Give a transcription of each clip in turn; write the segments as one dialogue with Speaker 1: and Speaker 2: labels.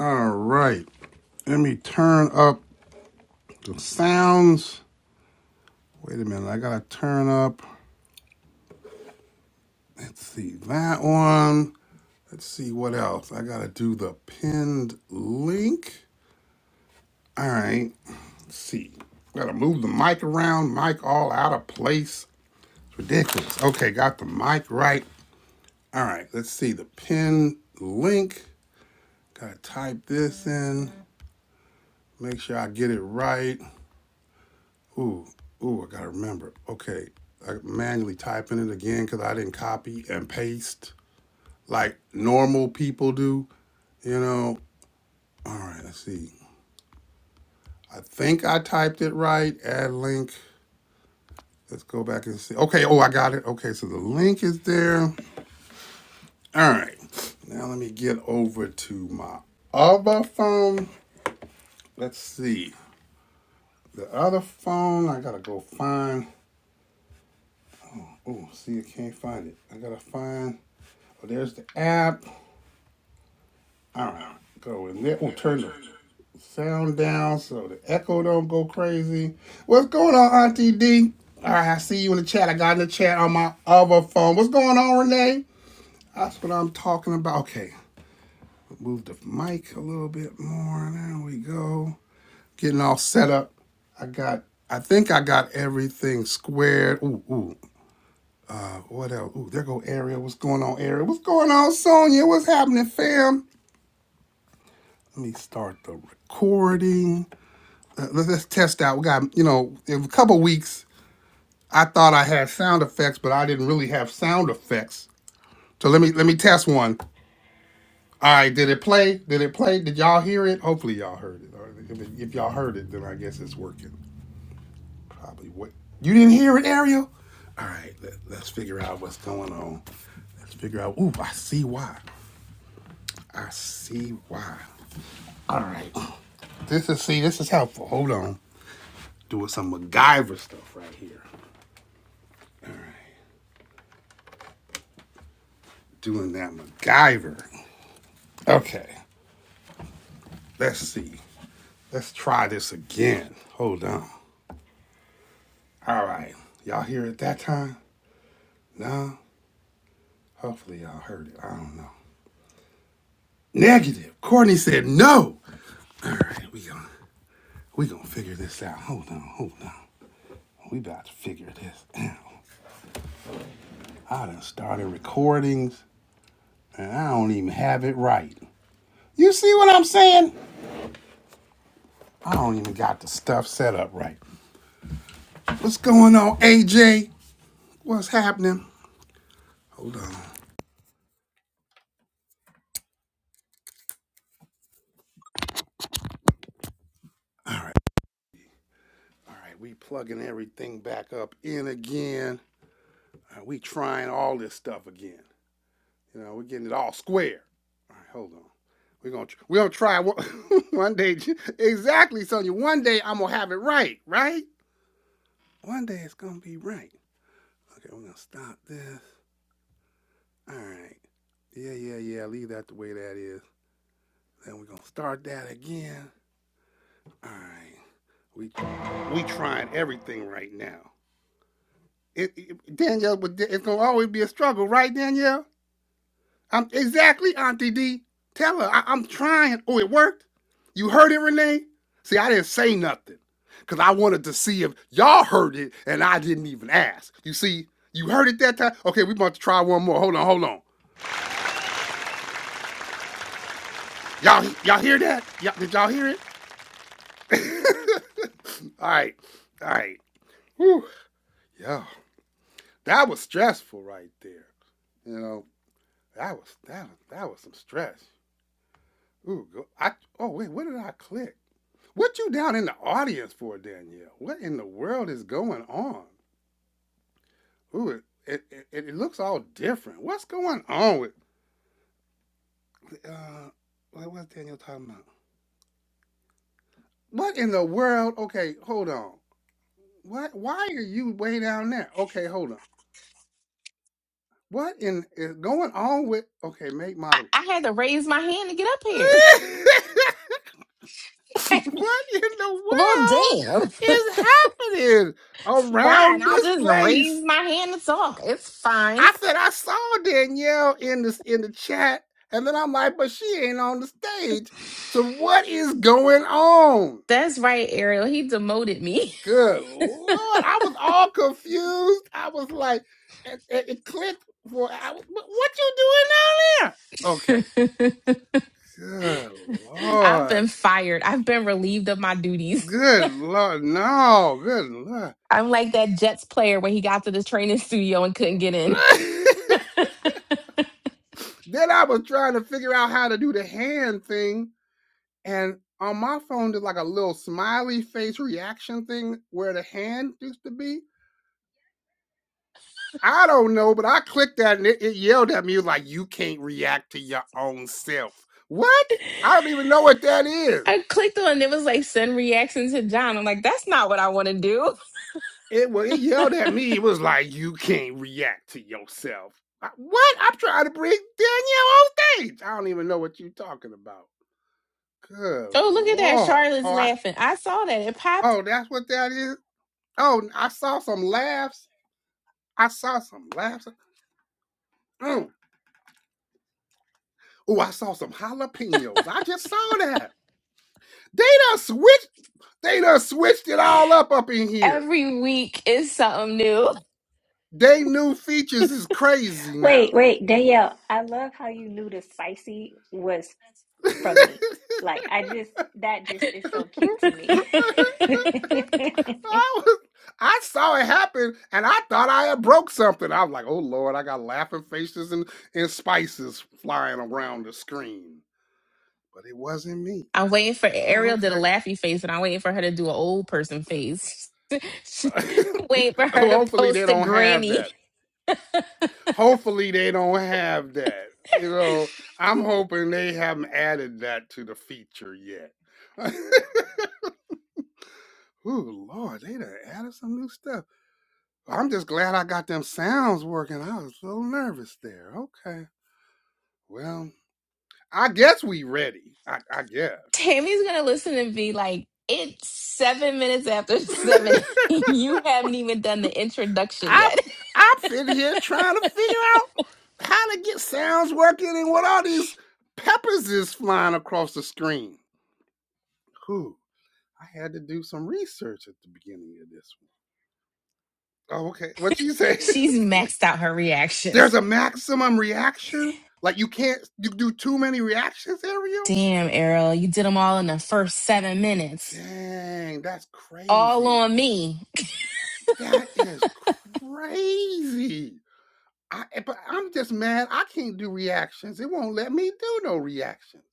Speaker 1: All right. Let me turn up the sounds. Wait a minute. I got to turn up. Let's see that one. Let's see what else. I got to do the pinned link. All right. Let's see. Got to move the mic around. Mic all out of place. It's ridiculous. Okay. Got the mic right. All right. Let's see the pinned link. Got to type this in. Make sure I get it right. Ooh, ooh, I gotta remember. Okay, I manually type in it again because I didn't copy and paste like normal people do. You know. All right, let's see. I think I typed it right. Add link. Let's go back and see. Okay. Oh, I got it. Okay, so the link is there. All right. Now let me get over to my other phone. Let's see. The other phone, I gotta go find. Oh, see, I can't find it. I gotta find. Oh, there's the app. All right, go in there. We'll turn the sound down so the echo don't go crazy. What's going on, Auntie D? All right, I see you in the chat. I got in the chat on my other phone. What's going on, Renee? That's what I'm talking about. Okay, move the mic a little bit more. There we go. Getting all set up. I got. I think I got everything squared. Ooh, ooh. What else? Ooh, there go Ariel. What's going on, Ariel? What's going on, Sonia? What's happening, fam? Let me start the recording. uh, let's, let's test out. We got, you know, in a couple weeks, I thought I had sound effects, but I didn't really have sound effects. So let me let me test one. All right, did it play? Did it play? Did y'all hear it? Hopefully y'all heard it. Or if, it- if y'all heard it, then I guess it's working. Probably what you didn't hear it, Ariel. All right, let, let's figure out what's going on. Let's figure out. Ooh, I see why. I see why. All right. This is see. This is helpful. Hold on. Doing some MacGyver stuff right here. doing that MacGyver. Okay, let's see. Let's try this again. Hold on. All right. Y'all hear it that time? No? Hopefully y'all heard it. I don't know. Negative. Courtney said no. All right, we gonna we gonna figure this out. Hold on, hold on. We about to figure this out. I done started recordings and I don't even have it right. You see what I'm saying? I don't even got the stuff set up right. What's going on, AJ? What's happening? Hold on. All right. All right. We plugging everything back up in again. All right, we trying all this stuff again. You know, we're getting it all square. All right, hold on. We're gonna we're gonna try one, one day. Exactly, Sonya. One day I'm gonna have it right, right? One day it's gonna be right. Okay, we're gonna stop this. All right. Yeah, yeah, yeah. Leave that the way that is. Then we're gonna start that again. All right. We we trying everything right now. It, it- Danielle, it's gonna always be a struggle, right, Danielle? I'm exactly, Auntie D. Tell her I, I'm trying. Oh, it worked. You heard it, Renee? See, I didn't say nothing because I wanted to see if y'all heard it, and I didn't even ask. You see, you heard it that time. Okay, we about to try one more. Hold on, hold on. Y'all, y'all hear that? Y'all, did y'all hear it? all right, all right. Whew, yeah, that was stressful right there. You know, that was that that was some stress. Ooh, I oh wait, what did I click? What you down in the audience for, Danielle? What in the world is going on? Ooh, it it, it, it looks all different. What's going on with uh what was Daniel talking about? What in the world? Okay, hold on. What why are you way down there? Okay, hold on. What in is going on with okay, make
Speaker 2: I,
Speaker 1: moderate.
Speaker 2: I had to raise my hand to get up here.
Speaker 1: what in the
Speaker 2: Well,
Speaker 1: world
Speaker 2: damn.
Speaker 1: is happening around
Speaker 2: Fine. I'll
Speaker 1: this
Speaker 2: just
Speaker 1: place?
Speaker 2: raise my hand to talk. It's fine.
Speaker 1: I said I saw Danielle in the in the chat, and then I'm like, but she ain't on the stage. So what is going on?
Speaker 2: That's right, Ariel. He demoted me.
Speaker 1: Good lord, I was all confused. I was like, it, it- it clicked for I, was, what what you doing down there? Okay, good
Speaker 2: I've
Speaker 1: lord,
Speaker 2: been fired. I've been relieved of my duties.
Speaker 1: good lord, no, good lord.
Speaker 2: I'm like that Jets player when he got to the training studio and couldn't get in.
Speaker 1: then I was trying to figure out how to do the hand thing And on my phone, there's like a little smiley face reaction thing where the hand used to be. I don't know, but I clicked that and it, it yelled at me like, you can't react to your own self. What? I don't even know what that is.
Speaker 2: I clicked on it It was like send reaction to John. I'm like, that's not what I want to do.
Speaker 1: It, well, it yelled at me. It was like, you can't react to yourself. I- what? I'm trying to bring Danielle on stage. I don't even know what you're talking about. Good
Speaker 2: Oh, look at that.
Speaker 1: Lord.
Speaker 2: Charlotte's
Speaker 1: Oh, I,
Speaker 2: laughing. I saw that. It popped
Speaker 1: oh, that's what that is? Oh, I saw some laughs. I saw some laughs. Mm. Oh, I saw some jalapenos. I just saw that. They done switched. They done switched it all up up in here.
Speaker 2: every week is something new.
Speaker 1: They new features is crazy
Speaker 3: Wait,
Speaker 1: now.
Speaker 3: wait, Danielle, I love how you knew the spicy was from
Speaker 1: I
Speaker 3: me. Like, I just, that just is so cute to me.
Speaker 1: was, I saw it happen, and I thought I had broke something. I was like, "Oh Lord, I got laughing faces and and spices flying around the screen," but it wasn't me.
Speaker 2: I'm waiting for
Speaker 1: Oh,
Speaker 2: Ariel did a
Speaker 1: okay.
Speaker 2: laughy face, and I'm waiting for her to do an old person face. Wait for her to
Speaker 1: Hopefully, they
Speaker 2: post a
Speaker 1: don't have that.
Speaker 2: granny.
Speaker 1: hopefully they don't have that. You know, I'm hoping they haven't added that to the feature yet. Ooh, Lord, they done added some new stuff. I'm just glad I got them sounds working. I was a little nervous there. Okay. Well, I guess we ready. I, I guess.
Speaker 2: Tammy's gonna listen and be like, "It's seven minutes after seven. you haven't even done the introduction
Speaker 1: I
Speaker 2: yet."
Speaker 1: I'm sitting here trying to figure out how to get sounds working and what all these peppers is flying across the screen. Whew. I had to do some research at the beginning of this one. Oh, okay. What you say?
Speaker 2: She's maxed out her
Speaker 1: There's
Speaker 2: reactions.
Speaker 1: a maximum reaction? Like you can't you do too many reactions, Ariel?
Speaker 2: Damn, Ariel, you did them all in the first seven minutes.
Speaker 1: Dang, that's
Speaker 2: All
Speaker 1: crazy.
Speaker 2: on me.
Speaker 1: That is crazy. I eh, but I'm just mad I can't do reactions. It won't let me do no reactions.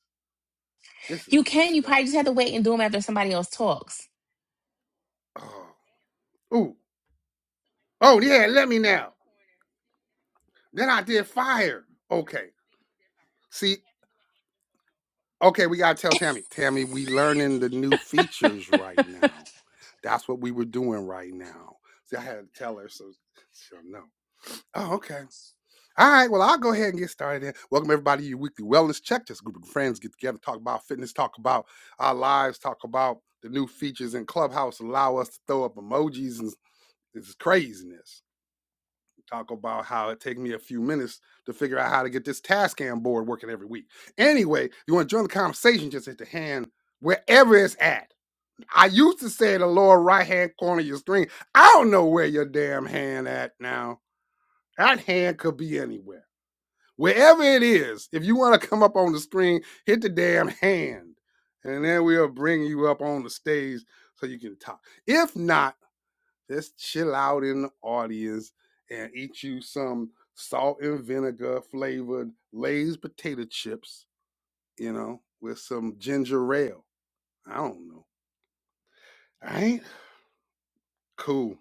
Speaker 1: This is
Speaker 2: You can. You
Speaker 1: messed
Speaker 2: probably
Speaker 1: up.
Speaker 2: just have to wait and do them after somebody else talks.
Speaker 1: Oh. Ooh. Oh yeah, let me now. Then I did fire. Okay. See, Okay, we gotta tell Tammy. Tammy, we learning the new features right now. That's what we were doing right now. See, I had to tell her so she'll know. Oh, okay. All right. Well, I'll go ahead and get started. Then. Welcome everybody to your weekly wellness check. Just a group of friends get together, talk about fitness, talk about our lives, talk about the new features in Clubhouse. Allow us to throw up emojis and this is craziness talk about how it takes me a few minutes to figure out how to get this Tascam board working every week. Anyway, if you want to join the conversation, just hit the hand wherever it's at. I used to say the lower right hand corner of your screen. I don't know where your damn hand at now. That hand could be anywhere. Wherever it is, if you want to come up on the screen, hit the damn hand. And then we'll bring you up on the stage so you can talk. If not, just chill out in the audience and eat you some salt and vinegar flavored Lay's potato chips, you know, with some ginger ale. I don't know. I ain't cool.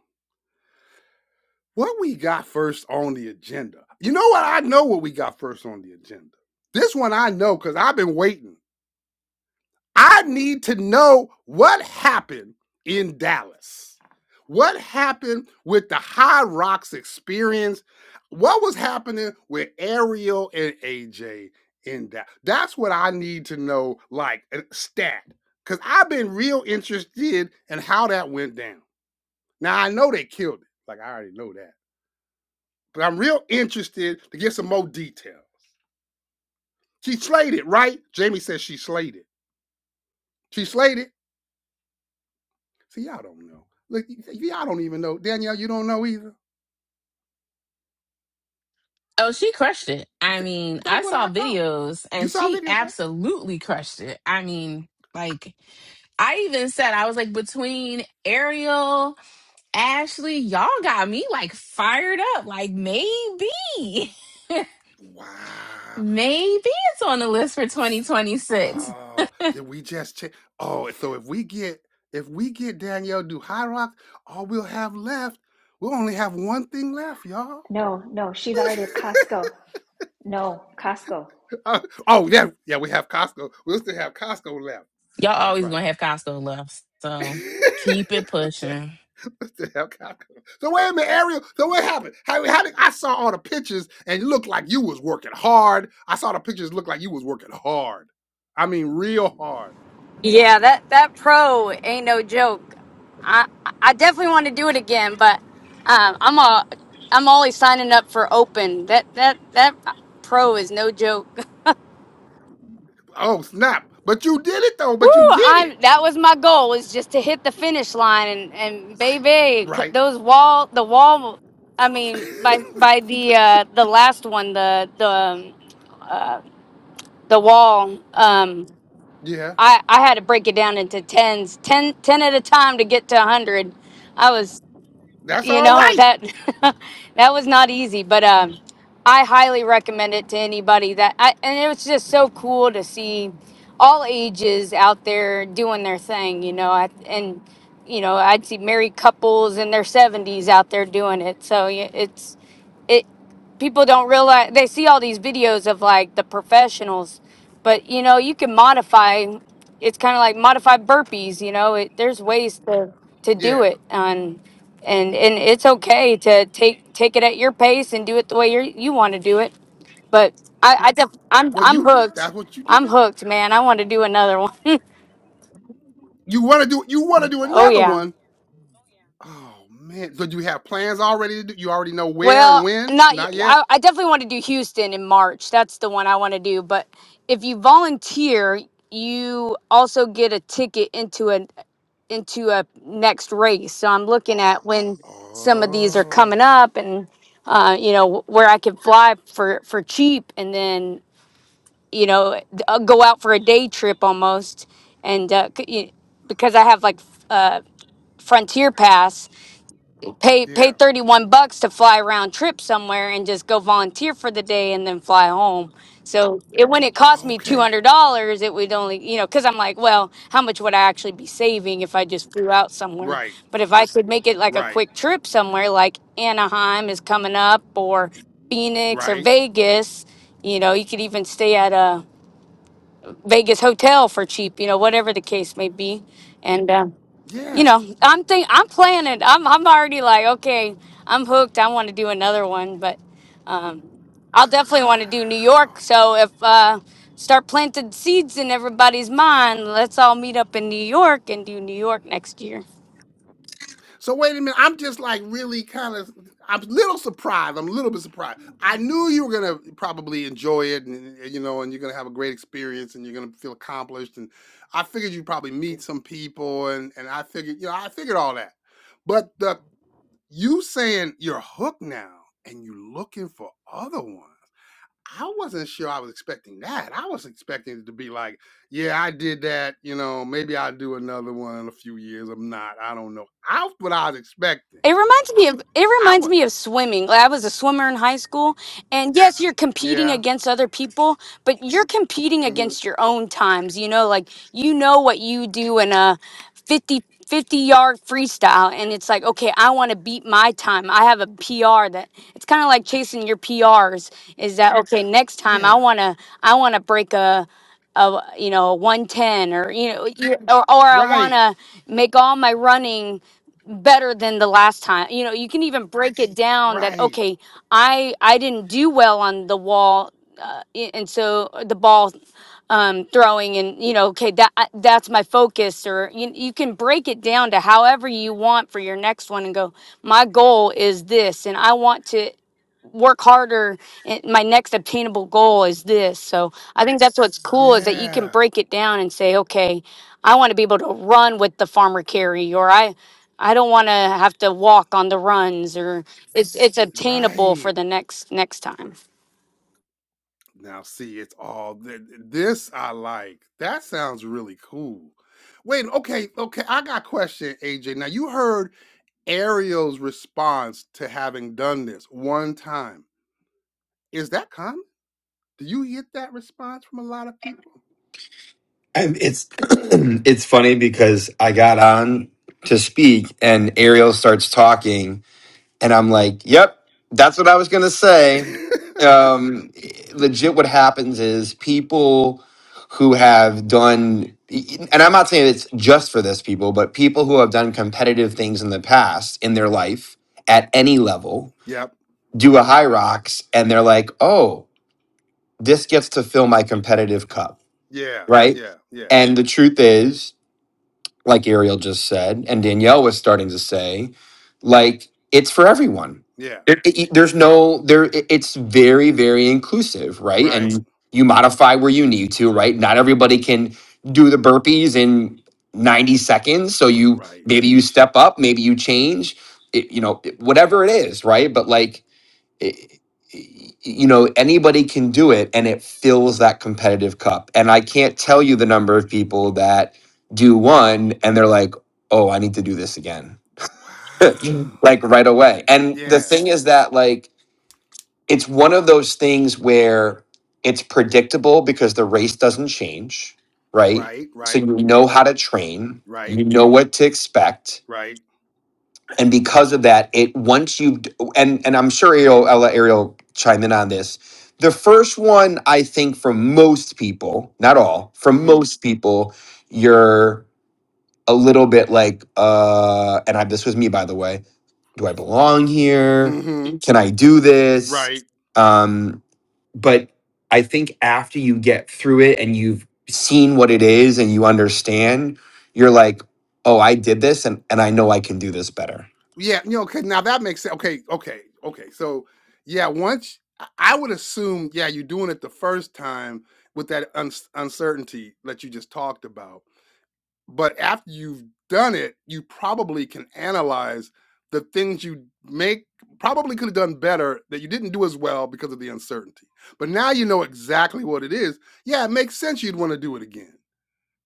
Speaker 1: What we got first on the agenda? You know what? I know what we got first on the agenda. This one I know because I've been waiting. I need to know what happened in Dallas. What happened with the High Rocks experience? What was happening with Ariel and AJ in that? That's what I need to know, like a stat, because I've been real interested in how that went down. Now I know they killed it, like I already know that, but I'm real interested to get some more detail. She slayed it, right? Jamie says she slayed it. She slayed it. See, y'all don't know. Look, y'all don't even know. Danielle, you don't know either.
Speaker 2: Oh, she crushed it. I mean, I
Speaker 1: That's what
Speaker 2: saw
Speaker 1: I thought.
Speaker 2: videos
Speaker 1: You
Speaker 2: and
Speaker 1: saw
Speaker 2: she
Speaker 1: video, right?
Speaker 2: absolutely crushed it. I mean, like I even said, I was like, between Ariel, Ashley, y'all got me like fired up. Like maybe,
Speaker 1: Wow.
Speaker 2: maybe it's on the list for 2026.
Speaker 1: Oh, did we just check? Oh, so if we get if we get Danielle do High Rocks, all we'll have left, we'll only have one thing left, y'all.
Speaker 3: No, no, she's already at Costco. No, Costco.
Speaker 1: Uh, oh yeah, yeah, we have Costco. We'll still have Costco left.
Speaker 2: Y'all
Speaker 1: That's
Speaker 2: always
Speaker 1: right.
Speaker 2: gonna have Costco love, so keep it
Speaker 1: that,
Speaker 2: pushing.
Speaker 1: the hell kind so wait a minute, Ariel. So what happened? How, how did I saw all the pictures and it looked like you was working hard. I saw the pictures look like you was working hard. I mean, real hard.
Speaker 4: Yeah, that that pro ain't no joke. I I definitely want to do it again, but um, I'm a I'm always signing up for open. That that that pro is no joke.
Speaker 1: Oh snap! But you did it though.
Speaker 4: Woo!
Speaker 1: But you did it
Speaker 4: I'm that was my goal was just to hit the finish line and and baby c-
Speaker 1: right.
Speaker 4: those wall the wall. I mean by by the uh, the last one the the um, the wall. Um,
Speaker 1: yeah,
Speaker 4: I I had to break it down into tens, ten ten at a time to get to a hundred. I was
Speaker 1: that's
Speaker 4: you
Speaker 1: all
Speaker 4: know
Speaker 1: right.
Speaker 4: that that was not easy but um i highly recommend it to anybody that i and it was just so cool to see all ages out there doing their thing you know I, and you know i'd see married couples in their 70s out there doing it so yeah, it's it people don't realize they see all these videos of like the professionals, but you know, you can modify it's kind of like modified burpees, you know, it, there's ways to, to do
Speaker 1: Yeah.
Speaker 4: it and and and it's okay to take take it at your pace and do it the way you you want to do it. But I I def, I'm
Speaker 1: Well,
Speaker 4: I'm
Speaker 1: you
Speaker 4: hooked.
Speaker 1: that's what you
Speaker 4: I'm
Speaker 1: did.
Speaker 4: hooked, man. I want to do another one.
Speaker 1: You want to do you want to do
Speaker 4: oh
Speaker 1: another
Speaker 4: yeah.
Speaker 1: one? Oh man! So do you have plans already? To do, you already know where and
Speaker 4: Well,
Speaker 1: when?
Speaker 4: not y-
Speaker 1: Not yet.
Speaker 4: I, I definitely want to do Houston in March. That's the one I want to do. But if you volunteer, you also get a ticket into a into a next race. So I'm looking at when some of these are coming
Speaker 1: Oh
Speaker 4: up, and uh, you know where I can fly for for cheap, and then you know d- uh, go out for a day trip almost, and uh, c- y- because I have like f- uh, Frontier Pass pay pay
Speaker 1: yeah.
Speaker 4: 31 bucks to fly round trip somewhere and just go volunteer for the day and then fly home so it when it cost
Speaker 1: Oh,
Speaker 4: me
Speaker 1: Okay.
Speaker 4: $200 it would only you know because i'm like well how much would i actually be saving if i just flew out somewhere
Speaker 1: Right,
Speaker 4: but if i could make it like a
Speaker 1: right,
Speaker 4: quick trip somewhere like anaheim is coming up or phoenix or
Speaker 1: right.
Speaker 4: vegas you know you could even stay at a vegas hotel for cheap you know whatever the case may be and um, you
Speaker 1: Yeah.
Speaker 4: know, I'm think I'm planning. I'm I'm already like, okay, I'm hooked. I want to do another one, but um, I'll
Speaker 1: Wow.
Speaker 4: definitely want to do New York. So if uh, start planting seeds in everybody's mind, let's all meet up in New York and do New York next year.
Speaker 1: So wait a minute. I'm just like really kind of. I'm a little surprised. I'm a little bit surprised. I knew you were gonna probably enjoy it, and and, you know, and you're gonna have a great experience, and you're gonna feel accomplished. And I figured you'd probably meet some people, and and I figured, you know, I figured all that. But the you saying you're hooked now, and you're looking for other ones. I wasn't sure I was expecting that. I was expecting it to be like, yeah, I did that. You know, maybe I'll do another one in a few years. I'm not. I don't know. That's what I was expecting.
Speaker 4: It reminds me of it
Speaker 1: I
Speaker 4: reminds
Speaker 1: was.
Speaker 4: me of swimming. Like, I was a swimmer in high school, and yes, you're competing
Speaker 1: Yeah.
Speaker 4: against other people, but you're competing
Speaker 1: hmm
Speaker 4: against your own times. You know, like you know what you do in a 50, 50 yard freestyle, and it's like, okay, I want to beat my time. I have a PR that it's kind of like chasing your PRs. Is that okay? Next time, I
Speaker 1: Yeah.
Speaker 4: wanna I wanna break a a you know a one ten or you know you, or or I
Speaker 1: Right.
Speaker 4: wanna make all my running better than the last time you know you can even break it down that
Speaker 1: Right.
Speaker 4: okay i i didn't do well on the wall uh, i- and so uh, the ball um throwing and you know okay that I- that's my focus or you, you can break it down to however you want for your next one and go my goal is this and i want to work harder and my next obtainable goal is this so i think that's what's cool is that you can
Speaker 1: Yeah.
Speaker 4: break it down and say okay i want to be able to run with the farmer carry or i i don't want to have to walk on the runs or it's it's obtainable for
Speaker 1: Right.
Speaker 4: the next next time
Speaker 1: Now, see, it's all th- th- this I like. That sounds really cool. Wait, okay, okay. I got a question, AJ. Now, you heard Ariel's response to having done this one time. Is that common? Do you get that response from a lot of people?
Speaker 5: And it's it's funny because I got on to speak and Ariel starts talking and I'm like, "Yep, that's what I was going to say." Um legit what happens is people who have done and I'm not saying it's just for this people, but people who have done competitive things in the past in their life at any level
Speaker 1: yep.
Speaker 5: do a high rocks and they're like, "Oh, this gets to fill my competitive cup."
Speaker 1: Yeah.
Speaker 5: Right?
Speaker 1: Yeah. Yeah.
Speaker 5: And the truth is like Ariel just said, and Danielle was starting to say, like it's for everyone.
Speaker 1: Yeah.
Speaker 5: It- it- it- there's no there. it- It's very very inclusive, right?
Speaker 1: Right.
Speaker 5: And you modify where you need to, right? Not everybody can do the burpees in 90 seconds, so you
Speaker 1: Right.
Speaker 5: maybe you step up, maybe you change, it, you know, whatever it is, right? But like it- you know anybody can do it and it fills that competitive cup and i can't tell you the number of people that do one and they're like oh i need to do this again Mhm.
Speaker 1: Wow.
Speaker 5: like right away and the
Speaker 1: Yeah.
Speaker 5: thing is that like it's one of those things where it's predictable because the race doesn't change right
Speaker 1: Right.
Speaker 5: so
Speaker 1: Right.
Speaker 5: you know how to train
Speaker 1: Right.
Speaker 5: you know what to expect
Speaker 1: Right.
Speaker 5: and because of that it once you and and i'm sure ariel i'll let ariel chime in on this the first one i think for most people not all for
Speaker 1: Mm-hmm.
Speaker 5: most people you're a little bit like uh and i this was me by the way do i belong here
Speaker 1: Mm-hmm.
Speaker 5: can i do this
Speaker 1: Right.
Speaker 5: um but i think after you get through it and you've seen what it is and you understand you're like oh i did this and and i know i can do this better
Speaker 1: Yeah. You know, okay. Now that makes sense. Okay. Okay. Okay. So yeah, once I I would assume, yeah, you're doing it the first time with that uns uncertainty that you just talked about. but after you've done it you probably can analyze the things you make probably could have done better that you didn't do as well because of the uncertainty but now you know exactly what it is yeah it makes sense you'd want to do it again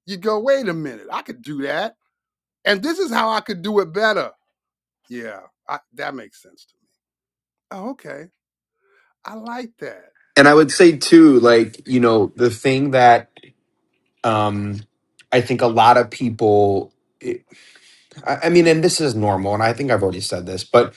Speaker 1: you go wait a minute i could do that and this is how i could do it better yeah I, that makes sense to me oh, okay i like that
Speaker 5: and I would say too, like, you know, the thing that um I think a lot of people I I mean, and this is normal, and I think I've already said this, but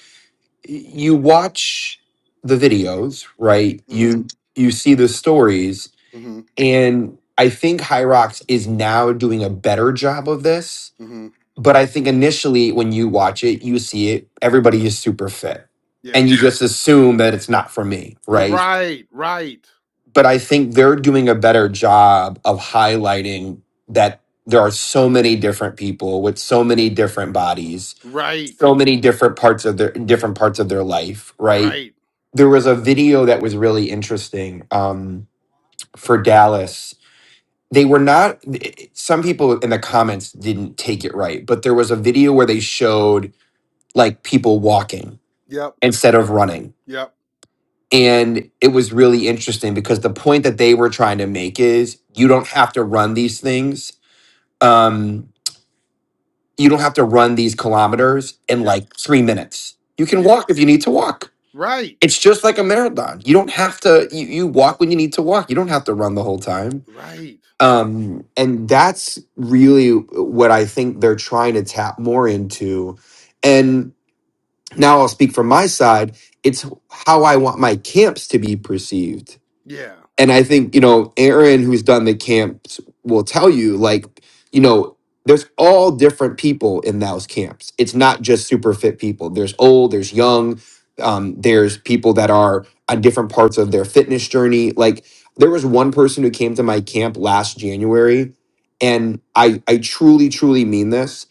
Speaker 5: you watch the videos, right?
Speaker 1: hmm
Speaker 5: You you see the stories,
Speaker 1: hmm
Speaker 5: and I think Hyrox is now doing a better job of this
Speaker 1: hmm
Speaker 5: but I think initially when you watch it, you see it, everybody is super fit.
Speaker 1: yeah
Speaker 5: And you just assume that it's not for me,
Speaker 1: you're
Speaker 5: right?
Speaker 1: right right
Speaker 5: But I think they're doing a better job of highlighting that there are so many different people with so many different bodies,
Speaker 1: right
Speaker 5: so many different parts of their different parts of their life, right?
Speaker 1: right
Speaker 5: There was a video that was really interesting um, for Dallas. They were not. Some people in the comments didn't take it right, but there was a video where they showed like people walking
Speaker 1: yep
Speaker 5: instead of running.
Speaker 1: yep
Speaker 5: And it was really interesting because the point that they were trying to make is you don't have to run these things. Um, you don't have to run these kilometers in
Speaker 1: yep
Speaker 5: like three minutes. You can
Speaker 1: yeah
Speaker 5: walk if you need to walk.
Speaker 1: right
Speaker 5: It's just like a marathon. You don't have to, you, you walk when you need to walk. You don't have to run the whole time.
Speaker 1: Right.
Speaker 5: Um, and that's really what I think they're trying to tap more into. And now I'll speak from my side. It's how I want my camps to be perceived.
Speaker 1: Yeah.
Speaker 5: And I think, you know, Aaron, who's done the camps, will tell you, like, you know, there's all different people in those camps. It's not just super fit people. There's old, there's young, um, there's people that are on different parts of their fitness journey. Like, there was one person who came to my camp last January, and I, I truly, truly mean this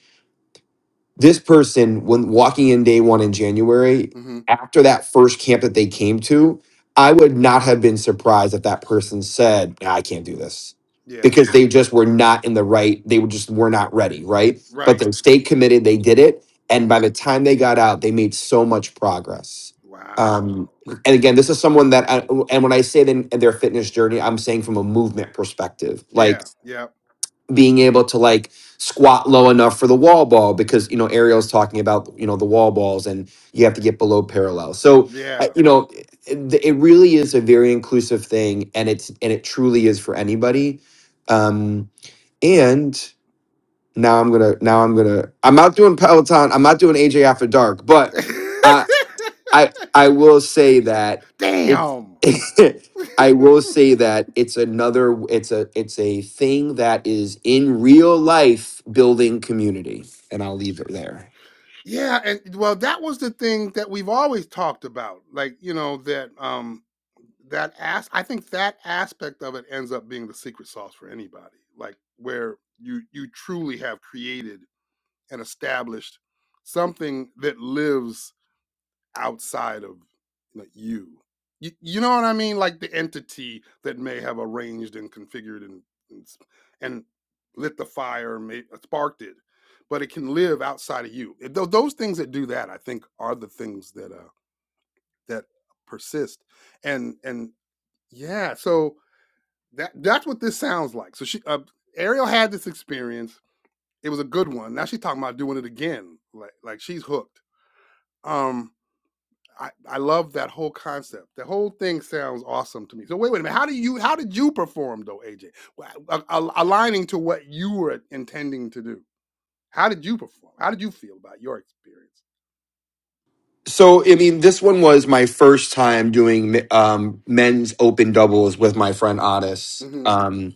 Speaker 5: this person when walking in day one in january
Speaker 1: hmm
Speaker 5: after that first camp that they came to i would not have been surprised if that person said "Nah, i can't do this
Speaker 1: Yeah.
Speaker 5: because they just were not in the right they were just were not ready right but
Speaker 1: Right.
Speaker 5: they stayed committed they did it and by
Speaker 1: hmm
Speaker 5: the time they got out they made so much progress
Speaker 1: Wow.
Speaker 5: um, and again this is someone that I, and when i say then their fitness journey i'm saying from a movement perspective like
Speaker 1: Yeah. Yep.
Speaker 5: being able to like squat low enough for the wall ball because you know Ariel's talking about you know the wall balls and you have to get below parallel. So I-
Speaker 1: Yeah.
Speaker 5: you know it, it really is a very inclusive thing and it's and it truly is for anybody. Um and now I'm going to now I'm going to I'm not doing Peloton, I'm not doing AJ after dark, but I I will say that it's
Speaker 1: Damn.
Speaker 5: I will say that it's another it's a it's a thing that is in real life building community and I'll leave it there.
Speaker 1: Yeah, and well, that was the thing that we've always talked about. Like, you know, that um that as I think that aspect of it ends up being the secret sauce for anybody. Like where you you truly have created and established something that lives outside of like, you. you. You know what I mean? Like the entity that may have arranged and configured and and, and lit the fire, may, sparked it, but it can live outside of you. It, tho- those things that do that, I think, are the things that uh, that persist. And and yeah, so that that's what this sounds like. So she uh, Ariel had this experience. It was a good one. Now she's talking about doing it again. Like like she's hooked. Um I, I love that whole concept. The whole thing sounds awesome to me. So wait, wait a minute. How do you how did you perform though, AJ? Wa- a- a- Aligning to what you were intending to do. How did you perform? How did you feel about your experience?
Speaker 5: So I mean this one was my first time doing um men's open doubles with my friend Otis.
Speaker 1: hmm
Speaker 5: Um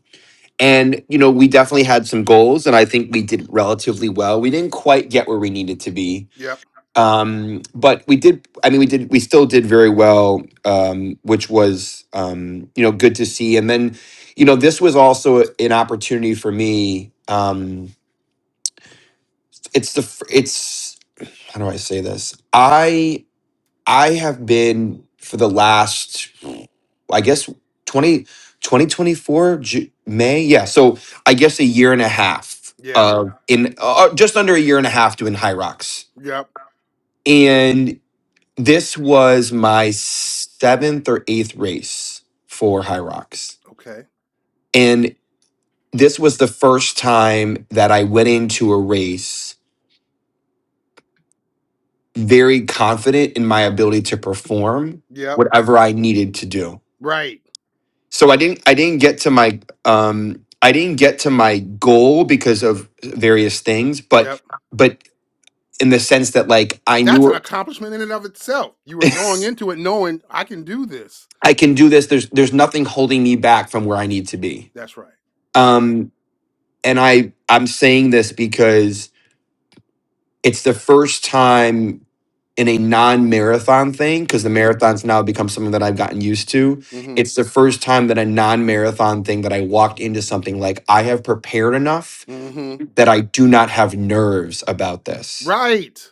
Speaker 5: and you know we definitely had some goals and I think we did relatively well. We didn't quite get where we needed to be
Speaker 1: Yep.
Speaker 5: um but we did i mean we did we still did very well um which was um you know good to see and then you know this was also an opportunity for me um it's the f- it's how do i say this i i have been for the last i guess 20 2024 Ju- may yeah so i guess a year and a half
Speaker 1: Yeah.
Speaker 5: uh in uh, just under a year and a half doing high rocks
Speaker 1: Yep.
Speaker 5: This was my seventh or eighth race for High Rocks.
Speaker 1: Okay.
Speaker 5: And this was the first time that I went into a race very confident in my ability to perform
Speaker 1: Yep.
Speaker 5: whatever I needed to do.
Speaker 1: Right.
Speaker 5: So I didn't I didn't get to my um I didn't get to my goal because of various things, but
Speaker 1: Yep.
Speaker 5: but in the sense that like I
Speaker 1: That's an
Speaker 5: knew
Speaker 1: accomplishment in and of itself. You were going into it knowing I can do this.
Speaker 5: I can do this. There's there's nothing holding me back from where I need to be.
Speaker 1: That's right. Yeah.
Speaker 5: Um and I I'm saying this because it's the first time in a non-marathon thing because the
Speaker 1: Mm-hmm.
Speaker 5: marathons now become something that I've gotten used to. It's
Speaker 1: Mm-hmm.
Speaker 5: the first time that a non-marathon thing that I walked into something like I have prepared enough
Speaker 1: Mm-hmm.
Speaker 5: that I do not have nerves about this.
Speaker 1: Right.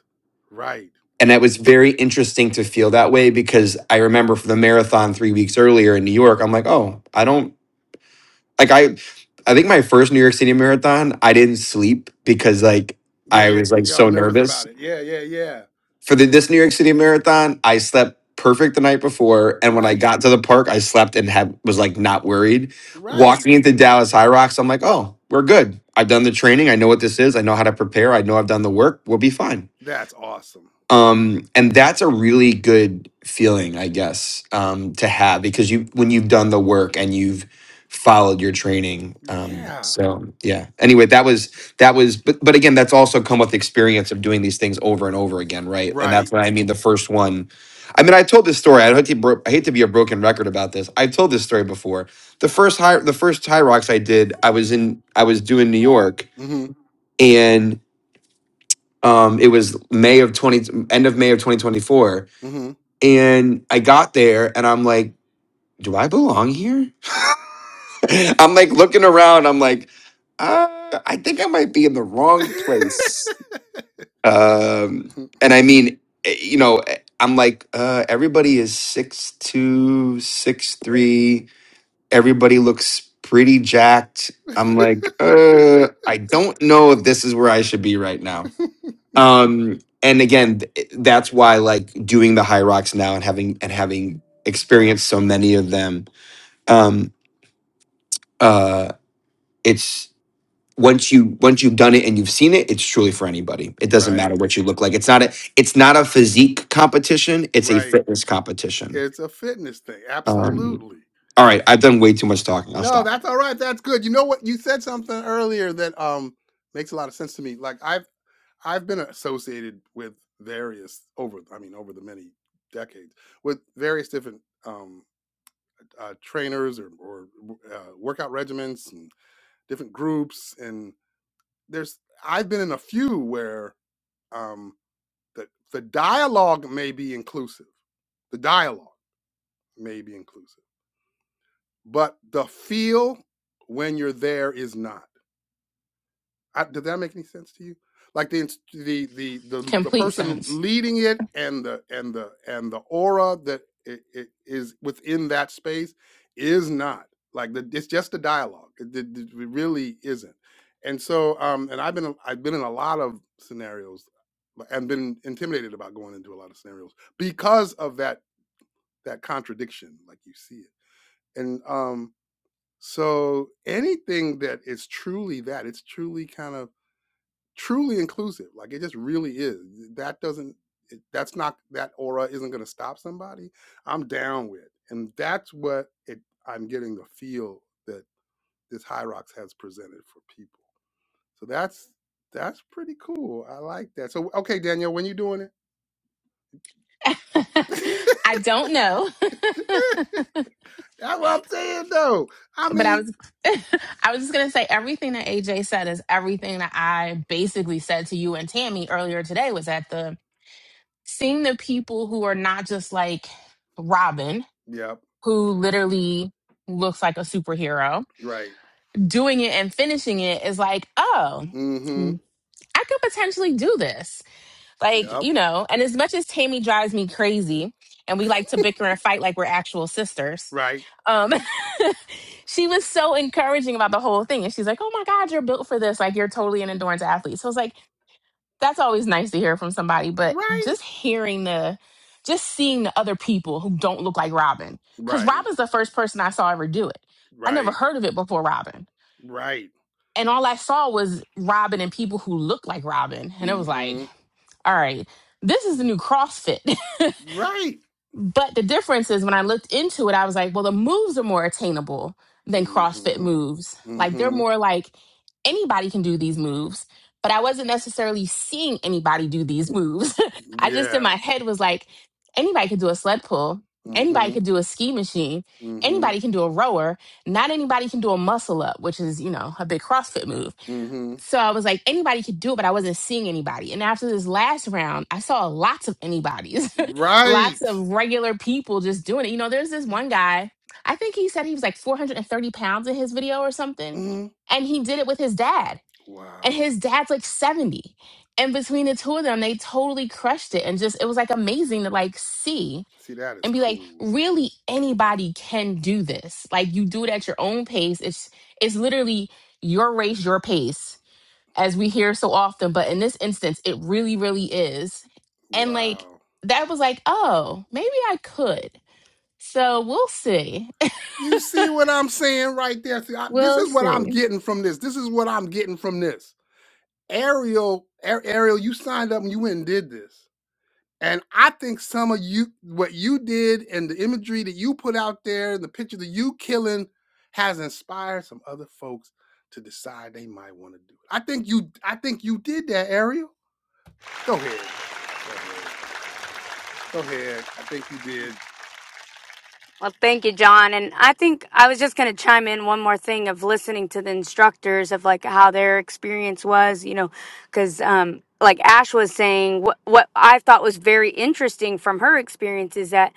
Speaker 1: Right.
Speaker 5: And that was very interesting to feel that way because I remember for the marathon 3 weeks earlier in New York, I'm like, "Oh, I don't like I I think my first New York City marathon, I didn't sleep because like
Speaker 1: Yeah,
Speaker 5: I
Speaker 1: yeah.
Speaker 5: was like
Speaker 1: Y'all
Speaker 5: so
Speaker 1: nervous
Speaker 5: nervous.
Speaker 1: about it. Yeah. Yeah. Yeah.
Speaker 5: For the, this New York City marathon, I slept perfect the night before and when I
Speaker 1: Right.
Speaker 5: got to the park, I slept and had was like not worried.
Speaker 1: Right.
Speaker 5: Walking into Dallas High Rocks, I'm like, "Oh, we're good. I've done the training. I know what this is. I know how to prepare. I know I've done the work. We'll be fine."
Speaker 1: That's awesome.
Speaker 5: um and that's a really good feeling i guess um to have because you when you've done the work and you've followed your training um
Speaker 1: Yeah.
Speaker 5: so yeah anyway that was that was but but again that's also come with experience of doing these things over and over again right and that's
Speaker 1: Right.
Speaker 5: what i mean the first one i mean i told this story i hate to, bro- I hate to be a broken record about this i've told this story before the first high the first high rocks i did i was in i was doing new york
Speaker 1: hmm
Speaker 5: and um it was may of 20 end of may of 2024
Speaker 1: hmm
Speaker 5: and I got there and I'm like, do I belong here? I'm like looking around. I'm like, uh, I think I might be in the wrong place. Um, and I mean, eh, you know, eh, I'm like, uh, everybody is six two, six three. Everybody looks pretty jacked. I'm like, uh, I don't know if this is where I should be right now um and again th- that's why like doing the high rocks now and having and having experienced so many of them um uh it's once you once you've done it and you've seen it it's truly for anybody it doesn't matter
Speaker 1: right.
Speaker 5: what you look like it's not a it's not a physique competition it's a
Speaker 1: Right.
Speaker 5: fitness competition
Speaker 1: It's a fitness thing.
Speaker 5: um
Speaker 1: Absolutely.
Speaker 5: all right i've done way too much talking i'll
Speaker 1: No,
Speaker 5: stop
Speaker 1: that's all right. That's good. You know what? You said something earlier that um makes a lot of sense to me. Like I've I've been associated with various over I mean over the many decades with various different um uh, trainers or or uh, workout regimens and different groups and there's I've been in a few where um the the dialogue may be inclusive. The dialogue may be inclusive, but the feel when you're there is not. I, did that make any sense to you? Like the the the the the
Speaker 2: Complete
Speaker 1: person
Speaker 2: sense.
Speaker 1: leading it and the and the and the aura that it, it is within that space is not like the, it's just a dialogue. It, it- it really isn't. And so, um, and I've been i I've been in a lot of scenarios like, and been intimidated about going into a lot of scenarios because of that that contradiction, like you see it. And um, so anything that is truly that, it's truly kind of truly inclusive. Like it just really is. That doesn't. It, that's not that aura isn't going to stop somebody. I'm down with, and that's what it. I'm getting the feel that this Hyrox has presented for people. So that's that's pretty cool. I like that. So okay, Daniel, when you doing it?
Speaker 2: I don't know,
Speaker 1: that's what I'm saying, though. I
Speaker 2: but I
Speaker 1: mean,
Speaker 2: was I was just gonna say everything that AJ said is everything that I basically said to you and Tammy earlier today was that the seeing the people who are not just like Robin
Speaker 1: yep,
Speaker 2: who literally looks like a superhero
Speaker 1: right.
Speaker 2: doing it and finishing it is like, oh,
Speaker 1: Mm-hmm.
Speaker 2: hmm, I could potentially do this. Like,
Speaker 1: Yep.
Speaker 2: you know, and as much as Tammy drives me crazy and we like to bicker and fight like we're actual sisters,
Speaker 1: Right.
Speaker 2: um, she was so encouraging about the whole thing. And she's like, oh my God, you're built for this. Like, you're totally an endurance athlete. So I was like, that's always nice to hear from somebody, but
Speaker 1: Right.
Speaker 2: just hearing the just seeing the other people who don't look like Robin. Because
Speaker 1: Right.
Speaker 2: Robin's the first person I saw ever do it. I never
Speaker 1: Right.
Speaker 2: heard of it before Robin.
Speaker 1: Right.
Speaker 2: And all I saw was Robin and people who look like Robin. And it was like,
Speaker 1: Mm-hmm.
Speaker 2: all right, this is the new CrossFit.
Speaker 1: Right.
Speaker 2: But the difference is when I looked into it, I was like, well, the moves are more attainable than CrossFit
Speaker 1: Mm-hmm.
Speaker 2: moves. Like they're
Speaker 1: Mm-hmm.
Speaker 2: more like anybody can do these moves, but I wasn't necessarily seeing anybody do these moves. I just in
Speaker 1: Yeah.
Speaker 2: my head was like, anybody could do a sled pull, anybody
Speaker 1: Mm-hmm.
Speaker 2: could do a ski machine,
Speaker 1: Mm-hmm.
Speaker 2: anybody can do a rower, not anybody can do a muscle up, which is, you know, a big CrossFit move.
Speaker 1: Mm-hmm.
Speaker 2: So I was like, anybody could do it, but I wasn't seeing anybody. And after this last round, I saw lots of anybody's, lots
Speaker 1: Right.
Speaker 2: of regular people just doing it. You know, there's this one guy, I think he said he was like 430 pounds in his video or something.
Speaker 1: Mm-hmm.
Speaker 2: And he did it with his dad. And
Speaker 1: Wow.
Speaker 2: his dad's like 70. And between the two of them, they totally crushed it. And just, it was like amazing to like see
Speaker 1: See, that is
Speaker 2: and be like,
Speaker 1: cool.
Speaker 2: really anybody can do this. Like you do it at your own pace. It's, it's literally your race, your pace as we hear so often, but in this instance, it really, really is. And like
Speaker 1: Wow.
Speaker 2: that was like, oh, maybe I could. So we'll see.
Speaker 1: You see what I'm saying right there? See, I, this
Speaker 2: We'll
Speaker 1: is what I'm
Speaker 2: see.
Speaker 1: getting from this. This is what I'm getting from this. Ariel, Ar- Ariel, you signed up and you went and did this. And I think some of you, what you did and the imagery that you put out there and the picture that you killing has inspired some other folks to decide they might want to do it. I think you, I think you did that, Ariel. Go ahead. Go ahead. Go ahead. I think you did.
Speaker 4: well thank you john and i think i was just going to chime in one more thing of listening to the instructors of like how their experience was you know because um like ash was saying what what i thought was very interesting from her experience is that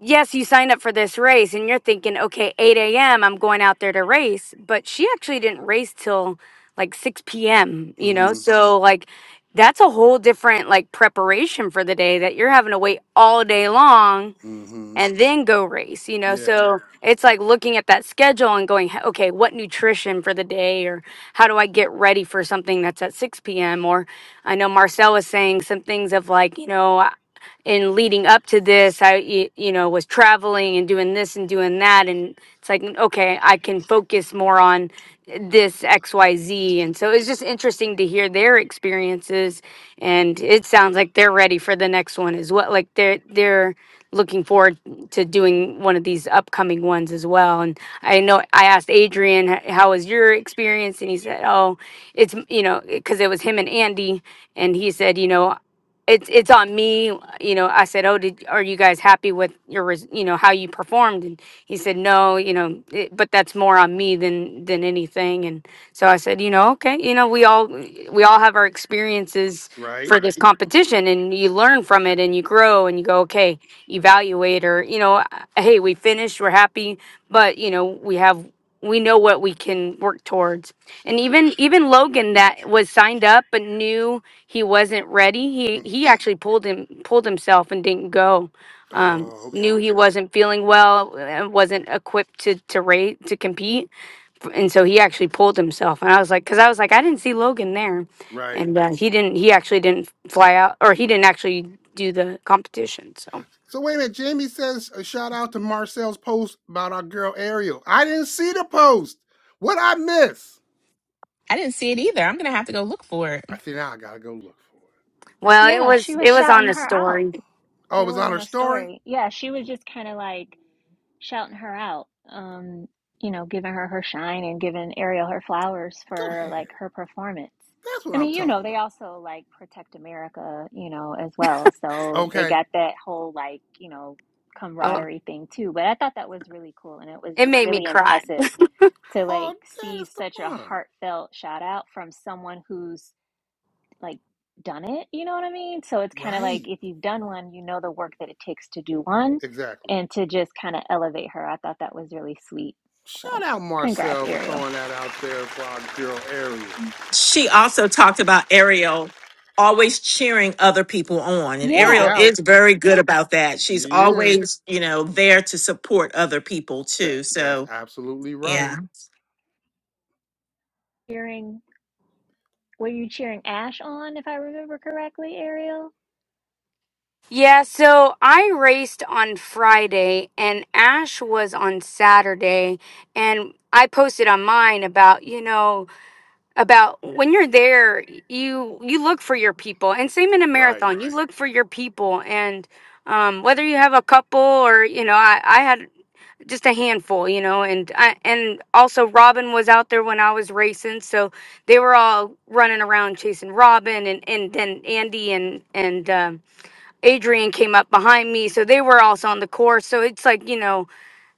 Speaker 4: yes, you signed up for this race and you're thinking, okay, 8 a.m., I'm going out there to race. But she actually didn't race till like 6 p.m., you know?
Speaker 1: Mm-hmm.
Speaker 4: So, like, that's a whole different like preparation for the day that you're having to wait all day long
Speaker 1: Mm-hmm.
Speaker 4: and then go race you know
Speaker 1: Yeah.
Speaker 4: so it's like looking at that schedule and going "H- okay what nutrition for the day or how do i get ready for something that's at 6 p.m or i know marcel was saying some things of like you know I- in leading up to this i y- you know was traveling and doing this and doing that and it's like okay i can focus more on this xyz and so it's just interesting to hear their experiences and it sounds like they're ready for the next one as well like they're they're looking forward to doing one of these upcoming ones as well. And I know I asked Adrian, "H- how was your experience? And he said, oh, it's, you know, because it was him and Andy. And he said, you know, it's it's on me you know i said oh did are you guys happy with your res- you know how you performed and he said no you know it, but that's more on me than than anything and so i said you know okay you know we all we all have our experiences
Speaker 1: Right?
Speaker 4: for this competition and you learn from it and you grow and you go okay Evaluate or you know hey we finished we're happy but you know we have we know what we can work towards and even even logan that was signed up but knew he wasn't ready he
Speaker 1: Mm.
Speaker 4: he actually pulled him pulled himself and didn't go um
Speaker 1: Oh,
Speaker 4: knew
Speaker 1: okay.
Speaker 4: he wasn't feeling well and wasn't equipped to to rate to compete and so he actually pulled himself and i was like because i was like i didn't see logan there
Speaker 1: Right.
Speaker 4: and uh, he didn't he actually didn't fly out or he didn't actually do the competition so
Speaker 1: So wait a minute. Jamie says a shout out to Marcel's post about our girl Ariel. I didn't see the post. What I miss?
Speaker 2: I didn't see it either. I'm gonna have to go look for it.
Speaker 1: I see now I gotta go look for it.
Speaker 4: Well, it
Speaker 3: Yeah, she
Speaker 4: was
Speaker 3: was
Speaker 4: it was on
Speaker 3: shouting
Speaker 4: the
Speaker 3: her out.
Speaker 4: story.
Speaker 1: Oh, it
Speaker 3: It
Speaker 1: was
Speaker 3: was
Speaker 1: on
Speaker 3: on
Speaker 1: her
Speaker 3: a
Speaker 1: story?
Speaker 3: story. Yeah, she was just kind of like, shouting her out, um, you know, giving her her shine and giving Ariel her flowers
Speaker 1: Go
Speaker 3: for
Speaker 1: ahead.
Speaker 3: like her performance.
Speaker 1: That's what
Speaker 3: I
Speaker 1: I'm
Speaker 3: mean, you know,
Speaker 1: talking
Speaker 3: they
Speaker 1: about.
Speaker 3: also like protect America, you know, as well. So they
Speaker 1: Okay.
Speaker 3: got that whole like, you know,
Speaker 4: Oh,
Speaker 3: camaraderie thing too. But I thought that was really cool and it was
Speaker 4: it
Speaker 3: just
Speaker 4: made me
Speaker 3: really
Speaker 4: cry.
Speaker 3: impressive to
Speaker 1: Oh,
Speaker 3: like
Speaker 1: that
Speaker 3: see
Speaker 1: is the
Speaker 3: such a
Speaker 1: bomb.
Speaker 3: heartfelt shout out from someone who's like done it, you know what I mean? So it's kind of like
Speaker 1: Right.
Speaker 3: if you've done one, you know the work that it takes to do one
Speaker 1: Exactly.
Speaker 3: and to just kind of elevate her. I thought that was really sweet.
Speaker 1: Shout
Speaker 3: So
Speaker 1: out
Speaker 3: congrats,
Speaker 1: Marcel for
Speaker 3: Ariel.
Speaker 1: throwing that out there for our girl Ariel.
Speaker 6: she also talked about Ariel always cheering other people on. And
Speaker 1: No
Speaker 6: Ariel
Speaker 3: Yeah.
Speaker 1: doubt.
Speaker 6: is very good about that. She's
Speaker 1: He is.
Speaker 6: always, you know, there to support other people
Speaker 1: That
Speaker 6: too.
Speaker 1: that's
Speaker 6: So,
Speaker 1: absolutely right.
Speaker 6: yeah.
Speaker 3: Cheering were you cheering Ash on if I remember correctly, Ariel?
Speaker 4: Yeah, so I raced on Friday and Ash was on Saturday and I posted on mine about, you know, about when you're there, you you look for your people. And same in a
Speaker 1: Right.
Speaker 4: marathon, you look for your people and um, whether you have a couple or you know, I, I had just a handful, you know, and I, and also Robin was out there when I was racing, so they were all running around chasing Robin, and and then Andy and and um, Adrian came up behind me, so they were also on the course. So it's like you know,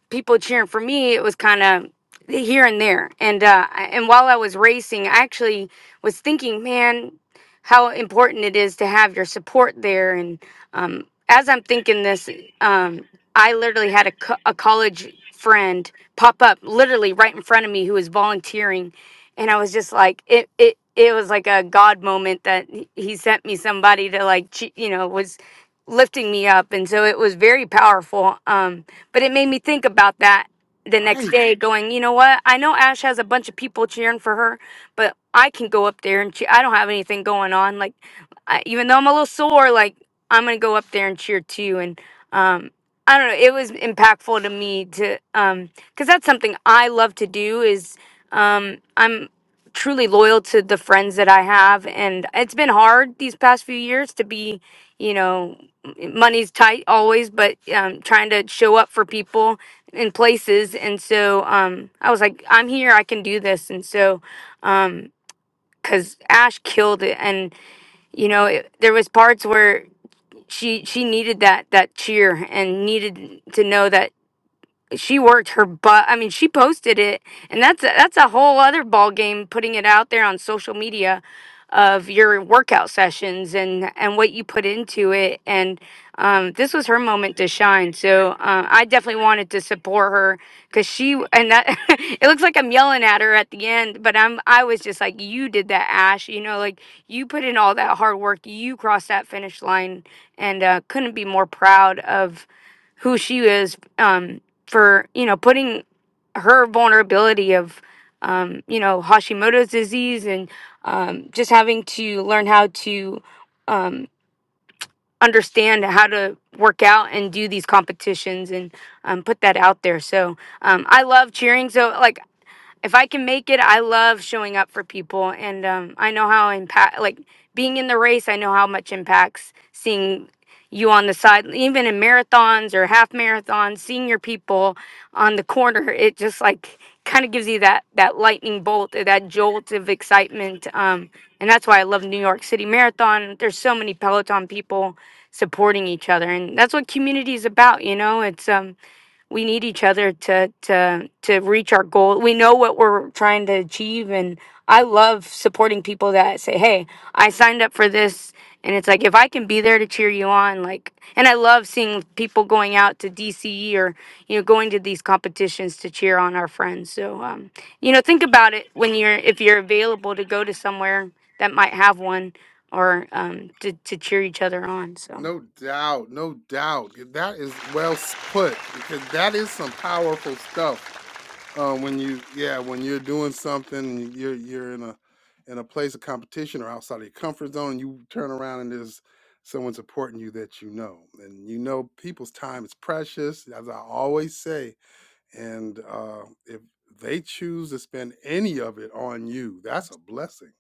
Speaker 4: people cheering for me, it was kind of here and there. And uh, I- and while I was racing, I actually was thinking, man, how important it is to have your support there. And um, as I'm thinking this, um, I literally had a, co- a college friend pop up literally right in front of me who was volunteering, and I was just like, it it. It was like a God moment that he he sent me somebody to like, che- you know, was lifting me up, and so it was very powerful. Um, but it made me think about that the next
Speaker 1: Right.
Speaker 4: day, going, you know what? I know Ash has a bunch of people cheering for her, but I can go up there and cheer. I don't have anything going on. Like, I, even though I'm a little sore, like I'm gonna go up there and cheer too. And um, I don't know. It was impactful to me to um, because that's something I love to do. Is um, I'm truly loyal to the friends that I have, and it's been hard these past few years to be, you know money's tight always, but um, trying to show up for people in places. And so um, I was like, I'm here, I can do this. And so, um, cause Ash killed it, and you know, it, there was parts where she she needed that that cheer and needed to know that she worked her butt. I mean, she posted it, and that's a, that's a whole other ball game. Putting it out there on social media of your workout sessions and and what you put into it, and um, this was her moment to shine. So uh, I definitely wanted to support her because she and that it looks like I'm yelling at her at the end, but I'm I was just like, you did that, Ash. You know, like you put in all that hard work, you crossed that finish line, and uh, couldn't be more proud of who she is um, for you know putting her vulnerability of um, you know Hashimoto's disease and um, just having to learn how to um, understand how to work out and do these competitions and um, put that out there. So um, I love cheering. So like if I can make it, I love showing up for people, and um, I know how impact like being in the race. I know how much impacts seeing you on the side, even in marathons or half marathons, seeing your people on the corner. It just like kind of gives you that that lightning bolt or that jolt of excitement, um, and that's why I love New York City Marathon. There's so many Peloton people supporting each other, and that's what community is about. You know, it's um we need each other to to to reach our goal. We know what we're trying to achieve and I love supporting people that say, "Hey, I signed up for this." And it's like if I can be there to cheer you on like and I love seeing people going out to DCE or you know going to these competitions to cheer on our friends. So um you know think about it when you're if you're available to go to somewhere that might have one or um to to cheer each other on. So
Speaker 1: No doubt. No doubt. That is well put. Because that is some powerful stuff uh, when you yeah when you're doing something and you're you're in a in a place of competition or outside of your comfort zone and you turn around and there's someone supporting you that you know and you know people's time is precious as i always say and uh, if they choose to spend any of it on you that's a blessing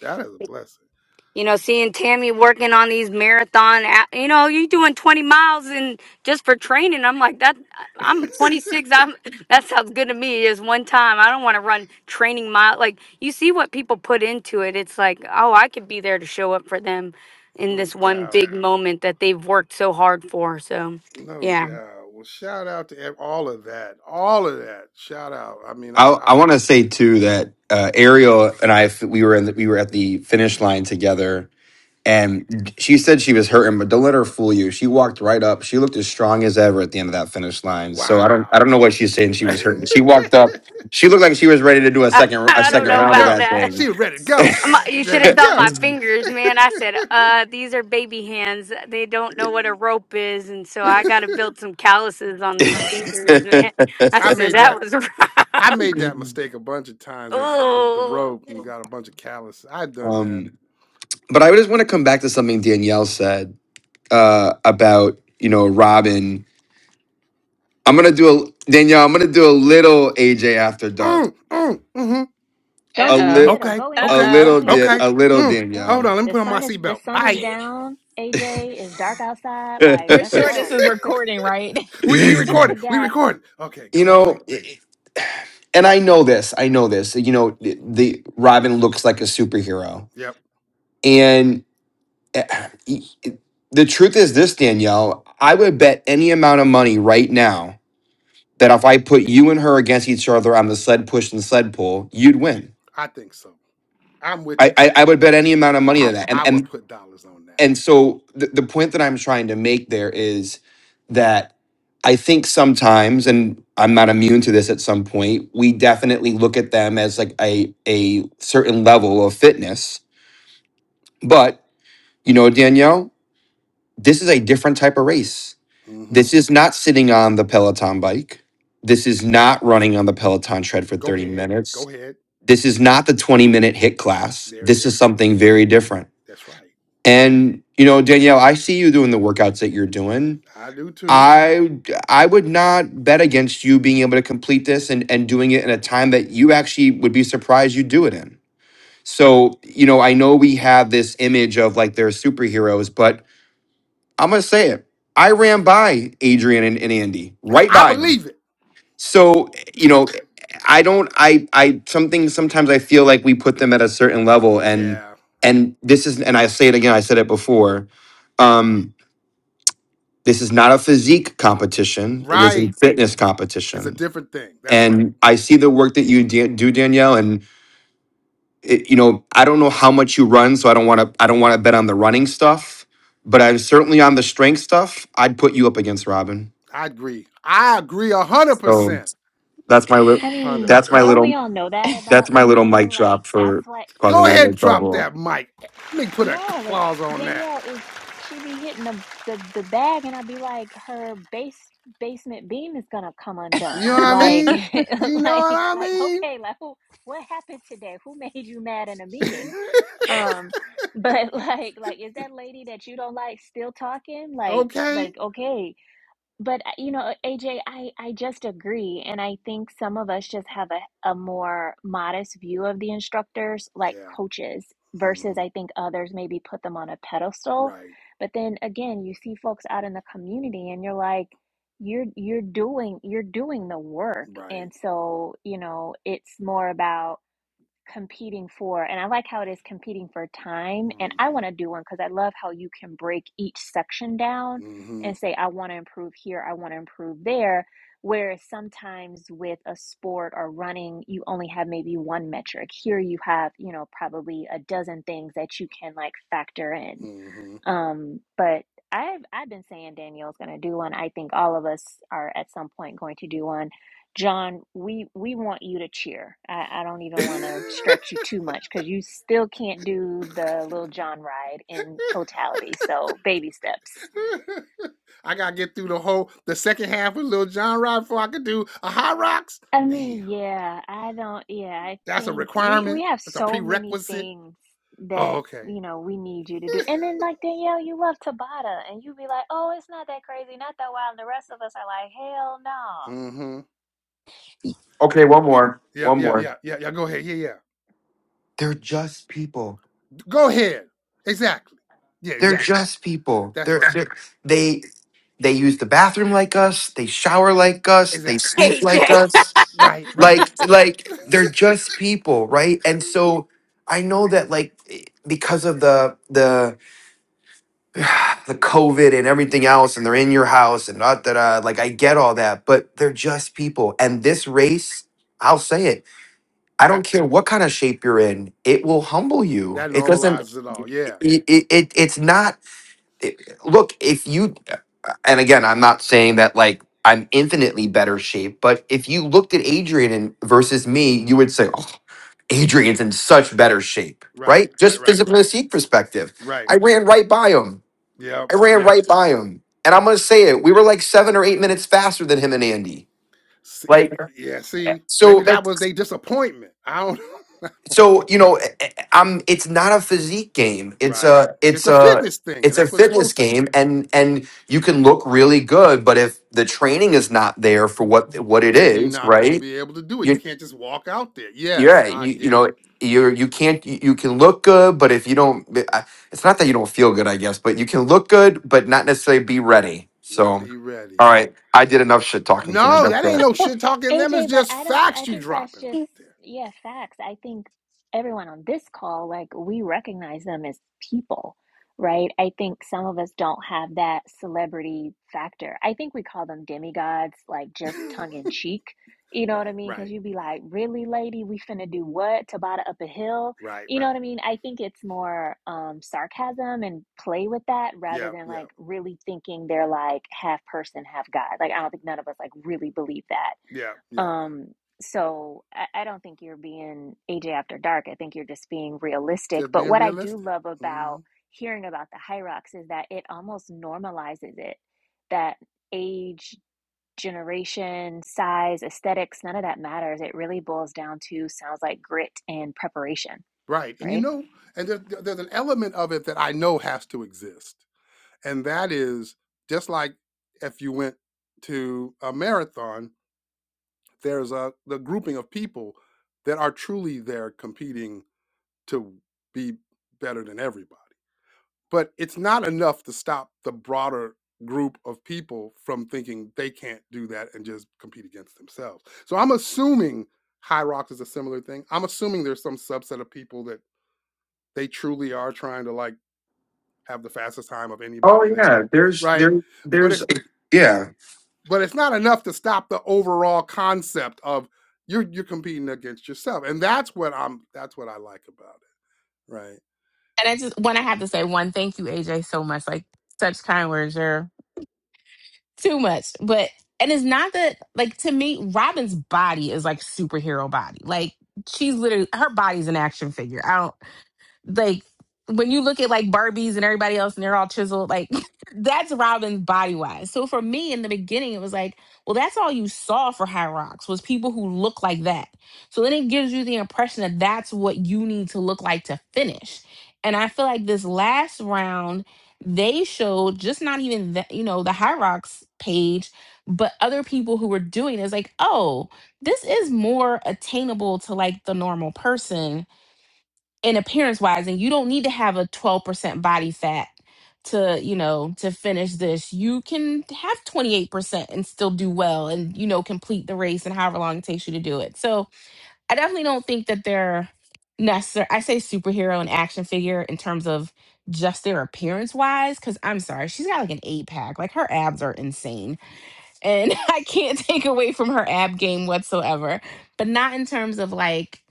Speaker 1: that is a blessing
Speaker 4: You know, seeing Tammy working on these marathon, a- you know, you doing 20 miles and just for training. I'm like, that, I'm 26. I'm, that sounds good to me. Is one time. I don't want to run training mile. Like, you see what people put into it. It's like, oh, I could be there to show up for them in
Speaker 1: no
Speaker 4: this one
Speaker 1: doubt
Speaker 4: big moment that they've worked so hard for. So,
Speaker 1: no
Speaker 4: yeah,
Speaker 1: doubt well shout out to ev- all of that all of that shout out i mean i,
Speaker 5: I
Speaker 1: I
Speaker 5: I want to say too that uh, Ariel and I we were in the, we were at the finish line together, and she said she was hurting, but don't let her fool you. She walked right up. She looked as strong as ever at the end of that finish line. So I don't I
Speaker 1: wow
Speaker 5: don't know what she's saying. She was hurting. She walked up. She looked like she was ready to do a
Speaker 4: I,
Speaker 5: second a
Speaker 4: I
Speaker 1: She
Speaker 4: don't
Speaker 5: second
Speaker 4: know
Speaker 1: ready to
Speaker 5: round of
Speaker 1: go.
Speaker 5: that
Speaker 4: about
Speaker 5: thing.
Speaker 1: She ready to go.
Speaker 4: My, you
Speaker 1: She's
Speaker 4: should have
Speaker 1: ready to
Speaker 4: saw my
Speaker 1: go.
Speaker 4: fingers, man. I said, uh, these are baby hands. They don't know what a rope is. And so I got to build some calluses on these fingers, man. I
Speaker 1: I
Speaker 4: said,
Speaker 1: made
Speaker 4: that
Speaker 1: that.
Speaker 4: was
Speaker 1: I
Speaker 4: rough.
Speaker 1: made that mistake a bunch of times with with the
Speaker 4: Ooh,
Speaker 1: rope and got a bunch of calluses. I done that.
Speaker 5: um, but I just want to come back to something Danielle said uh, about you know Robin I'm gonna do a Danielle. I'm gonna do a little AJ after dark.
Speaker 1: Mm, mm, mm-hmm.
Speaker 2: Uh
Speaker 3: Don't
Speaker 5: A
Speaker 3: do a
Speaker 2: oh.
Speaker 5: little,
Speaker 3: little.
Speaker 1: Okay,
Speaker 3: Go
Speaker 5: a
Speaker 3: in.
Speaker 1: okay,
Speaker 2: Uh
Speaker 3: Go
Speaker 5: little,
Speaker 3: in.
Speaker 5: da-
Speaker 1: okay.
Speaker 5: a little
Speaker 1: Mm.
Speaker 3: Go
Speaker 5: Danielle.
Speaker 1: Hold on,
Speaker 3: in.
Speaker 1: let me
Speaker 3: The
Speaker 1: put on my
Speaker 3: sun is the
Speaker 1: seatbelt.
Speaker 3: sun
Speaker 1: All
Speaker 2: oh.
Speaker 3: is
Speaker 1: right.
Speaker 3: down. AJ is dark outside.
Speaker 5: you
Speaker 3: Like,
Speaker 2: We're
Speaker 3: let's
Speaker 2: sure this
Speaker 3: go.
Speaker 2: is
Speaker 3: Put
Speaker 2: recording, right?
Speaker 1: we we
Speaker 3: put the
Speaker 1: recorded. We
Speaker 3: gas.
Speaker 1: recorded. Okay, go go
Speaker 5: know,
Speaker 1: ahead.
Speaker 5: and I know this. I know this. You know, the the- Robin looks like a superhero,
Speaker 1: Yep,
Speaker 5: and eh, the truth is this, Danielle. I would bet any amount of money right now that if I put you and her against each other on the sled push and sled pull, you'd win.
Speaker 1: I think so. I'm with
Speaker 5: I,
Speaker 1: that.
Speaker 5: I, I would bet any amount of money
Speaker 1: I I
Speaker 5: on that, and
Speaker 1: will
Speaker 5: and
Speaker 1: put dollars on that.
Speaker 5: and so the, the point that I'm trying to make there is that I think sometimes, and I'm not immune to this at some point, we definitely look at them as like a a certain level of fitness. But you know, Danielle, this is a different type of race.
Speaker 1: Mm-hmm.
Speaker 5: This is not sitting on the Peloton bike. This is not running on the Peloton tread for
Speaker 1: Go
Speaker 5: 30
Speaker 1: ahead.
Speaker 5: minutes.
Speaker 1: Go ahead.
Speaker 5: This is not the 20 minute hit class.
Speaker 1: There it
Speaker 5: This
Speaker 1: is.
Speaker 5: is something very different.
Speaker 1: That's right.
Speaker 5: And you know, Danielle, I see you doing the workouts that you're doing
Speaker 1: I do too.
Speaker 5: I I would not bet against you being able to complete this and and doing it in a time that you actually would be surprised you do it in. So, you know, I know we have this image of like they're superheroes, but I'm gonna say it. I ran by Adrian and, and Andy, right
Speaker 1: I
Speaker 5: by them.
Speaker 1: believe it.
Speaker 5: So, you know, I don't I I something sometimes I feel like we put them at a certain level and
Speaker 1: Yeah.
Speaker 5: and this is and I say it again, I said it before. Um this is not a physique competition. It is a
Speaker 1: Right.
Speaker 5: fitness
Speaker 1: It's a
Speaker 5: competition.
Speaker 1: different thing. That's right.
Speaker 5: And I see the work that you da- do, Danielle. And it, you know, I don't know how much you run, so I don't want to. I don't want to bet on the running stuff. But I'm certainly on the strength stuff. I'd put you up against Robin.
Speaker 1: I agree. I agree a
Speaker 5: So
Speaker 1: 100%.
Speaker 5: that's my little.
Speaker 3: I mean,
Speaker 5: That's my
Speaker 1: 100%.
Speaker 3: don't
Speaker 5: little.
Speaker 3: we all know that
Speaker 5: That's
Speaker 3: about
Speaker 5: my little mic
Speaker 3: Danielle? Like,
Speaker 5: drop
Speaker 3: that's
Speaker 5: for
Speaker 3: what
Speaker 5: causing
Speaker 1: Go
Speaker 5: a little bit
Speaker 1: ahead and
Speaker 5: of
Speaker 1: drop
Speaker 3: everyone
Speaker 5: trouble.
Speaker 1: that mic. Let me put a
Speaker 3: No, like
Speaker 1: clause on that.
Speaker 3: Danielle is she be hitting the the, the bag and I'd be like her base basement beam is gonna come
Speaker 1: You know what
Speaker 3: undone.
Speaker 1: I
Speaker 3: Like
Speaker 2: and
Speaker 1: mean? You know what
Speaker 3: like
Speaker 1: I
Speaker 3: like okay,
Speaker 1: mean?
Speaker 3: like who what happened today? Who made you mad in a meeting? Um, but like like is that lady that you don't like still talking? Like
Speaker 1: okay.
Speaker 3: like okay. But uh, you know, AJ, I I just agree, and I think some of us just have a a more modest view of the instructors, like
Speaker 1: Yeah.
Speaker 3: coaches, versus
Speaker 1: hmm
Speaker 3: I think others maybe put them on a pedestal.
Speaker 1: Right.
Speaker 3: But then again, you see folks out in the community, and you're like, you're you're doing you're doing the work,
Speaker 1: Right.
Speaker 3: and so you know, it's more about competing for and i like how it is competing for time and i
Speaker 1: hmm
Speaker 3: want to do one because i love how you can break each section down
Speaker 1: hmm
Speaker 3: and say i want to improve here i want to improve there whereas sometimes with a sport or running you only have maybe one metric here you have you know probably a dozen things that you can like factor in
Speaker 1: hmm
Speaker 3: um, but I've I've been saying Danielle's going to do one. I think all of us are at some point going to do one. John, we we want you to cheer. I, I don't even want to stretch you too much because you still can't do the little John ride in totality. So baby steps.
Speaker 1: I gotta get through the whole the second half with Lil Jon Rod before I could do a high rocks.
Speaker 3: I
Speaker 1: Damn.
Speaker 3: mean, yeah, I don't, yeah, I
Speaker 1: That's a
Speaker 3: think we we
Speaker 1: requirement.
Speaker 3: have
Speaker 1: That's a
Speaker 3: so many
Speaker 1: prerequisite.
Speaker 3: things
Speaker 1: Oh,
Speaker 3: that,
Speaker 1: okay.
Speaker 3: you know, we need you to do. And then like Danielle, you love Tabata and you be like, "Oh, it's not that crazy, not that wild." And the rest of us are like, "Hell no."
Speaker 1: Mm-hmm.
Speaker 5: Okay, one more.
Speaker 1: Yeah,
Speaker 5: One
Speaker 1: yeah,
Speaker 5: more.
Speaker 1: yeah, yeah, yeah. Go ahead. Yeah, yeah.
Speaker 5: They're just people.
Speaker 1: Go ahead. Exactly. Yeah,
Speaker 5: They're
Speaker 1: exactly.
Speaker 5: just people.
Speaker 1: That's
Speaker 5: They're,
Speaker 1: right.
Speaker 5: they're they They use the bathroom like us. They shower like us. They
Speaker 1: Exactly. That,
Speaker 5: sleep
Speaker 1: that.
Speaker 5: like
Speaker 4: AJ.
Speaker 5: us.
Speaker 1: Right, right.
Speaker 5: Like, like they're just people, right? And so I know that, like, eh, because of the the the COVID and everything else, and they're in your house and da da da. Like, I get all that, but they're just people. And this race, I'll say it. I don't
Speaker 1: that
Speaker 5: care what kind of shape you're in. It will humble you.
Speaker 1: that
Speaker 5: It doesn't.
Speaker 1: normalizes it all.
Speaker 5: It,
Speaker 1: Yeah.
Speaker 5: it, it it's not it- look, if you, and again, I'm not saying that like I'm infinitely better shape, but if you looked at Adrian and- versus me, you would say, oh, Adrian's in such better shape,
Speaker 1: Right,
Speaker 5: right?
Speaker 1: right,
Speaker 5: Just
Speaker 1: right,
Speaker 5: physical physique perspective.
Speaker 1: right.
Speaker 5: I ran right by him.
Speaker 1: Yep,
Speaker 5: I ran
Speaker 1: yep.
Speaker 5: right by him. And I'm going to say it. We were like seven or eight minutes faster than him and Andy.
Speaker 1: And
Speaker 5: Like,
Speaker 1: yeah, see,
Speaker 5: so
Speaker 1: maybe
Speaker 5: that
Speaker 1: that was their disappointment. I don't
Speaker 5: so you know I- am it's not a physique game it's
Speaker 1: Right.
Speaker 5: a it's
Speaker 1: It's a
Speaker 5: a
Speaker 1: fitness thing,
Speaker 5: it's
Speaker 1: and
Speaker 5: a
Speaker 1: that's what it's
Speaker 5: fitness
Speaker 1: supposed to
Speaker 5: game
Speaker 1: be.
Speaker 5: and and you can look really good but if the training is not there for what what it
Speaker 1: Then you're
Speaker 5: is
Speaker 1: not gonna
Speaker 5: right
Speaker 1: be able to do it. You
Speaker 5: you
Speaker 1: can't just walk out there. Yes,
Speaker 5: yeah
Speaker 1: I
Speaker 5: you, you
Speaker 1: get it.
Speaker 5: know you're you can't you you can look good but if you don't eh, I- it's not that you don't feel good i guess but you can look good but not necessarily be ready so
Speaker 1: Not be ready.
Speaker 5: all right i did enough shit talking tonight
Speaker 1: No,
Speaker 5: that's
Speaker 1: that ain't
Speaker 5: that
Speaker 1: no shit talking. Them is
Speaker 3: AJ, but
Speaker 1: just
Speaker 3: I don't, I
Speaker 1: facts you
Speaker 3: think that's
Speaker 1: dropping
Speaker 3: just,
Speaker 1: right
Speaker 3: yeah, facts. I think everyone on this call, like, we recognize them as people, right? I think some of us don't have that celebrity factor. I think we call them demigods, like, just tongue in
Speaker 1: there.
Speaker 3: cheek. You know what
Speaker 1: right,
Speaker 3: I mean? Because
Speaker 1: right,
Speaker 3: you'd be
Speaker 1: right,
Speaker 3: like, really, lady, we finna do what? Tabata up a hill?
Speaker 1: right,
Speaker 3: You know what
Speaker 1: right.
Speaker 3: I mean? I think it's more um, sarcasm and play with that rather
Speaker 1: Yeah,
Speaker 3: than
Speaker 1: yeah,
Speaker 3: like really thinking they're like half person, half God. Like, I don't think none of us like really believe that
Speaker 1: yeah, yeah.
Speaker 3: um, so I, I don't think you're being AJ after dark. I think you're just being realistic.
Speaker 1: Just
Speaker 3: But
Speaker 1: being
Speaker 3: what I do
Speaker 1: realistic.
Speaker 3: love
Speaker 1: hmm
Speaker 3: about hearing about the Hyrox is that it almost normalizes it. That age, generation, size, aesthetics, none of that matters. It really boils down to sounds like grit and preparation,
Speaker 1: Right, and you
Speaker 3: right?
Speaker 1: know, and there's, there's an element of it that I know has to exist, and that is just like if you went to a marathon, there's a the grouping of people that are truly there competing to be better than everybody but it's not enough to stop the broader group of people from thinking they can't do that and just compete against themselves. So I'm assuming High Rocks is a similar thing. I'm assuming there's some subset of people that they truly are trying to like have the fastest time of
Speaker 5: oh
Speaker 1: anybody there,
Speaker 5: yeah there's
Speaker 1: right?
Speaker 5: there
Speaker 1: But
Speaker 5: there's
Speaker 1: it's
Speaker 5: yeah
Speaker 1: but it's not enough to stop the overall concept of you're you're competing against yourself, and that's what I'm that's what I like about it, right?
Speaker 2: I just want to have to say one thank you, AJ, so much. Like such kind words. You're too much. But and it's not that like to me, Robin's body is like superhero body. Like she's literally her body's an action figure. I don't. Like when you look at like Barbies and everybody else and they're all chiseled, like that's Robin's body wise. So for me in the beginning, it was like, well, that's all you saw for High Rocks was people who look like that. So then it gives you the impression that that's what you need to look like to finish. And I feel like this last round, they showed just not even that, you know, the High Rocks page, but other people who were doing it. It's like, oh, this is more attainable to like the normal person in appearance wise and you don't need to have a 12% body fat to you know to finish this you can have 28% and still do well and you know complete the race and however long it takes you to do it so i definitely don't think that they're necessary i say superhero and action figure in terms of just their appearance wise because i'm sorry she's got like an eight pack like her abs are insane and I can't take away from her ab game whatsoever. But not in terms of like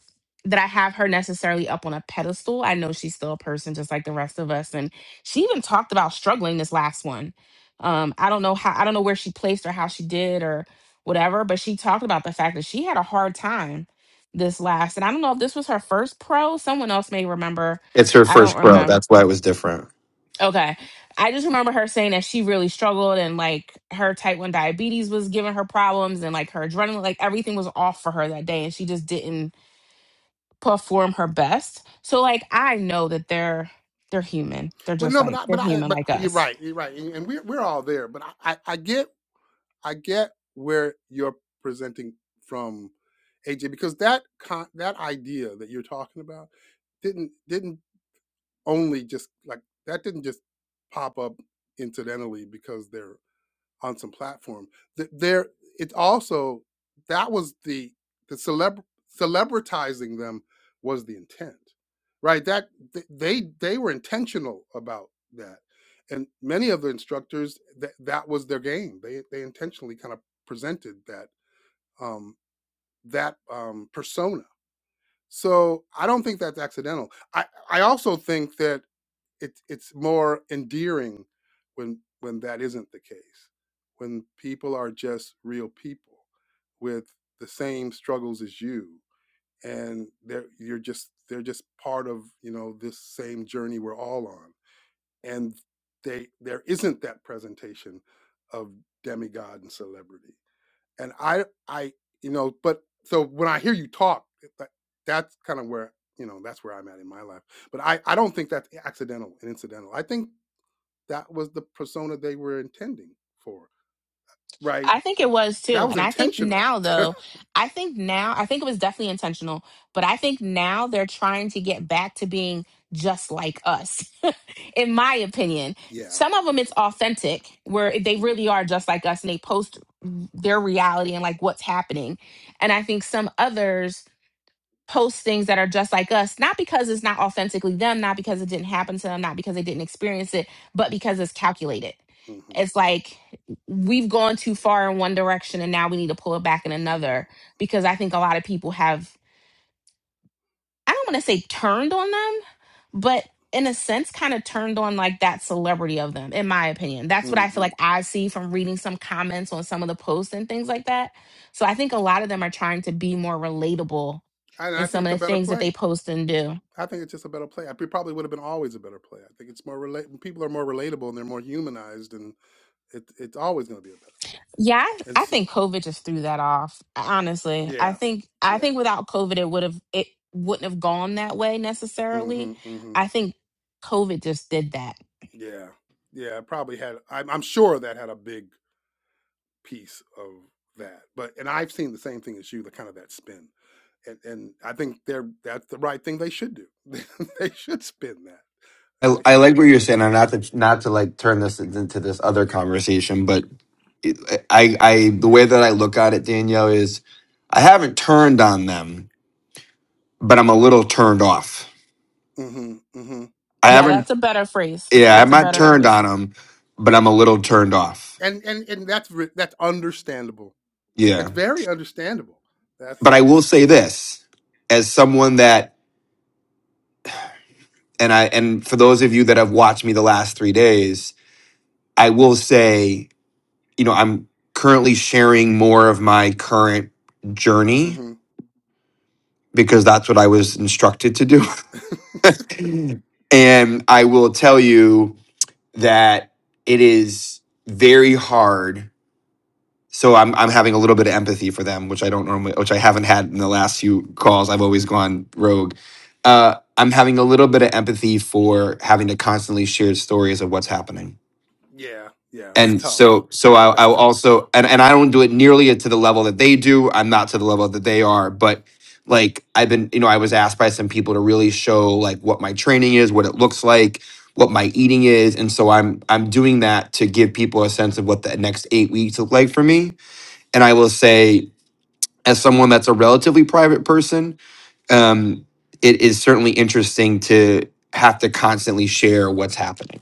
Speaker 2: that I have her necessarily up on a pedestal. I know she's still a person just like the rest of us. And she even talked about struggling this last one. Um, I don't know how I don't know where she placed or how she did or whatever, but she talked about the fact that she had a hard time this last. And I don't know if this was her first pro. Someone else may remember.
Speaker 5: It's her
Speaker 2: I don't
Speaker 5: first pro.
Speaker 2: remember
Speaker 5: That's why it was different.
Speaker 2: Okay. I just remember her saying that she really struggled and like her type 1 diabetes was giving her problems and like her adrenaline, like everything was off for her that day and she just didn't perform her best. So like I know that they're they're human. They're
Speaker 1: But
Speaker 2: just
Speaker 1: no, but
Speaker 2: like
Speaker 1: I,
Speaker 2: they're
Speaker 1: but I,
Speaker 2: human
Speaker 1: but
Speaker 2: like
Speaker 1: you're
Speaker 2: us.
Speaker 1: right, you're right, and, and we're we're all there. But I, I, I get I get where you're presenting from, AJ, because that con- that idea that you're talking about didn't didn't only just like that didn't just pop up incidentally because they're on some platform. Th- There, it also that was the the celeb celebritizing them was the intent, right? That th- they they were intentional about that, and many of the instructors that that was their game. They they intentionally kind of presented that um, that um, persona. So I don't think that's accidental. I I also think that it's it's more endearing when when that isn't the case when people are just real people with the same struggles as you and they're you're just they're just part of you know this same journey we're all on and they there isn't that presentation of demigod and celebrity and i i you know but so when i hear you talk that, that's kind of where you know that's where i'm at in my life but I, I don't think that's accidental and incidental. I think that was the persona they were intending for, right?
Speaker 2: I think it was
Speaker 1: That
Speaker 2: too.
Speaker 1: was
Speaker 2: And I think
Speaker 1: intentional.
Speaker 2: now, though, I think now, I think it was definitely intentional, but I think now they're trying to get back to being just like us, in my opinion.
Speaker 1: Yeah,
Speaker 2: Some of them, it's
Speaker 1: yeah.
Speaker 2: authentic, where they really are just like us and they post their reality and like what's happening. And I think some others, post things that are just like us, not because it's not authentically them, not because it didn't happen to them, not because they didn't experience it, but because it's calculated.
Speaker 1: hmm hmm
Speaker 2: It's like we've gone too far in one direction and now we need to pull it back in
Speaker 1: hmm
Speaker 2: another because I think a lot of people have I don't want to say turned on them, but in a sense, kind of turned on like that celebrity of them, in my opinion. That's what I feel
Speaker 1: hmm
Speaker 2: like I see from reading some comments on some of the posts and things like that. So I think a lot of them are trying to be more relatable
Speaker 1: And I
Speaker 2: in
Speaker 1: think
Speaker 2: some
Speaker 1: it's
Speaker 2: of
Speaker 1: a
Speaker 2: the
Speaker 1: better
Speaker 2: things that
Speaker 1: play.
Speaker 2: they post and do.
Speaker 1: I think it's just a better play. It probably would have been always a better play. I think it's more relate. People are more relatable and they're more humanized, and it, it's always going to be a better play.
Speaker 2: Yeah, I,
Speaker 1: And
Speaker 2: I
Speaker 1: so,
Speaker 2: think COVID just threw that off. Honestly, I
Speaker 1: yeah,
Speaker 2: think I
Speaker 1: yeah,
Speaker 2: think without COVID, it would have it wouldn't have gone that way
Speaker 1: mm hmm
Speaker 2: necessarily.
Speaker 1: mm hmm
Speaker 2: I think COVID just did that.
Speaker 1: yeah, yeah. It probably had. I'm, I'm sure that had a big piece of that. But and I've seen the same thing as you, the kind of that spin. and and I think they're that's the right thing they should do. they should spin that.
Speaker 5: I,
Speaker 1: They
Speaker 5: I
Speaker 1: should
Speaker 5: like
Speaker 1: spin
Speaker 5: what
Speaker 1: that
Speaker 5: you're
Speaker 1: another
Speaker 5: saying, and not
Speaker 1: direction.
Speaker 5: to not to like turn this into this other conversation, but it, I I the way that I look at it, Danielle, is I haven't turned on them, but I'm a little turned off.
Speaker 1: hmm hmm
Speaker 5: I
Speaker 2: Yeah,
Speaker 5: haven't
Speaker 1: Yeah.
Speaker 2: that's a better phrase.
Speaker 5: Yeah, I'm
Speaker 2: That's
Speaker 1: Yeah.
Speaker 2: a
Speaker 5: not
Speaker 2: better
Speaker 1: Yeah.
Speaker 5: turned
Speaker 2: phrase.
Speaker 5: on him, but I'm a little turned off.
Speaker 1: And and and that's re- that's understandable. It's
Speaker 5: Yeah.
Speaker 1: very understandable. That's.
Speaker 5: But I will say this as someone that and I and for those of you that have watched me the last 3 days, I will say, you know, I'm currently sharing more of my current journey
Speaker 1: hmm
Speaker 5: because that's what I was instructed to do. and I will tell you that it is very hard so I'm I'm having a little bit of empathy for them, which I don't normally, which I haven't had in the last few calls. I've always gone rogue. Uh, I'm having a little bit of empathy for having to constantly share stories of what's happening,
Speaker 1: Yeah. Yeah. That's
Speaker 5: and
Speaker 1: tough.
Speaker 5: so so I, I
Speaker 1: That's tough.
Speaker 5: also and and I don't do it nearly to the level that they do. I'm not to the level that they are, but like I've been, you know, I was asked by some people to really show like what my training is, what it looks like, what my eating is, and so I'm I'm doing that to give people a sense of what the next eight weeks look like for me and I will say, as someone that's a relatively private person, um, it is certainly interesting to have to constantly share what's happening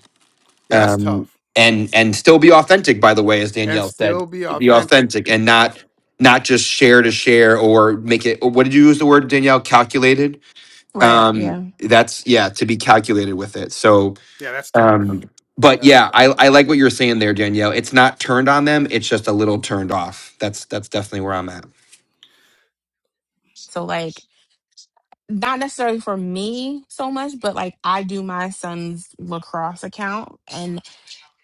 Speaker 1: Yeah. That's
Speaker 5: um,
Speaker 1: tough.
Speaker 5: and and
Speaker 1: Yeah.
Speaker 5: still be authentic. By the way, as
Speaker 1: And
Speaker 5: Danielle said,
Speaker 1: still be
Speaker 5: be
Speaker 1: authentic.
Speaker 5: authentic and not
Speaker 1: Yeah.
Speaker 5: not just share to share or make it. What did you use the word Danielle? Calculated.
Speaker 2: Right.
Speaker 5: Um,
Speaker 2: Yeah.
Speaker 5: that's yeah, to be calculated with it. So.
Speaker 1: Yeah. That's
Speaker 5: Um,
Speaker 1: tough.
Speaker 5: but
Speaker 1: That's
Speaker 5: yeah, I,
Speaker 1: tough.
Speaker 5: I like what you're saying there, Danielle. It's not turned on them; it's just a little turned off. That's that's definitely where I'm at.
Speaker 2: So like not necessarily for me so much, but like I do my son's lacrosse account and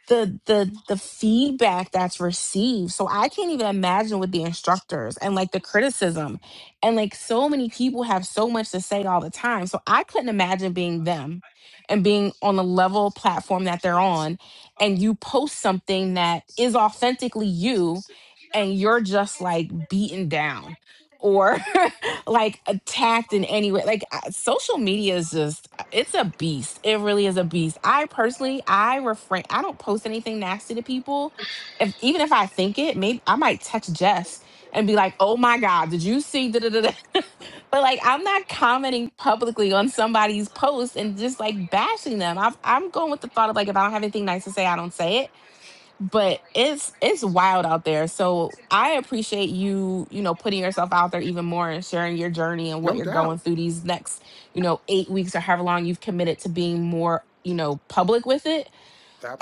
Speaker 2: the the the feedback that's received so i can't even imagine with the instructors and like the criticism and like so many people have so much to say all the time so i couldn't imagine being them and being on the level platform that they're on and you post something that is authentically you and you're just like beaten down or like attacked in any way like I- social media is just it's a beast. It really is a beast. I personally, I refrain. I don't post anything nasty to people. If even if I think it, maybe I might text Jess and be like, "Oh my God, did you see?" Da, da, da, da. but like, I'm not commenting publicly on somebody's post and just like bashing them. I've, I'm going with the thought of like, if I don't have anything nice to say, I don't say it but it's it's wild out there so i appreciate you you know putting yourself out there even more and sharing your journey and what
Speaker 1: No
Speaker 2: you're going
Speaker 1: doubt.
Speaker 2: through these next you know eight weeks or however long you've committed to being more you know public with it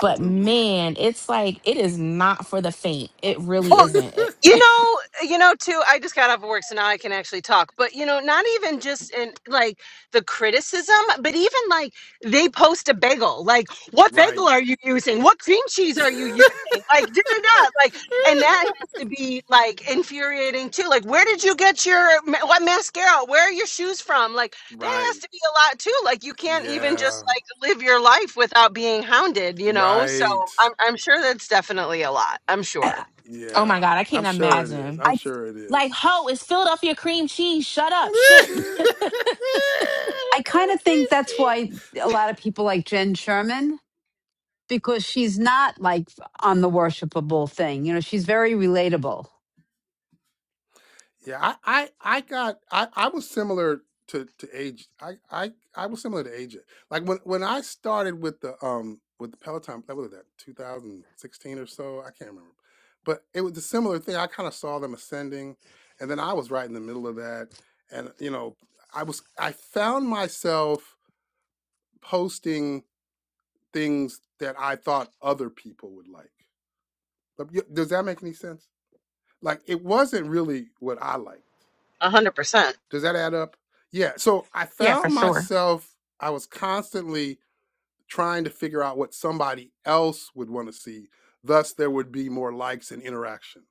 Speaker 2: but man it's like it is not for the faint it really
Speaker 7: Well,
Speaker 2: isn't It-
Speaker 7: you know, you know, too, I just got off of work, so now I can actually talk. But, you know, not even just in like the criticism, but even like they post a bagel. Like, what
Speaker 1: Right.
Speaker 7: bagel are you using? What cream cheese are you using? Like, da da da. Like, and that has to be like infuriating too. Like, where did you get your ma- what mascara? Where are your shoes from? Like, that
Speaker 1: right.
Speaker 7: has to be a lot too. Like, you can't even
Speaker 1: Yeah,
Speaker 7: just like live your life without being hounded, you know? So
Speaker 1: right.
Speaker 7: I'm, I'm sure that's definitely a lot. I'm sure.
Speaker 8: I
Speaker 2: oh
Speaker 1: Yeah,
Speaker 2: my god i
Speaker 1: I'm
Speaker 2: can't
Speaker 8: I,
Speaker 1: sure it
Speaker 2: imagine
Speaker 1: is. I'm
Speaker 8: I
Speaker 1: sure it is.
Speaker 2: Like, ho, it's Philadelphia cream cheese. Shut up.
Speaker 1: what kind
Speaker 2: Shit.
Speaker 8: I kind
Speaker 1: of
Speaker 8: of think
Speaker 1: cream
Speaker 8: that's why
Speaker 1: cheese?
Speaker 8: a lot of people like Jen Sherman because she's not like on the worshipable thing. You know, she's very relatable.
Speaker 1: Yeah, I, I, I got, I, I was similar to to age. I, I, I was similar to AJ. Like when when I started with the um with the Peloton, that was that 2016 or so. I can't remember, but it was a similar thing. I kind of saw them ascending, and then I was right in the middle of that, and you know, I was I found myself posting things that I thought other people would like. Does that make any sense? Like it wasn't really what I liked.
Speaker 7: 100%.
Speaker 1: Does that add up? Yeah. So I
Speaker 2: Yeah, for
Speaker 1: found
Speaker 2: sure.
Speaker 1: myself, I was constantly trying to figure out what somebody else would want to see. Thus, there would be more likes and interaction.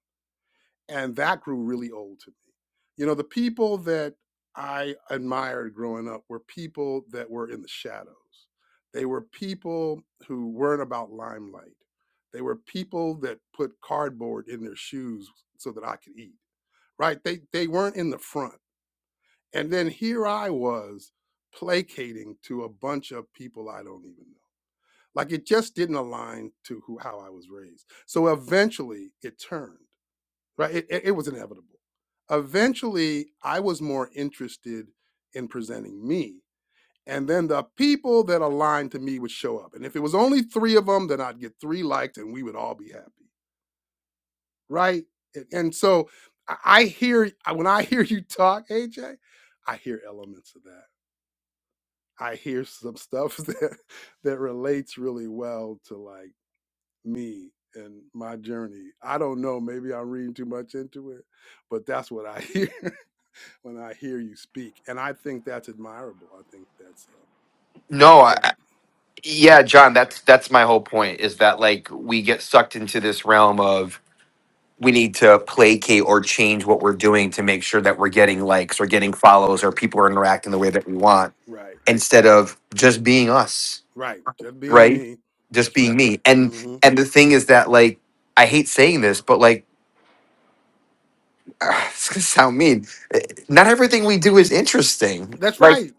Speaker 1: and that grew really old to me. You know, the people that I admired growing up were people that were in the shadows. They were people who weren't about limelight. They were people that put cardboard in their shoes so that I could eat. Right? They they weren't in the front. And then here I was placating to a bunch of people I don't even know. Like it just didn't align to who how I was raised. So eventually it turned right? It, it, it was inevitable. Eventually, I was more interested in presenting me. And then the people that aligned to me would show up. And if it was only three of them, then I'd get three liked and we would all be happy, right? And so I hear, when I hear you talk, AJ, I hear elements of that. I hear some stuff that, that relates really well to like me and my journey. I don't know, maybe I'm reading too much into it, but that's what I hear. when I hear you speak, and I think that's admirable. I think that's um, I
Speaker 5: No,
Speaker 1: think
Speaker 5: I,
Speaker 1: that's
Speaker 5: I- yeah, John, that's that's my whole point is that like we get sucked into this realm of we need to placate or change what we're doing to make sure that we're getting likes or getting follows or people are interacting the way that we want
Speaker 1: right,
Speaker 5: instead of just being us,
Speaker 1: right. Just being
Speaker 5: right?
Speaker 1: me.
Speaker 5: Just
Speaker 1: That's
Speaker 5: being
Speaker 1: right.
Speaker 5: me. And
Speaker 1: hmm
Speaker 5: and the thing is that like I hate saying this, but like it's gonna sound mean. eh, Not everything we do is interesting.
Speaker 1: That's
Speaker 5: Like
Speaker 1: right.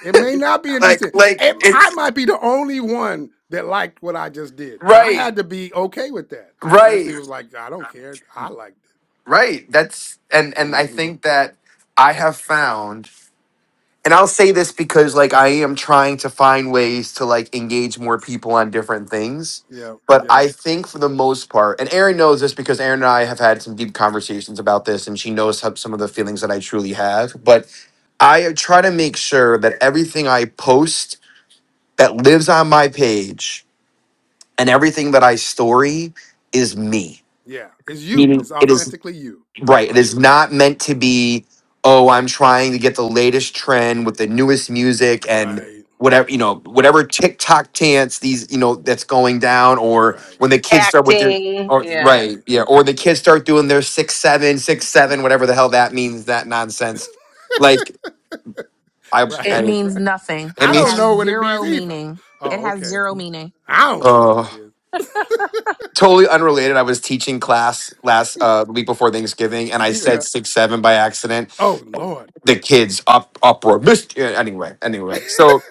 Speaker 1: It may not be
Speaker 5: like
Speaker 1: interesting.
Speaker 5: like
Speaker 1: It, I
Speaker 5: it's
Speaker 1: might be the only one that liked what I just did, and I
Speaker 5: right,
Speaker 1: had to be okay with that. I
Speaker 5: right.
Speaker 1: eventually was like, I don't care. I liked
Speaker 5: Right. That's and
Speaker 1: it.
Speaker 5: and I
Speaker 1: hmm
Speaker 5: think that I have found and I'll say this because like I am trying to find ways to like engage more people on different things.
Speaker 1: Yeah,
Speaker 5: But
Speaker 1: yeah,
Speaker 5: I think for the most part, and Erin knows this because Erin and I have had some deep conversations about this, and she knows how- some of the feelings that I truly have. But I try to make sure that everything I post that lives on my page and everything that I story is me.
Speaker 1: yeah. It's you.
Speaker 5: Meaning
Speaker 1: It's
Speaker 5: it is.
Speaker 1: authentically you. That's
Speaker 5: Right. It
Speaker 1: right.
Speaker 5: is not meant to be, oh, I'm trying to get the latest trend with the newest music and
Speaker 1: Right,
Speaker 5: whatever, you know, whatever TikTok dance these, you know, that's going down or
Speaker 1: right,
Speaker 5: when the kids start with their
Speaker 7: acting.
Speaker 5: or
Speaker 7: Yeah.
Speaker 1: right,
Speaker 5: right, yeah, or the kids start doing their six seven, six seven, whatever the hell that means, that nonsense. Like I
Speaker 2: It
Speaker 1: right,
Speaker 5: I
Speaker 2: means
Speaker 1: right.
Speaker 2: nothing.
Speaker 5: it
Speaker 2: It
Speaker 1: I don't
Speaker 2: has
Speaker 5: means
Speaker 1: know what it means
Speaker 2: zero
Speaker 1: either.
Speaker 2: meaning. It
Speaker 1: Oh,
Speaker 2: has
Speaker 1: okay.
Speaker 2: zero meaning.
Speaker 1: I don't know what
Speaker 5: uh
Speaker 1: it is.
Speaker 5: totally unrelated. I was teaching class last uh the week before Thanksgiving and I said
Speaker 1: yeah.
Speaker 5: six seven by accident
Speaker 1: Oh Lord.
Speaker 5: the kids up uproar. Mist- yeah, Anyway, anyway. So,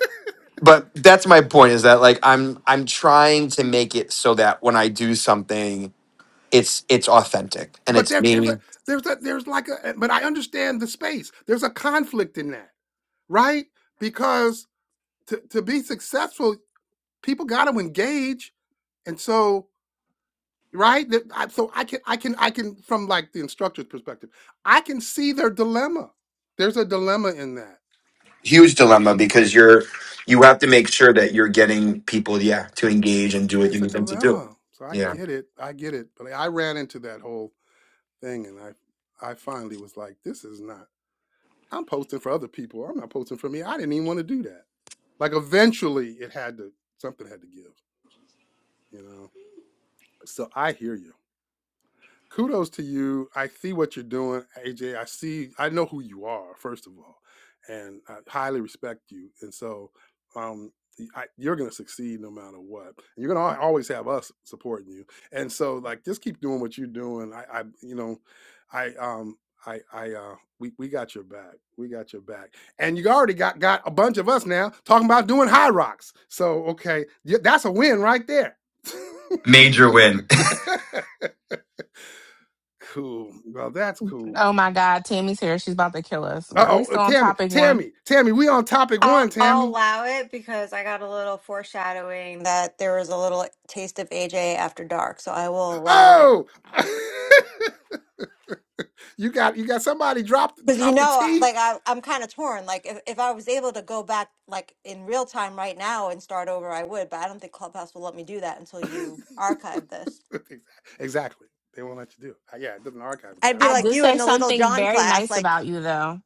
Speaker 5: but that's my point is that like I'm I'm trying to make it so that when I do something, it's it's authentic and
Speaker 1: but
Speaker 5: it's
Speaker 1: there, there's a
Speaker 5: me.
Speaker 1: there's a there's like a but I understand the space. There's a conflict in that, right? Because to to be successful, people got to engage, and so right. That I, so I can I can I can from like the instructor's perspective, I can see their dilemma. There's a dilemma in that.
Speaker 5: Huge dilemma because you're you have to make sure that you're getting people yeah to engage and do
Speaker 1: Yeah,
Speaker 5: what you
Speaker 1: it's a
Speaker 5: need them to do.
Speaker 1: dilemma. So I
Speaker 5: Yeah.
Speaker 1: get it. I get it. But I ran into that whole thing and I I finally was like this is not I'm posting for other people. I'm not posting for me. I didn't even want to do that. Like eventually it had to something had to give, you know. So I hear you. kudos to you. I see what you're doing, AJ. I see, I know who you are, first of all, and I highly respect you. And so, um, y- I, you're going to succeed no matter what. And you're going to always have us supporting you. And so, like, just keep doing what you're doing. I, I you know, I, um, I, I, uh, we, we got your back. We got your back. And you already got, got a bunch of us now talking about doing high rocks. So, okay. y- That's a win right there.
Speaker 5: Major win.
Speaker 1: cool. Well, that's cool.
Speaker 2: Oh my God, Tammy's here. She's about to kill us.
Speaker 1: Uh
Speaker 2: Are we
Speaker 1: oh,
Speaker 2: still on
Speaker 1: Tammy,
Speaker 2: topic one?
Speaker 1: Tammy, Tammy, we on topic
Speaker 9: I'll,
Speaker 1: one,
Speaker 9: I'll
Speaker 1: Tammy.
Speaker 9: allow it because I got a little foreshadowing that there was a little like, taste of AJ after dark, so I will allow it.
Speaker 1: Oh, you got you got somebody drop
Speaker 9: Because you
Speaker 1: drop the
Speaker 9: know,
Speaker 1: T.
Speaker 9: like I, I'm kind of torn. Like if, if I was able to go back, like in real time right now and start over, I would. But I don't think Clubhouse will let me do that until you archive this.
Speaker 1: exactly, they won't let you do. It. Uh, Yeah, it doesn't archive it
Speaker 9: I'd be
Speaker 1: after
Speaker 2: I
Speaker 1: it's
Speaker 9: like
Speaker 2: did
Speaker 9: you
Speaker 1: over.
Speaker 9: in
Speaker 2: say
Speaker 9: the Little
Speaker 2: something
Speaker 9: John
Speaker 2: very
Speaker 9: class,
Speaker 2: nice
Speaker 9: like
Speaker 2: about you, though.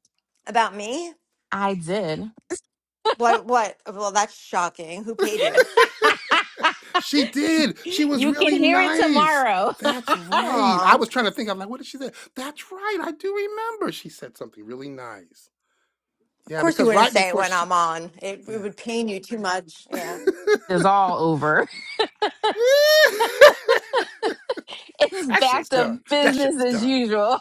Speaker 9: about me.
Speaker 2: I did.
Speaker 9: What? What? Well, that's shocking. Who paid you?
Speaker 1: she did. She was
Speaker 2: You can
Speaker 1: really
Speaker 2: hear it
Speaker 1: nice.
Speaker 2: tomorrow.
Speaker 1: That's right. I
Speaker 9: Aw,
Speaker 1: was
Speaker 9: of
Speaker 1: trying to think. I'm like, what did she say? That's right. I do remember. She said something really nice. Yeah,
Speaker 9: course you
Speaker 1: because
Speaker 9: wouldn't
Speaker 1: right
Speaker 9: say it
Speaker 1: before
Speaker 9: when
Speaker 1: she,
Speaker 9: I'm on. It, it
Speaker 1: yeah.
Speaker 9: would pain you too much. Yeah.
Speaker 2: It's all over. It's
Speaker 1: That
Speaker 2: back
Speaker 1: shit's
Speaker 2: to
Speaker 1: done. That shit
Speaker 2: business
Speaker 1: is
Speaker 2: as
Speaker 1: done.
Speaker 2: usual.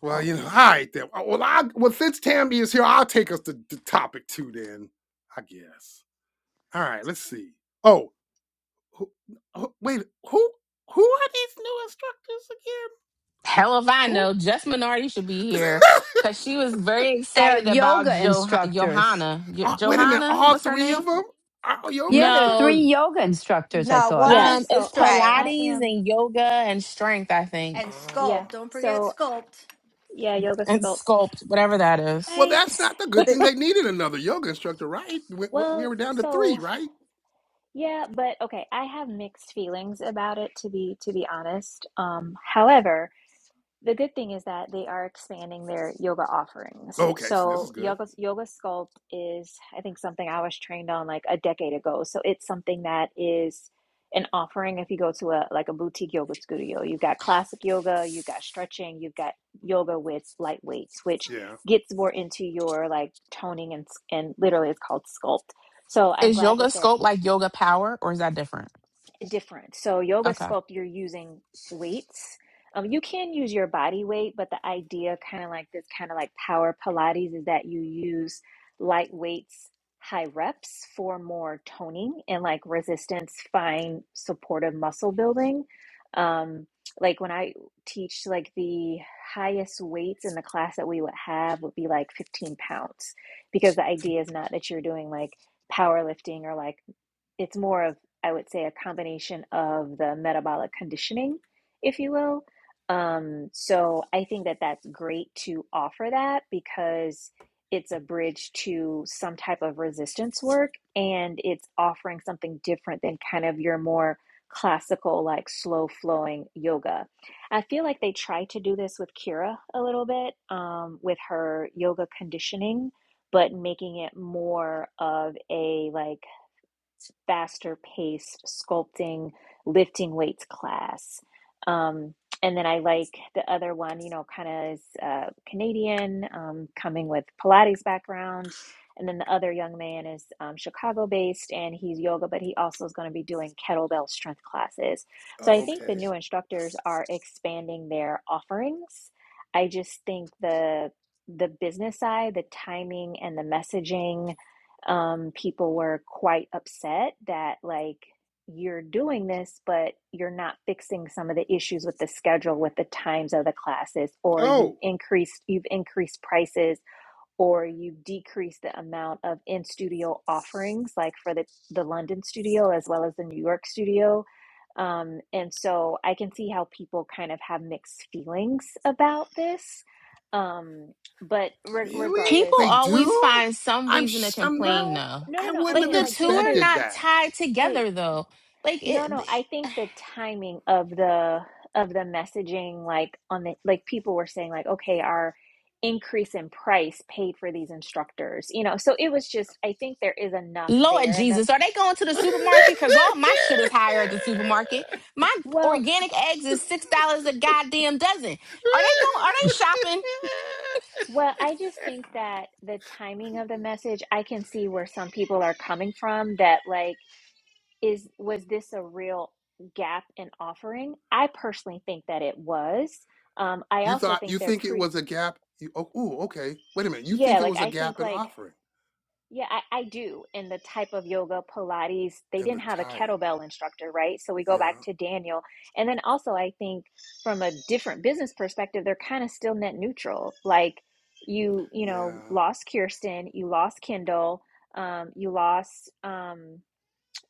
Speaker 1: Well,
Speaker 9: Well,
Speaker 1: you know, all right then. Uh, Well, I well since Tammy is here, I'll take us to, to topic two then. I guess. All right, let's see. Oh, who, who, wait, who who are these new
Speaker 2: Hell if I know. Jess Minardi should be
Speaker 1: instructors
Speaker 2: here
Speaker 1: again?
Speaker 2: because she
Speaker 1: Who?
Speaker 2: was very
Speaker 8: They're
Speaker 2: excited about
Speaker 8: yoga
Speaker 2: jo-
Speaker 8: instructors.
Speaker 2: Johanna. Jo-
Speaker 1: Uh, wait a minute,
Speaker 2: Johanna,
Speaker 1: all
Speaker 2: what's her
Speaker 1: three of
Speaker 2: name?
Speaker 1: them are yoga
Speaker 8: Yeah, there are three
Speaker 1: instructors.
Speaker 2: No,
Speaker 8: yoga instructors. I
Speaker 9: No, one
Speaker 8: thought
Speaker 3: Yeah,
Speaker 2: um,
Speaker 9: is
Speaker 2: it's
Speaker 3: so I I
Speaker 9: strength.
Speaker 2: Pilates
Speaker 3: am
Speaker 2: and yoga and strength, I think,
Speaker 9: And
Speaker 1: Oh,
Speaker 3: yeah.
Speaker 9: sculpt. Don't forget
Speaker 3: So
Speaker 9: sculpt.
Speaker 3: yeah, yoga
Speaker 2: and
Speaker 3: sculpt.
Speaker 2: sculpt, whatever that is.
Speaker 1: well,
Speaker 3: I
Speaker 1: that's not the good thing.
Speaker 9: The-
Speaker 1: They needed another yoga instructor, right? we we
Speaker 3: well,
Speaker 1: were down to three,
Speaker 3: so
Speaker 1: right?
Speaker 3: Yeah, but okay, I have mixed feelings about it to be to be honest. Um, however, the good thing is that they are expanding their yoga offerings.
Speaker 1: Okay, so this is
Speaker 3: So
Speaker 1: good.
Speaker 3: yoga yoga sculpt is I think something I was trained on like a decade ago. So it's something that is an offering if you go to a like a boutique yoga studio. You've got classic yoga, you've got stretching, you've got yoga with light weights, which
Speaker 1: Yeah.
Speaker 3: gets more into your like toning and s- and literally it's called sculpt. So I'm
Speaker 2: Is
Speaker 3: glad
Speaker 2: yoga
Speaker 3: that they're
Speaker 2: sculpt like yoga power, or is that different?
Speaker 3: different. So yoga
Speaker 2: Okay.
Speaker 3: sculpt, you're using weights. Um, you can use your body weight, but the idea, kind of like this, kind of like power Pilates, is that you use light weights, high reps for more toning and like resistance, fine supportive muscle building. Um, like when I teach, like the highest weights in the class that we would have would be like 15 pounds, because the idea is not that you're doing like powerlifting or like it's more of i would say a combination of the metabolic conditioning if you will um, so i think that that's great to offer that because it's a bridge to some type of resistance work and it's offering something different than kind of your more classical like slow flowing yoga i feel like they try to do this with kira a little bit um, with her yoga conditioning but making it more of a like faster pace sculpting, lifting weights class. Um, and then I like the other one, you know, kind of is uh, Canadian, um, coming with Pilates background. And then the other young man is um, Chicago based and he's yoga, but he also is going to be doing kettlebell strength classes. So I think the
Speaker 1: Okay.
Speaker 3: new instructors are expanding their offerings. I just think the the business side, the timing and the messaging um, people were quite upset that like you're doing this, but you're not fixing some of the issues with the schedule, with the times of the classes, or you've
Speaker 1: Oh,
Speaker 3: increased you've increased prices, or you've decreased the amount of in studio offerings, like for the the London studio as well as the New York studio. Um, and so I can see how people kind of have mixed feelings about this. Um, but re-
Speaker 1: really?
Speaker 2: People
Speaker 3: regardless,
Speaker 1: They
Speaker 2: always
Speaker 1: do?
Speaker 2: find some
Speaker 1: I'm
Speaker 2: reason to
Speaker 1: I'm not
Speaker 2: complain,
Speaker 3: no,
Speaker 2: though.
Speaker 3: no,
Speaker 1: I
Speaker 3: no, no. I
Speaker 1: wouldn't
Speaker 2: Like
Speaker 1: have
Speaker 3: meant
Speaker 2: the
Speaker 3: like
Speaker 2: two
Speaker 3: just
Speaker 2: are
Speaker 3: the
Speaker 1: expected
Speaker 2: not
Speaker 1: that.
Speaker 2: tied
Speaker 3: Wait,
Speaker 2: together, though. Like
Speaker 3: no, no.
Speaker 2: it.
Speaker 3: I think the timing of the of the messaging, like on the like people were saying, like, okay, our increase in price paid for these instructors, you know. So it was just, I think there is enough
Speaker 2: Lord
Speaker 3: there, and the
Speaker 2: Jesus, are they going to the supermarket? Because all my shit is higher at the supermarket. My
Speaker 3: well,
Speaker 2: organic eggs is six dollars a goddamn dozen. Are they going? Are they shopping?
Speaker 3: well, I just think that the timing of the message, I can see where some people are coming from. That like, is was this a real gap in offering? I personally think that it was. Um, I
Speaker 1: you
Speaker 3: also
Speaker 1: thought you
Speaker 3: think they're
Speaker 1: think it
Speaker 3: pretty.
Speaker 1: was a gap you, oh ooh, okay. Wait a minute. You
Speaker 3: Yeah,
Speaker 1: think it
Speaker 3: like
Speaker 1: was a
Speaker 3: I think
Speaker 1: gap in
Speaker 3: like
Speaker 1: offering
Speaker 3: Yeah, I, I do. And the type of yoga, Pilates, they
Speaker 1: and the
Speaker 3: didn't have a
Speaker 1: type.
Speaker 3: kettlebell instructor, right? So we go
Speaker 1: Yeah.
Speaker 3: back to Daniel. And then also, I think from a different business perspective, they're kind of still net neutral. Like you, you
Speaker 1: Yeah.
Speaker 3: know, lost Kirsten, you lost Kindle, um, you lost. Um,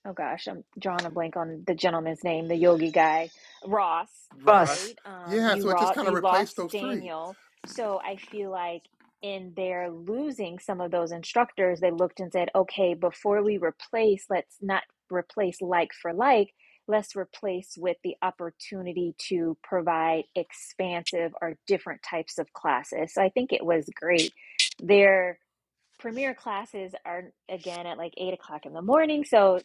Speaker 3: oh gosh, I'm drawing a blank on the gentleman's name, the yogi guy, Ross,
Speaker 1: Ross.
Speaker 8: Plus,
Speaker 3: right? Um,
Speaker 1: Yeah,
Speaker 3: you
Speaker 1: so it just
Speaker 3: ro-
Speaker 1: kind of
Speaker 3: you
Speaker 1: replaced
Speaker 3: lost
Speaker 1: those three.
Speaker 3: Daniel, so I feel like in their losing some of those instructors, they looked and said, okay, before we replace, let's not replace like for like. Let's replace with the opportunity to provide expansive or different types of classes. So I think it was great. Their premier classes are again at like eight o'clock in the morning. So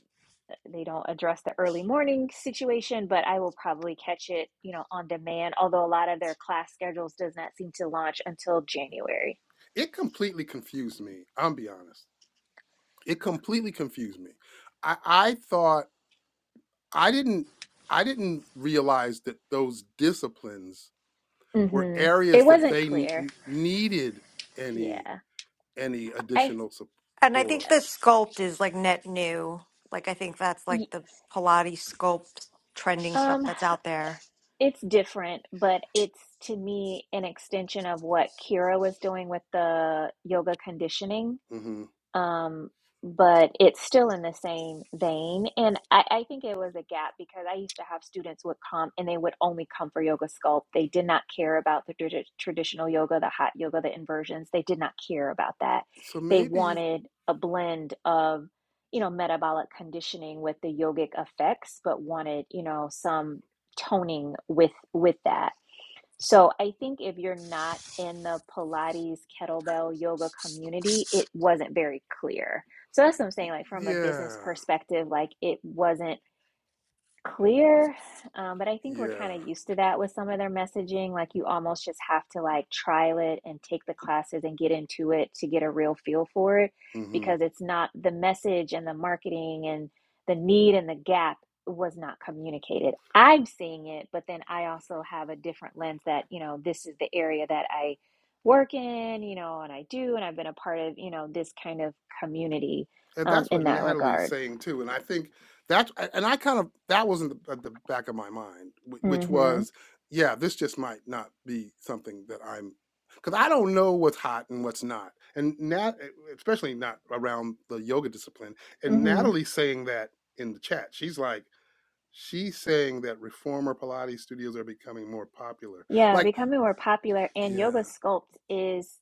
Speaker 3: they don't address the early morning situation, but I will probably catch it, you know, on demand, although a lot of their class schedules does not seem to launch until January.
Speaker 1: It completely confused me. I'm be honest. It completely confused me. I I thought I didn't I didn't realize that those disciplines were
Speaker 3: hmm
Speaker 1: areas
Speaker 3: It
Speaker 1: that
Speaker 3: wasn't
Speaker 1: they n-
Speaker 3: clear.
Speaker 1: n- needed any
Speaker 3: Yeah.
Speaker 1: any
Speaker 3: I.
Speaker 1: additional
Speaker 9: And I think
Speaker 1: support.
Speaker 9: the sculpt is like net new. Like I think that's like the Pilates sculpt trending stuff
Speaker 3: um
Speaker 9: that's out there.
Speaker 3: it's different, but it's to me an extension of what Kira was doing with the yoga conditioning
Speaker 1: hmm
Speaker 3: um, but it's still in the same vein. And I, I think it was a gap because I used to have students would come and they would only come for yoga sculpt. They did not care about the tradi- traditional yoga, the hot yoga, the inversions. They did not care about that.
Speaker 1: So
Speaker 3: They
Speaker 1: maybe,
Speaker 3: wanted a blend of, you know, metabolic conditioning with the yogic effects, but wanted, you know, some toning with with that. So I think if you're not in the Pilates kettlebell yoga community, it wasn't very clear. So that's what I'm saying. Like from a business
Speaker 1: yeah,
Speaker 3: perspective, like it wasn't clear. Um, but I think we're kind
Speaker 1: yeah.
Speaker 3: of used to that with some of their messaging. Like you almost just have to like trial it and take the classes and get into it to get a real feel for it
Speaker 1: hmm
Speaker 3: because it's not the message and the marketing and the need and the gap was not communicated. I'm seeing it, but then I also have a different lens that, you know, this is the area that I work in, you know, and I do, and I've been a part of, you know, this kind of community
Speaker 1: and
Speaker 3: um,
Speaker 1: that's
Speaker 3: in
Speaker 1: what
Speaker 3: that
Speaker 1: Natalie's
Speaker 3: regard.
Speaker 1: saying too. And I think that's and I kind of that was in the, at the back of my mind, wh- which
Speaker 3: Mm-hmm.
Speaker 1: was, yeah, this just might not be something that I'm because I don't know what's hot and what's not, and Nat, e, especially not around the yoga discipline. And
Speaker 3: Mm-hmm.
Speaker 1: Natalie's saying that in the chat, she's like. She's saying that reformer Pilates studios are becoming more popular.
Speaker 3: Yeah,
Speaker 1: Like,
Speaker 3: becoming more popular and yoga
Speaker 1: yeah,
Speaker 3: sculpt is,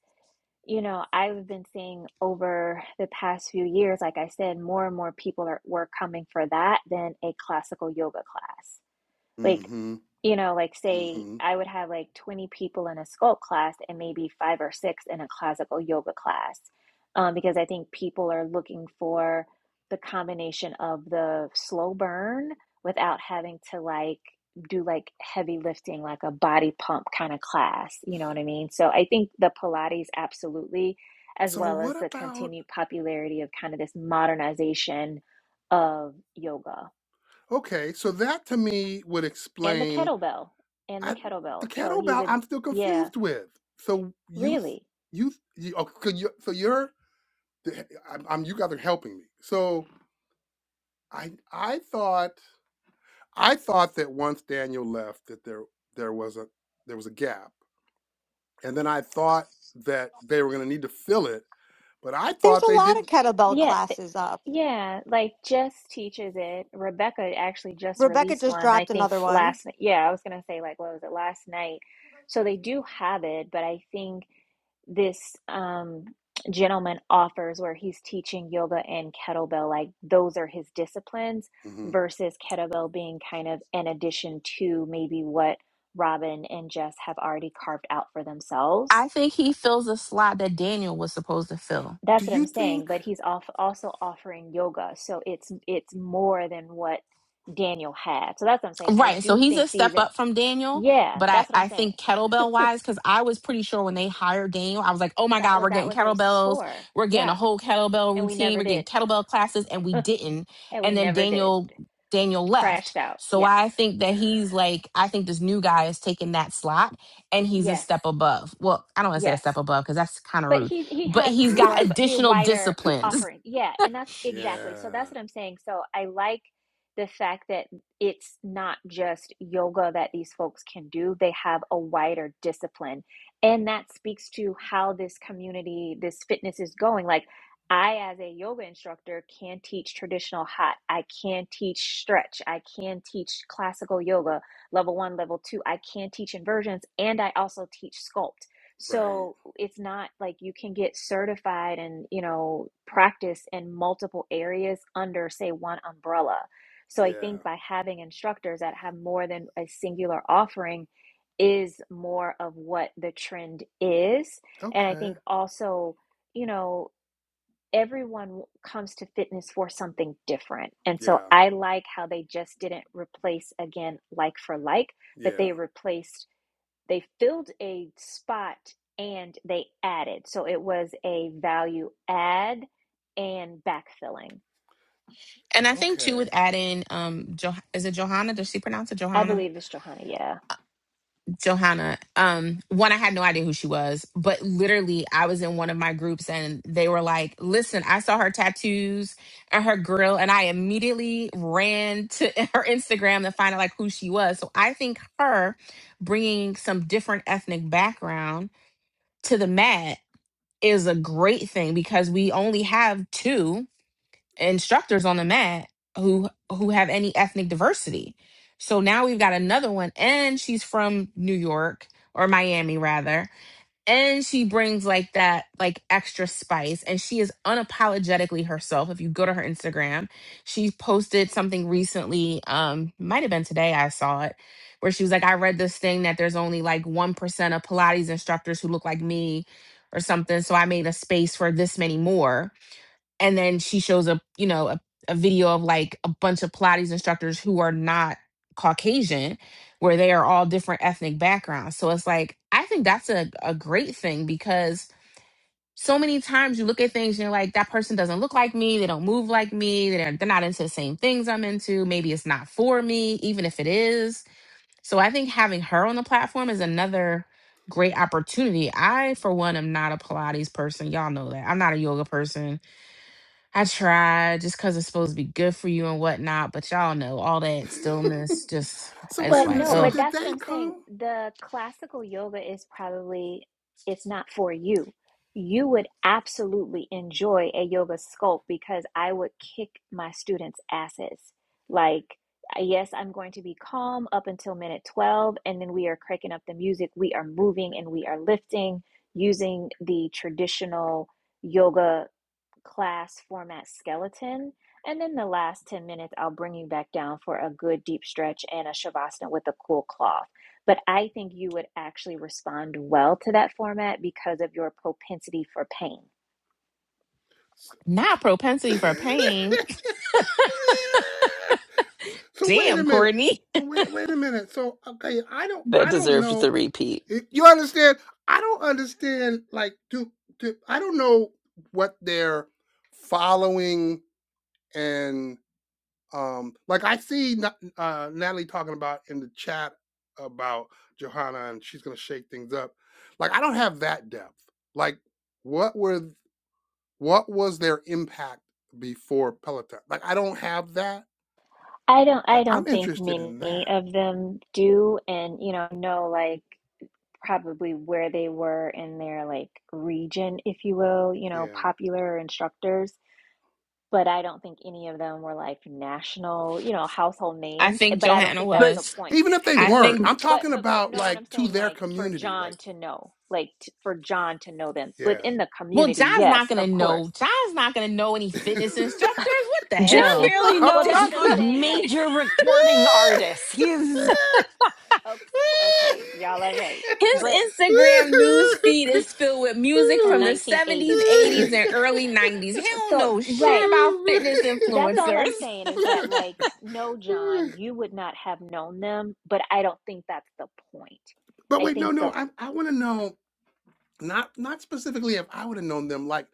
Speaker 3: you know, I've been seeing over the past few years, like I said, more and more people are were coming for that than a classical yoga class. Like,
Speaker 1: mm-hmm,
Speaker 3: you know, like say
Speaker 1: mm-hmm.
Speaker 3: I would have like 20 people in a sculpt class and maybe five or six in a classical yoga class, um, because I think people are looking for the combination of the slow burn without having to like do like heavy lifting, like a body pump kind of class. You know what I mean? So I think the Pilates absolutely, as
Speaker 1: So
Speaker 3: well as
Speaker 1: what
Speaker 3: the
Speaker 1: about
Speaker 3: continued popularity of kind of this modernization of yoga
Speaker 1: okay? So that to me would
Speaker 3: and the
Speaker 1: explain
Speaker 3: kettlebell and the
Speaker 1: I the
Speaker 3: kettlebell so he's
Speaker 1: kettlebell
Speaker 3: a
Speaker 1: I'm still
Speaker 3: yeah
Speaker 1: confused with. So you
Speaker 3: really
Speaker 1: you you oh, could you so you're I'm, I'm you guys are helping me. So I I thought I thought that once Daniel left that there there was a there was a gap, and then I thought that they were going to need to fill it, but I
Speaker 9: There's
Speaker 1: thought
Speaker 9: a
Speaker 1: they
Speaker 9: lot of
Speaker 1: didn't.
Speaker 9: kettlebell
Speaker 3: yeah th-
Speaker 9: classes up.
Speaker 3: yeah like Jess teaches it rebecca actually just
Speaker 9: Rebecca
Speaker 3: released
Speaker 9: just
Speaker 3: one i
Speaker 9: dropped
Speaker 3: think
Speaker 9: another one.
Speaker 3: last night yeah i was gonna say like what was it last night so they do have it but i think this um gentleman offers where he's teaching yoga and kettlebell like those are his disciplines
Speaker 1: Mhm.
Speaker 3: versus kettlebell being kind of an addition to maybe what Robin and Jess have already carved out for themselves
Speaker 2: I think he fills the slot that Daniel was supposed to fill.
Speaker 1: Do
Speaker 3: That's what
Speaker 1: you
Speaker 3: I'm saying,
Speaker 1: think?
Speaker 3: but he's off also offering yoga, so it's it's more than what Daniel had. So that's what I'm saying. I
Speaker 2: Right. So
Speaker 3: do
Speaker 2: he's a
Speaker 3: think
Speaker 2: step
Speaker 3: these and
Speaker 2: up from Daniel,
Speaker 3: yeah,
Speaker 2: but I,
Speaker 3: that's what I'm
Speaker 2: I
Speaker 3: saying.
Speaker 2: think kettlebell wise, because I was pretty sure when they hired Daniel, I was like, oh my
Speaker 3: That
Speaker 2: God,
Speaker 3: was
Speaker 2: we're
Speaker 3: that
Speaker 2: getting
Speaker 3: was it was
Speaker 2: kettlebells.
Speaker 3: for.
Speaker 2: We're getting a
Speaker 3: Yeah.
Speaker 2: whole kettlebell
Speaker 3: And we
Speaker 2: routine.
Speaker 3: never
Speaker 2: We're getting
Speaker 3: did.
Speaker 2: kettlebell classes. And we
Speaker 3: And
Speaker 2: didn't.
Speaker 3: we
Speaker 2: And then
Speaker 3: never did.
Speaker 2: Daniel, Daniel left.
Speaker 3: Crashed out.
Speaker 2: So
Speaker 3: Yeah.
Speaker 2: I think that he's like, I think this new guy is taking that slot and he's a
Speaker 3: Yes.
Speaker 2: step above. Well, I don't want to say a
Speaker 3: Yes.
Speaker 2: step above because that's kind of
Speaker 3: but
Speaker 2: rude,
Speaker 3: he he
Speaker 2: but
Speaker 3: has
Speaker 2: he's
Speaker 3: more
Speaker 2: got
Speaker 3: of he a
Speaker 2: additional
Speaker 3: wider
Speaker 2: disciplines
Speaker 3: offering yeah and that's exactly
Speaker 1: yeah.
Speaker 3: so that's what i'm saying so i like the fact that it's not just yoga that these folks can do they have a wider discipline and that speaks to how this community this fitness is going like i as a yoga instructor can teach traditional hot i can teach stretch i can teach classical yoga level 1 level 2 i can teach inversions and i also teach sculpt
Speaker 1: Right.
Speaker 3: so it's not like you can get certified and, you know, practice in multiple areas under, say, one umbrella. So I
Speaker 1: Yeah.
Speaker 3: think by having instructors that have more than a singular offering is more of what the trend is. And I
Speaker 1: Okay.
Speaker 3: think also, you know, everyone comes to fitness for something different. And so
Speaker 1: Yeah.
Speaker 3: I like how they just didn't replace again like for like, but
Speaker 1: Yeah.
Speaker 3: they replaced they filled a spot and they added. So it was a value add and backfilling.
Speaker 2: and I think too
Speaker 1: Okay.
Speaker 2: with adding um jo- is it Johanna? Does she pronounce it
Speaker 3: I
Speaker 2: Johanna?
Speaker 3: believe it's Johanna, yeah.
Speaker 2: Johanna, um, one, I had no idea who she was, but literally, I was in one of my groups and they were like, Listen, I saw her tattoos and her grill, and I immediately ran to her Instagram to find out like who she was. So I think her bringing some different ethnic background to the mat is a great thing because we only have two instructors on the mat who who have any ethnic diversity. So now we've got another one and she's from New York or Miami rather and she brings like that like extra spice and she is unapologetically herself if you go to her Instagram she posted something recently um might have been today I saw it where she was like I read this thing that there's only like 1% of pilates instructors who look like me or something so I made a space for this many more and then she shows up you know a, a video of like a bunch of pilates instructors who are not caucasian where they are all different ethnic backgrounds so it's like i think that's a, a great thing because so many times you look at things and you're like that person doesn't look like me they don't move like me they're, they're not into the same things i'm into maybe it's not for me even if it is so i think having her on the platform is another great opportunity i for one am not a pilates person y'all know that i'm not a yoga person I try just because it's supposed to be good for you and whatnot, but y'all know all that stillness just
Speaker 1: So
Speaker 2: it's
Speaker 1: wait a
Speaker 3: But
Speaker 2: like,
Speaker 1: minute.
Speaker 3: no,
Speaker 1: So
Speaker 2: ugh,
Speaker 3: but
Speaker 1: did
Speaker 3: that's what
Speaker 1: they
Speaker 3: I'm saying.
Speaker 1: come?
Speaker 3: The classical yoga is probably it's not for you. You would absolutely enjoy a yoga sculpt because I would kick my students' asses. Like, yes, I'm going to be calm up until minute 12, and then we are cranking up the music. We are moving and we are lifting using the traditional yoga class format skeleton. And then the last 10 minutes, I'll bring you back down for a good deep stretch and a shavasana with a cool cloth. But I think you would actually respond well to that format because of your propensity for pain.
Speaker 2: not propensity for pain.
Speaker 1: so wait a
Speaker 2: Damn,
Speaker 1: minute.
Speaker 2: Courtney.
Speaker 1: So wait, wait a minute. So okay, I don't,
Speaker 7: That
Speaker 1: I don't
Speaker 7: deserved
Speaker 1: know.
Speaker 7: the repeat.
Speaker 1: You understand? I don't understand. Like, do, do I don't know what they're following and um, like I see Na- uh, Natalie talking about in the chat about Johanna and she's gonna shake things up. Like, I don't have that depth. Like, what were? What was their impact before Peloton? Like, I don't have that.
Speaker 3: I don't
Speaker 1: Like,
Speaker 3: I
Speaker 1: I'm
Speaker 3: don't think
Speaker 1: interested in
Speaker 3: many
Speaker 1: that.
Speaker 3: of them do and you know know like probably where they were in their like region if you will, you know,
Speaker 1: Yeah.
Speaker 3: popular instructors but I don't think any of them were like national, you know, household
Speaker 2: I
Speaker 3: names. eh,
Speaker 2: think
Speaker 3: But I don't
Speaker 2: Johanna
Speaker 3: think that's
Speaker 7: But
Speaker 3: the
Speaker 2: was.
Speaker 3: point.
Speaker 1: Even if they
Speaker 2: I
Speaker 3: But
Speaker 1: weren't,
Speaker 2: think
Speaker 1: I'm
Speaker 3: but
Speaker 1: talking
Speaker 3: but but
Speaker 1: about
Speaker 3: know what I'm
Speaker 1: like to
Speaker 3: saying?
Speaker 1: their
Speaker 3: Like for
Speaker 1: community.
Speaker 3: John
Speaker 1: Like,
Speaker 3: to know, like t- for John to know them
Speaker 1: yeah.
Speaker 3: within the
Speaker 2: well,
Speaker 3: community.
Speaker 2: John's not
Speaker 3: Yes,
Speaker 2: gonna
Speaker 3: of
Speaker 2: know.
Speaker 3: course.
Speaker 2: John's not gonna know any
Speaker 1: no,
Speaker 2: fitness instructors. What the
Speaker 7: John
Speaker 2: hell?
Speaker 7: barely
Speaker 1: I'm
Speaker 3: well,
Speaker 7: knows
Speaker 3: that's what
Speaker 1: talking
Speaker 3: I'm
Speaker 1: about.
Speaker 3: saying. Like
Speaker 7: major recording artists. He is
Speaker 3: okay, okay y'all are right. But
Speaker 2: His Instagram news feed is filled with music
Speaker 3: from
Speaker 2: from the 70s,
Speaker 3: 1980s.
Speaker 2: 80s, and early 90s. He don't
Speaker 3: So
Speaker 2: know shit
Speaker 3: right,
Speaker 2: about fitness
Speaker 3: that's all
Speaker 2: influencers.
Speaker 3: I'm saying is that like no, John, you would not have known them. But I don't think that's the point.
Speaker 1: but
Speaker 3: I
Speaker 1: wait, no,
Speaker 3: think
Speaker 1: no.
Speaker 3: the
Speaker 1: I I want to know. Not not specifically if I would have known them, like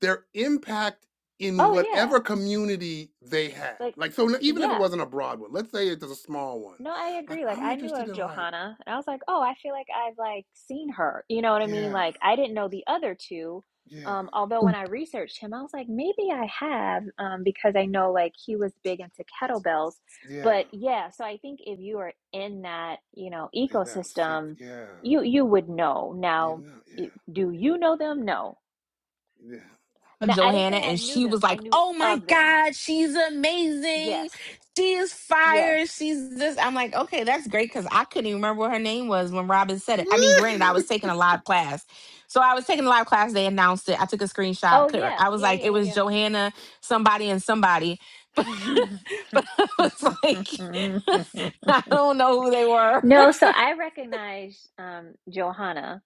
Speaker 1: their impact in
Speaker 3: Oh yeah.
Speaker 1: whatever community they had.
Speaker 3: Like
Speaker 1: Like so, even if it
Speaker 3: yeah.
Speaker 1: wasn't a broad one, let's say it was a small one.
Speaker 3: No, I
Speaker 1: Like
Speaker 3: agree. Like
Speaker 1: I'm
Speaker 3: I knew
Speaker 1: interested
Speaker 3: of
Speaker 1: in like
Speaker 3: Johanna and I was like, "Oh, I feel like I've like seen her." You know what I mean?
Speaker 1: yeah,
Speaker 3: Like I didn't know the other two.
Speaker 1: yeah,
Speaker 3: Um although when I researched him, I was like, "Maybe I have um because I know like he was big into kettlebells."
Speaker 1: yeah,
Speaker 3: But yeah, so I think if you are in that, you know,
Speaker 1: and that seek
Speaker 3: ecosystem,
Speaker 1: yeah,
Speaker 3: you you would know.
Speaker 1: you
Speaker 3: Now,
Speaker 1: know
Speaker 3: y-
Speaker 1: yeah,
Speaker 3: do you know them? No. Now, I didn't
Speaker 2: Johanna
Speaker 3: say I
Speaker 2: and
Speaker 3: knew
Speaker 2: she
Speaker 3: them.
Speaker 2: was
Speaker 3: I
Speaker 2: like,
Speaker 3: knew
Speaker 2: "Oh my
Speaker 3: of them.
Speaker 2: god, she's amazing.
Speaker 3: Yes.
Speaker 2: She is fire.
Speaker 3: Yes.
Speaker 2: She's this." I'm like, "Okay, that's great cuz I couldn't even remember what her name was when Robin said it." I mean,
Speaker 1: yeah.
Speaker 2: granted, I was taking a live class. So I was taking a live class, they announced it. I took a screenshot.
Speaker 3: Oh
Speaker 2: Could-
Speaker 3: yeah,
Speaker 2: I was
Speaker 3: yeah,
Speaker 2: like, "It was
Speaker 3: yeah,
Speaker 2: Johanna, somebody and somebody."
Speaker 3: yeah, yeah.
Speaker 2: But, but I was like, I don't know who they were.
Speaker 3: No, so I recognized um Johanna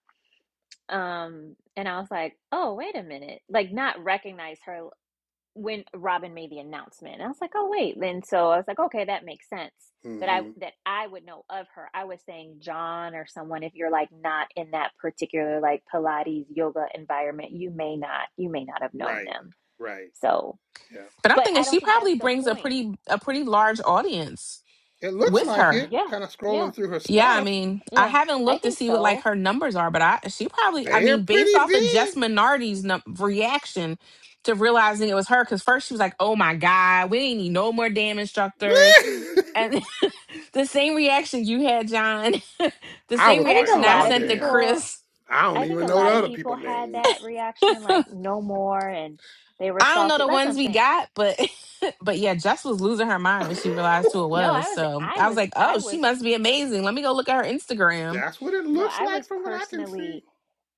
Speaker 3: um and I was like, "Oh, wait a minute." Like not recognize her when Robin made the announcement. And I was like, "Oh, wait." Then, so I was like, "Okay, that makes sense." That I
Speaker 1: Mm-hmm.
Speaker 3: that I would know of her. I was saying John or someone if you're like not in that particular like Pilates yoga environment, you may not you may not have known
Speaker 1: Right.
Speaker 3: them.
Speaker 1: Right.
Speaker 3: So,
Speaker 1: Yeah.
Speaker 2: But I'm
Speaker 3: but
Speaker 2: thinking
Speaker 3: I don't
Speaker 2: she
Speaker 3: think
Speaker 2: probably
Speaker 3: that's the
Speaker 2: brings a
Speaker 3: point.
Speaker 2: pretty a pretty large audience
Speaker 1: It looks
Speaker 2: with
Speaker 1: like
Speaker 3: Um,
Speaker 2: her.
Speaker 1: it,
Speaker 3: yeah,
Speaker 1: kind of
Speaker 3: yeah,
Speaker 1: scrolling through her
Speaker 2: Yeah, I
Speaker 1: stuff.
Speaker 2: mean, I
Speaker 3: yeah.
Speaker 2: haven't
Speaker 3: I
Speaker 2: looked to
Speaker 3: think
Speaker 2: see what like
Speaker 3: so.
Speaker 2: her numbers are, but I she probably I
Speaker 1: They're
Speaker 2: mean, based
Speaker 1: pretty
Speaker 2: off of
Speaker 1: big.
Speaker 2: Jess Minardi's num- reaction to realizing it was her, because first she was like, "Oh my god, we did need no more damn instructors," and the same reaction you had, John, the
Speaker 1: I
Speaker 2: same
Speaker 1: was
Speaker 3: I
Speaker 1: like,
Speaker 3: think a
Speaker 2: reaction I
Speaker 3: lot
Speaker 1: oh
Speaker 3: of
Speaker 2: sent to
Speaker 1: damn.
Speaker 3: people,
Speaker 2: Chris
Speaker 1: I don't
Speaker 3: I think
Speaker 1: even
Speaker 3: a
Speaker 1: know the
Speaker 3: lot of
Speaker 1: other
Speaker 3: people
Speaker 1: people's
Speaker 3: had
Speaker 1: names.
Speaker 3: that reaction, like no more, and they were
Speaker 2: I don't know
Speaker 3: salty.
Speaker 2: the
Speaker 3: That's what
Speaker 2: ones
Speaker 3: I'm
Speaker 2: we
Speaker 3: saying.
Speaker 2: got, but but yeah, Jess was losing her mind when she realized who it
Speaker 3: No,
Speaker 2: was.
Speaker 3: I was,
Speaker 2: So
Speaker 3: I
Speaker 2: I was
Speaker 3: was,
Speaker 2: like, oh,
Speaker 3: I
Speaker 2: she
Speaker 3: was
Speaker 2: must be amazing. Let me go look at her Instagram.
Speaker 1: That's what it
Speaker 3: No,
Speaker 1: looks
Speaker 3: I
Speaker 1: like
Speaker 3: was
Speaker 1: from what I can see.
Speaker 3: personally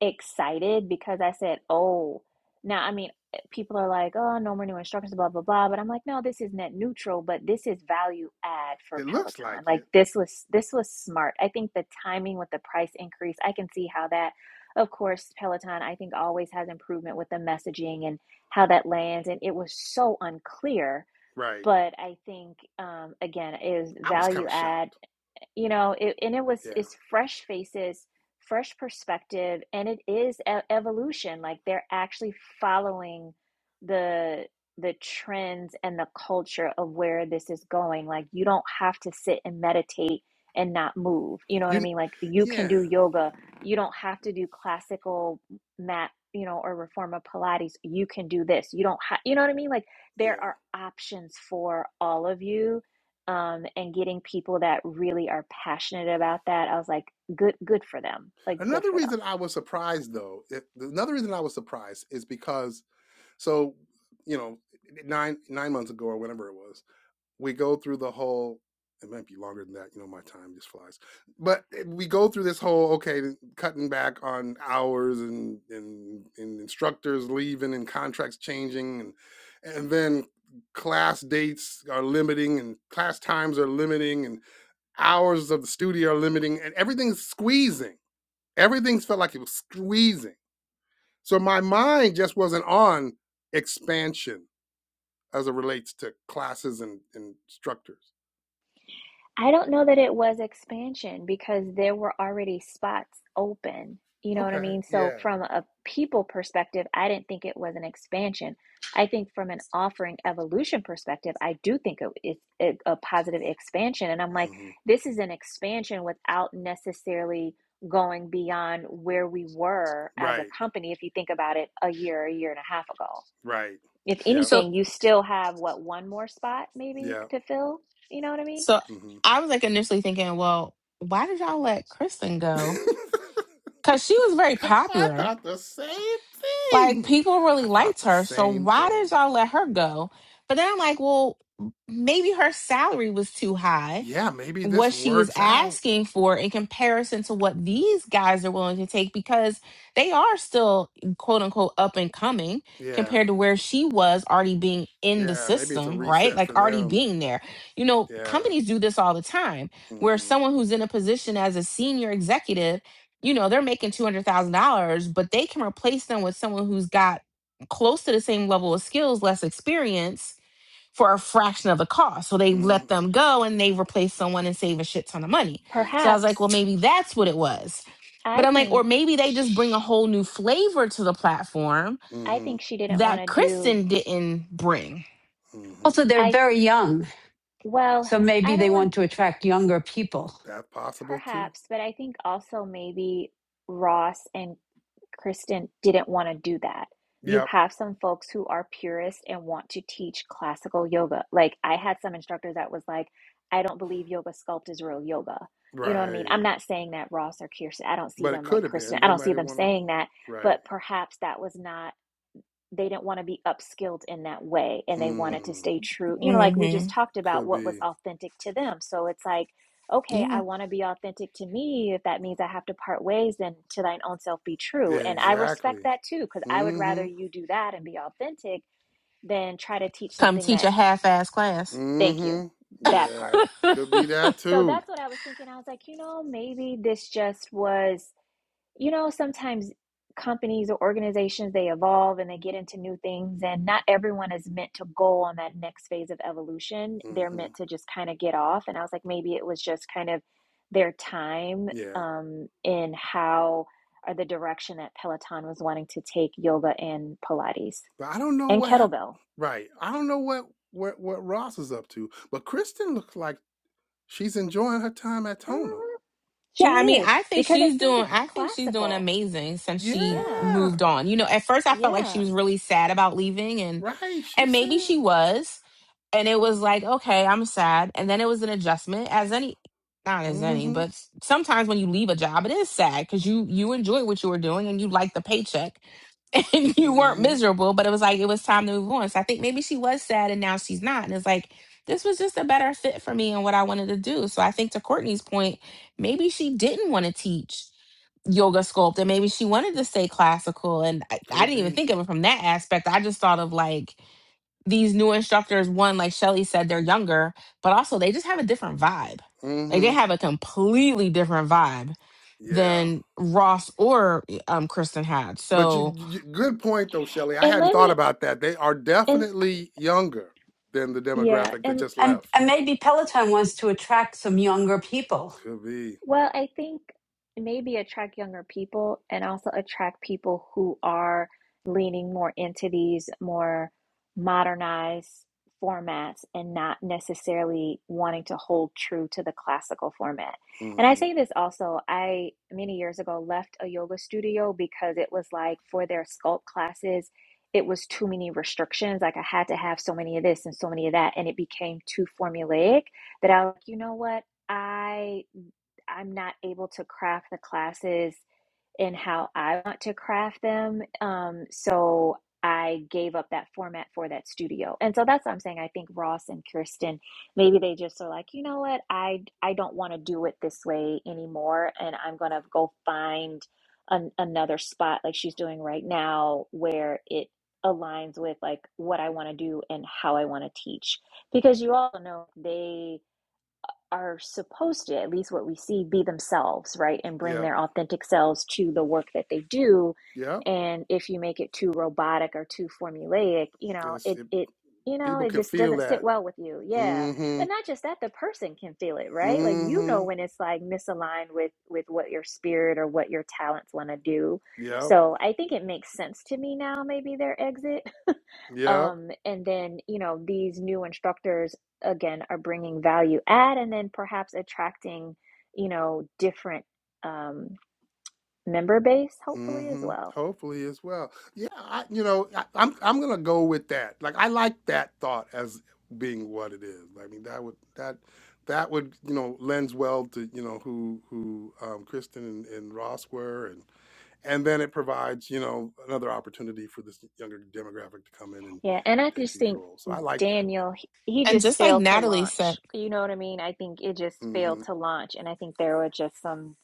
Speaker 3: excited because I said, oh, now, I mean, eh, people are like, oh, no more new instructions, blah, blah, blah. But I'm like, no, this is net neutral, but this is value add for
Speaker 1: It looks like
Speaker 3: Peloton. Like
Speaker 1: it.
Speaker 3: this was this was smart. I think the timing with the price increase, I can see how that, of course, Peloton, I think always has improvement with the messaging and how that lands. And it was so unclear.
Speaker 1: Right.
Speaker 3: But I think, um, again, is
Speaker 1: I was kind
Speaker 3: value
Speaker 1: of
Speaker 3: add
Speaker 1: shocked.
Speaker 3: you know it, and it was
Speaker 1: Yeah.
Speaker 3: it's fresh faces fresh perspective and it is e- evolution like they're actually following the the trends and the culture of where this is going like you don't have to sit and meditate and not move you know what i
Speaker 1: You
Speaker 3: mean like you can
Speaker 1: yeah.
Speaker 3: do yoga you don't have to do classical mat you know or reformer pilates you can do this you don't have you know what i mean like there
Speaker 1: Yeah.
Speaker 3: are options for all of you um, and getting people that really are passionate about that. I was like, good, good for them. Like, good
Speaker 1: Another
Speaker 3: for them.
Speaker 1: reason I was surprised though, it, another reason I was surprised is because so, you know, 9 9 months ago or whenever it was, we go through the whole it might be longer than that you know my time just flies but eh, we go through this whole okay cutting back on hours and and, and instructors leaving and contracts changing and and then class dates are limiting and class times are limiting and hours of the studio are limiting and everything's squeezing everything's felt like it was squeezing so my mind just wasn't on expansion as it relates to classes and, and instructors
Speaker 3: I don't know that it was expansion because there were already spots open. You know what I
Speaker 1: Okay.
Speaker 3: mean? So,
Speaker 1: Yeah.
Speaker 3: from a people perspective, I didn't think it was an expansion. I think from an offering evolution perspective, I do think it- it's a a positive expansion. And I'm like,
Speaker 1: hmm
Speaker 3: this is an expansion without necessarily going beyond where we were as a
Speaker 1: Right.
Speaker 3: company, if you think about it a year, a year and a half ago.
Speaker 1: Right.
Speaker 3: If
Speaker 1: Yep.
Speaker 2: So
Speaker 3: anything, you still have what, one more spot maybe
Speaker 1: Yep.
Speaker 3: to fill? You know what I mean?
Speaker 2: so
Speaker 1: hmm
Speaker 2: I was like initially thinking, well, why did y'all let Kristen go? Because she was very
Speaker 1: I
Speaker 2: popular.
Speaker 1: thought the same
Speaker 2: Like
Speaker 1: thing.
Speaker 2: people really
Speaker 1: I thought
Speaker 2: liked
Speaker 1: the
Speaker 2: her, so
Speaker 1: same
Speaker 2: why
Speaker 1: thing.
Speaker 2: did y'all let her go? But then I'm like, well, maybe her salary was too high,
Speaker 1: Yeah. Maybe this
Speaker 2: what she was
Speaker 1: works out.
Speaker 2: asking for in comparison to what these guys are willing to take because they are still quote unquote up and coming
Speaker 1: Yeah.
Speaker 2: compared to where she was already being in the
Speaker 1: Yeah. Maybe it's a
Speaker 2: system, right?
Speaker 1: reset
Speaker 2: Like
Speaker 1: for
Speaker 2: already
Speaker 1: them.
Speaker 2: being there. You know,
Speaker 1: Yeah.
Speaker 2: companies do this all the time where
Speaker 1: Mm-hmm.
Speaker 2: someone who's in a position as a senior executive you know, they're making $200,000, but they can replace them with someone who's got close to the same level of skills, less experience for a fraction of the cost. So they
Speaker 1: Mm-hmm.
Speaker 2: let them go and they replace someone and save a shit ton of money. So I was
Speaker 1: Mm-hmm.
Speaker 2: like, well,
Speaker 3: Perhaps
Speaker 2: maybe that's what it was. But
Speaker 3: I
Speaker 2: I'm like,
Speaker 3: think
Speaker 2: or maybe they just bring a
Speaker 3: sh
Speaker 2: whole new flavor to the platform
Speaker 3: I
Speaker 1: Mm-hmm.
Speaker 3: think she didn't want
Speaker 2: that
Speaker 3: to do
Speaker 2: Kristen didn't bring
Speaker 1: mm-hmm.
Speaker 8: Also, they're
Speaker 3: I
Speaker 8: very
Speaker 3: th-
Speaker 8: young,
Speaker 3: well,
Speaker 8: so maybe
Speaker 3: I
Speaker 8: they
Speaker 3: don't want
Speaker 8: want to attract younger people,
Speaker 1: That's possible too.
Speaker 3: perhaps, but I think also maybe Ross and Kristen didn't want to do that. You
Speaker 1: Yep.
Speaker 3: have some folks who are purists and want to teach classical yoga. Like I had some instructor that was like, I don't believe yoga sculpt is real yoga. You know what I mean?
Speaker 1: Right.
Speaker 3: I'm not saying that Ross or Kirsten, I don't see
Speaker 1: But it
Speaker 3: them
Speaker 1: could
Speaker 3: like
Speaker 1: have
Speaker 3: Kristen.
Speaker 1: been.
Speaker 3: I
Speaker 1: They
Speaker 3: don't see
Speaker 1: might have
Speaker 3: them
Speaker 1: wanted.
Speaker 3: saying that,
Speaker 1: Right.
Speaker 3: but perhaps that was not they didn't want to be upskilled in that way and they wanted to
Speaker 1: Mm.
Speaker 3: stay true you know like we
Speaker 2: Mm-hmm.
Speaker 3: just talked about
Speaker 1: Could
Speaker 3: what was
Speaker 1: be.
Speaker 3: authentic to them so it's like okay
Speaker 2: Yeah.
Speaker 3: i want to be authentic to me if that means i have to part ways then to thine own self be true
Speaker 1: Yeah,
Speaker 3: and i respect
Speaker 1: Exactly.
Speaker 3: that too because i would rather
Speaker 1: Mm-hmm.
Speaker 3: you do that and be authentic than try to teach
Speaker 2: Come
Speaker 3: something
Speaker 2: teach
Speaker 3: that
Speaker 2: a half-ass class.
Speaker 3: thank you
Speaker 1: Mm-hmm.
Speaker 3: that part
Speaker 1: Yeah. Could be that
Speaker 3: so
Speaker 1: too.
Speaker 3: that's what i was thinking i was like you know maybe this just was you know, sometimes companies or organizations they evolve and they get into new things and not everyone is meant to go on that next phase of evolution. They're
Speaker 1: Mm-hmm.
Speaker 3: meant to just kind of get off and I was like maybe it was just kind of their time
Speaker 1: Yeah.
Speaker 3: um in how or the direction that Peloton was wanting to take yoga and pilates
Speaker 1: But I don't know
Speaker 3: and
Speaker 1: what happened.
Speaker 3: kettlebell.
Speaker 1: Right. I don't know what, what what Ross is up to. But Kristen looks like she's enjoying her time at Tonal.
Speaker 3: hmm
Speaker 2: Yeah,
Speaker 3: She
Speaker 2: I mean,
Speaker 3: is
Speaker 2: I think
Speaker 3: because I
Speaker 2: she's
Speaker 3: think
Speaker 2: doing
Speaker 3: it's
Speaker 2: I think she's doing
Speaker 3: classical.
Speaker 2: amazing since she
Speaker 3: Yeah.
Speaker 1: Yeah.
Speaker 2: moved on. You know, at first I felt like she
Speaker 3: Yeah.
Speaker 2: was really sad about leaving and
Speaker 1: Right. She
Speaker 2: and maybe
Speaker 1: seemed.
Speaker 2: she was. and it was like okay i'm sad and then it was an adjustment as any not as any
Speaker 1: Mm-hmm.
Speaker 2: but s- sometimes when you leave a job it is sad because you you enjoy what you were doing and you like the paycheck and you weren't
Speaker 1: Mm-hmm.
Speaker 2: miserable but it was like it was time to move on so i think maybe she was sad and now she's not and it's like this was just a better fit for me and what i wanted to do so i think to courtney's point maybe she didn't want to teach yoga sculpt and maybe she wanted to stay classical and I, I
Speaker 1: Could
Speaker 2: didn't even
Speaker 1: be.
Speaker 2: think of it from that aspect i just thought of like these new instructors, one, like Shelly said, they're younger, but also they just have a different vibe. Like they
Speaker 1: Mm-hmm.
Speaker 2: have a completely different vibe
Speaker 1: Yeah.
Speaker 2: than Ross or um, Kristen had.
Speaker 1: But you,
Speaker 2: So,
Speaker 1: you good point though, Shelley. I
Speaker 3: And
Speaker 1: hadn't
Speaker 3: let
Speaker 1: thought
Speaker 3: me
Speaker 1: about that. They are
Speaker 3: and
Speaker 1: definitely younger than the
Speaker 3: yeah,
Speaker 1: demographic that
Speaker 3: and
Speaker 1: just
Speaker 8: and
Speaker 1: left.
Speaker 8: and maybe Peloton wants to attract some younger people.
Speaker 1: Could be.
Speaker 3: Well, I think maybe attract younger people and also attract people who are leaning more into these more modernized formats and not necessarily wanting to hold true to the classical format. And I
Speaker 1: Mm-hmm.
Speaker 3: say this also, I many years ago left a yoga studio because it was like for their sculpt classes, it was too many restrictions. Like I had to have so many of this and so many of that, and it became too formulaic that I was like, you know what? I I'm not able to craft the classes in how I want to craft them. Um, so I gave up that format for that studio. And so that's what I'm saying. I think Ross and Kirsten, maybe they just are like, you know what? I, I don't want to do it this way anymore. And I'm going to go find an, another spot like she's doing right now where it aligns with like what I want to do and how I want to teach. Because you all know they, are supposed to, at least what we see, be themselves, right? And bring
Speaker 1: Yeah.
Speaker 3: their authentic selves to the work that they do.
Speaker 1: Yep.
Speaker 3: And if you make it too robotic or too formulaic, you know,
Speaker 1: It's,
Speaker 3: it,
Speaker 1: it,
Speaker 3: it, you know,
Speaker 1: people
Speaker 3: it
Speaker 1: can
Speaker 3: just
Speaker 1: feel
Speaker 3: doesn't sit
Speaker 1: that.
Speaker 3: well with you. Yeah.
Speaker 1: Mm-hmm.
Speaker 3: But not just that, the person can feel it, right? Like, you know,
Speaker 1: Mm-hmm.
Speaker 3: when it's like misaligned with, with what your spirit or what your talents want to do.
Speaker 1: Yep.
Speaker 3: So I think it makes sense to me now, maybe their exit
Speaker 1: Yep.
Speaker 3: um, and then, you know, these new instructors again are bringing value add and then perhaps attracting, you know, different um, member base, hopefully, as
Speaker 1: Mm-hmm.
Speaker 3: well.
Speaker 1: Hopefully as well. Yeah. I, you know, I, I'm I'm gonna go with that. Like I like that thought as being what it is. I mean, that would that that would you know lends well to you know who who um, Kristen and, and Ross were and and then it provides you know another opportunity for this younger demographic to come in and
Speaker 3: Yeah. And I
Speaker 1: take
Speaker 3: just
Speaker 1: these
Speaker 3: think
Speaker 1: roles. So I like that.
Speaker 3: Daniel, he, he
Speaker 2: and
Speaker 3: just
Speaker 2: just like
Speaker 3: failed to
Speaker 2: Natalie said,
Speaker 3: launch. You know what I mean? I think it just
Speaker 1: Mm-hmm.
Speaker 3: failed to launch. And I think there were just some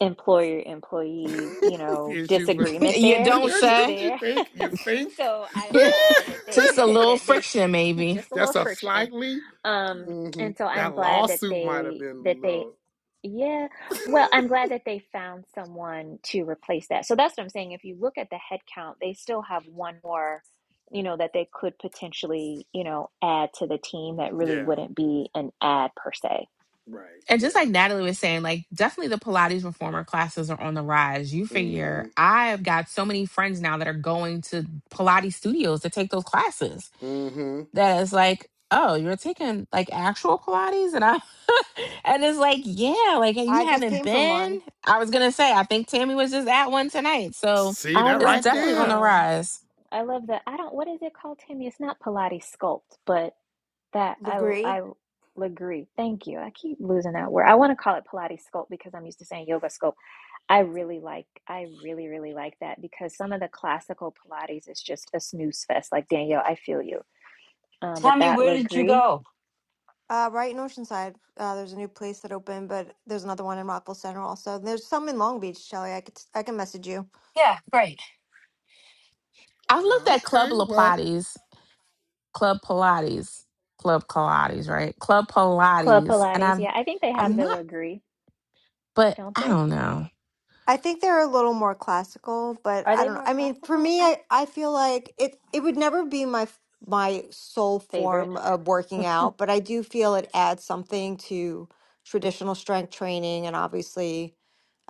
Speaker 3: employer employee, you know,
Speaker 1: issues with the
Speaker 3: disagreement
Speaker 2: you
Speaker 3: there,
Speaker 2: don't
Speaker 1: there's
Speaker 3: issues
Speaker 1: just
Speaker 2: say,
Speaker 1: you
Speaker 3: there.
Speaker 1: think you think
Speaker 3: So I'm glad that
Speaker 2: just
Speaker 3: they,
Speaker 2: a little
Speaker 3: that they,
Speaker 2: friction maybe.
Speaker 3: just a little
Speaker 1: just a
Speaker 3: friction
Speaker 1: slightly
Speaker 3: Um,
Speaker 1: mhm.
Speaker 3: and so I'm
Speaker 1: that
Speaker 3: glad that
Speaker 1: lawsuit might have
Speaker 3: they
Speaker 1: been
Speaker 3: that
Speaker 1: a
Speaker 3: they
Speaker 1: little
Speaker 3: yeah, well, I'm glad that they found someone to replace that. So that's what I'm saying. If you look at the headcount they still have one more, you know, that they could potentially, you know, add to the team that really
Speaker 1: yeah
Speaker 3: wouldn't be an ad per se.
Speaker 1: right
Speaker 2: And just
Speaker 1: yeah
Speaker 2: like Natalie was saying, like definitely the Pilates reformer classes are on the rise. You
Speaker 1: mm-hmm
Speaker 2: figure I've got so many friends now that are going to Pilates studios to take those classes
Speaker 1: mm-hmm
Speaker 2: that is like, oh, you're taking like actual Pilates, and I and it's like, yeah, like hey, you
Speaker 9: I just
Speaker 2: haven't
Speaker 9: came from
Speaker 2: been.
Speaker 9: one.
Speaker 2: I was gonna say, I think Tammy was just at one tonight, so
Speaker 1: see
Speaker 3: I
Speaker 1: that
Speaker 2: it's
Speaker 3: love
Speaker 1: right
Speaker 3: the
Speaker 2: definitely on the
Speaker 1: there
Speaker 3: um
Speaker 2: rise.
Speaker 3: I love the I don't what is it called, Timmy? It's not Pilates sculpt, but That I I
Speaker 9: Legree.
Speaker 3: agree. Thank you. I keep losing that word.
Speaker 9: Yeah.
Speaker 3: I want to call it Pilates sculpt because I'm used to saying yoga sculpt. I really like I really really like that because some of the classical Pilates is just a snooze fest. Like Danielle, I feel you. Um, but
Speaker 8: Tammy,
Speaker 3: that
Speaker 8: where did you
Speaker 3: Legree
Speaker 8: go?
Speaker 9: Uh, right in Oceanside, uh, there's a new place that opened, but there's another one in Rockville Center also. There's some in Long Beach, Shelley. I could I can message you.
Speaker 8: Yeah, great.
Speaker 2: I've looked
Speaker 1: wow
Speaker 2: at Club
Speaker 1: okay
Speaker 2: La
Speaker 1: well
Speaker 2: Pilates, Club Pilates, Club Pilates, right? Club
Speaker 3: Club
Speaker 2: Pilates, and
Speaker 3: Pilates,
Speaker 2: I've
Speaker 3: yeah, I think they
Speaker 2: I've
Speaker 3: have the
Speaker 2: not,
Speaker 3: Legree,
Speaker 2: but
Speaker 3: don't
Speaker 2: I
Speaker 3: they?
Speaker 2: don't know.
Speaker 9: I think they're a little more classical, but
Speaker 3: Are
Speaker 9: I
Speaker 3: they
Speaker 9: don't know.
Speaker 3: more
Speaker 9: I mean, for
Speaker 3: classical?
Speaker 9: me,
Speaker 3: I
Speaker 9: I, I feel like it it would never be my f- my sole
Speaker 3: favorite
Speaker 9: form of working out, but I do feel it adds something to traditional strength training, and obviously,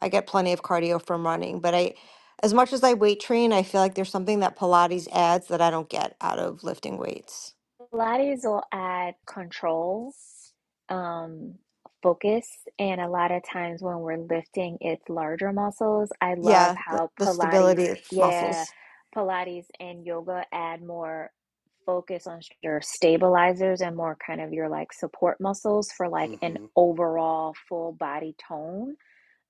Speaker 9: I get plenty of cardio from running. But I, as much as I weight train, I feel like there's something that Pilates adds that I don't get out of lifting weights.
Speaker 3: Pilates will add control um, focus. And a lot of times when we're lifting its larger muscles, I love
Speaker 9: Yeah, the,
Speaker 3: how
Speaker 9: the
Speaker 3: Pilates,
Speaker 9: stability of muscles.
Speaker 3: yeah, Pilates and yoga add more focus on your stabilizers and more kind of your like support muscles for like an
Speaker 1: mm-hmm
Speaker 3: overall full body tone.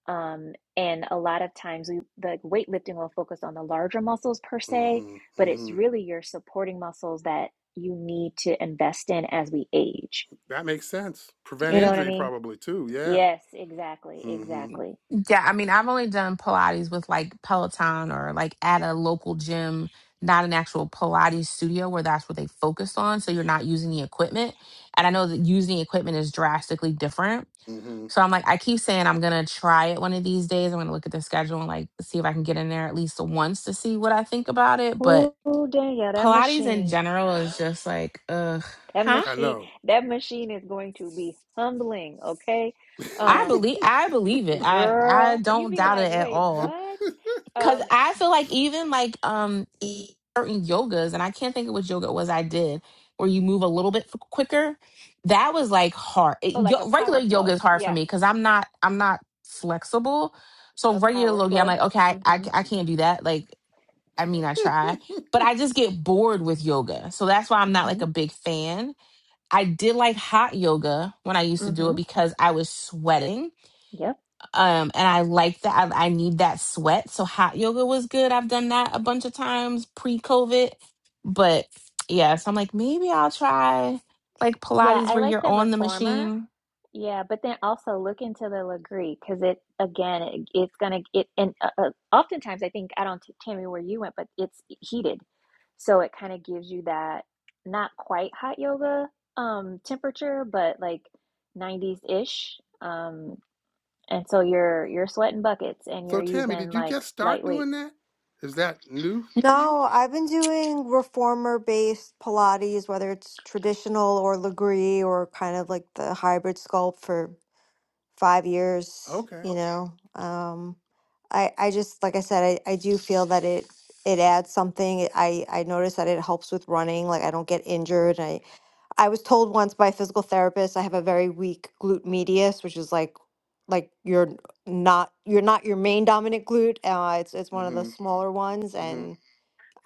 Speaker 3: Um, and a lot of times we like weightlifting will focus on the larger muscles per se,
Speaker 1: mm-hmm
Speaker 3: but it's
Speaker 1: mm-hmm
Speaker 3: really your supporting muscles that you need to invest in as we age.
Speaker 1: that makes sense prevent
Speaker 3: You know what I
Speaker 1: injury
Speaker 3: mean?
Speaker 1: probably too yeah
Speaker 3: Yes, exactly,
Speaker 1: mm-hmm
Speaker 3: exactly.
Speaker 2: Yeah, I mean, I've only done Pilates with like Peloton or like at a local gym, not an actual Pilates studio where that's what they focus on. So you're not using the equipment. And I know that using the equipment is drastically different.
Speaker 1: mm-hmm
Speaker 2: So I'm like, I keep saying I'm going to try it one of these days. I'm going to look at the schedule and like see if I can get in there at least once to see what I think about it. But
Speaker 3: Oh, Danielle, that
Speaker 2: Pilates in
Speaker 3: machine,
Speaker 2: general is just like, ugh,
Speaker 3: that
Speaker 2: huh?
Speaker 1: i
Speaker 3: machine,
Speaker 1: know
Speaker 3: that machine is going to be humbling, okay?
Speaker 2: I
Speaker 3: Um,
Speaker 2: believe I believe it. I I
Speaker 3: girl, you
Speaker 2: don't
Speaker 3: be
Speaker 2: doubt
Speaker 3: like,
Speaker 2: it at
Speaker 3: wait,
Speaker 2: all.
Speaker 3: what?
Speaker 2: Cause
Speaker 3: Um,
Speaker 2: I feel like even like um e- certain yogas, and I can't think of which yoga it was I did, where you move a little bit f- quicker. That was like hard.
Speaker 3: oh,
Speaker 2: It, yo,
Speaker 3: like a
Speaker 2: regular
Speaker 3: power
Speaker 2: yoga
Speaker 3: flow.
Speaker 2: is hard for
Speaker 3: Yeah,
Speaker 2: me because I'm not I'm not flexible. So
Speaker 3: a
Speaker 2: regular
Speaker 3: power
Speaker 2: yoga, I'm
Speaker 3: flow.
Speaker 2: like okay, I, I
Speaker 3: Mm-hmm.
Speaker 2: I can't do that. Like I mean, I try, but I just get bored with yoga. So that's why I'm not like
Speaker 3: Mm-hmm.
Speaker 2: a big fan. I did like hot yoga when I used to do it
Speaker 3: Mm-hmm.
Speaker 2: because I was sweating
Speaker 3: Yep.
Speaker 2: um and i like that I, I need that sweat so hot yoga was good i've done that a bunch of times pre-covid but yeah so i'm like maybe i'll try like
Speaker 3: Yeah,
Speaker 2: pilates
Speaker 3: I
Speaker 2: where
Speaker 3: like
Speaker 2: you're
Speaker 3: the
Speaker 2: on the
Speaker 3: reformer.
Speaker 2: machine
Speaker 3: Yeah, but then also look into the Legree because it again it, it's gonna it and uh, uh, oftentimes I think I don't t- Tammy where you went, but it's heated, so it kind of gives you that not quite hot yoga um temperature, but like 90s ish. Um, and so you're you're sweating buckets and
Speaker 1: So
Speaker 3: you're
Speaker 1: Tammy,
Speaker 3: using
Speaker 1: did you
Speaker 3: like
Speaker 1: just
Speaker 3: light
Speaker 1: start doing
Speaker 3: weights.
Speaker 1: that? Is that new for you?
Speaker 9: No, I've been doing reformer based Pilates, whether it's traditional or Legree or kind of like the hybrid sculpt for five years,
Speaker 1: Okay.
Speaker 9: you know. Um, I I just like I said, I, I do feel that it it adds something. It- I I notice that it helps with running, like I don't get injured. I I was told once by a physical therapist I have a very weak glute medius, which is like like you're not you're not your main dominant glute. Uh, it's it's one of the
Speaker 1: Mhm.
Speaker 9: smaller ones,
Speaker 1: Mhm.
Speaker 9: and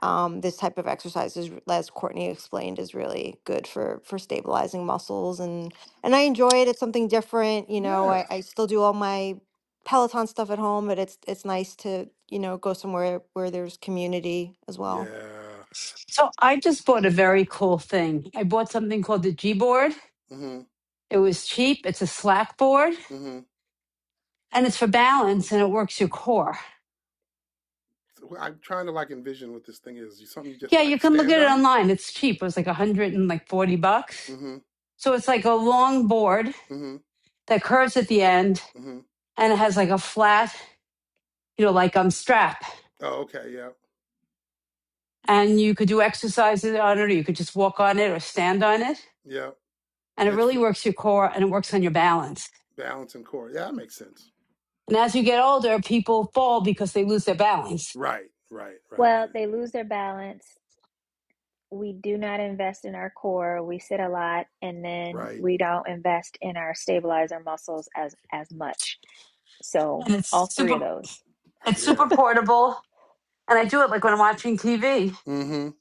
Speaker 9: um, this type of exercise is, as Courtney explained, is really good for for stabilizing muscles and and I enjoy it. It's something different, you know. I,
Speaker 1: Yeah.
Speaker 9: I still do all my Peloton stuff at home, but it's it's nice to you know go somewhere where there's community as well.
Speaker 1: Yeah.
Speaker 8: So I just bought a very cool thing. I bought something called the G board.
Speaker 1: Mhm.
Speaker 8: It was cheap. It's a Slack board
Speaker 1: Mhm.
Speaker 8: and it's for balance and it works your core.
Speaker 1: So wh- I'm trying to like envision what this thing is. You something you just
Speaker 8: Yeah, you
Speaker 1: like
Speaker 8: can look
Speaker 1: stand
Speaker 8: at it
Speaker 1: on?
Speaker 8: online. It's cheap. It was like a hundred and like forty bucks.
Speaker 1: Mhm.
Speaker 8: So it's like a long board
Speaker 1: Mhm.
Speaker 8: that curves at the end
Speaker 1: Mhm.
Speaker 8: and it has like a flat, you know, like um strap.
Speaker 1: Oh, okay. Yeah.
Speaker 8: And you could do exercises on it or you could just walk on it or stand on it.
Speaker 1: Yeah.
Speaker 8: And it
Speaker 1: It's
Speaker 8: really
Speaker 1: for
Speaker 8: works your core and it works on your balance.
Speaker 1: balance and core. Yeah, that makes sense.
Speaker 8: And as you get older, people fall because they lose their balance.
Speaker 1: Right. Right. Right.
Speaker 3: Well,
Speaker 1: Right.
Speaker 3: they lose their balance. we do not invest in our core. We sit a lot, and then
Speaker 1: Right.
Speaker 3: we don't invest in our stabilizer muscles as as much. So
Speaker 8: And
Speaker 3: all
Speaker 8: it's
Speaker 3: three
Speaker 8: super,
Speaker 3: of those.
Speaker 8: it's super
Speaker 1: Yeah.
Speaker 8: portable. And I do it like when I'm watching TV.
Speaker 1: Mhm.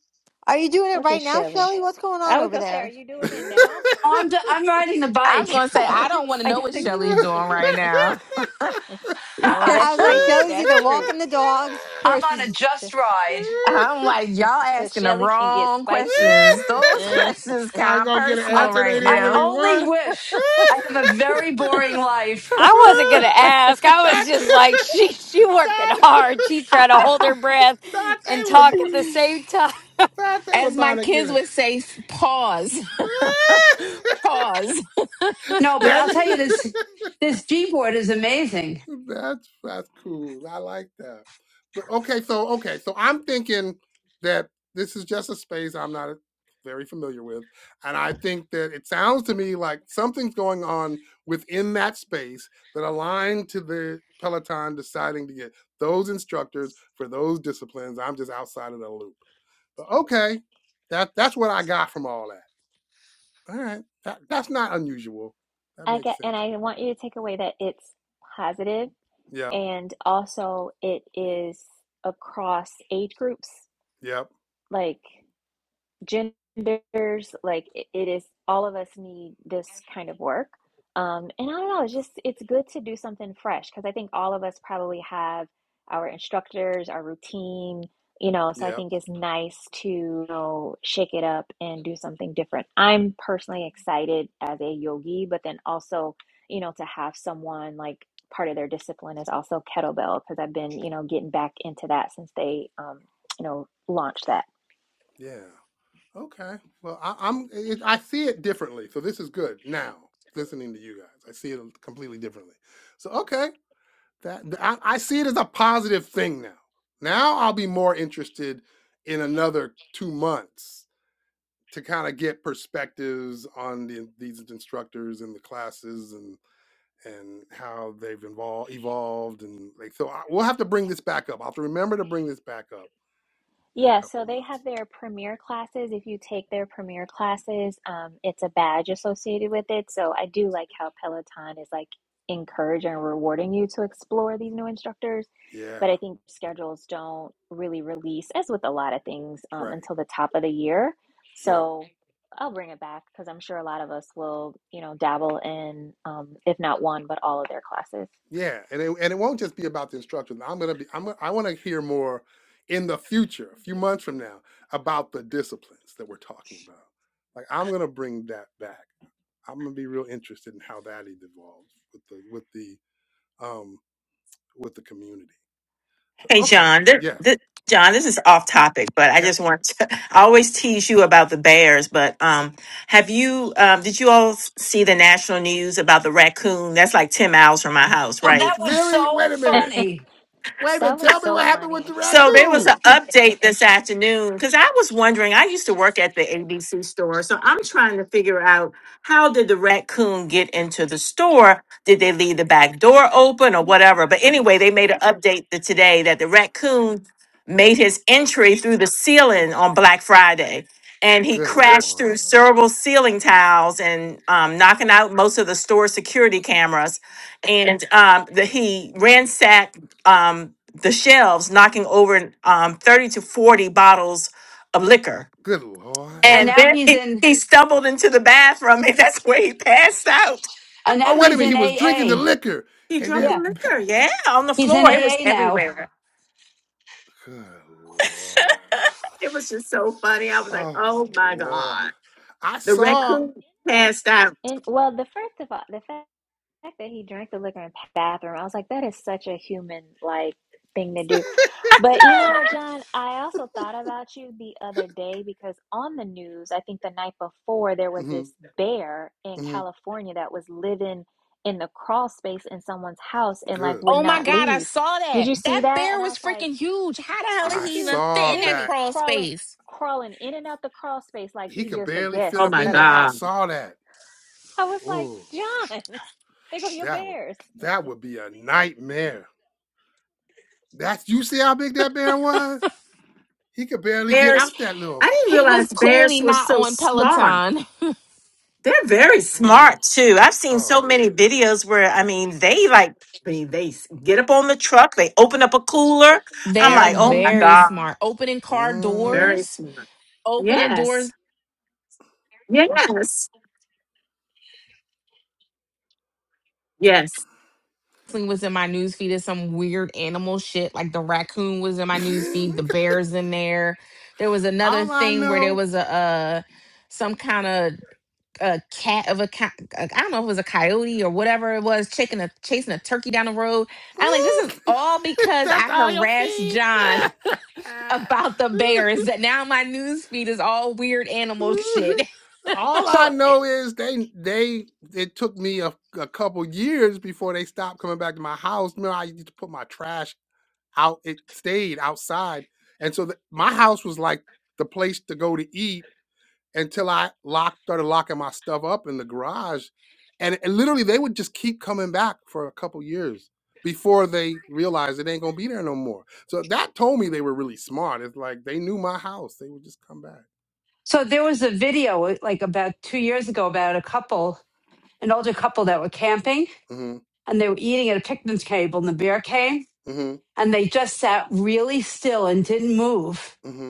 Speaker 9: Are you doing it
Speaker 3: Look at
Speaker 9: right now,
Speaker 3: Shelly.
Speaker 9: Shelly? What's going on
Speaker 3: I was
Speaker 9: over
Speaker 3: gonna say, are
Speaker 9: there?
Speaker 3: you doing it now?
Speaker 8: Oh, I'm, d- I'm riding the
Speaker 2: i was
Speaker 8: bike.
Speaker 2: gonna say i don't want to
Speaker 8: I
Speaker 2: know what
Speaker 8: gotta, get-
Speaker 2: shelly's doing right now
Speaker 3: oh,
Speaker 8: I'm
Speaker 9: I
Speaker 3: that's
Speaker 9: was like,
Speaker 3: true.
Speaker 9: Shelly's
Speaker 3: That's
Speaker 9: either
Speaker 3: true.
Speaker 9: walking the dogs or
Speaker 8: on a
Speaker 9: she's.
Speaker 8: just ride.
Speaker 2: i'm like y'all
Speaker 3: Because
Speaker 2: asking the
Speaker 3: Shelly can get
Speaker 2: wrong
Speaker 3: spicy.
Speaker 2: questions those
Speaker 3: I
Speaker 2: questions
Speaker 1: I
Speaker 2: kind of
Speaker 1: gonna get an
Speaker 2: personal
Speaker 8: I,
Speaker 1: answer they
Speaker 2: right
Speaker 1: didn't
Speaker 8: I
Speaker 2: now
Speaker 1: really
Speaker 8: only
Speaker 1: want.
Speaker 8: wish I have a very boring life.
Speaker 4: I wasn't going to ask. I was
Speaker 1: thought,
Speaker 4: just like, she, she working
Speaker 1: thought,
Speaker 4: hard. She trying to hold her breath
Speaker 1: thought they
Speaker 4: and
Speaker 1: was
Speaker 4: talk at the same time.
Speaker 1: thought they were
Speaker 2: as
Speaker 1: about
Speaker 2: my
Speaker 1: to get
Speaker 2: kids
Speaker 1: it.
Speaker 2: would say pause pause
Speaker 8: no, but
Speaker 1: now
Speaker 8: I'll tell you
Speaker 1: you
Speaker 8: this, this G board is amazing.
Speaker 1: That's that's cool. I like that. But okay, so okay, so I'm thinking that this is just a space I'm not very familiar with, and I think that it sounds to me like something's going on within that space that aligned to the Peloton deciding to get those instructors for those disciplines. I'm just outside of the loop. But okay, that that's what I got from all that. All right, that, that's not unusual. That makes
Speaker 3: get, and
Speaker 1: sense.
Speaker 3: I want you to take away that it's positive,
Speaker 1: Yep,
Speaker 3: and also it is across age groups.
Speaker 1: yep,
Speaker 3: Like. genders like it, it is all of us need this kind of work um and i don't know it's just it's good to do something fresh because i think all of us probably have our instructors our routine you know so i
Speaker 1: yep,
Speaker 3: think it's nice to you know, shake it up and do something different i'm personally excited as a yogi but then also you know to have someone like part of their discipline is also kettlebell because i've been you know getting back into that since they um you know launched that
Speaker 1: yeah. Okay. Well, I, I'm. It, I see it differently. So this is good now. Listening to you guys, I see it completely differently. So okay, that th- I, I see it as a positive thing now. Now I'll be more interested in another two months to kind of get perspectives on the, these instructors and the classes and and how they've evolved evolved and like so I, we'll have to bring this back up. I'll have to remember to bring this back up in a
Speaker 3: Yeah,
Speaker 1: couple
Speaker 3: so
Speaker 1: of
Speaker 3: they
Speaker 1: months.
Speaker 3: have their premier classes. If you take their premier classes, um, it's a badge associated with it. So I do like how Peloton is like encouraging and rewarding you to explore these new instructors.
Speaker 1: Yeah.
Speaker 3: But I think schedules don't really release, as with a lot of things, um,
Speaker 1: Right.
Speaker 3: until the top of the year.
Speaker 1: Yeah.
Speaker 3: So I'll bring it back because I'm sure a lot of us will, you know, dabble in, um, if not one, but all of their classes.
Speaker 1: Yeah, and it, and it won't just be about the instructions. I'm gonna be. I'm. gonna- I want to hear more in the future, a few months from now, about the disciplines that we're talking about. Like I'm gonna bring that back. I'm gonna be real interested in how that evolves with the with the um with the community. So
Speaker 6: Hey,
Speaker 1: okay,
Speaker 6: John, th-
Speaker 1: yeah,
Speaker 6: th- John, this is off topic, but I
Speaker 1: yeah.
Speaker 6: just want to, I always tease you about the bears, but, um, have you, um, did you all s- see the national news about the raccoon? That's like 10 miles from my house,
Speaker 8: Well,
Speaker 6: right?
Speaker 8: that was
Speaker 1: Really?
Speaker 8: so
Speaker 1: Wait a minute.
Speaker 8: funny.
Speaker 1: Wait a
Speaker 3: That
Speaker 1: minute.
Speaker 3: was
Speaker 1: Tell me
Speaker 3: so
Speaker 1: what happened with
Speaker 3: funny.
Speaker 1: the
Speaker 6: So there was an
Speaker 1: raccoon.
Speaker 6: update this afternoon because I was wondering. I used to work at the ABC store, so I'm trying to figure out how did the raccoon get into the store? Did they leave the back door open or whatever? But anyway, they made an update to today that the raccoon made his entry through the ceiling on Black Friday, and he
Speaker 1: Good
Speaker 6: crashed
Speaker 1: lord.
Speaker 6: through several ceiling tiles and um, knocking out most of the store security cameras. And um, the, he ransacked. Um, the shelves, knocking over um, 30 to 40 bottles of liquor.
Speaker 1: Good lord.
Speaker 8: And
Speaker 6: And
Speaker 8: now
Speaker 6: then
Speaker 8: he's
Speaker 6: he,
Speaker 8: in,
Speaker 6: he stumbled into the bathroom, and that's where he passed out.
Speaker 8: and
Speaker 1: Oh
Speaker 8: now
Speaker 1: wait a
Speaker 8: he's
Speaker 1: minute. He
Speaker 8: in
Speaker 1: was drinking the
Speaker 8: AA.
Speaker 1: liquor
Speaker 6: He
Speaker 1: and
Speaker 6: drunk
Speaker 1: then.
Speaker 6: the
Speaker 8: Yeah,
Speaker 1: Pe-
Speaker 6: liquor, yeah, on the
Speaker 8: he's in
Speaker 6: floor. It was
Speaker 8: AA now.
Speaker 6: everywhere.
Speaker 1: Good lord.
Speaker 6: It was just so funny. I was like,
Speaker 1: Oh
Speaker 6: oh my
Speaker 1: Lord.
Speaker 6: God.
Speaker 1: I
Speaker 6: The
Speaker 1: saw
Speaker 6: raccoon passed out.
Speaker 3: And well, the first of all, the fact fact that he drank the liquor in the bathroom, I was like, that is such a human like thing to do. But you know what, John? I also thought about you the other day because on the news, I think the night before, there was
Speaker 1: hmm
Speaker 3: this bear in
Speaker 1: hmm
Speaker 3: California that was living in the crawl space in someone's house and like
Speaker 1: Good
Speaker 3: would
Speaker 2: Oh my
Speaker 3: not
Speaker 1: Lord.
Speaker 2: God, I
Speaker 3: leave.
Speaker 2: saw
Speaker 3: Did
Speaker 2: that.
Speaker 3: you see
Speaker 2: That
Speaker 3: that?
Speaker 2: bear
Speaker 3: And I
Speaker 2: was
Speaker 3: was like,
Speaker 2: freaking huge. How the hell
Speaker 3: he
Speaker 2: did
Speaker 3: was
Speaker 1: I
Speaker 2: he even
Speaker 3: huge,
Speaker 2: fit
Speaker 1: saw
Speaker 2: in that
Speaker 1: that
Speaker 3: literally
Speaker 2: crawl
Speaker 3: crawling,
Speaker 2: space?
Speaker 3: crawling in and out the crawl space like
Speaker 1: he
Speaker 3: he
Speaker 1: could
Speaker 3: just a
Speaker 1: barely fit
Speaker 6: Oh
Speaker 1: up
Speaker 3: guest
Speaker 6: my
Speaker 1: in
Speaker 3: at a
Speaker 1: there. I
Speaker 6: God.
Speaker 3: house.
Speaker 1: saw that.
Speaker 3: I was like,
Speaker 1: Oh,
Speaker 3: John, they go your
Speaker 1: that would
Speaker 3: bears.
Speaker 1: that would be a nightmare. That's you see how big that bear was? He could barely get
Speaker 6: Bears,
Speaker 1: out that little.
Speaker 6: I didn't
Speaker 2: He was
Speaker 6: realize bears
Speaker 2: clearly
Speaker 6: were
Speaker 2: not
Speaker 6: so
Speaker 2: on
Speaker 6: smart.
Speaker 2: Peloton.
Speaker 6: They're very
Speaker 1: Oh,
Speaker 6: smart too. I've seen
Speaker 1: oh
Speaker 6: so
Speaker 1: yeah.
Speaker 6: many videos where I mean they like I mean they s- get up on the truck, they open up a cooler.
Speaker 2: They
Speaker 6: I'm
Speaker 2: are
Speaker 6: like, oh my
Speaker 1: Mm-hmm.
Speaker 2: very
Speaker 6: god,
Speaker 2: smart. Opening car
Speaker 1: Mm-hmm.
Speaker 6: very
Speaker 2: doors,
Speaker 6: smart.
Speaker 2: opening
Speaker 6: Yes,
Speaker 2: doors
Speaker 6: yes, yes.
Speaker 2: was in my news feed is some weird animal shit. Like the raccoon was in my news feed, the bear's in there. There was another
Speaker 1: all I
Speaker 2: thing where there
Speaker 1: know.
Speaker 2: was a uh some kind of a cat of a cat. I don't know if it was a coyote or whatever it was, chasing a chasing a turkey down the road. I'm like, this is
Speaker 1: Mm,
Speaker 2: all because
Speaker 1: that's
Speaker 2: I
Speaker 1: all your
Speaker 2: harassed
Speaker 1: feed.
Speaker 2: John about the bears. That now my news feed is all weird animal shit.
Speaker 1: All I
Speaker 8: So
Speaker 1: know is they they it took me a, a couple years before they stopped coming back to my house. Remember, I used to put my trash out; it stayed outside, and so the, my house was like the place to go to eat until I locked started locking my stuff up in the garage, and, and literally they would just keep coming back for a couple years before they realized it ain't gonna be there no more. So that told me they were really smart. It's like they knew my house; they would just come back.
Speaker 8: So there was a video uh, like about two years ago about a couple, an older couple that were camping
Speaker 1: hmm
Speaker 8: and they were eating at a picnic table and the bear came
Speaker 1: hmm
Speaker 8: and they just sat really still and didn't move
Speaker 1: hmm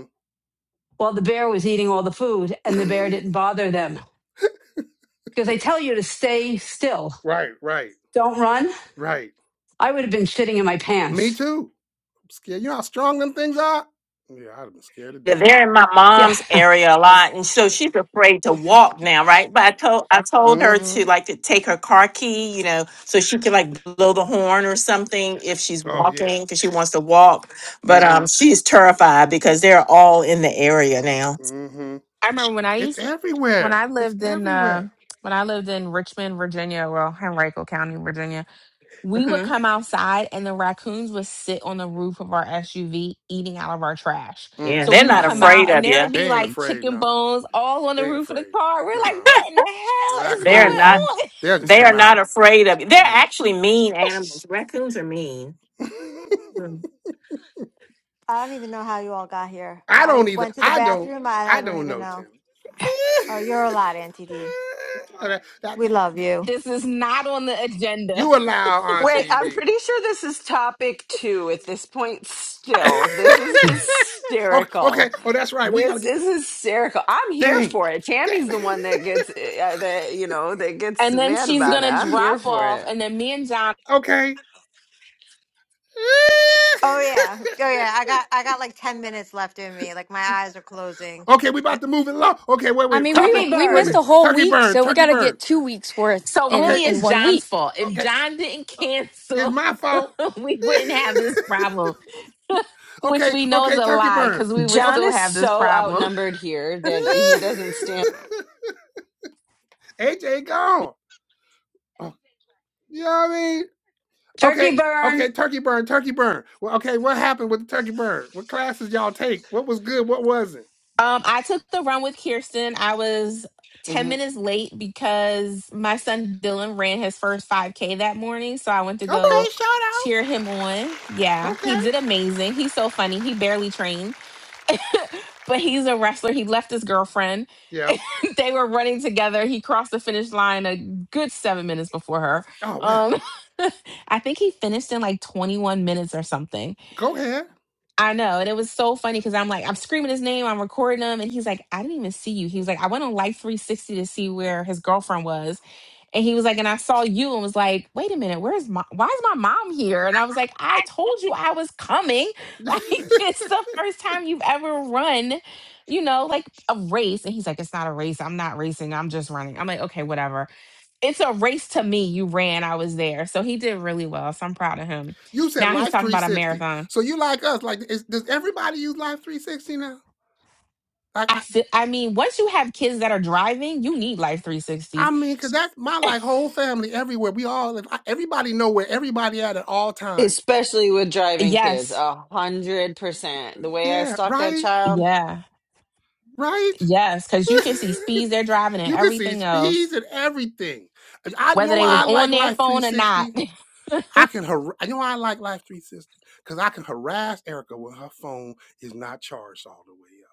Speaker 8: while the bear was eating all the food and the bear didn't bother them because they tell you to stay still.
Speaker 1: right, right,
Speaker 8: Don't run.
Speaker 1: right.
Speaker 8: I would have been shitting in my
Speaker 1: Me
Speaker 8: pants.
Speaker 1: too. I'm scared. You know how strong them things are? Yeah, I'd have been scared to
Speaker 6: Yeah,
Speaker 1: death.
Speaker 6: They're in my
Speaker 8: Yeah.
Speaker 6: mom's area a lot, and so she's afraid to walk now, right? But I told I told her
Speaker 1: Mm-hmm.
Speaker 6: to like to take her car key, you know, so she could like blow the horn or something if she's
Speaker 1: Oh yeah.
Speaker 6: walking because she wants to walk. But
Speaker 1: Mm-hmm.
Speaker 6: um, she's terrified because they're all in the area now.
Speaker 1: Mm-hmm.
Speaker 2: I remember when I
Speaker 1: It's
Speaker 2: used when
Speaker 1: everywhere.
Speaker 2: I
Speaker 1: It's
Speaker 2: lived in uh
Speaker 1: everywhere.
Speaker 2: when I lived in Richmond, Virginia, well, Henrico County, Virginia. We would
Speaker 6: hmm
Speaker 2: come outside and the raccoons would sit on the roof of our SUV eating out of our trash.
Speaker 1: Mm,
Speaker 6: Yeah,
Speaker 2: So
Speaker 6: they're
Speaker 2: we'd
Speaker 6: not
Speaker 2: come
Speaker 1: Mm-hmm.
Speaker 6: afraid
Speaker 2: out and
Speaker 6: of
Speaker 2: there
Speaker 6: you.
Speaker 2: would be
Speaker 1: They ain't
Speaker 2: like
Speaker 1: afraid
Speaker 2: chicken
Speaker 1: now.
Speaker 2: bones all on the
Speaker 1: They ain't
Speaker 2: roof of the
Speaker 1: afraid.
Speaker 2: car. We're
Speaker 1: Nah.
Speaker 2: like, what in the hell is
Speaker 6: They're
Speaker 2: going
Speaker 1: Raccoons,
Speaker 6: not.
Speaker 2: on?
Speaker 1: they'll just
Speaker 6: They
Speaker 1: come
Speaker 6: are
Speaker 1: out.
Speaker 6: not afraid of you. They're
Speaker 1: Mhm.
Speaker 6: actually mean animals. Raccoons are mean. Mm.
Speaker 9: I don't even know how you all got here.
Speaker 1: I
Speaker 9: I
Speaker 1: don't even
Speaker 9: went to the
Speaker 1: I don't
Speaker 9: bathroom. I,
Speaker 1: I
Speaker 9: I don't
Speaker 1: don't
Speaker 9: even
Speaker 1: know,
Speaker 9: know.
Speaker 1: Tim.
Speaker 9: Oh, you're a lot, Auntie D.
Speaker 1: Okay, that-
Speaker 9: We
Speaker 1: that-
Speaker 9: love you.
Speaker 2: This is not on the agenda.
Speaker 1: you allow
Speaker 7: Wait,
Speaker 1: Auntie
Speaker 7: I'm
Speaker 1: D
Speaker 7: pretty sure this is topic two at this point still. This is
Speaker 1: okay, okay.
Speaker 7: hysterical.
Speaker 1: Oh, that's right. We gotta
Speaker 7: This
Speaker 1: get
Speaker 7: is hysterical. I'm here
Speaker 1: dang.
Speaker 7: for it.
Speaker 1: Dang.
Speaker 7: Tammy's the one that gets eh, uh, that you know that gets
Speaker 2: And then
Speaker 7: mad
Speaker 2: she's going
Speaker 7: about it.
Speaker 2: to
Speaker 7: I'm here
Speaker 2: drop
Speaker 7: for
Speaker 2: off.
Speaker 7: it.
Speaker 2: And then me and John.
Speaker 1: okay.
Speaker 9: Oh yeah, oh yeah. I got I got like ten minutes left in me. Like my eyes are closing.
Speaker 1: okay, we
Speaker 9: The,
Speaker 1: about to move it along. Okay, wait,
Speaker 4: I
Speaker 1: wait.
Speaker 4: mean, we,
Speaker 1: Topic.
Speaker 8: Turkey
Speaker 4: we
Speaker 1: Wait a
Speaker 4: missed
Speaker 1: minute.
Speaker 4: a
Speaker 8: burn.
Speaker 4: whole
Speaker 1: Turkey
Speaker 4: week.
Speaker 1: burn.
Speaker 4: So we
Speaker 1: Turkey
Speaker 4: got to
Speaker 1: burn.
Speaker 4: get two weeks worth
Speaker 2: So
Speaker 4: in,
Speaker 1: Okay.
Speaker 2: really,
Speaker 4: in
Speaker 2: it's
Speaker 4: one
Speaker 2: John's
Speaker 4: week.
Speaker 2: fault. If
Speaker 1: Okay.
Speaker 2: John didn't
Speaker 1: Uh, It's
Speaker 2: cancel,
Speaker 1: my fault.
Speaker 2: we wouldn't have this problem, which
Speaker 1: okay.
Speaker 2: we know is
Speaker 1: Okay.
Speaker 2: a
Speaker 1: Turkey
Speaker 2: lie
Speaker 1: burn.
Speaker 2: because we would
Speaker 1: Okay.
Speaker 7: John
Speaker 2: still
Speaker 7: is
Speaker 2: have this
Speaker 7: so
Speaker 2: problem.
Speaker 7: outnumbered here that he doesn't stand.
Speaker 1: AJ gone. Oh, You know what I mean? Okay,
Speaker 8: Turkey burn.
Speaker 1: okay, turkey burn, turkey burn. Well, okay, what happened with the turkey burn? What classes y'all take? What was good? What wasn't?
Speaker 2: Um, I took the run with Kirsten. I was 10
Speaker 1: hmm
Speaker 2: minutes late because my son Dylan ran his first 5K that morning. So I went to
Speaker 1: Okay,
Speaker 2: go
Speaker 1: shout out.
Speaker 2: cheer him on. Yeah, he
Speaker 1: Okay,
Speaker 2: did amazing. He's so funny. He barely trained, but he's a wrestler. He left his girlfriend.
Speaker 1: yeah.
Speaker 2: they were running together. He crossed the finish line a good seven minutes before her.
Speaker 1: Oh wow,
Speaker 2: Um, I think he finished in like 21 minutes or something.
Speaker 1: go ahead.
Speaker 2: I know. And it was so funny because I'm like, I'm screaming his name, I'm recording him. And he's like, I didn't even see you. He was like, I went on Life 360 to see where his girlfriend was. And he was like, and I saw you and was like, wait a minute, where's my, why is my mom here? And I was like, I told you I was coming. Like, it's the first time you've ever run, you know, like a race. And he's like, it's not a race. I'm not racing. I'm just running. I'm like, okay, whatever. It's a race to me. You ran. I was there. So he did really well. So I'm proud of him.
Speaker 1: you said
Speaker 2: Now he's
Speaker 1: Life
Speaker 2: talking about a
Speaker 1: 360,
Speaker 2: marathon.
Speaker 1: so you like us? Like, is, does everybody use Life 360 now? Like,
Speaker 2: I
Speaker 1: I,
Speaker 2: feel, I mean, once you have kids that are driving, you need Life
Speaker 1: I
Speaker 2: 360.
Speaker 1: mean, cause that's my like whole family everywhere. We all, if I, everybody know where everybody at at all times.
Speaker 7: Especially with driving kids,
Speaker 2: Yes.
Speaker 7: a hundred percent. The way I
Speaker 1: Yeah,
Speaker 7: stalked that
Speaker 1: right,
Speaker 7: child,
Speaker 2: Yeah.
Speaker 1: right.
Speaker 2: Yes. Cause you can see speeds they're driving and
Speaker 1: you can see
Speaker 2: everything else.
Speaker 1: speeds and everything. I, you know
Speaker 2: Whether they
Speaker 1: why
Speaker 2: was
Speaker 1: I like
Speaker 2: on their
Speaker 1: Life
Speaker 2: phone or not.
Speaker 1: 360? I can, har- you know why I like Life 360? Because I can harass Erica when her phone is not charged all the way up.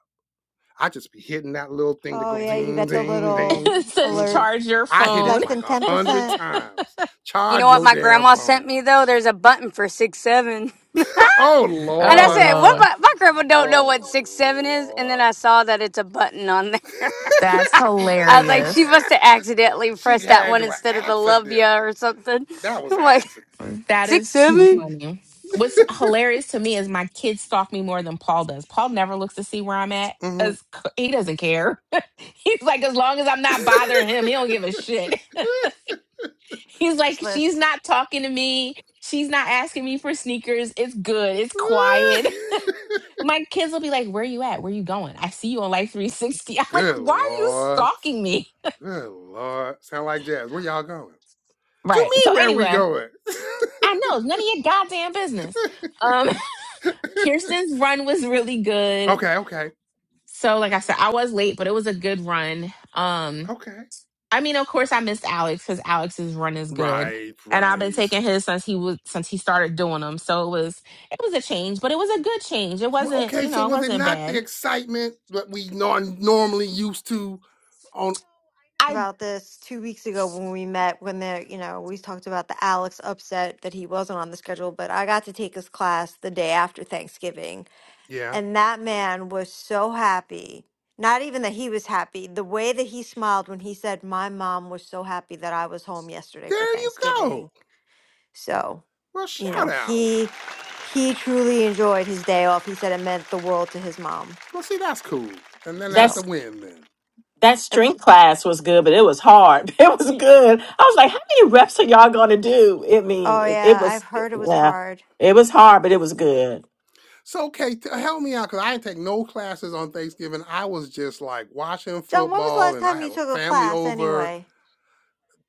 Speaker 1: I just be hitting that little thing that
Speaker 9: oh
Speaker 1: goes
Speaker 9: yeah, you
Speaker 1: ding,
Speaker 9: got the
Speaker 1: ding,
Speaker 9: little
Speaker 1: ding.
Speaker 2: it says
Speaker 1: hmm
Speaker 9: alert.
Speaker 2: charge your
Speaker 1: I hit it
Speaker 2: phone.
Speaker 9: Less
Speaker 1: like
Speaker 9: than
Speaker 1: a
Speaker 9: ten
Speaker 1: hundred
Speaker 9: percent
Speaker 1: times.
Speaker 4: You know
Speaker 1: Charge
Speaker 4: what
Speaker 1: your
Speaker 4: my
Speaker 1: damn
Speaker 4: grandma sent
Speaker 1: phone.
Speaker 4: me though? There's a button for six seven.
Speaker 1: oh,
Speaker 4: And I
Speaker 2: Oh
Speaker 1: Lord.
Speaker 4: said, "What?
Speaker 2: Lord.
Speaker 4: My, my grandma don't know
Speaker 1: Oh,
Speaker 4: what six seven is." And then
Speaker 1: Lord.
Speaker 4: I saw that it's a button on there.
Speaker 2: That's
Speaker 4: I was like, "She
Speaker 2: hilarious.
Speaker 4: must have accidentally
Speaker 1: she
Speaker 4: pressed that
Speaker 1: had
Speaker 4: one
Speaker 1: to
Speaker 4: instead of the love
Speaker 1: accidentally.
Speaker 4: ya or something."
Speaker 1: That was
Speaker 4: I'm
Speaker 1: an
Speaker 4: like
Speaker 1: accident.
Speaker 2: That
Speaker 4: six
Speaker 2: is too
Speaker 4: seven.
Speaker 2: funny. What's hilarious to me is my kids stalk me more than Paul does. Paul never looks to see where I'm at.
Speaker 1: Mm-hmm.
Speaker 2: Cause he doesn't care. He's like, as long as I'm not bothering him, he don't give a shit. He's like, she's
Speaker 9: list
Speaker 2: not talking to me. She's not asking me for sneakers. It's good. It's quiet. My kids will be like, where you at? Where you going? I see you on Life 360. I'm like,
Speaker 1: Good
Speaker 2: why are you
Speaker 1: lord.
Speaker 2: stalking me?
Speaker 1: Good lord. Sound like jazz. Where y'all going? What You
Speaker 2: Right. So
Speaker 1: mean where we
Speaker 2: anyway,
Speaker 1: going?
Speaker 2: I know it's none of your goddamn business. Um, Kirsten's run was really good.
Speaker 1: okay, okay.
Speaker 2: So like I said, I was late, but it was a good run. Um,
Speaker 1: Okay.
Speaker 2: I mean, of course, I missed Alex because Alex's run is good,
Speaker 1: Right,
Speaker 2: and I've been
Speaker 1: right.
Speaker 2: taking his since he was since he started doing them. So it was it was a change, but it was a good change. It
Speaker 1: Well,
Speaker 2: wasn't
Speaker 1: Okay,
Speaker 2: you
Speaker 1: so
Speaker 2: know it
Speaker 1: was it
Speaker 2: wasn't
Speaker 1: not the
Speaker 2: bad.
Speaker 1: excitement that we non- normally used to on
Speaker 2: I
Speaker 9: about this two weeks ago when we met. When the you know we talked about the Alex upset that he wasn't on the schedule, but I got to take his class the day after Thanksgiving,
Speaker 1: Yeah.
Speaker 9: and that man was so happy. Not even that he was happy. The way that he smiled when he said, "My mom was so happy that I was home yesterday for
Speaker 1: There you
Speaker 9: Thanksgiving."
Speaker 1: go.
Speaker 9: So,
Speaker 1: Well,
Speaker 9: you know,
Speaker 1: shout out.
Speaker 9: he he truly enjoyed his day off. He said it meant the world to his mom.
Speaker 1: Well, see, that's cool. And then at the
Speaker 9: So,
Speaker 6: That's
Speaker 1: win then.
Speaker 6: that
Speaker 9: I-
Speaker 6: string class was good, but it was hard. It was good. I was like, how many reps are y'all gonna do? I mean,
Speaker 9: oh
Speaker 6: it, it
Speaker 9: yeah, I've
Speaker 6: was
Speaker 9: heard it was
Speaker 6: yeah,
Speaker 9: hard.
Speaker 6: it was hard, but it was good.
Speaker 1: So, okay, t- help me out because I didn't take no classes on Thanksgiving. I was just like watching
Speaker 9: John, when was the
Speaker 1: football,
Speaker 9: last
Speaker 1: and I
Speaker 9: time
Speaker 1: had
Speaker 9: you
Speaker 1: a
Speaker 9: took a
Speaker 1: family
Speaker 9: class
Speaker 1: over
Speaker 9: anyway?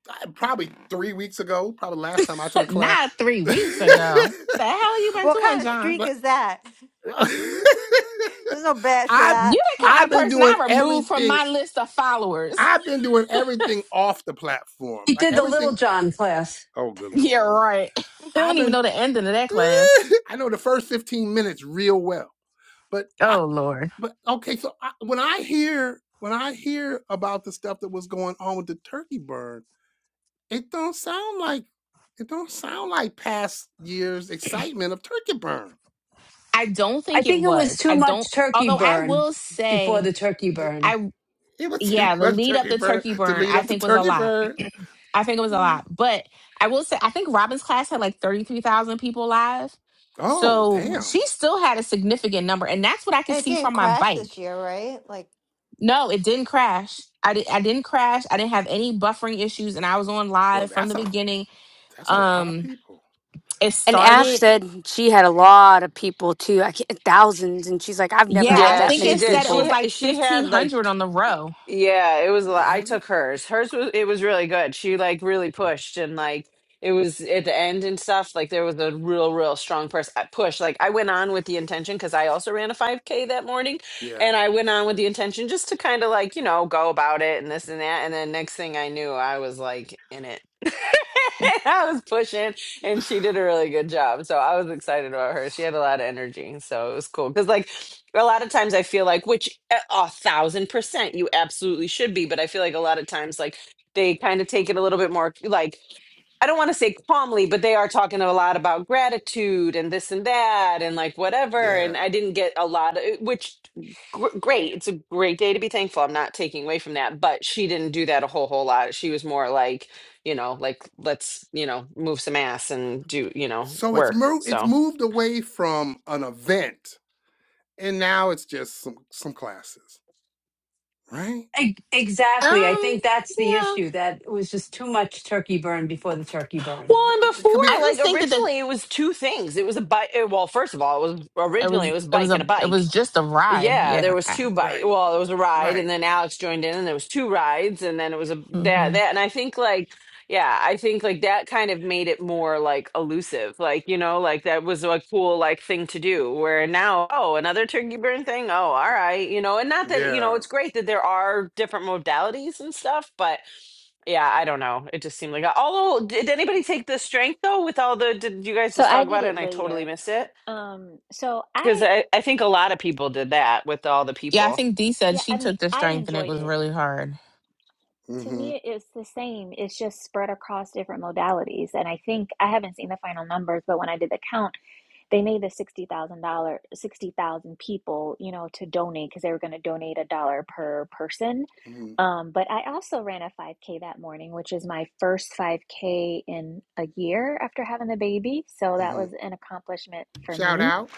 Speaker 1: I- probably three weeks ago. Probably last time I took a class.
Speaker 2: not three weeks ago. The hell you been
Speaker 9: What
Speaker 2: doing,
Speaker 9: kind of
Speaker 2: John?
Speaker 9: streak
Speaker 1: but
Speaker 9: is that? There's no badge for
Speaker 1: I
Speaker 2: You
Speaker 9: that.
Speaker 2: the kind
Speaker 1: I've
Speaker 2: of
Speaker 1: been
Speaker 2: person
Speaker 1: doing
Speaker 2: I removed from
Speaker 1: everything.
Speaker 2: my list of followers.
Speaker 1: I've been doing everything off the platform,
Speaker 8: He
Speaker 1: like
Speaker 8: did the Little
Speaker 1: everything.
Speaker 8: John class.
Speaker 1: Oh, good
Speaker 2: Yeah,
Speaker 1: lord!
Speaker 2: right. They
Speaker 1: I've
Speaker 2: don't even
Speaker 1: been.
Speaker 2: know the ending of that class.
Speaker 1: I know the first fifteen minutes real well, but
Speaker 2: Oh Lord.
Speaker 1: But okay, so I, when I hear when I hear about the stuff that was going on with the turkey burn, it don't sound like it don't sound like past years' excitement of turkey burn.
Speaker 2: I don't
Speaker 8: I
Speaker 2: think it
Speaker 8: think it was
Speaker 2: was.
Speaker 8: too
Speaker 2: I don't.
Speaker 8: much turkey
Speaker 2: Although I
Speaker 8: burn
Speaker 2: will
Speaker 8: before
Speaker 2: say.
Speaker 8: the turkey
Speaker 1: It,
Speaker 8: burn.
Speaker 2: I.
Speaker 1: it was too
Speaker 2: yeah, the
Speaker 1: much
Speaker 2: lead up
Speaker 1: turkey
Speaker 2: to
Speaker 1: burn
Speaker 2: turkey
Speaker 1: to
Speaker 2: burn,
Speaker 1: lead
Speaker 2: I
Speaker 1: up to
Speaker 2: think was a
Speaker 1: turkey
Speaker 2: lot.
Speaker 1: burn.
Speaker 2: I think it was a
Speaker 1: Mm.
Speaker 2: lot. But I will say, I think Robin's class had like 33,000 people live.
Speaker 1: Oh
Speaker 2: So
Speaker 1: damn!
Speaker 2: she still had a significant number. And that's what I could
Speaker 9: And it
Speaker 2: see
Speaker 9: didn't
Speaker 2: from my
Speaker 9: crash this
Speaker 2: bike.
Speaker 9: year, right? Like,
Speaker 2: No, it didn't crash. I, di- I didn't crash. I didn't have any buffering issues. And I was on
Speaker 1: Well,
Speaker 2: live from
Speaker 1: that's
Speaker 2: the
Speaker 1: a
Speaker 2: beginning.
Speaker 1: that's a lot of
Speaker 2: Um,
Speaker 1: people.
Speaker 2: It
Speaker 4: And Ash
Speaker 2: started,
Speaker 4: said she had a lot of people too, I can't, thousands. And she's like, "I've never
Speaker 2: yeah,
Speaker 4: had
Speaker 2: I
Speaker 7: Yeah,
Speaker 4: that
Speaker 2: think
Speaker 7: she
Speaker 4: many
Speaker 2: it
Speaker 7: did.
Speaker 2: said it was
Speaker 4: people."
Speaker 7: She
Speaker 2: like
Speaker 7: she had like
Speaker 2: 1,500 on the row.
Speaker 7: yeah, it was li- I
Speaker 1: Really?
Speaker 7: took hers. Hers was it was really good. She like really pushed and like it was at the end and stuff like there was a real real strong pers- uh, push. Like I went on with the intention cuz I also ran a 5k that morning
Speaker 1: Yeah.
Speaker 7: and I went on with the intention just to kind of like, you know, go about it and this and that and then next thing I knew I was like in it. I was pushing
Speaker 1: Wow.
Speaker 7: and she did a really good job. So I was excited about her. She had a lot of energy. So it was cool. Cause like a lot of times I feel like, which a a thousand percent you absolutely should be, but I feel like a lot of times, like they kind of take it a little bit more, like I don't want to say calmly, but they are talking a lot about gratitude and this and that and like whatever. And
Speaker 1: Yeah.
Speaker 7: I didn't get a lot of which gr- great. It's a great day to be thankful. I'm not taking away from that, but she didn't do that a whole whole lot. She was more like, you know, like let's you know move some ass and do you know
Speaker 1: So it's
Speaker 7: work.
Speaker 1: moved it's
Speaker 7: So
Speaker 1: moved away from an event, and now it's just some some classes, right?
Speaker 8: E- Exactly. I
Speaker 2: Um,
Speaker 8: think that's the
Speaker 2: yeah.
Speaker 8: issue that it was just too much turkey burn before the turkey burn.
Speaker 7: Well, and
Speaker 1: They, they could be,
Speaker 2: I
Speaker 7: before, like
Speaker 2: just think that the
Speaker 7: originally, it was two things. It was a bike. Well, first of all, it was
Speaker 2: It
Speaker 7: originally it
Speaker 2: was
Speaker 7: was
Speaker 2: it was
Speaker 7: bike and
Speaker 2: a
Speaker 7: a
Speaker 2: it
Speaker 7: bike,
Speaker 2: was just a ride.
Speaker 7: yeah,
Speaker 2: Yeah.
Speaker 7: there was two
Speaker 2: I,
Speaker 7: bike.
Speaker 1: right,
Speaker 7: Well, there was a ride,
Speaker 1: right.
Speaker 7: and then Alex joined in, and there was two rides, and then it was a that
Speaker 2: hmm
Speaker 7: that. And I think like, yeah, I think like that kind of made it more like elusive, like you know, like that was a cool like thing to do. Where now, oh, another turkey burn thing. Oh, all right, you know, and not that you know,
Speaker 1: Yeah.
Speaker 7: it's great that there are different modalities and stuff, but yeah, I don't know. It just seemed like. Although, did anybody take the strength though? With all the, did you guys
Speaker 3: So
Speaker 7: just
Speaker 3: I
Speaker 7: talk
Speaker 3: did
Speaker 7: about it
Speaker 3: it
Speaker 7: and I totally
Speaker 3: later.
Speaker 7: missed it?
Speaker 3: Um, so
Speaker 7: Because
Speaker 3: I,
Speaker 7: I, I think a little did that
Speaker 2: Yeah, I
Speaker 7: with.
Speaker 2: think Dee said
Speaker 3: yeah,
Speaker 2: she
Speaker 3: I mean,
Speaker 2: took the
Speaker 3: I
Speaker 2: strength and it
Speaker 3: enjoyed
Speaker 2: was
Speaker 3: it.
Speaker 2: really hard.
Speaker 3: To
Speaker 1: Mm-hmm.
Speaker 3: me, it's the same. It's just spread across different modalities. And I think I haven't seen the final numbers, but when I did the count, they made the $60,000, 60,000 people, you know, to donate because they were going to donate a dollar per person.
Speaker 1: Mm-hmm.
Speaker 3: Um, but I also ran a 5K that morning, which is my first 5K in a year after having the baby. So that
Speaker 1: Mm-hmm.
Speaker 3: was an accomplishment for
Speaker 1: Shout
Speaker 3: me.
Speaker 1: out.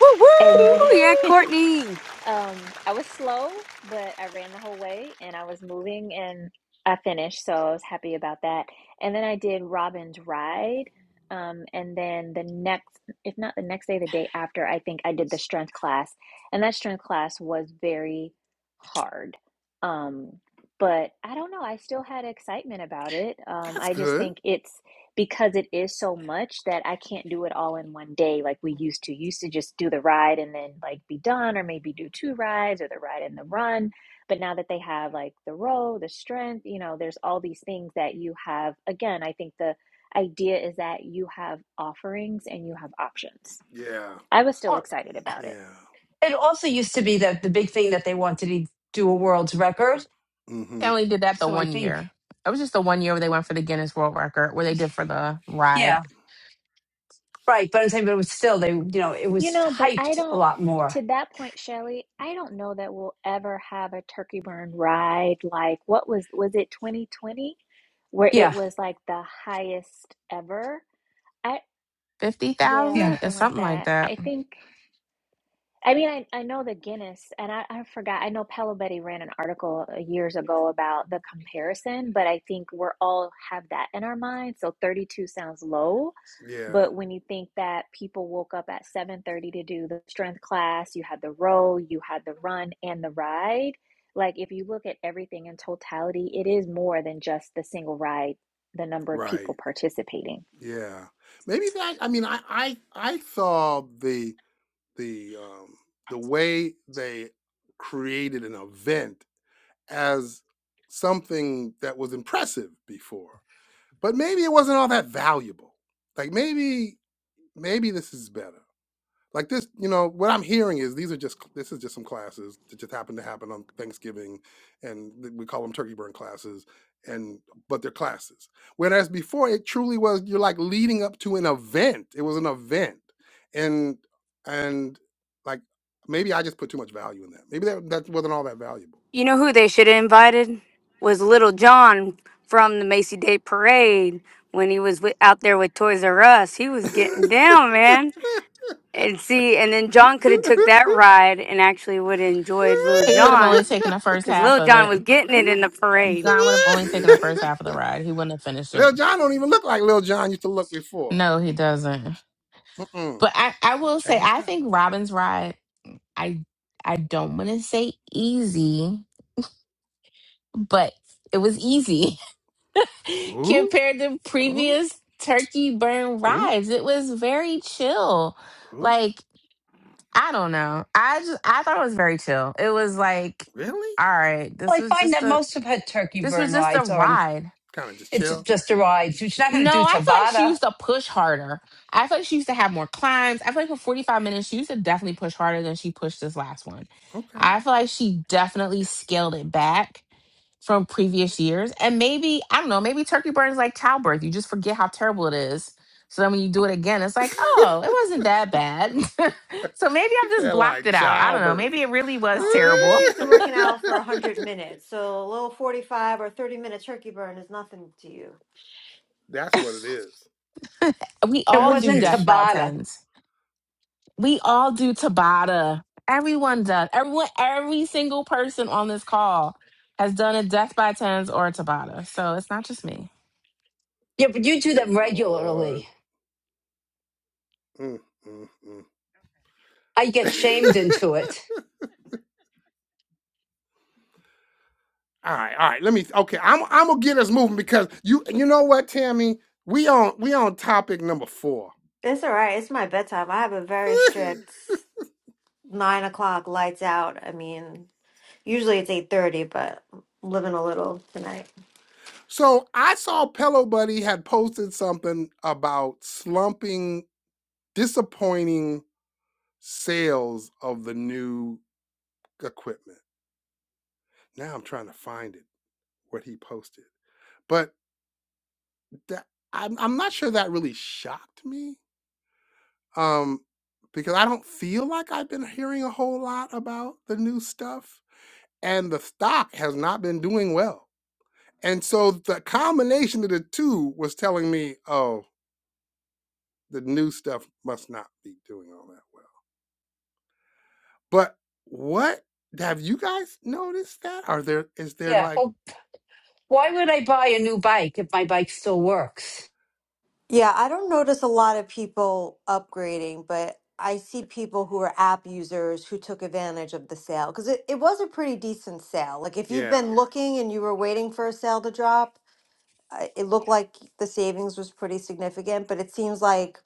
Speaker 4: Woo
Speaker 3: And
Speaker 4: woo! Yeah,
Speaker 3: then
Speaker 4: Courtney.
Speaker 3: Um, I was slow, but I ran the whole way and I was moving and I finished, so I was happy about that. And then I did Robin's Ride. Um, and then the next, if not the next day, the day after, I think I did the strength class. And that strength class was very hard. Um, but I don't know, I still had excitement about it. Um,
Speaker 1: That's
Speaker 3: I just
Speaker 1: good.
Speaker 3: think it's because it is so much that I can't do it all in one day like we used to. Used to just do the ride and then like be done, or maybe do two rides or the ride and the run. But now that they have like the row, the strength, you know, there's all these things that you have. Again, I think the idea is that you have offerings and you have options.
Speaker 1: Yeah.
Speaker 3: I was still
Speaker 8: Oh,
Speaker 3: excited about it.
Speaker 1: Yeah.
Speaker 8: It also used to be that the big thing that they wanted to do a world's record.
Speaker 2: They
Speaker 1: Mm-hmm.
Speaker 2: only did that the
Speaker 8: So I
Speaker 2: one
Speaker 8: think,
Speaker 2: year. It was just the one year where they went for the Guinness World Record, where they did for the ride
Speaker 8: yeah, right. But I'm saying, but it was still, they, you know, it
Speaker 3: You
Speaker 8: was
Speaker 3: know, but I
Speaker 8: hyped a
Speaker 3: don't,
Speaker 8: lot more.
Speaker 3: to that point, Shelley, I don't know that we'll ever have a turkey burn ride like what was was it 2020 where it
Speaker 8: Yeah.
Speaker 3: was like the highest ever? I
Speaker 2: fifty
Speaker 3: yeah,
Speaker 8: Yeah.
Speaker 2: thousand or
Speaker 3: something like
Speaker 2: something like
Speaker 3: that.
Speaker 2: that.
Speaker 3: I think I mean I, I know the Guinness and I, I forgot I know Paolo Betty ran an article uh, years ago about the comparison, but I think we're all have that in our mind. So 32 sounds low
Speaker 1: Yeah.
Speaker 3: but when you think that people woke up at 7:30 to do the strength class, you had the row, you had the run and the ride, like if you look at everything in totality, it is more than just the single ride, the number of
Speaker 1: Right.
Speaker 3: people participating.
Speaker 1: Yeah. Maybe that I mean I I, I saw the the um the way they created an event as something that was impressive before. But maybe it wasn't all that valuable. Like maybe maybe this is better. Like this, you know, what I'm hearing is these are just this is just some classes that just happen to happen on Thanksgiving, and th- we call them turkey burn classes. And but they're classes. Whereas before, it truly was you're like leading up to an event. It was an event, and and like maybe I just put too much value in that. Maybe that that wasn't all that valuable.
Speaker 4: You know who they should have invited was Little John from the Macy Day Parade when he was wi- out there with Toys R Us. He was getting down, man. And see, and then John could have took that ride and actually would have enjoyed Lil
Speaker 2: He would have
Speaker 4: John
Speaker 2: only taken the first
Speaker 4: because
Speaker 2: half
Speaker 4: Lil
Speaker 2: of
Speaker 4: John
Speaker 2: it.
Speaker 4: was getting it in the parade.
Speaker 2: John would have only taken the first half of the ride. He wouldn't have finished it.
Speaker 1: Lil John don't even look like Lil John used to look before.
Speaker 2: No, he doesn't.
Speaker 1: Mm-mm.
Speaker 2: But I, I
Speaker 1: I'm
Speaker 2: will say
Speaker 1: changed
Speaker 2: I
Speaker 1: up.
Speaker 2: think Robin's ride. I I don't want to say easy, but it was easy.
Speaker 1: Ooh,
Speaker 2: compared to
Speaker 1: ooh,
Speaker 2: previous turkey burn
Speaker 1: ooh,
Speaker 2: rides. It was very chill.
Speaker 1: ooh.
Speaker 2: Like, I don't know. I just I thought it was very chill. It was like,
Speaker 1: Really?
Speaker 2: all right,
Speaker 8: Well,
Speaker 2: this
Speaker 8: I
Speaker 2: was
Speaker 8: find
Speaker 2: just
Speaker 8: that
Speaker 2: a
Speaker 8: most of her turkey
Speaker 2: this was
Speaker 8: burn
Speaker 2: just a
Speaker 8: rides are, in,
Speaker 2: ride.
Speaker 1: Kind of just
Speaker 8: it's
Speaker 1: chill.
Speaker 8: just a ride. She's not going to
Speaker 2: No,
Speaker 8: do
Speaker 2: I feel like she
Speaker 8: Tabata.
Speaker 2: used to push harder. I feel like she used to have more climbs. I feel like for 45 minutes, she used to definitely push harder than she pushed this last one.
Speaker 1: Okay.
Speaker 2: I feel like she definitely scaled it back from previous years. And maybe, I don't know, maybe turkey burn is like childbirth. You just forget how terrible it is. So then when you do it again, it's like,
Speaker 1: you
Speaker 2: oh, it wasn't that bad. so maybe I've just
Speaker 1: feel
Speaker 2: blocked
Speaker 1: like
Speaker 2: it out. I don't know.
Speaker 1: childbirth.
Speaker 2: Maybe it really was
Speaker 9: no, you're just
Speaker 2: terrible.
Speaker 9: used to working out for 100 minutes. So a little 45 or 30 minute turkey burn is nothing to you.
Speaker 1: That's what it is.
Speaker 2: We
Speaker 8: It
Speaker 2: all
Speaker 1: That's
Speaker 2: do
Speaker 8: wasn't
Speaker 1: the
Speaker 2: death
Speaker 1: issue.
Speaker 2: by
Speaker 8: Tabata.
Speaker 2: tens. We all do Tabata. Everyone does. Everyone, every single person on this call has done a death by tens or a Tabata. So it's not just me.
Speaker 8: Yeah, but you do
Speaker 1: Good
Speaker 8: them
Speaker 1: Lord.
Speaker 8: regularly.
Speaker 1: Mm, mm, mm.
Speaker 8: I get shamed into it.
Speaker 1: all right, all right. Let me. Okay, I'm. I'm gonna get us moving because you. You know what, Tammy? We on. We on topic number four.
Speaker 9: It's all right. It's my bedtime. I have a very strict nine o'clock lights out. I mean, Usually it's 8:30, but living a little tonight.
Speaker 1: So I saw Pillow Buddy had posted something about slumping disappointing sales of the new equipment. Now I'm trying to find it what he posted, but that, I'm I'm not sure that really shocked me, um, because I don't feel like I've been hearing a whole lot about the new stuff, and the stock has not been doing well, and so the combination of the two was telling me, oh, the new stuff must not be doing all that well. But what have you guys noticed that? Are there is there
Speaker 8: Yeah.
Speaker 1: like
Speaker 8: Well, why would I buy a new bike if my bike still works?
Speaker 9: Yeah, I don't notice a lot of people upgrading, but I see people who are app users who took advantage of the sale because it, it was a pretty decent sale. Like if you've
Speaker 1: Yeah.
Speaker 9: been looking and you were waiting for a sale to drop, uh, it looked like the savings was pretty significant, but it seems like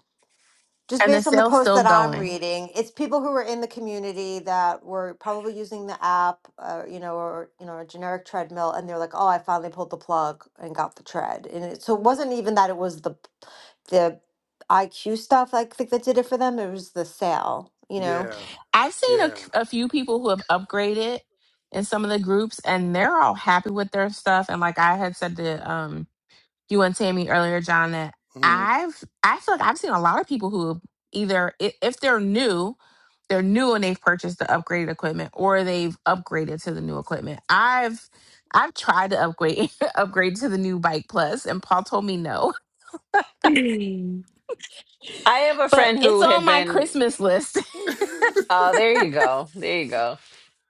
Speaker 9: just
Speaker 2: And the
Speaker 9: based on the
Speaker 2: sale's
Speaker 9: post
Speaker 2: still
Speaker 9: that I'm
Speaker 2: going.
Speaker 9: reading, it's people who were in the community that were probably using the app, uh, you know, or you know, a generic treadmill, and they're like, "Oh, I finally pulled the plug and got the tread." And it, so it wasn't even that it was the the IQ stuff. like, I think that did it for them. It was the sale, you know.
Speaker 1: Yeah.
Speaker 2: I've seen a,
Speaker 1: Yeah.
Speaker 2: a few people who have upgraded in some of the groups, and they're all happy with their stuff. And like I had said to um, you and Tammy earlier, John, that
Speaker 1: hmm
Speaker 2: I've I feel like I've seen a lot of people who either i- if they're new, they're new and they've purchased the upgraded equipment, or they've upgraded to the new equipment. I've I've tried to upgrade upgrade to the new Bike Plus, and Paul told me no,
Speaker 7: I have a
Speaker 2: but
Speaker 7: friend
Speaker 2: it's
Speaker 7: who
Speaker 2: on
Speaker 7: had
Speaker 2: my
Speaker 7: been.
Speaker 2: Christmas list.
Speaker 1: oh,
Speaker 7: Oh, there you go. There you go.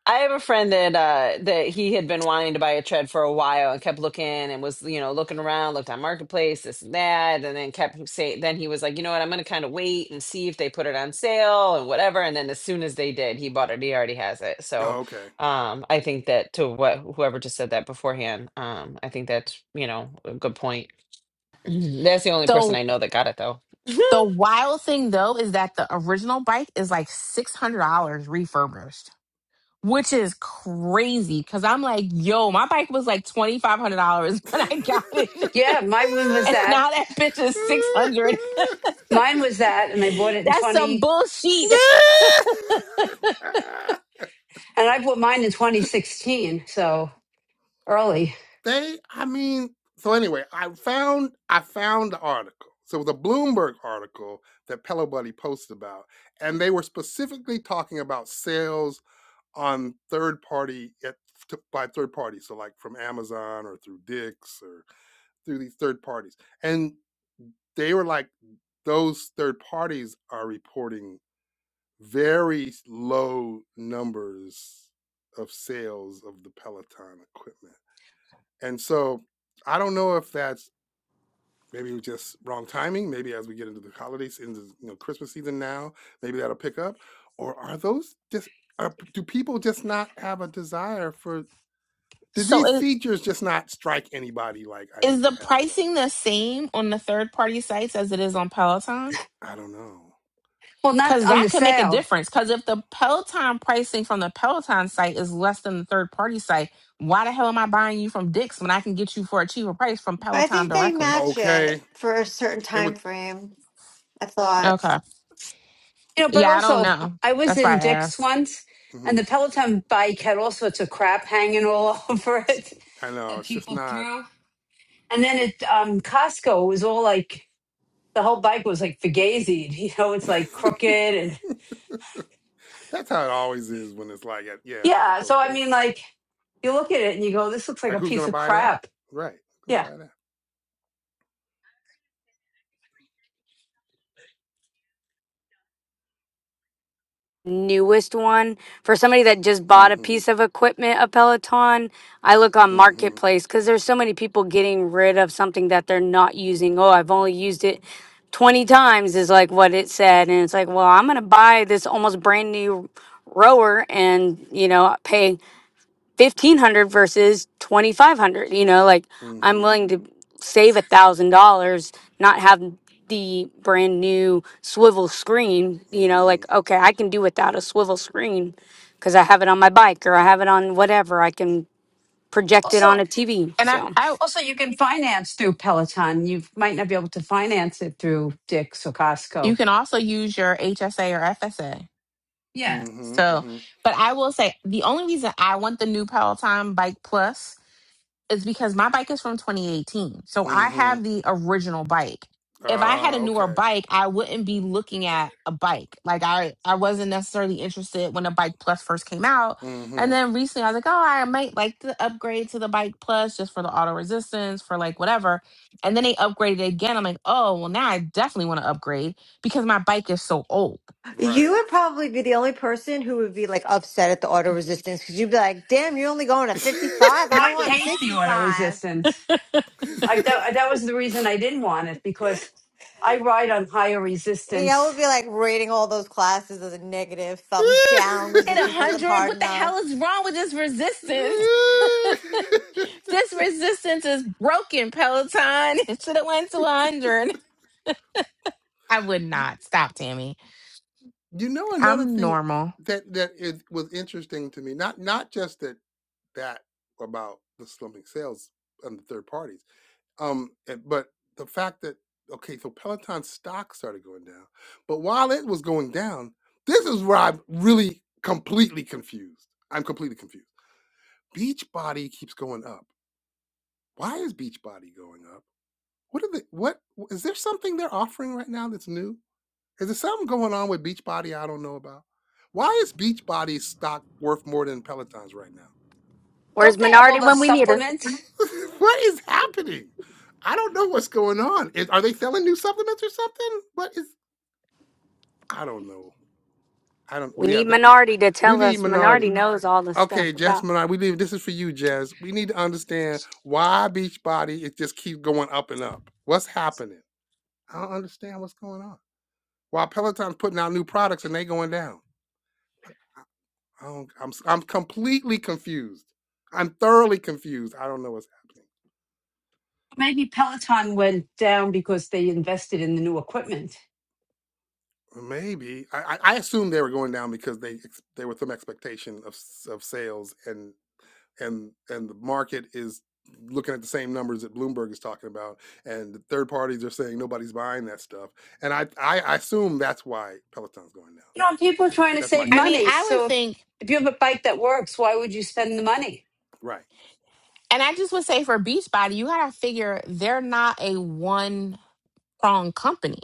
Speaker 7: I have a friend that uh that he had been wanting to buy a tread for a while and kept looking and was you know looking around, looked on marketplace, this and that, and then kept saying. Then he was like, you know what, I'm gonna kind of wait and see if they put it on sale and whatever. And then as soon as they did, he bought it. He already has it. So,
Speaker 1: okay.
Speaker 7: um, I think that to what whoever just said that beforehand, um, I think that's you know a good point. That's the only person
Speaker 2: So
Speaker 7: I know that got it though.
Speaker 2: the wild thing though is that the original bike is like six hundred dollars refurbished. which is crazy because I'm like, yo, my bike was like twenty five hundred dollars when I got it,
Speaker 8: Yeah, mine one was
Speaker 2: and
Speaker 8: that.
Speaker 2: now that bitch is six hundred.
Speaker 8: Mine was that, and I bought it in
Speaker 2: That's some
Speaker 8: twenty.
Speaker 2: bullshit.
Speaker 8: And I bought mine in twenty sixteen, so early.
Speaker 1: they I mean so anyway, I found I found the article. So it was a Bloomberg article that Pillow Buddy posted about, and they were specifically talking about sales on third party at, to, by third parties, so like from Amazon or through Dix or through these third parties. and they were like those third parties are reporting very low numbers of sales of the peloton equipment and so i don't know if that's maybe just wrong timing maybe as we get into the holidays into you know christmas season now maybe that'll pick up or are those just are, do people just not have a desire for did
Speaker 2: So
Speaker 1: these
Speaker 2: is,
Speaker 1: features just not strike anybody like i
Speaker 2: is
Speaker 1: need to
Speaker 2: the
Speaker 1: have that
Speaker 2: pricing the same on the third party sites as it is on Peloton?
Speaker 1: i don't know
Speaker 8: Well, not
Speaker 2: Because
Speaker 8: on
Speaker 2: that
Speaker 8: the
Speaker 2: could make a
Speaker 8: sale.
Speaker 2: difference. Because if the Peloton pricing from the Peloton site is less than the third party site, why the hell am I buying you from Dick's when I can get you for a cheaper price from
Speaker 9: But I
Speaker 2: Peloton
Speaker 9: think they
Speaker 2: directly?
Speaker 9: match
Speaker 1: okay
Speaker 9: it for a certain
Speaker 1: it was
Speaker 9: time frame. I thought
Speaker 2: Okay.
Speaker 8: You know, but
Speaker 2: Yeah, I don't
Speaker 8: also,
Speaker 2: know.
Speaker 8: I was
Speaker 2: That's why
Speaker 8: in
Speaker 2: I
Speaker 8: Dick's
Speaker 2: asked.
Speaker 8: once, and
Speaker 1: mhm,
Speaker 8: the Peloton bike had all sorts of crap hanging all over it
Speaker 1: i know
Speaker 8: that
Speaker 1: it's just
Speaker 8: people
Speaker 1: not
Speaker 8: threw. And then at um, Costco, it was all like the whole bike was like fugazied. You know, it's like crooked and
Speaker 1: That's how it always is when it's like, at, yeah, at
Speaker 8: yeah.
Speaker 1: those
Speaker 8: So I mean,
Speaker 1: places.
Speaker 8: like you look at it and you go, "This looks like
Speaker 1: Like,
Speaker 8: a
Speaker 1: who's
Speaker 8: piece
Speaker 1: gonna
Speaker 8: of
Speaker 1: buy that?
Speaker 8: crap."
Speaker 1: Right? Who's gonna
Speaker 8: Yeah.
Speaker 1: buy that?
Speaker 4: Newest one for somebody that just bought a
Speaker 1: Mm-hmm.
Speaker 4: piece of equipment, a Peloton. I look on
Speaker 1: Mm-hmm.
Speaker 4: Marketplace because there's so many people getting rid of something that they're not using. Oh, I've only used it 20 times, is like what it said. And it's like, well, I'm going to buy this almost brand new rower and, you know, pay 1500 versus 2500 you know like i'm
Speaker 1: Mm-hmm.
Speaker 4: willing to save a thousand dollars not have the brand new swivel screen you know
Speaker 1: Mm-hmm.
Speaker 4: like okay i can do without a swivel screen because i have it on my bike or i have it on whatever i can project it on
Speaker 8: Also,
Speaker 4: a tv
Speaker 2: And I,
Speaker 4: so
Speaker 2: I
Speaker 8: also you can finance through Peloton. You might not be able to finance it through Dick's or
Speaker 2: You
Speaker 8: Costco.
Speaker 2: can also use your HSA or FSA.
Speaker 8: Yeah.
Speaker 1: Mm-hmm.
Speaker 2: So,
Speaker 1: Mm-hmm.
Speaker 2: but I will say the only reason I want the new Peloton Bike Plus is because my bike is from 2018. So I
Speaker 1: Mm-hmm.
Speaker 2: have the original bike. If I had
Speaker 1: Ah,
Speaker 2: a newer
Speaker 1: okay.
Speaker 2: bike, I wouldn't be looking at a bike. Like I, I wasn't necessarily interested when the bike plus first came out. And
Speaker 1: Mm-hmm.
Speaker 2: then recently I was like, oh, I might like to upgrade to the bike plus just for the auto resistance, for like whatever. And then they upgraded it again. I'm like, oh, well, now I definitely want to upgrade because my bike is so old.
Speaker 9: you
Speaker 1: Right.
Speaker 9: would probably be the only person who would be like upset at the auto resistance because you'd be like, "Damn, you're only going to 55.
Speaker 8: Well,
Speaker 9: I
Speaker 8: I
Speaker 9: want
Speaker 8: hate the auto
Speaker 9: 65."
Speaker 8: resistance? I that, that was the reason I didn't want it because I ride on higher
Speaker 9: And y'all
Speaker 8: resistance.
Speaker 9: would be like rating all those classes as a negative, thumbs down,
Speaker 2: Hit a
Speaker 9: resistance wasn't
Speaker 2: hundred.
Speaker 9: hard
Speaker 2: What the
Speaker 9: enough.
Speaker 2: hell is wrong with this resistance? This resistance is broken, Peloton. It should have went to 100. I would
Speaker 1: you
Speaker 2: not. Stop, Tammy.
Speaker 1: you know another
Speaker 2: I'm
Speaker 1: thing
Speaker 2: normal.
Speaker 1: that that it was interesting to me. Not not just that that about the slumping sales and the third parties Um, and- but the fact that okay, so Peloton stock started going down, but while it was going down, this is where I'm really completely confused. I'm completely confused. Beachbody keeps going up. Why is Beachbody going up? What are the what is there something they're offering right now that's new? Is there something going on with Beachbody I don't know about? Why is Beachbody's stock worth more than Peloton's right now?
Speaker 4: where's
Speaker 8: Don't they have all
Speaker 4: minardi
Speaker 8: the
Speaker 4: when we need her
Speaker 8: supplements?
Speaker 1: what is happening? I don't know what's going on. Is, are they selling new supplements or something? What is? I don't know. I don't.
Speaker 4: we
Speaker 1: Well, yeah,
Speaker 4: need
Speaker 1: that
Speaker 4: minardi to
Speaker 1: we
Speaker 4: tell
Speaker 1: need
Speaker 4: us minardi
Speaker 1: minority.
Speaker 4: knows all this
Speaker 1: Okay,
Speaker 4: stuff
Speaker 1: Jess
Speaker 4: about
Speaker 1: Minardi, we need this is for you, Jess. We need to understand why Beachbody it just keeps going up and up. What's happening? I don't understand what's going on. While Peloton's putting out new products and they going down. Like, I don't, I'm am i I'm completely confused. I'm thoroughly confused. I don't know what's happening.
Speaker 8: Maybe Peloton went down because they invested in the new equipment.
Speaker 1: Maybe I I I assumed they were going down because they ex- there was some expectation of s- of sales and. and and the market is looking at the same numbers that Bloomberg is talking about, and the third parties are saying nobody's buying that stuff. And I I, I assume that's why Peloton's going down.
Speaker 8: You know, people are trying to
Speaker 1: That's my
Speaker 8: save
Speaker 2: I
Speaker 1: guess.
Speaker 2: mean,
Speaker 8: money.
Speaker 2: I would
Speaker 8: So
Speaker 2: think,
Speaker 8: if you have a bike that works, why would you spend the money?
Speaker 1: Right.
Speaker 2: and I just would say for Beachbody, you got to figure they're not a one prong company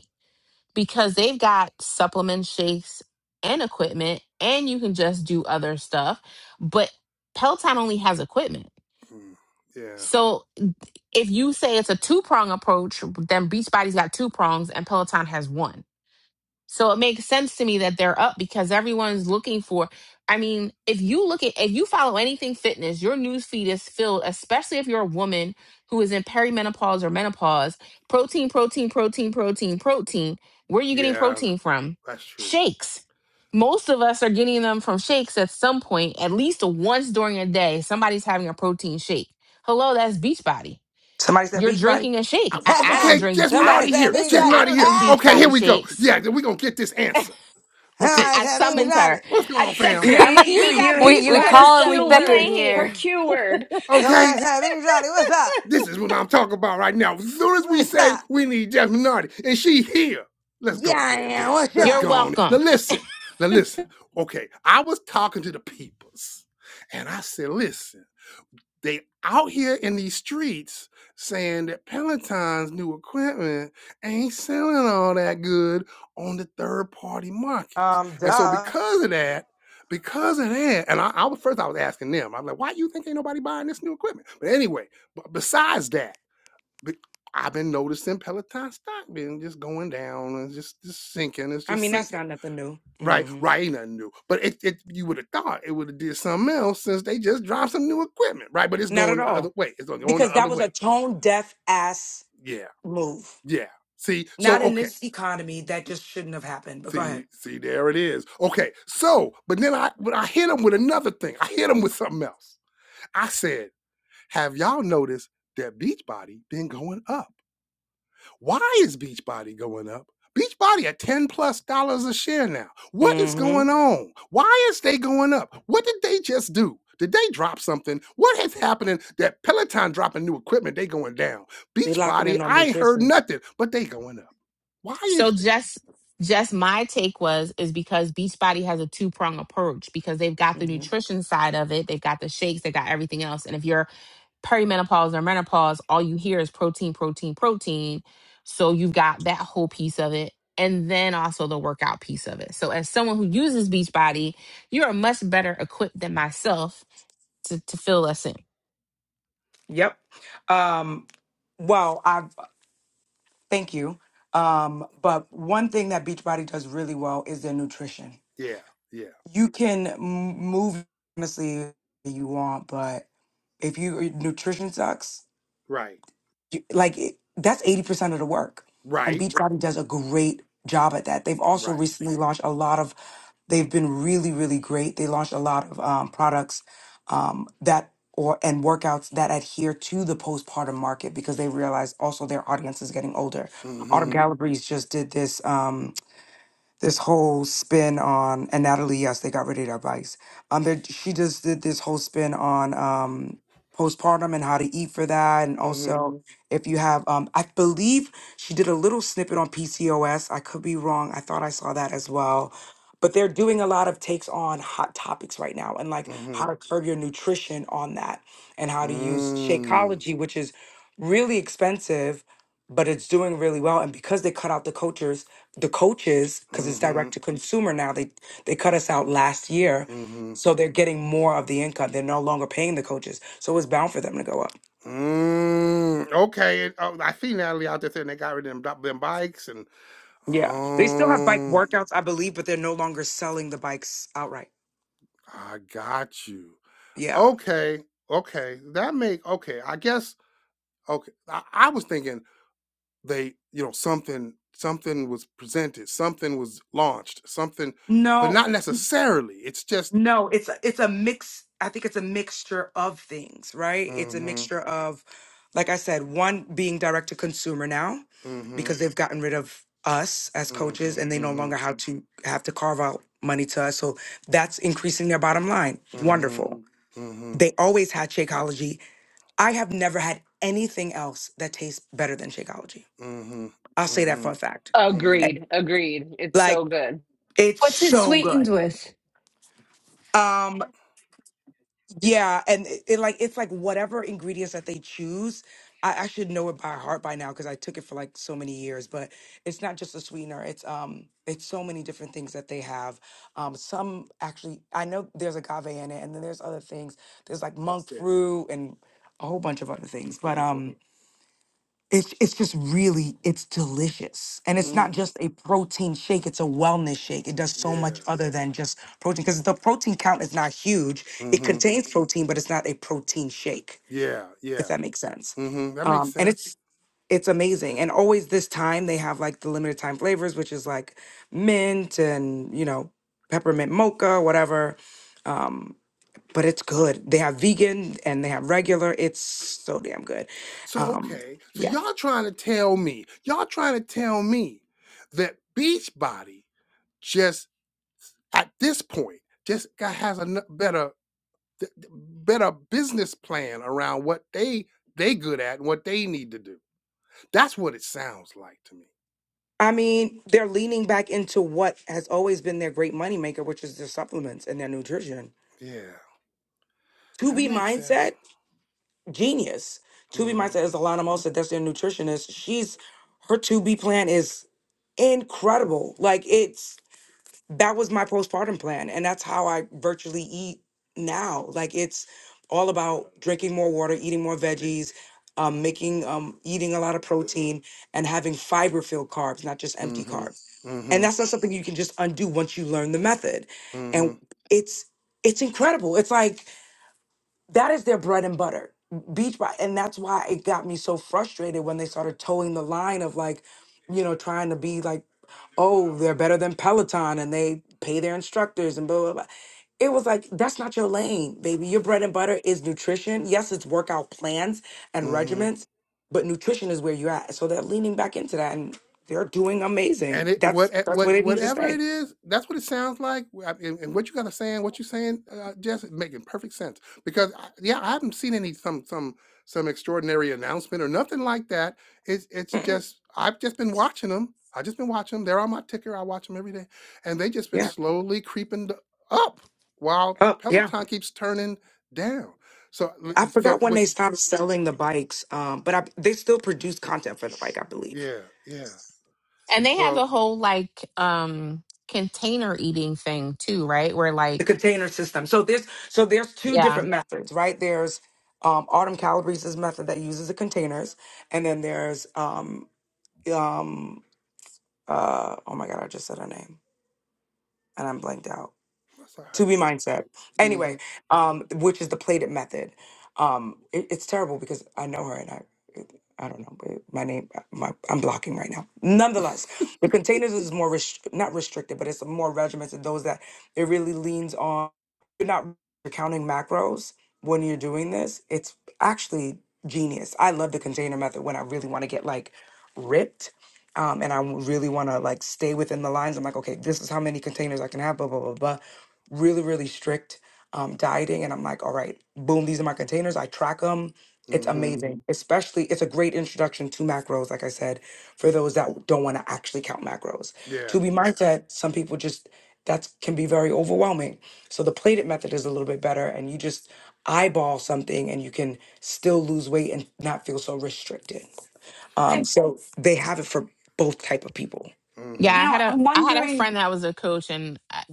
Speaker 2: because they've got supplement shakes and equipment, and you can just do other stuff. But Peloton only has equipment.
Speaker 1: Mm, yeah.
Speaker 2: So if you say it's a two prong approach, then Beachbody's got two prongs and Peloton has one. So it makes sense to me that they're up because everyone's looking for. I mean, if you look at, if you follow anything fitness, your news feed is filled, especially if you're a woman who is in perimenopause or menopause. Protein, protein, protein, protein, protein. Where are you getting
Speaker 1: Yeah.
Speaker 2: protein from?
Speaker 1: That's true.
Speaker 2: Shakes. Most of us are getting them from shakes at some point, at least once during a day. Somebody's having a protein shake. Hello, that's Beachbody.
Speaker 10: Somebody said
Speaker 2: You're
Speaker 10: Beachbody.
Speaker 2: drinking a shake.
Speaker 1: I-
Speaker 2: I, I don't
Speaker 1: Okay,
Speaker 2: drink.
Speaker 1: Jess
Speaker 2: I
Speaker 1: Minardi
Speaker 10: Somebody said
Speaker 1: here. Jess
Speaker 2: listen.
Speaker 10: Beachbody.
Speaker 2: I
Speaker 1: Minardi
Speaker 2: don't
Speaker 1: here.
Speaker 2: drink
Speaker 1: Okay, here
Speaker 2: Beachbody
Speaker 1: we go.
Speaker 2: shakes.
Speaker 1: Yeah, we're gonna get this answer.
Speaker 2: I,
Speaker 1: Okay.
Speaker 10: Somebody
Speaker 2: I
Speaker 10: said Beachbody.
Speaker 1: What
Speaker 2: summoned her.
Speaker 1: what's going
Speaker 2: I
Speaker 1: on, fam?
Speaker 2: texted
Speaker 7: You
Speaker 2: her. I'm like,
Speaker 7: you
Speaker 2: we got
Speaker 7: you
Speaker 4: we
Speaker 2: Beachbody
Speaker 7: you
Speaker 4: we
Speaker 7: hit her
Speaker 4: call and
Speaker 2: stuff
Speaker 4: we
Speaker 7: Q
Speaker 2: and you
Speaker 4: beckon
Speaker 7: word.
Speaker 2: ain't
Speaker 4: here
Speaker 7: Her
Speaker 2: here.
Speaker 7: Q word.
Speaker 1: Okay.
Speaker 10: Somebody said Beachbody. What's up?
Speaker 1: This is what I'm talking about right now. As soon as we
Speaker 10: What's
Speaker 1: say
Speaker 10: up?
Speaker 1: we need Jasmine Nardi, and she here, let's
Speaker 10: Yeah,
Speaker 1: go
Speaker 10: I
Speaker 1: ahead
Speaker 10: am.
Speaker 1: then.
Speaker 10: What's
Speaker 1: Let's
Speaker 2: You're
Speaker 10: up?
Speaker 1: go on. Now
Speaker 2: welcome.
Speaker 1: listen. Now listen. Okay, I was talking to the peoples, and I said, listen. They out here in these streets saying that Peloton's new equipment ain't selling all that good on the third party markets.
Speaker 10: Um,
Speaker 1: And so
Speaker 10: duh.
Speaker 1: because of that, because of that, and I, I was first I was asking them, I'm like, why you think ain't nobody buying this new equipment? But anyway, but besides that, I've been noticing Peloton stock been just going down and just, just sinking. It's
Speaker 10: I
Speaker 1: just
Speaker 10: mean, that's
Speaker 1: sinking.
Speaker 10: not nothing new.
Speaker 1: Right,
Speaker 10: hmm
Speaker 1: right, ain't nothing new. But it, it you would have thought it would have did something else since they just dropped some new equipment, right? But it's
Speaker 10: Not
Speaker 1: going
Speaker 10: at
Speaker 1: the other
Speaker 10: all.
Speaker 1: way. It's going
Speaker 10: Because
Speaker 1: the
Speaker 10: that
Speaker 1: other
Speaker 10: was a
Speaker 1: way.
Speaker 10: tone deaf ass
Speaker 1: Yeah,
Speaker 10: move.
Speaker 1: yeah. See, so
Speaker 10: Not in
Speaker 1: okay.
Speaker 10: this economy. That just shouldn't have happened. But go
Speaker 1: See,
Speaker 10: ahead.
Speaker 1: see, there it is. Okay, so but then I but I hit them with another thing. I hit them with something else. I said, have y'all noticed that Beachbody been going up? Why is Beachbody going up? Beachbody at 10 plus dollars a share now. What is
Speaker 10: hmm
Speaker 1: going on? Why is they going up? What did they just do? Did they drop something? What is happening that Peloton dropping new equipment, they going down.
Speaker 10: They locking
Speaker 1: Beachbody,
Speaker 10: in on
Speaker 1: I ain't heard
Speaker 10: nutrition.
Speaker 1: nothing, but they going up. Why
Speaker 2: So
Speaker 1: is that?
Speaker 2: just just my take was is because Beachbody has a two prong approach because they've got the
Speaker 10: hmm
Speaker 2: nutrition side of it, they've got the shakes, they got everything else. And if you're perimenopause or menopause, all you hear is protein, protein, protein. So you've got that whole piece of it, and then also the workout piece of it. So as someone who uses Beachbody, you are much better equipped than myself to, to fill us in.
Speaker 10: Yep. Um, well, I thank you. Um, but one thing that Beachbody does really well is their nutrition.
Speaker 1: Yeah, yeah,
Speaker 10: You can m- move honestly if you want, but if you your nutrition sucks,
Speaker 1: right,
Speaker 10: you, like it, that's eighty percent of the work. And
Speaker 1: right,
Speaker 10: Beachbody does a great job at that. They've also
Speaker 1: right.
Speaker 10: recently launched a lot of They've been really, really great. They launched a lot of um, products um, that or and workouts that adhere to the postpartum market because they realize also their audience is getting older. Autumn
Speaker 1: Mm-hmm,
Speaker 10: Galleries just did this. Um, this whole spin on and Natalie, yes, they got rid of their vice. Um, there, she just did this whole spin on um postpartum and how to eat for that, and also
Speaker 1: mm-hmm,
Speaker 10: Mhm. if you have um, I believe she did a little snippet on PCOS. I could be wrong. I thought I saw that as well. But they're doing a lot of takes on hot topics right now and like
Speaker 1: mm-hmm,
Speaker 10: how to curb your nutrition on that and how to use Shakeology, which is really expensive, but it's doing really well. And because they cut out the cultures the coaches because it's
Speaker 1: mm-hmm,
Speaker 10: direct to consumer now they they cut us out last year
Speaker 1: mm-hmm,
Speaker 10: so they're getting more of the income they're no longer paying the coaches so it's bound for them to go up
Speaker 1: Mm, okay. and, Oh, I see Natalie out there saying they got rid of them, bi- them bikes, and
Speaker 10: yeah they still have bike
Speaker 1: oh,
Speaker 10: workouts i believe but they're no longer selling the bikes outright
Speaker 1: I got you.
Speaker 10: yeah
Speaker 1: Okay, okay, that make okay. I guess okay. I, I was thinking they, you know, something something was presented, something was launched, something, but
Speaker 10: no
Speaker 1: not necessarily. It's just
Speaker 10: No, it's it's a mix. I think it's a mixture of things, right? It's a
Speaker 1: mm-hmm,
Speaker 10: mixture of, like I said, one being direct to consumer now,
Speaker 1: mm-hmm,
Speaker 10: because they've gotten rid of us as
Speaker 1: mm-hmm,
Speaker 10: coaches and they no
Speaker 1: mm-hmm,
Speaker 10: longer have to have to carve out money to us. So that's increasing their bottom line.
Speaker 1: mm-hmm,
Speaker 10: Wonderful.
Speaker 1: mm-hmm,
Speaker 10: They always had Shakeology. I have never had anything else that tastes better than Shakeology.
Speaker 1: mm-hmm,
Speaker 10: I'll say that
Speaker 1: mm-hmm,
Speaker 10: for a fact. Eh,
Speaker 1: mm-hmm.
Speaker 7: Agreed. Agreed. It's
Speaker 10: Like
Speaker 7: so good.
Speaker 10: it's
Speaker 8: What's it
Speaker 10: so
Speaker 8: sweetened
Speaker 10: good.
Speaker 8: with?
Speaker 10: Um, Yeah, and it, it like it's like whatever ingredients that they choose, I, I should know it by heart by now because I took it for like so many years. But it's not just a sweetener; it's um, it's so many different things that they have. Um, some actually, I know there's agave in it, and then there's other things. There's like monk fruit and a whole bunch of other things. But um, it's it's just really it's delicious, and it's not
Speaker 1: Mm,
Speaker 10: just a protein shake; it's a wellness shake. It does so
Speaker 1: yeah.
Speaker 10: much other than just protein because the protein count is not huge. It
Speaker 1: Mm-hmm.
Speaker 10: contains protein, but it's not a protein shake.
Speaker 1: Yeah,
Speaker 10: If
Speaker 1: yeah.
Speaker 10: that makes sense,
Speaker 1: hmm That makes
Speaker 10: um, and
Speaker 1: sense.
Speaker 10: it's it's amazing. And always this time they have like the limited time flavors, which is like mint and you know peppermint mocha, whatever. But it's good. They have vegan and they have regular. It's so damn good.
Speaker 1: So
Speaker 10: Um,
Speaker 1: okay. So
Speaker 10: yeah.
Speaker 1: y'all trying to tell me, y'all trying to tell me that Beachbody just at this point just got, has a nu- better th- th- better business plan around what they they good at and what they need to do. That's what it sounds like to me.
Speaker 10: I mean, they're leaning back into what has always been their great moneymaker, which is their supplements and their nutrition.
Speaker 1: Yeah,
Speaker 10: To
Speaker 1: that
Speaker 10: be
Speaker 1: makes sense.
Speaker 10: mindset, genius. To be
Speaker 1: Mm-hmm.
Speaker 10: mindset is Alana Mosa. That's their nutritionist. She's her to be plan is incredible. Like it's that was my postpartum plan, and that's how I virtually eat now. Like it's all about drinking more water, eating more veggies, um, making um, eating a lot of protein, and having fiber filled carbs, not just empty
Speaker 1: Mm-hmm.
Speaker 10: carbs. and
Speaker 1: Mm-hmm.
Speaker 10: that's not something you can just undo once you learn the method
Speaker 1: Mm-hmm.
Speaker 10: and it's it's incredible it's like that is their bread and butter beach body and that's why it got me so frustrated when they started towing the line of like you know trying to be like oh they're better than peloton and they pay their instructors and blah blah blah it was like that's not your lane baby your bread and butter is nutrition yes it's workout plans and
Speaker 1: Mm-hmm.
Speaker 10: regiments but nutrition is where you're at so they're leaning back into that and they're doing amazing
Speaker 1: and it what
Speaker 10: that's
Speaker 1: eh,
Speaker 10: that's
Speaker 1: what
Speaker 10: what they need to
Speaker 1: whatever it
Speaker 10: stay
Speaker 1: is, that's what it sounds like. I- And, and what you got to saying, what you're saying, uh, Jess, is making perfect sense because I, yeah, I haven't seen any some some some extraordinary announcement or nothing like that. It's it's just I've just been watching them. I've just been watching them. They're on my ticker. I watch them every day, and they just been
Speaker 10: yeah
Speaker 1: slowly creeping d- up while
Speaker 10: oh yeah
Speaker 1: Peloton keeps turning down. So l-
Speaker 10: I
Speaker 1: so
Speaker 10: forgot when they
Speaker 1: which
Speaker 10: stopped selling the bikes, um, but I, they still produce content for the bike, I believe.
Speaker 1: yeah yeah.
Speaker 2: And they have
Speaker 1: Well,
Speaker 2: a whole like um container eating thing too, right? Where
Speaker 10: The
Speaker 2: like
Speaker 10: container system. So there's so there's two
Speaker 2: yeah.
Speaker 10: different methods, right? There's um, Autumn Calabrese's method that uses the containers, and then there's um, um, uh, oh my god, I just said her name and I'm blanked out.
Speaker 1: that's all
Speaker 10: To
Speaker 1: right.
Speaker 10: be mindset,
Speaker 1: Mm-hmm.
Speaker 10: anyway, um, which is the plated method. Um, it- it's terrible because I know her and I I don't know. but My name, my, I'm blocking right now. Nonetheless, the containers is more rest- not restricted, but it's more regimented. Those that it really leans on. You're not counting macros when you're doing this. It's actually genius. I love the container method when I really want to get like ripped, um, and I really want to like stay within the lines. I'm like, okay, this is how many containers I can have. Blah blah blah blah. Really, really strict um, dieting, and I'm like, all right, boom, these are my containers. I track them it's
Speaker 1: Mm-hmm.
Speaker 10: amazing, especially it's a great introduction to macros, like I said, for those that don't want to actually count macros.
Speaker 1: Yeah.
Speaker 10: To be mindset, some people just that can be very overwhelming. So the plated method is a little bit better, and you just eyeball something, and you can still lose weight and not feel so restricted. Um,
Speaker 8: I,
Speaker 10: so they have it for both type of people.
Speaker 1: Mm-hmm.
Speaker 2: Yeah,
Speaker 8: you
Speaker 2: I
Speaker 8: know,
Speaker 2: had a
Speaker 8: I'm
Speaker 2: I had a friend
Speaker 8: wondering,
Speaker 2: that was a coach and I,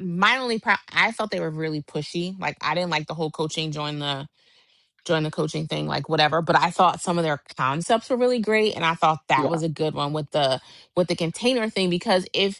Speaker 2: my only pro- I felt they were really pushy. Like I didn't like the whole coaching join the join the coaching thing like whatever, but I thought some of their concepts were really great and I thought that
Speaker 10: Yeah,
Speaker 2: was a good one with the with the container thing because if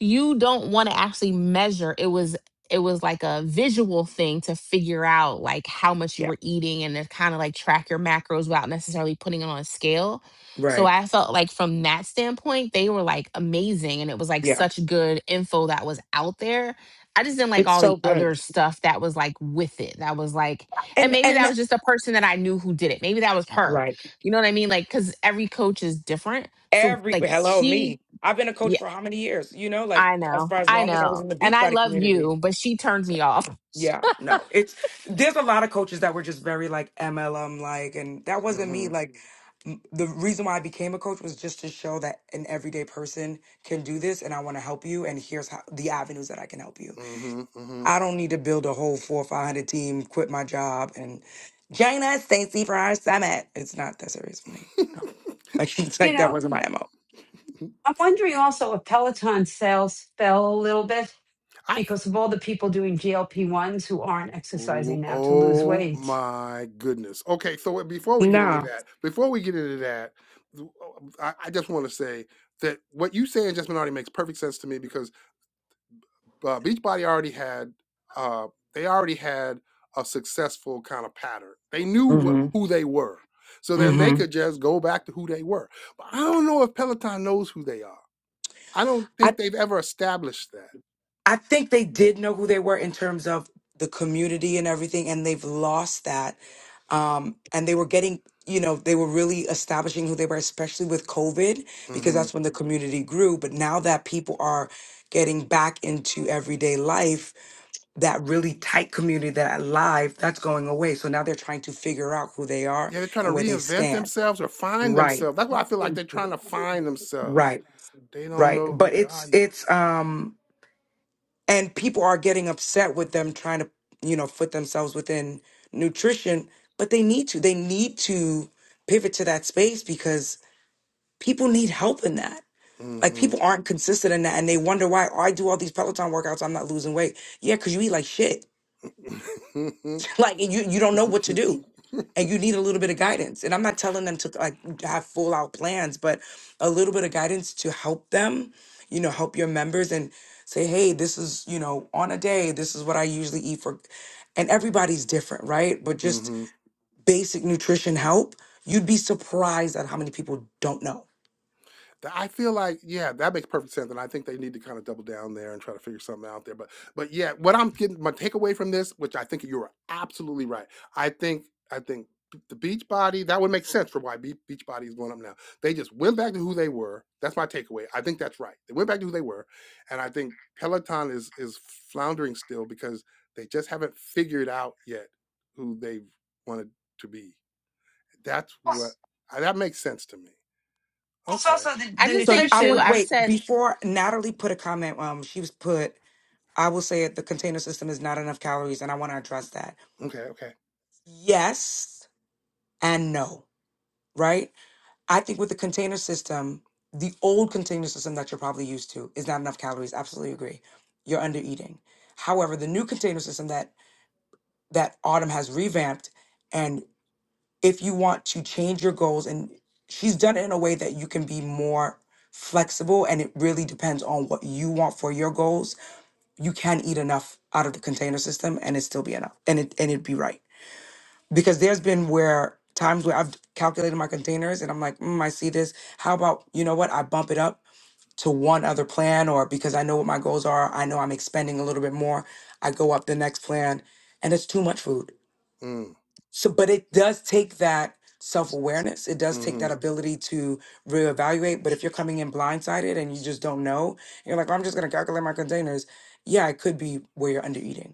Speaker 2: you don't want to actually measure it was it was like a visual thing to figure out like how much you
Speaker 10: yeah,
Speaker 2: were eating and to kind of like track your macros without necessarily putting it on a scale so
Speaker 10: right,
Speaker 2: i felt like from that standpoint they were like amazing and it was like
Speaker 10: yeah.
Speaker 2: such good info that was out there i just didn't like
Speaker 10: It's
Speaker 2: all
Speaker 10: so
Speaker 2: the
Speaker 10: good,
Speaker 2: other stuff that was like with it that was like and
Speaker 10: and
Speaker 2: maybe
Speaker 10: and
Speaker 2: that was
Speaker 10: that-
Speaker 2: just a person that i knew who did it maybe that was her
Speaker 10: right.
Speaker 2: you know what i mean like because every coach is different so
Speaker 10: Every
Speaker 2: like
Speaker 10: hello
Speaker 2: she
Speaker 10: me. I've been a coach for how many years? You know, like
Speaker 2: I
Speaker 10: as
Speaker 2: know.
Speaker 10: far as
Speaker 2: I
Speaker 10: long as I was
Speaker 2: know.
Speaker 10: in the
Speaker 2: And I
Speaker 10: Beachbody
Speaker 2: love
Speaker 10: community.
Speaker 2: you, but she turned
Speaker 10: So,
Speaker 2: me off.
Speaker 10: yeah, no, it's there's a lot of coaches that were just very like MLM like, and that wasn't
Speaker 1: Mm-hmm.
Speaker 10: me. Like m- the reason why I became a coach was just to show that an everyday person can do this, and I want to help you. And here's how the avenues that I can help you.
Speaker 1: Mm-hmm.
Speaker 10: I don't need to build a whole four or five hundred team, quit my job, and join us, Stacy, for our summit. It's not that serious for me. No,
Speaker 1: Mm-hmm.
Speaker 10: like it's
Speaker 8: you
Speaker 10: like that
Speaker 8: know,
Speaker 10: wasn't my mo.
Speaker 8: I'm wondering also if Peloton sales fell a little bit.
Speaker 1: I
Speaker 8: because of all the people doing GLP ones who aren't
Speaker 1: Ooh,
Speaker 8: exercising now to lose
Speaker 1: oh
Speaker 8: weight.
Speaker 1: my goodness. Okay, so wait, before we get
Speaker 10: Nah.
Speaker 1: into that, before we get into that, th- oh, I, I just want to say that what you say in Just Minority makes perfect sense to me because uh, Beachbody already had uh, they already had a successful kind of pattern. They knew wh-
Speaker 10: hmm
Speaker 1: who they were, so then they
Speaker 10: hmm
Speaker 1: could just go back to who they were. But I don't know if Peloton knows who they are. I don't
Speaker 10: I
Speaker 1: think they've ever established that.
Speaker 10: I think they did know who they were in terms of the community and everything, and they've lost that. Um, and they were getting, you know, they were really establishing who they were, especially with COVID, because
Speaker 1: Mm-hmm.
Speaker 10: that's when the community grew. But now that people are getting back into everyday life, that really tight community that live, that's going away. So now they're trying to figure out who they are
Speaker 1: Yeah, they're trying to
Speaker 10: and where they
Speaker 1: reinvent
Speaker 10: stand.
Speaker 1: themselves or find
Speaker 10: Right.
Speaker 1: themselves. That's why I feel like they're trying to find themselves.
Speaker 10: Right.
Speaker 1: They don't
Speaker 10: Right.
Speaker 1: know who
Speaker 10: But
Speaker 1: they
Speaker 10: it's
Speaker 1: are yet.
Speaker 10: it's um and people are getting upset with them trying to you know put themselves within nutrition but they need to they need to pivot to that space because people need help in that like
Speaker 1: Mm-hmm.
Speaker 10: people aren't consistent in that and they wonder why oh, i do all these peloton workouts i'm not losing weight yeah because you eat like shit like and you you don't know what to do and you need a little bit of guidance and i'm not telling them to like have full out plans but a little bit of guidance to help them you know help your members and say hey this is you know on a day this is what i usually eat for and everybody's different right but just
Speaker 1: mm-hmm.
Speaker 10: basic nutrition help you'd be surprised at how many people don't know
Speaker 1: Th- I feel like, yeah, that makes perfect sense, and I think they need to kind of double down there and try to figure something out there. But, but yeah, what I'm getting my takeaway from this, which I think you're absolutely right. I think, I think b- the Beach Body that would make sense for why Beach Body is going up now. They just went back to who they were. That's my takeaway. I think that's right. They went back to who they were, and I think Peloton is is floundering still because they just haven't figured out yet who they wanted to be. That's what
Speaker 8: Plus,
Speaker 1: I, that makes sense to me.
Speaker 8: plus
Speaker 1: Okay,
Speaker 8: also the,
Speaker 2: I
Speaker 8: the
Speaker 2: just
Speaker 10: so
Speaker 2: think
Speaker 10: i
Speaker 2: too,
Speaker 10: want
Speaker 8: nutrition.
Speaker 10: to
Speaker 2: I've
Speaker 10: wait
Speaker 2: said
Speaker 10: before natalie put a comment um she was put i will say it the container system is not enough calories and i want to address that
Speaker 1: okay, okay.
Speaker 10: yes and no, right? I think with the container system, the old container system that you're probably used to is not enough calories. Absolutely agree. You're under eating. However, the new container system that that Autumn has revamped, and if you want to change your goals, and she's done it in a way that you can be more flexible and it really depends on what you want for your goals you can eat enough out of the container system and it still be enough and it and it'd be right because there's been where times where I've calculated my containers and I'm like, mm, I see this. How about, you know what? I bump it up to one other plan or because I know what my goals are, I know I'm expending a little bit more. I go up the next plan and it's too much food.
Speaker 1: Mm.
Speaker 10: So, but it does take that self awareness. It does take
Speaker 1: Mm-hmm.
Speaker 10: that ability to reevaluate. But if you're coming in blindsided and you just don't know, you're like, "Well, I'm just going to calculate my containers. Yeah, it could be where you're under eating.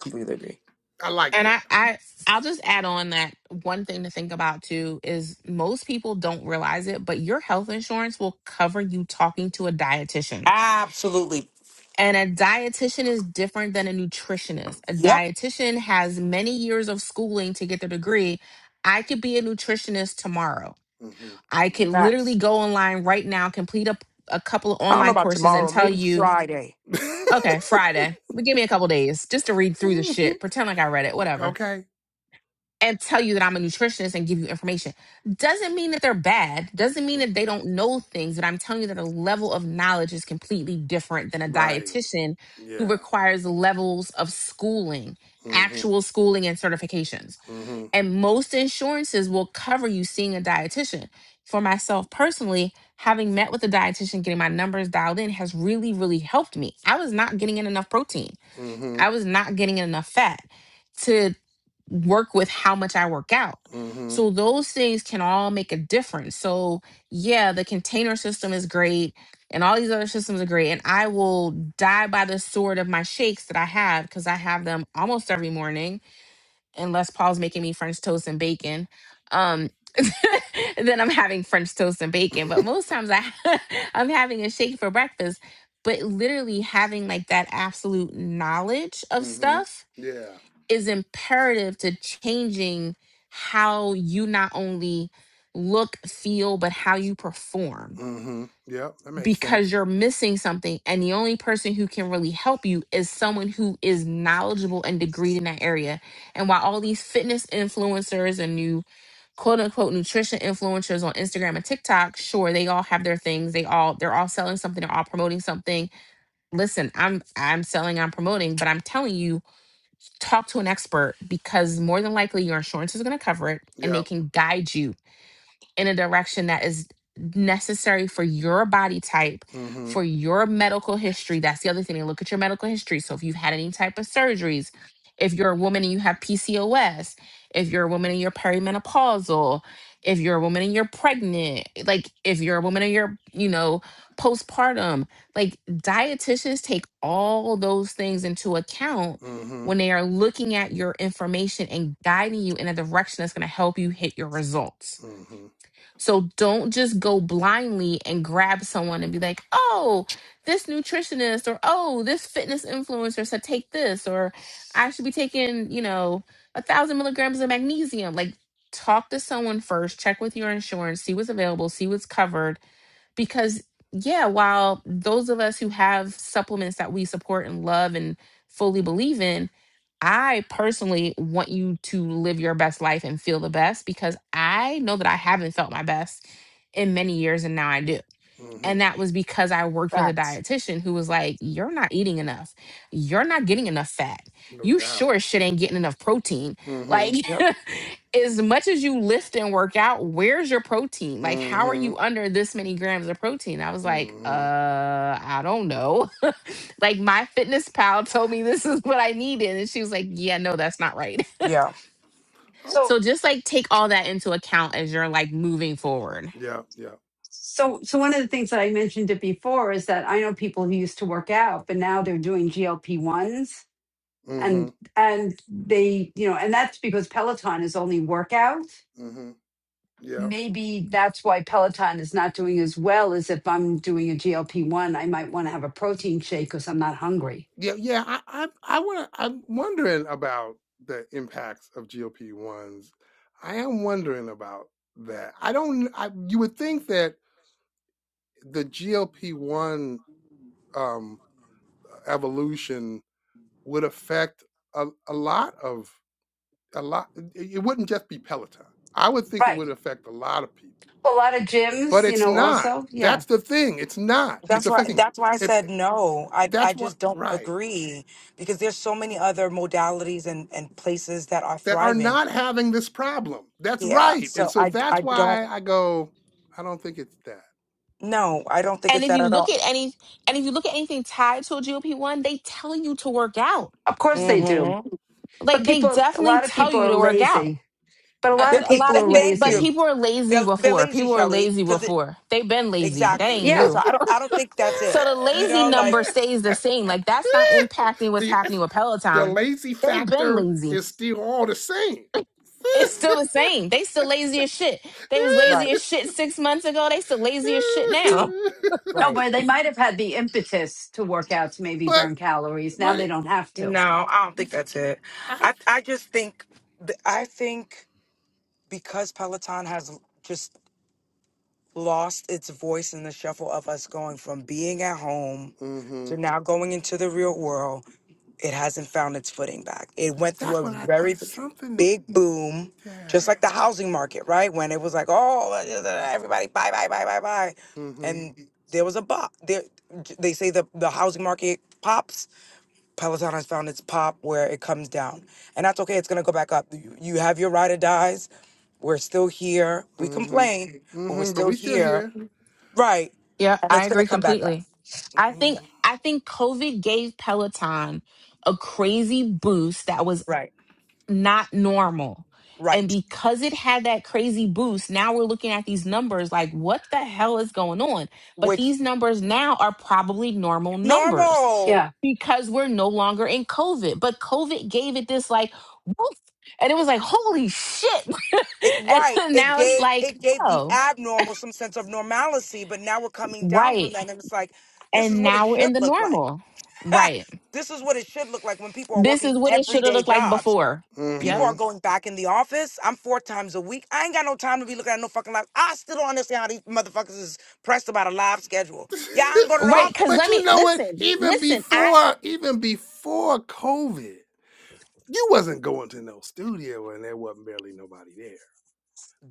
Speaker 10: Completely agree.
Speaker 1: I like
Speaker 2: and I,
Speaker 1: that.
Speaker 2: I I'll just add on that one thing to think about too is most people don't realize it, but your health insurance will cover you talking to a dietitian.
Speaker 10: Absolutely.
Speaker 2: And a dietitian is different than a nutritionist. A
Speaker 10: Yep.
Speaker 2: dietitian has many years of schooling to get their degree. I could be a nutritionist tomorrow. I could
Speaker 1: Mm-hmm.
Speaker 10: Facts.
Speaker 2: literally go online right now, complete a, a couple of
Speaker 10: I don't know
Speaker 2: online
Speaker 10: about
Speaker 2: courses and
Speaker 10: tomorrow,
Speaker 2: tell
Speaker 10: maybe
Speaker 2: you
Speaker 10: Friday.
Speaker 2: Okay, Friday.
Speaker 1: Mm-hmm.
Speaker 2: But give me a couple days just to read through the shit, pretend like I read it, whatever,
Speaker 1: Okay.
Speaker 2: and tell you that I'm a nutritionist and give you information. Doesn't mean that they're bad. Doesn't mean that they don't know things, but I'm telling you that a level of knowledge is completely different than a
Speaker 1: right.
Speaker 2: dietitian who
Speaker 1: Yeah.
Speaker 2: requires levels of schooling,
Speaker 1: Mm-hmm.
Speaker 2: actual schooling and certifications.
Speaker 1: Mm-hmm.
Speaker 2: And most insurances will cover you seeing a dietitian. For myself personally, having met with a dietitian, getting my numbers dialed in has really, really helped me. I was not getting in enough protein.
Speaker 1: Mm-hmm.
Speaker 2: I was not getting enough fat to work with how much I work out.
Speaker 1: Mm-hmm.
Speaker 2: So those things can all make a difference. So yeah, the container system is great and all these other systems are great and I will die by the sword of my shakes that I have cuz I have them almost every morning unless Paul's making me French toast and bacon. Um, then I'm having French toast and bacon. But most times I I'm having a shake for breakfast. But literally having like that absolute knowledge of
Speaker 1: Mm-hmm.
Speaker 2: stuff
Speaker 1: Yeah.
Speaker 2: is imperative to changing how you not only look, feel, but how you perform
Speaker 1: Mm-hmm. Yep. That makes sense.
Speaker 2: because you're missing something and the only person who can really help you is someone who is knowledgeable and degreed in that area and while all these fitness influencers and new quote unquote nutrition influencers on instagram and tiktok sure they all have their things they all they're all selling something they're all promoting something listen i'm i'm selling i'm promoting but i'm telling you talk to an expert because more than likely your insurance is going to cover it and they
Speaker 1: Yep.
Speaker 2: can guide you in a direction that is necessary for your body type,
Speaker 1: Mm-hmm.
Speaker 2: for your medical history. That's the other thing. They look at your medical history. So if you've had any type of surgeries, if you're a woman and you have PCOS, if you're a woman and you're perimenopausal, if you're a woman and you're pregnant, like if you're a woman and you're, you know, postpartum, like dietitians take all those things into account
Speaker 1: Mm-hmm.
Speaker 2: when they are looking at your information and guiding you in a direction that's going to help you hit your results
Speaker 1: Mm-hmm.
Speaker 2: so don't just go blindly and grab someone and be like, oh, this nutritionist or oh, this fitness influencer said take this or I should be taking, you know, a thousand milligrams of magnesium. Like talk to someone first, check with your insurance, see what's available, see what's covered because yeah while those of us who have supplements that we support and love and fully believe in i personally want you to live your best life and feel the best because i know that i haven't felt my best in many years and now i do
Speaker 1: Mm-hmm.
Speaker 2: and that was because I worked with a
Speaker 10: Facts.
Speaker 2: dietitian who was like, You're not eating enough. You're not getting enough fat.
Speaker 1: No
Speaker 2: You
Speaker 1: doubt.
Speaker 2: sure as shit ain't getting enough protein.
Speaker 1: Mm-hmm.
Speaker 2: Like,
Speaker 10: Yep.
Speaker 2: as much as you lift and work out, where's your protein? Like, how are
Speaker 1: Mm-hmm.
Speaker 2: you under this many grams of protein? I was like,
Speaker 1: Mm-hmm.
Speaker 2: Uh, I don't know. like, my fitness pal told me this is what I needed. And she was like, Yeah, no, that's not right.
Speaker 10: Yeah.
Speaker 1: Oh,
Speaker 8: So,
Speaker 2: so just like take all that into account as you're like moving forward.
Speaker 1: Yep. Yep.
Speaker 8: so, so one of the things that I mentioned it before is that I know people who used to work out, but now they're doing GLP ones,
Speaker 1: Mm-hmm.
Speaker 8: and and they, you know, and that's because Peloton is only workout.
Speaker 1: Mm-hmm. Yep.
Speaker 8: maybe that's why Peloton is not doing as well as if I'm doing a GLP one, I might want to have a protein shake because I'm not hungry.
Speaker 1: Yeah, yeah. I, I, I want. I'm wondering about the impacts of GOP ones. I am wondering about that. I don't. I, you would think that the GOP one um, evolution would affect a, a lot of a lot. It, it wouldn't just be Peloton. I would think it
Speaker 8: Right.
Speaker 1: would affect a lot of people,
Speaker 8: A lot of
Speaker 1: but
Speaker 8: gyms, you
Speaker 1: it's
Speaker 8: know,
Speaker 1: not.
Speaker 8: also. Yeah.
Speaker 1: That's the thing. It's not. It's
Speaker 10: That's why
Speaker 1: affecting.
Speaker 10: that's why I
Speaker 1: It,
Speaker 10: said
Speaker 1: it-
Speaker 10: no. I I
Speaker 1: that's what.
Speaker 10: just don't
Speaker 1: Right.
Speaker 10: agree because there's so many other modalities and and places that are
Speaker 1: that are
Speaker 10: thriving.
Speaker 1: not having this problem. That's
Speaker 10: Yeah.
Speaker 1: right. And
Speaker 10: So
Speaker 1: so
Speaker 10: I
Speaker 1: that's
Speaker 10: I don't
Speaker 1: why I go, I don't think it's that.
Speaker 10: no, I don't think
Speaker 2: And
Speaker 10: it's
Speaker 2: if
Speaker 10: that
Speaker 2: you
Speaker 10: at
Speaker 2: look
Speaker 10: all.
Speaker 2: at any and if you look at anything tied to a GLP-1, they tell you to work out.
Speaker 8: Of course
Speaker 1: Mm,
Speaker 8: they do.
Speaker 10: Mhm.
Speaker 8: But
Speaker 2: Like they
Speaker 8: people, a
Speaker 2: definitely
Speaker 8: lot of
Speaker 2: tell
Speaker 8: people
Speaker 2: you
Speaker 8: are
Speaker 2: to work out.
Speaker 8: lazy. But a
Speaker 2: A,
Speaker 8: lot
Speaker 10: The
Speaker 8: of
Speaker 1: mm.
Speaker 2: a
Speaker 8: people
Speaker 2: lot of
Speaker 8: are
Speaker 10: exact
Speaker 2: people,
Speaker 10: thank
Speaker 2: but
Speaker 10: you.
Speaker 8: lazy.
Speaker 2: people are lazy
Speaker 10: They're they're
Speaker 2: before.
Speaker 10: lazy,
Speaker 2: People are
Speaker 10: Shelley,
Speaker 2: lazy
Speaker 10: cuz
Speaker 2: before. They've been lazy. That
Speaker 10: exactly.
Speaker 2: ain't
Speaker 8: Yeah.
Speaker 10: So
Speaker 2: new.
Speaker 10: I don't I don't think that's
Speaker 2: So
Speaker 10: it.
Speaker 2: the
Speaker 10: You
Speaker 2: lazy
Speaker 10: know like
Speaker 2: number stays the same. Like that's not impacting what's
Speaker 1: the
Speaker 2: happening with
Speaker 1: the
Speaker 2: Peloton.
Speaker 1: lazy
Speaker 2: They've been
Speaker 1: factor
Speaker 2: lazy.
Speaker 1: is still all the same.
Speaker 2: It's still the same. They still lazy as shit. They was lazy
Speaker 10: right,
Speaker 2: as shit six months ago. They still lazy as shit now.
Speaker 8: No,
Speaker 10: right.
Speaker 8: but they might have had the impetus to work out to maybe
Speaker 1: but
Speaker 8: burn calories. Now
Speaker 1: but
Speaker 8: they
Speaker 1: it,
Speaker 8: don't have to.
Speaker 10: No, I don't think that's it.
Speaker 1: I
Speaker 10: I I just think th- I think because Peloton has just lost its voice in the shuffle of us going from being at home
Speaker 1: hmm
Speaker 10: to now going into the real world, it hasn't found its footing back. It went through
Speaker 1: that's
Speaker 10: a
Speaker 1: what I
Speaker 10: very
Speaker 1: think. Something
Speaker 10: big boom, just
Speaker 1: yeah.
Speaker 10: like the housing market, right? When it was like, oh, everybody buy, buy, buy, buy, buy.
Speaker 1: Mm-hmm.
Speaker 10: And there was a bop. There, they say the, the housing market pops Peloton has found its pop where it comes down. And that's okay. It's going to go back up. You you have your ride or dies. We're still here. We
Speaker 1: Mm-hmm.
Speaker 10: complain, but we're
Speaker 1: Mm-hmm. But
Speaker 10: still
Speaker 1: we still
Speaker 10: here.
Speaker 1: here.
Speaker 10: Right.
Speaker 2: Yeah,
Speaker 10: And
Speaker 2: I
Speaker 10: it's going to
Speaker 2: agree
Speaker 10: come back up.
Speaker 2: completely.
Speaker 1: Mm
Speaker 2: I think
Speaker 1: hmm.
Speaker 2: I think COVID gave Peloton a crazy boost that was
Speaker 10: Right.
Speaker 2: not normal. And
Speaker 10: Right.
Speaker 2: because it had that crazy boost, now we're looking at these numbers like what the hell is going on? But
Speaker 10: Which
Speaker 2: these numbers now are probably normal numbers
Speaker 10: normal.
Speaker 8: Yeah.
Speaker 2: because we're no longer in COVID. But COVID gave it this like woof, and it was like holy shit.
Speaker 10: It,
Speaker 2: and
Speaker 10: right. It
Speaker 2: now it's
Speaker 10: gave
Speaker 2: like,
Speaker 10: it gave the
Speaker 2: oh,
Speaker 10: abnormal some sense of normalcy, but now we're coming down
Speaker 2: right.
Speaker 10: from that and it's like this is
Speaker 2: And
Speaker 10: what it
Speaker 2: now we're in
Speaker 10: should
Speaker 2: the
Speaker 10: look like.
Speaker 2: normal. Right.
Speaker 10: this is what it should look like when people are
Speaker 2: This
Speaker 10: working
Speaker 2: is what it should have
Speaker 10: everyday
Speaker 2: looked like
Speaker 10: jobs
Speaker 2: before. Yep.
Speaker 1: Mm-hmm.
Speaker 10: People are going back in the office. I'm four times a week. I ain't got no time to be looking at no fucking live. I still don't understand how these motherfuckers is pressed about a live schedule. Yeah, I ain't go to the
Speaker 1: but
Speaker 2: Right. Cause
Speaker 10: office.
Speaker 1: but
Speaker 2: let
Speaker 1: you
Speaker 2: me
Speaker 1: know what?
Speaker 2: listen,
Speaker 1: Even
Speaker 2: listen. I
Speaker 1: before even before COVID, you wasn't going to no studio and there wasn't barely nobody there.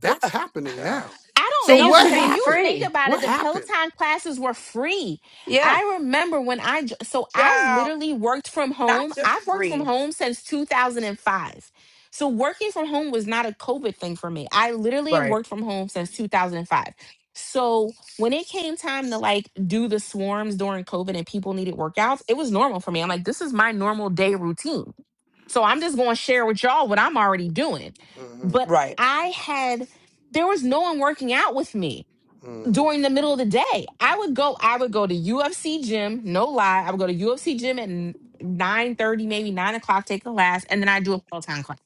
Speaker 10: Girl,
Speaker 1: That's happening
Speaker 10: child,
Speaker 1: now.
Speaker 2: I don't
Speaker 1: So
Speaker 8: They
Speaker 2: know
Speaker 8: used
Speaker 1: what
Speaker 8: to
Speaker 2: because
Speaker 8: be
Speaker 2: if you
Speaker 1: happened?
Speaker 2: think
Speaker 8: free.
Speaker 2: about it,
Speaker 1: What
Speaker 2: the
Speaker 1: happened?
Speaker 2: Peloton classes were free.
Speaker 8: Yeah.
Speaker 2: I remember when I, j- so I've
Speaker 10: child,
Speaker 2: literally worked from
Speaker 10: not
Speaker 2: home. I've
Speaker 10: just
Speaker 2: worked from
Speaker 10: free.
Speaker 2: home since 2005. So working from home was not a COVID thing for me. I literally have
Speaker 10: Right,
Speaker 2: worked from home since 2005. So when it came time to like do the swarms during COVID and people needed workouts, it was normal for me. I'm like, this is my normal day routine. So I'm just going to share with y'all what I'm already doing.
Speaker 1: Mm-hmm.
Speaker 2: But
Speaker 10: right,
Speaker 2: I had there was no one working out with me
Speaker 1: Mm-hmm.
Speaker 2: during the middle of the day. I would go, I would go to UFC gym, no lie. I would go to UFC gym at 9 30, maybe 9 o'clock, take a class, and then I do a Peloton class.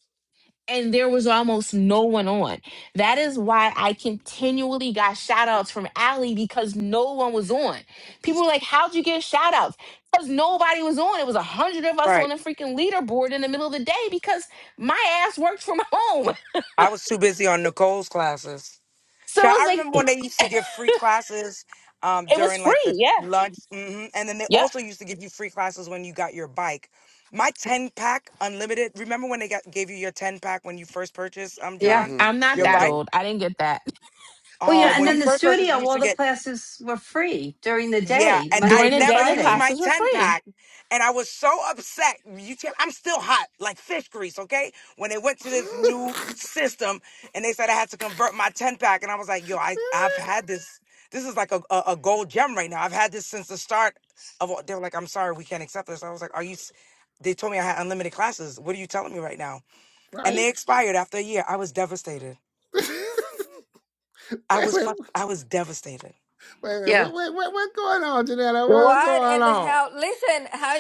Speaker 2: And there was almost no one on. That is why I continually got shout outs from Allie because no one was on. People were like, How'd you get shout outs? Because nobody was on. It was a hundred of us on
Speaker 10: right.
Speaker 2: a freaking leaderboard in the middle of the day because my ass worked from home.
Speaker 10: I was too busy on Nicole's classes.
Speaker 2: So it
Speaker 10: Child,
Speaker 2: was
Speaker 10: I
Speaker 2: like,
Speaker 10: remember when they used to give free classes um,
Speaker 2: it was
Speaker 10: during
Speaker 2: free.
Speaker 10: like the
Speaker 2: Yeah.
Speaker 10: lunch, hmm and then they
Speaker 2: Yep.
Speaker 10: also used to give you free classes when you got your bike. My ten pack unlimited. Remember when they got, gave you your ten pack when you first purchased, um,
Speaker 8: Yeah.
Speaker 10: John,
Speaker 2: I'm not
Speaker 1: Mm-hmm.
Speaker 10: your
Speaker 2: that
Speaker 10: bike?
Speaker 2: old. I didn't get that.
Speaker 8: Well, you know,
Speaker 10: Oh,
Speaker 8: and
Speaker 10: when
Speaker 8: then
Speaker 10: you
Speaker 8: the
Speaker 10: first purchased,
Speaker 8: studio,
Speaker 10: you used
Speaker 8: all
Speaker 10: to
Speaker 8: the
Speaker 10: get
Speaker 8: classes were free during the
Speaker 10: Yeah,
Speaker 8: day,
Speaker 10: and I
Speaker 8: Monday
Speaker 2: During the
Speaker 8: through
Speaker 2: day,
Speaker 10: never
Speaker 2: the
Speaker 10: used
Speaker 8: Friday.
Speaker 10: my
Speaker 2: classes were
Speaker 10: 10
Speaker 2: free.
Speaker 10: pack. And I was so upset. You can't, I'm still hot, like fish grease, okay? When they went to this new
Speaker 1: Mm-hmm.
Speaker 10: system and they said I had to convert my 10 pack, and I was like, yo, I, I've had this. This is like a, a, a gold gem right now. I've had this since the start of all. They were like, I'm sorry, we can't accept this. I was like, are you. s- They told me I had unlimited classes. What are you telling me right now? And
Speaker 1: right?
Speaker 10: they expired after a year. I was devastated. I
Speaker 1: wait, wait,
Speaker 10: was
Speaker 1: wait,
Speaker 10: fuck. I was devastated.
Speaker 1: wait, wait,
Speaker 8: Yeah.
Speaker 1: wait, wait, what's going on, Janetta? What's
Speaker 11: What
Speaker 1: going
Speaker 11: in the
Speaker 1: on?
Speaker 11: hell? Listen, how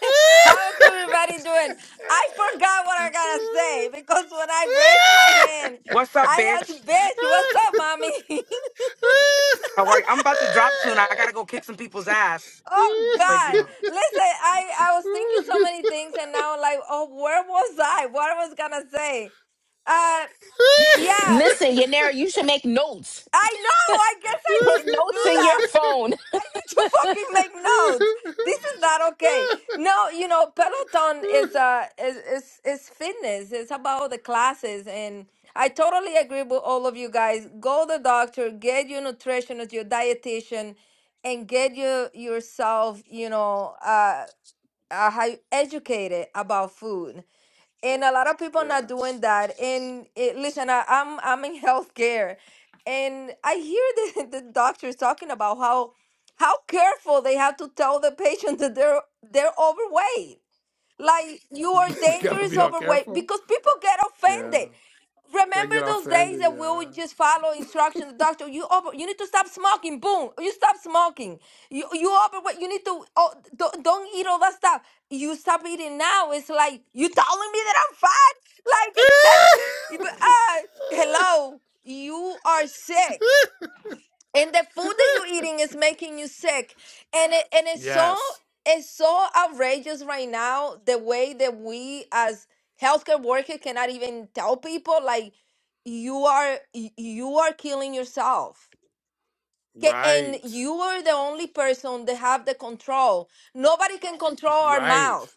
Speaker 11: how's everybody doing? I forgot what I gotta say because when I raised my hand,
Speaker 10: What's up,
Speaker 11: I
Speaker 10: bitch?
Speaker 11: asked, "Bitch, what's up, mommy?"
Speaker 10: All right, I'm about to drop soon. I gotta go kick some people's ass.
Speaker 11: oh
Speaker 10: But you
Speaker 11: God!
Speaker 10: know.
Speaker 11: Listen, I I was thinking so many things, and now I'm like, oh, where was I? What I was gonna say? Uh, yeah,
Speaker 2: Listen, Yanera, you should make notes.
Speaker 11: I know. I guess I
Speaker 2: Put
Speaker 11: need to do
Speaker 2: notes in your
Speaker 11: that.
Speaker 2: phone.
Speaker 11: I need to fucking make notes. This is not okay. No, you know, Peloton is uh is is, is fitness. It's about the classes and I totally agree with all of you guys. Go to the doctor, get your nutritionist, your dietitian, and get your yourself, you know, uh, uh how educated about food and a lot of people
Speaker 1: yeah.
Speaker 11: not doing that and it, listen I, i'm i'm in healthcare and i hear the, the doctors talking about how how careful they have to tell the patient that they're they're overweight like you are
Speaker 1: they gotta
Speaker 11: dangerous
Speaker 1: be all
Speaker 11: overweight
Speaker 1: careful.
Speaker 11: because people get
Speaker 1: Yeah.
Speaker 11: offended
Speaker 1: They
Speaker 11: Remember
Speaker 1: get
Speaker 11: those days
Speaker 1: offended,
Speaker 11: that we
Speaker 1: yeah.
Speaker 11: would just follow instructions. The doctor, you over, you need to stop smoking. Boom, you stop smoking. You you over what you need to. Oh, don't don't eat all that stuff. You stop eating now. It's like you telling me that I'm fat. Like, but, uh, hello, you are sick and the food that you're eating is making you sick and it and it's so
Speaker 1: yes.
Speaker 11: it's so outrageous right now the way that we as healthcare workers cannot even tell people like you are y- you are killing yourself K- and
Speaker 1: Right.
Speaker 11: you are the only person that have the control nobody can control our
Speaker 1: Right.
Speaker 11: mouth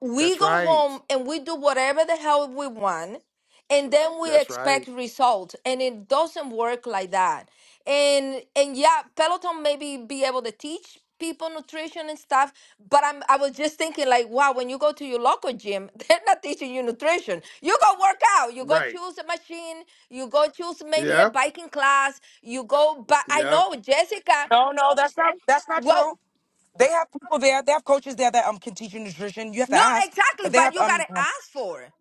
Speaker 11: we
Speaker 1: That's
Speaker 11: go
Speaker 1: right.
Speaker 11: home and we do whatever the hell we want and then we
Speaker 1: That's right.
Speaker 11: expect results and it doesn't work like that and and yeah peloton maybe be able to teach people nutrition and stuff but i'm i was just thinking like wow when you go to your local gym they're not teaching you nutrition you go work out you go
Speaker 1: Right.
Speaker 11: choose a machine you go choose maybe a
Speaker 1: Yep.
Speaker 11: biking class you go but i
Speaker 1: Yep.
Speaker 11: know jessica
Speaker 10: No, no, that's not that's not
Speaker 11: well
Speaker 10: true. They have people there. They have coaches there that um can teach you nutrition. You have to
Speaker 11: no
Speaker 10: ask,
Speaker 11: exactly
Speaker 10: but they
Speaker 11: but
Speaker 10: have
Speaker 11: you
Speaker 10: um.
Speaker 11: gotta
Speaker 10: um,
Speaker 11: ask for it.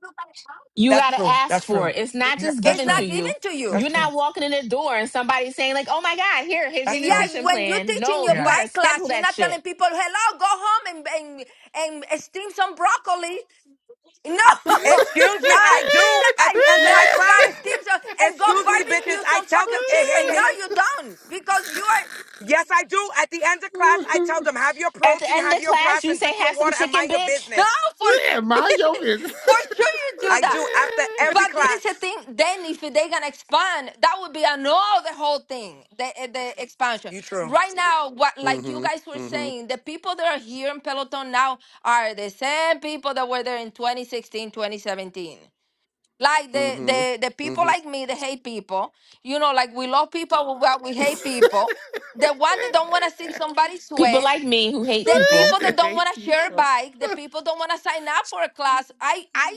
Speaker 2: You
Speaker 10: That's
Speaker 2: got to
Speaker 10: true.
Speaker 2: ask
Speaker 10: That's
Speaker 2: for
Speaker 10: true.
Speaker 2: it. It's not
Speaker 10: Yeah,
Speaker 2: just
Speaker 10: that's
Speaker 11: it's
Speaker 2: given to
Speaker 11: not
Speaker 10: true.
Speaker 11: given
Speaker 2: you.
Speaker 11: to
Speaker 10: That's
Speaker 11: you
Speaker 2: You're
Speaker 10: true.
Speaker 2: not walking in the door and somebody saying, like, oh my God, here, here's your
Speaker 10: That's true.
Speaker 11: Yeah,
Speaker 2: nutrition
Speaker 11: when you're
Speaker 2: plan.
Speaker 11: teaching
Speaker 2: No,
Speaker 11: your
Speaker 2: you got
Speaker 10: Yeah.
Speaker 2: to
Speaker 11: bike
Speaker 2: schedule
Speaker 11: class, you're
Speaker 2: that
Speaker 11: not telling
Speaker 2: shit.
Speaker 11: people, "Hello, go home and and and steam some broccoli." No,
Speaker 1: yeah,
Speaker 10: Excuse me,
Speaker 11: ah,
Speaker 10: I
Speaker 11: eat
Speaker 10: do
Speaker 11: the
Speaker 10: at the
Speaker 11: bike.
Speaker 10: end of
Speaker 11: No,
Speaker 10: my
Speaker 11: you gotta
Speaker 10: class.
Speaker 11: steam some and go
Speaker 10: Excuse me, bitches.
Speaker 11: barbecue
Speaker 10: I
Speaker 11: some
Speaker 10: tell them,
Speaker 11: fucking
Speaker 10: hey, hey,
Speaker 11: chicken. No,
Speaker 10: hey, hey.
Speaker 11: you don't because you are
Speaker 10: Yes, I do. At the end of class, I tell them, have your
Speaker 2: At the
Speaker 10: protein,
Speaker 2: end of
Speaker 10: have
Speaker 2: the
Speaker 10: your
Speaker 2: class,
Speaker 10: grass,
Speaker 2: you
Speaker 10: and
Speaker 2: say,
Speaker 10: drink your
Speaker 2: have some
Speaker 10: water, and
Speaker 2: chicken,
Speaker 10: mind your
Speaker 2: bitch.
Speaker 11: no
Speaker 10: business.
Speaker 11: for.
Speaker 1: mind your business.
Speaker 11: For sure you do
Speaker 10: I
Speaker 11: that.
Speaker 10: do after every
Speaker 11: But there is a
Speaker 10: class.
Speaker 11: thing. Then, if they gonna expand, that would be another whole thing. The eh, the expansion
Speaker 10: You true.
Speaker 11: right now, what like you
Speaker 1: mm-hmm.
Speaker 11: guys were
Speaker 1: Mm-hmm.
Speaker 11: saying, the people that are here in Peloton now are the same people that were there in 2016, 2017. Like the
Speaker 1: Mm-hmm.
Speaker 11: the the people
Speaker 1: Mm-hmm.
Speaker 11: like me, the hate people. You know, like we love people, but we hate people. The one that don't wanna see somebody
Speaker 2: People
Speaker 11: sweat
Speaker 2: like me who hate
Speaker 11: the
Speaker 2: people.
Speaker 11: people
Speaker 1: they
Speaker 11: that don't want
Speaker 1: hate
Speaker 11: to share a
Speaker 1: people.
Speaker 11: bike the people don't want to sign up for a class i i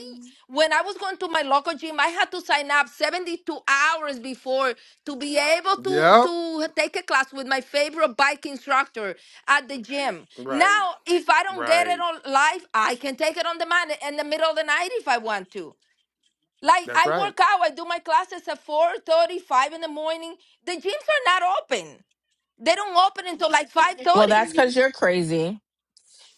Speaker 11: when i was going to my local gym i had to sign up 72 hours before to be able to
Speaker 1: yep.
Speaker 11: to take a class with my favorite bike instructor at the gym
Speaker 1: Right.
Speaker 11: now if i don't get it
Speaker 1: Right.
Speaker 11: on live i can take it on demand in the middle of the night if i want to like
Speaker 1: That's
Speaker 11: i
Speaker 1: right.
Speaker 11: work out i do my classes at four thirty, five in the morning the gyms are not open they don't open until like 5
Speaker 2: Well,
Speaker 11: 30.
Speaker 2: that's because you're crazy.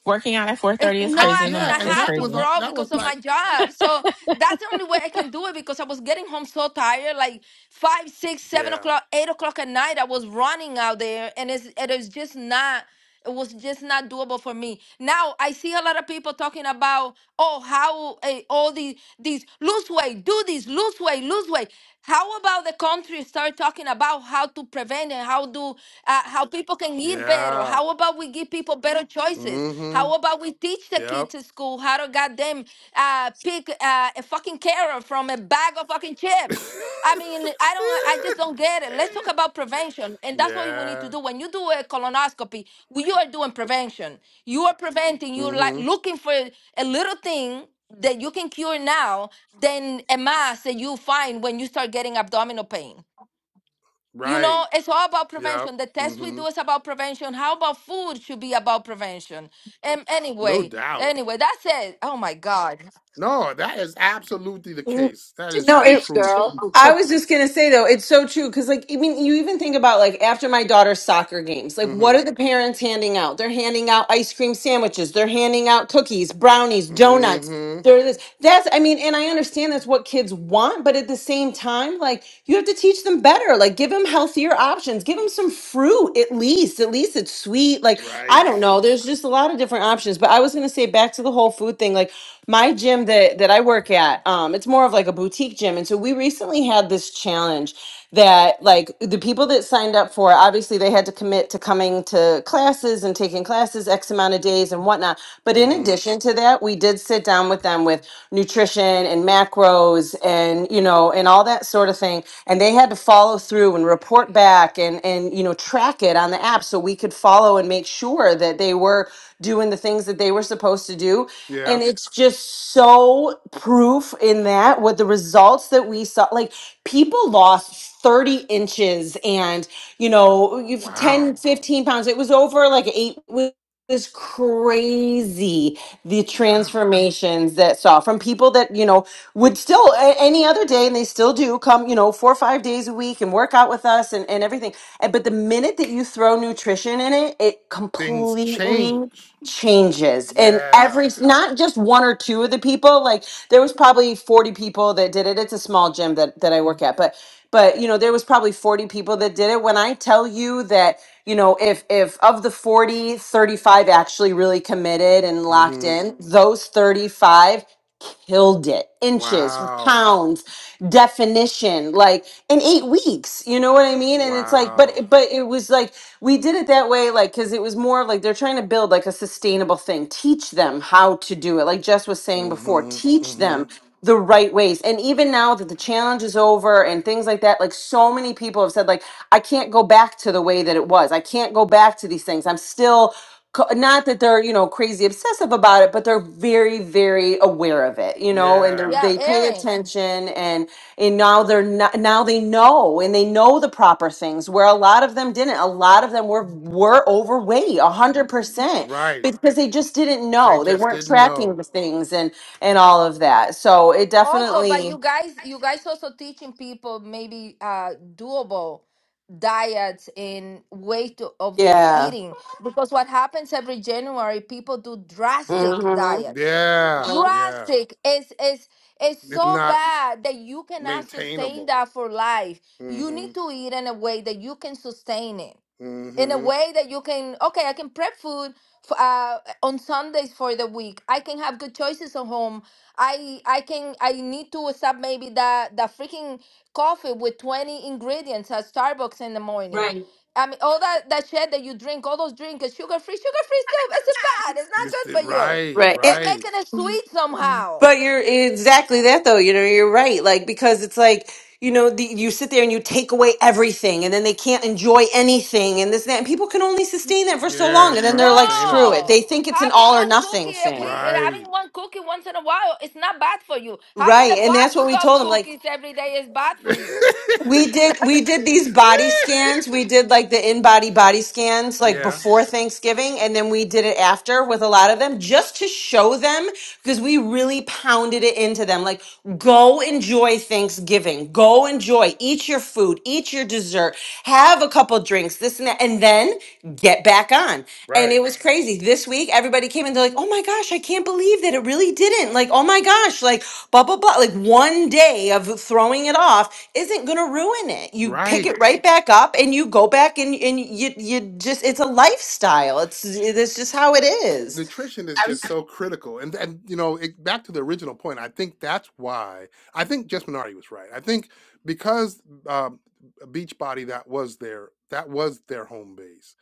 Speaker 2: Working out at
Speaker 11: It-
Speaker 2: 4.30 is
Speaker 11: No,
Speaker 1: I
Speaker 2: crazy
Speaker 11: I
Speaker 2: in the
Speaker 11: mean
Speaker 1: yeah,
Speaker 2: morning.
Speaker 11: I
Speaker 1: and
Speaker 2: It's
Speaker 11: have
Speaker 1: that
Speaker 11: to
Speaker 1: was uh,
Speaker 2: crazy.
Speaker 11: grow
Speaker 1: that
Speaker 11: because
Speaker 1: was
Speaker 11: of
Speaker 1: like
Speaker 11: my job. So that's the only way I can do it because I was getting home so tired, like five, six, seven
Speaker 1: yeah.
Speaker 11: o'clock, eight o'clock at night. I was running out there, and it's it is just not. It was just not doable for me. Now I see a lot of people talking about, oh, how eh, all these these lose weight, do this, lose weight, lose weight. How about the country start talking about how to prevent and how do uh, how people can eat better?
Speaker 1: Yeah.
Speaker 11: How about we give people better choices?
Speaker 1: Mm-hmm.
Speaker 11: How about we teach the kids?
Speaker 1: Yep.
Speaker 11: kid to school? How to goddamn uh, pick uh, a fucking carrot from a bag of fucking chips? I mean, I don't, I just don't get it. Let's talk about prevention, and that's what we need
Speaker 1: yeah.
Speaker 11: to do. When you do a colonoscopy, we- you are doing prevention. You are preventing. You're like
Speaker 1: Mm-hmm.
Speaker 11: looking for a little thing that you can cure now than a mass that you find when you start getting abdominal pain. You
Speaker 1: Right.
Speaker 11: know, it's all about
Speaker 1: Yep.
Speaker 11: prevention. The test we
Speaker 1: Mm-hmm.
Speaker 11: do is about prevention. How about food should be about prevention? And
Speaker 1: No
Speaker 11: anyway,
Speaker 1: doubt.
Speaker 11: anyway, that's it. Oh my God.
Speaker 1: No, that is absolutely the
Speaker 7: No,
Speaker 1: case. That is the
Speaker 7: it,
Speaker 8: Preach,
Speaker 1: truth.
Speaker 8: girl.
Speaker 7: I was just gonna say though, it's so true because like I mean, you even think about like after my daughter's soccer games, like
Speaker 1: Mm-hmm.
Speaker 7: what are the parents handing out? They're handing out ice cream sandwiches, they're handing out cookies, brownies, donuts.
Speaker 1: Mm-hmm.
Speaker 7: They're this. That's I mean, and I understand that's what kids want, but at the same time, like you have to teach them better. Like give them healthier options, give them some fruit at least. At least it's sweet. Like I don't
Speaker 1: Right.
Speaker 7: know. There's just a lot of different options. But I was gonna say back to the whole food thing. Like my gym that that I work at, um, it's more of like a boutique gym, and so we recently had this challenge that like the people that signed up for, it, obviously they had to commit to coming to classes and taking classes x amount of days and whatnot. But in
Speaker 1: Mm-hmm.
Speaker 7: addition to that, we did sit down with them with nutrition and macros and you know and all that sort of thing, and they had to follow through and report back and and you know track it on the app so we could follow and make sure that they were doing the things that they were supposed to do
Speaker 1: Yeah.
Speaker 7: and it's just so proof in that with the results that we saw like people lost 30 inches and you know you've ten,
Speaker 1: Wow.
Speaker 7: fifteen pounds it was over like eight weeks. it was crazy the
Speaker 1: Wow.
Speaker 7: transformations that saw from people that you know would still a- any other day and they still do come you know four or five days a week and work out with us and, and everything And- but the minute that you throw nutrition in it it
Speaker 1: Things
Speaker 7: completely
Speaker 1: change.
Speaker 7: changes and
Speaker 1: Yeah.
Speaker 7: every not just one or two of the people like there was probably 40 people that did it. It's a small gym that that I work at, but but you know, there was probably 40 people that did it. When I tell you that, you know, if if of the 40 35 actually really committed and locked
Speaker 1: Mm-hmm.
Speaker 7: in, those 35 killed it inches
Speaker 1: Wow.
Speaker 7: pounds definition like in eight weeks you know what i mean and it's like
Speaker 1: Wow.
Speaker 7: but but it was like we did it that way like because it was more of like they're trying to build like a sustainable thing teach them how to do it like jess was saying before or
Speaker 1: Mm-hmm.
Speaker 7: teach
Speaker 1: Mm-hmm.
Speaker 7: them the right ways. And even now that the challenge is over and things like that, like so many people have said, like, I can't go back to the way that it was. I can't go back to these things. I'm still co- not that they're you know crazy obsessive about it but they're very very aware of it you know and they're,
Speaker 1: Yeah.
Speaker 11: Yeah,
Speaker 7: they pay
Speaker 11: Erin.
Speaker 7: attention and and now they're not, now they know and they know the proper things where a lot of them didn't a lot of them were were overweight
Speaker 1: Mm,
Speaker 7: 100%
Speaker 1: Right.
Speaker 7: because they just didn't
Speaker 1: They
Speaker 7: know they
Speaker 1: just
Speaker 7: weren't
Speaker 1: didn't
Speaker 7: tracking
Speaker 1: know.
Speaker 7: the things and all of that. So it
Speaker 11: Also, but
Speaker 7: definitely,
Speaker 11: you guys, you guys also teaching people maybe uh doable diets and way to, of
Speaker 7: yeah.
Speaker 11: eating because what happens every January, people do drastic
Speaker 7: hmm
Speaker 11: diets.
Speaker 1: Yeah, yeah.
Speaker 11: Drastic is is is
Speaker 1: It's
Speaker 11: so
Speaker 1: not
Speaker 11: bad that you cannot sustain
Speaker 1: maintainable.
Speaker 11: that for life. You
Speaker 1: Mm-hmm.
Speaker 11: need to eat in a way that you can sustain it in a
Speaker 1: Mm-hmm.
Speaker 11: way that you can okay i can prep food for, uh, on sundays for the week i can have good choices at home i i can i need to stop maybe the the freaking coffee with 20 ingredients at starbucks in the morning
Speaker 7: Right.
Speaker 11: i mean all that that shit that you drink all those drinks sugar free sugar free still it's bad it's not
Speaker 1: This the-
Speaker 11: good for you
Speaker 1: right,
Speaker 7: Right. And,
Speaker 11: they
Speaker 1: right.
Speaker 11: making it sweet somehow
Speaker 7: but you're exactly that though. You know, you're right. Like, because it's like, you know, the, you sit there and you take away everything and then they can't enjoy anything and this and that. And people can only sustain that for so
Speaker 1: Yeah,
Speaker 7: long. And
Speaker 1: it's
Speaker 7: then
Speaker 1: not
Speaker 7: they're like, screw
Speaker 1: sustainable.
Speaker 7: it.
Speaker 11: No,
Speaker 7: They think it's an
Speaker 11: having
Speaker 7: all or
Speaker 11: one
Speaker 7: nothing
Speaker 11: cookie a week,
Speaker 7: thing.
Speaker 11: eh,
Speaker 1: Right.
Speaker 11: having one cookie once in a while, it's not bad for you. Having
Speaker 7: Right.
Speaker 11: the
Speaker 7: And that's
Speaker 11: box
Speaker 7: what we
Speaker 11: of
Speaker 7: told them. Like,
Speaker 11: cookies every day is bad for you.
Speaker 7: We did we did these body scans. We did like the in-body body scans like
Speaker 1: yeah.
Speaker 7: before Thanksgiving and then we did it after with a lot of them just to show them because we really pounded it into them like go enjoy Thanksgiving. Go enjoy. Eat your food, eat your dessert, have a couple drinks, this and that and then get back on. And
Speaker 1: Right.
Speaker 7: it was crazy. This week everybody came and they're like, "Oh my gosh, I can't believe that it really didn't." Like, "Oh my gosh, like blah blah blah." Like one day of throwing it off isn't going to ruin it. You pick
Speaker 1: Right.
Speaker 7: it right back up and you go back and and you you just it's a lifestyle. It's it's just how it is.
Speaker 1: Nutrition is
Speaker 2: I
Speaker 1: just so critical. And and you know, it, back to the original point, I think that's why I think Jess Minardi was right. I think because um Beachbody that was their that was their home base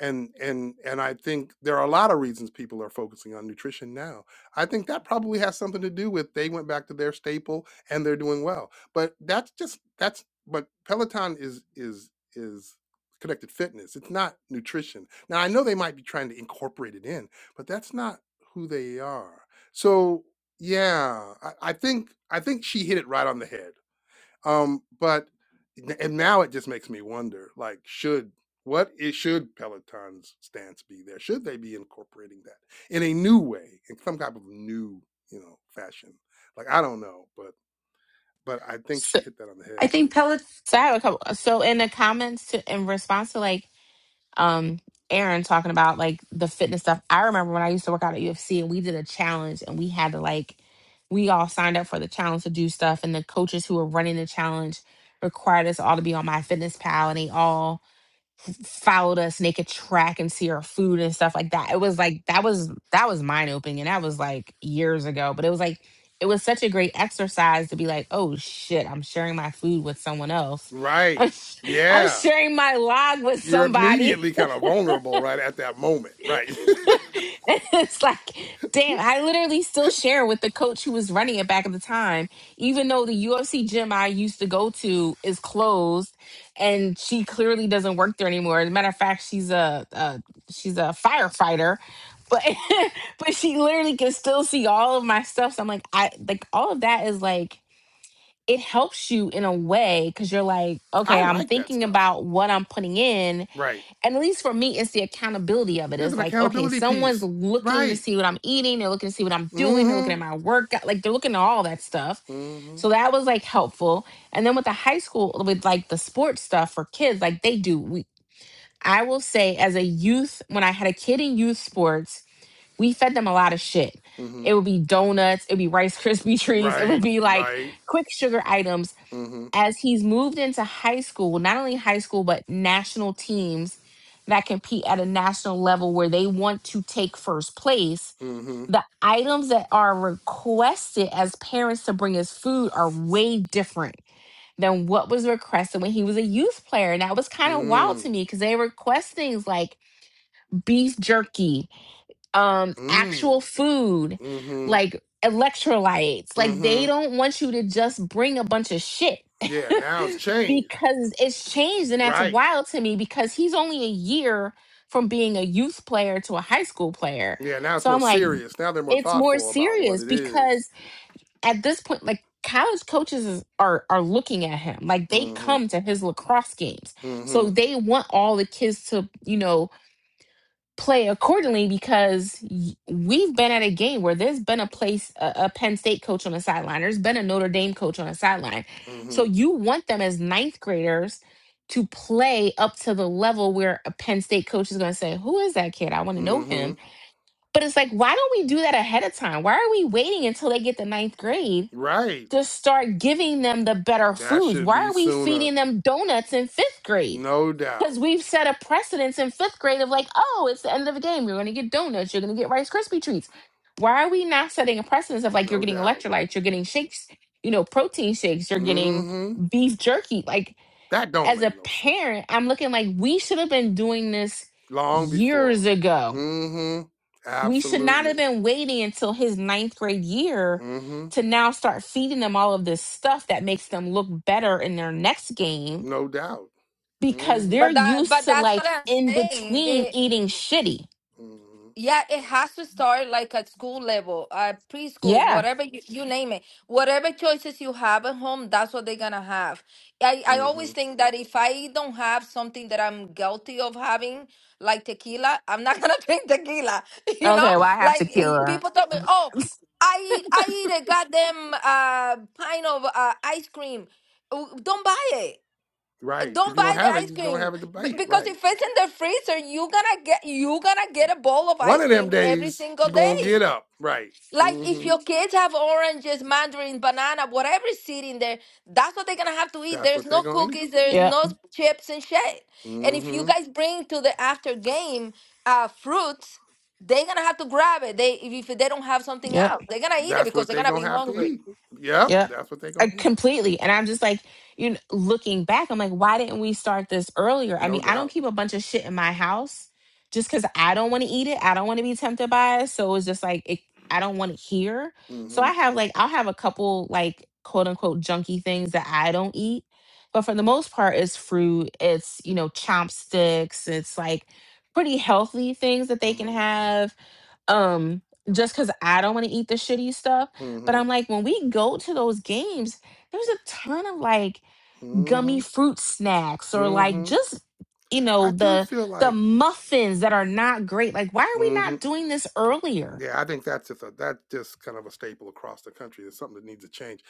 Speaker 1: and and and I think there are a lot of reasons people are focusing on nutrition now. I think that probably has something to do with they went back to their staple and they're doing well. But that's just that's but Peloton is is is connected fitness. It's not nutrition. Now I know they might be trying to incorporate it in, but that's not who they are. So yeah, I, I think I think she hit it right on the head. Um, but n- and now it just makes me wonder, like, should what it should Peloton's stance be there? Should they be incorporating that in a new way, in some type of new, you know, fashion? Like, I don't know, but but I think
Speaker 2: was
Speaker 1: she hit that on the
Speaker 8: I
Speaker 1: head.
Speaker 8: think pellets.
Speaker 2: So I have a couple. So in the comments to, in response to like um Aaron talking about like the fitness stuff, I remember when I used to work out at UFC and we did a challenge and we had to like we all signed up for the challenge to do stuff and the coaches who were running the challenge required us all to be on my fitness pal and they all f- followed us and they could track and see our food and stuff like that. It was like that was that was mind opening and that was like years ago. But it was like it was such a great exercise to be like, oh shit, I'm sharing my food with someone else.
Speaker 1: Right.
Speaker 2: I'm, sh- I'm
Speaker 1: Yeah.
Speaker 2: sharing my log with
Speaker 1: You're
Speaker 2: somebody.
Speaker 1: immediately kind of vulnerable right at that moment. Right.
Speaker 2: it's like, damn, I literally still share with the coach who was running it back at the time, even though the UFC gym I used to go to is closed and she clearly doesn't work there anymore. As a matter of fact, she's a, a she's a firefighter. But but she literally can still see all of my stuff. So I'm like, I like all of that is like it helps you in a way because you're like,
Speaker 1: I
Speaker 2: okay, I'm
Speaker 1: like that
Speaker 2: thinking
Speaker 1: stuff.
Speaker 2: about what I'm putting in
Speaker 1: Right.
Speaker 2: and at least for me, it's the accountability of it.
Speaker 1: There's
Speaker 2: It's
Speaker 1: an
Speaker 2: like, okay,
Speaker 1: accountability
Speaker 2: someone's
Speaker 1: piece.
Speaker 2: looking to
Speaker 1: Right.
Speaker 2: see what I'm eating. They're looking to see what I'm doing. They're looking at
Speaker 1: Mm-hmm.
Speaker 2: my workout. Like they're looking at all that stuff.
Speaker 1: Mm-hmm.
Speaker 2: So that was like helpful. And then with the high school, with like the sports stuff for kids, like they do. We, I will say, as a youth, when I had a kid in youth sports, we fed them a lot of shit.
Speaker 1: Mm-hmm.
Speaker 2: It would be donuts. It would be Rice Krispie treats. It would
Speaker 1: Right,
Speaker 2: be like
Speaker 1: right.
Speaker 2: quick sugar items
Speaker 1: Mm-hmm.
Speaker 2: as he's moved into high school, not only high school, but national teams that compete at a national level where they want to take first place,
Speaker 1: Mm-hmm.
Speaker 2: the items that are requested as parents to bring as food are way different than what was requested when he was a youth player. And that was kind of wild
Speaker 1: Mm.
Speaker 2: to me because they request things like beef jerky um
Speaker 1: Mm.
Speaker 2: actual food
Speaker 1: Mm-hmm.
Speaker 2: like electrolytes like they
Speaker 1: Mm-hmm.
Speaker 2: don't want you to just bring a bunch of shit
Speaker 1: Yeah, now it's changed.
Speaker 2: because it's changed and that's
Speaker 1: Right.
Speaker 2: wild to me because he's only a year from being a youth player to a high school player
Speaker 1: Yeah, now it's
Speaker 2: so
Speaker 1: more
Speaker 2: i'm like
Speaker 1: serious. Now they're more
Speaker 2: it's more
Speaker 1: thoughtful about what
Speaker 2: serious
Speaker 1: it is.
Speaker 2: because at this point like college coaches is, are are looking at him like they
Speaker 1: Mm-hmm.
Speaker 2: come to his lacrosse games
Speaker 1: Mm-hmm.
Speaker 2: so they want all the kids to you know play accordingly because y- we've been at a game where there's been a place a, a Penn State coach on the sideline, there's been a Notre Dame coach on the sideline. So
Speaker 1: Mm-hmm.
Speaker 2: you want them as ninth graders to play up to the level where a Penn State coach is going to say, "Who is that kid? I want to know
Speaker 1: Mm-hmm.
Speaker 2: him." But it's like, why don't we do that ahead of time? Why are we waiting until they get to ninth grade
Speaker 1: Right.
Speaker 2: to start giving them the better
Speaker 1: That
Speaker 2: foods?
Speaker 1: should
Speaker 2: Why
Speaker 1: be
Speaker 2: are we
Speaker 1: sooner.
Speaker 2: feeding them donuts in fifth grade?
Speaker 1: No
Speaker 2: because
Speaker 1: doubt.
Speaker 2: we've set a precedence in fifth grade of like, oh, it's the end of the game. You're going to get donuts. You're going to get Rice Krispie treats. Why are we not setting a precedence of like you're
Speaker 1: No
Speaker 2: getting
Speaker 1: doubt.
Speaker 2: electrolytes, you're getting shakes, you know, protein shakes, you're getting
Speaker 1: Mm-hmm.
Speaker 2: beef jerky? Like,
Speaker 1: That don't
Speaker 2: as a
Speaker 1: make no sense.
Speaker 2: parent, I'm looking like we should have been doing this
Speaker 1: Long before.
Speaker 2: years ago.
Speaker 1: Mm-hmm.
Speaker 2: We should not have
Speaker 1: Absolutely.
Speaker 2: been waiting until his ninth grade year
Speaker 1: Mm-hmm.
Speaker 2: to now start feeding them all of this stuff that makes them look better in their next game
Speaker 1: No doubt.
Speaker 2: because
Speaker 1: Mm-hmm.
Speaker 2: they're
Speaker 11: But that,
Speaker 2: used
Speaker 11: but
Speaker 2: to
Speaker 11: that's
Speaker 2: like
Speaker 11: what I'm
Speaker 2: in
Speaker 11: saying. eh,
Speaker 2: between eating shitty.
Speaker 1: mm-hmm.
Speaker 11: Yeah, it has to start like at school level, uh, preschool,
Speaker 2: Yeah.
Speaker 11: whatever you, you name it. Whatever choices you have at home, that's what they're gonna have. I, I
Speaker 1: hmm
Speaker 11: always think that if I don't have something that I'm guilty of having, like tequila, I'm not gonna drink tequila. You know,
Speaker 2: Okay. Well, I have
Speaker 11: like eh,
Speaker 2: tequila.
Speaker 11: people tell me, oh, I eat I eat a goddamn uh pint of uh, ice cream. Oh, Don't buy it. Uh,
Speaker 1: Right. If
Speaker 11: don't
Speaker 1: you don't
Speaker 11: buy the
Speaker 1: have it,
Speaker 11: ice
Speaker 1: you don't
Speaker 11: cream
Speaker 1: have a
Speaker 11: B-
Speaker 1: debate.
Speaker 11: because
Speaker 1: Right.
Speaker 11: if it's in the freezer you gonna get you gonna get a bowl of
Speaker 1: One
Speaker 11: ice
Speaker 1: of them
Speaker 11: cream every
Speaker 1: days,
Speaker 11: single
Speaker 1: you're going to get
Speaker 11: day
Speaker 1: up. Right.
Speaker 11: like if
Speaker 1: hmm
Speaker 11: your kids have oranges mandarin banana whatever is sitting there that's what they're gonna have to eat
Speaker 1: That's
Speaker 11: there's
Speaker 1: what they're
Speaker 11: no
Speaker 1: going to eat.
Speaker 11: cookies there's
Speaker 2: Yep.
Speaker 11: no chips and shit and if you
Speaker 1: hmm
Speaker 11: guys bring to the after game uh fruits they're gonna have to grab it they if if they don't have something
Speaker 2: Yep.
Speaker 11: else they're gonna eat it
Speaker 1: That's
Speaker 11: because
Speaker 1: what
Speaker 11: they're
Speaker 1: they're
Speaker 11: gonna
Speaker 1: going
Speaker 11: be
Speaker 1: to have to
Speaker 11: hungry
Speaker 1: eat. Yep.
Speaker 2: Yeah,
Speaker 1: That's what they're
Speaker 2: Uh,
Speaker 1: going to eat.
Speaker 2: completely. And I'm just like, you know, looking back, I'm like, why didn't we start this earlier? I
Speaker 1: No
Speaker 2: mean, I don't
Speaker 1: doubt.
Speaker 2: keep a bunch of shit in my house just because I don't want to eat it. I don't want to be tempted by it. So it's just like, it, I don't want it here. So
Speaker 1: hmm
Speaker 2: I have like, I'll have a couple like quote unquote junky things that I don't eat. But for the most part, it's fruit, it's, you know, chopsticks, it's like pretty healthy things that they can
Speaker 1: hmm
Speaker 2: have um just because i don't want to eat the shitty stuff but
Speaker 1: hmm
Speaker 2: i'm like when we go to those games there's a ton of like gummy
Speaker 1: hmm
Speaker 2: fruit snacks or like
Speaker 1: hmm
Speaker 2: just you
Speaker 1: I
Speaker 2: know
Speaker 1: do
Speaker 2: the
Speaker 1: feel
Speaker 2: the
Speaker 1: like,
Speaker 2: muffins that are not great like why are we
Speaker 1: Mhm.
Speaker 2: not doing this earlier
Speaker 1: Yeah, I think that's just a that's just kind of a staple across the country. It's something that needs to change.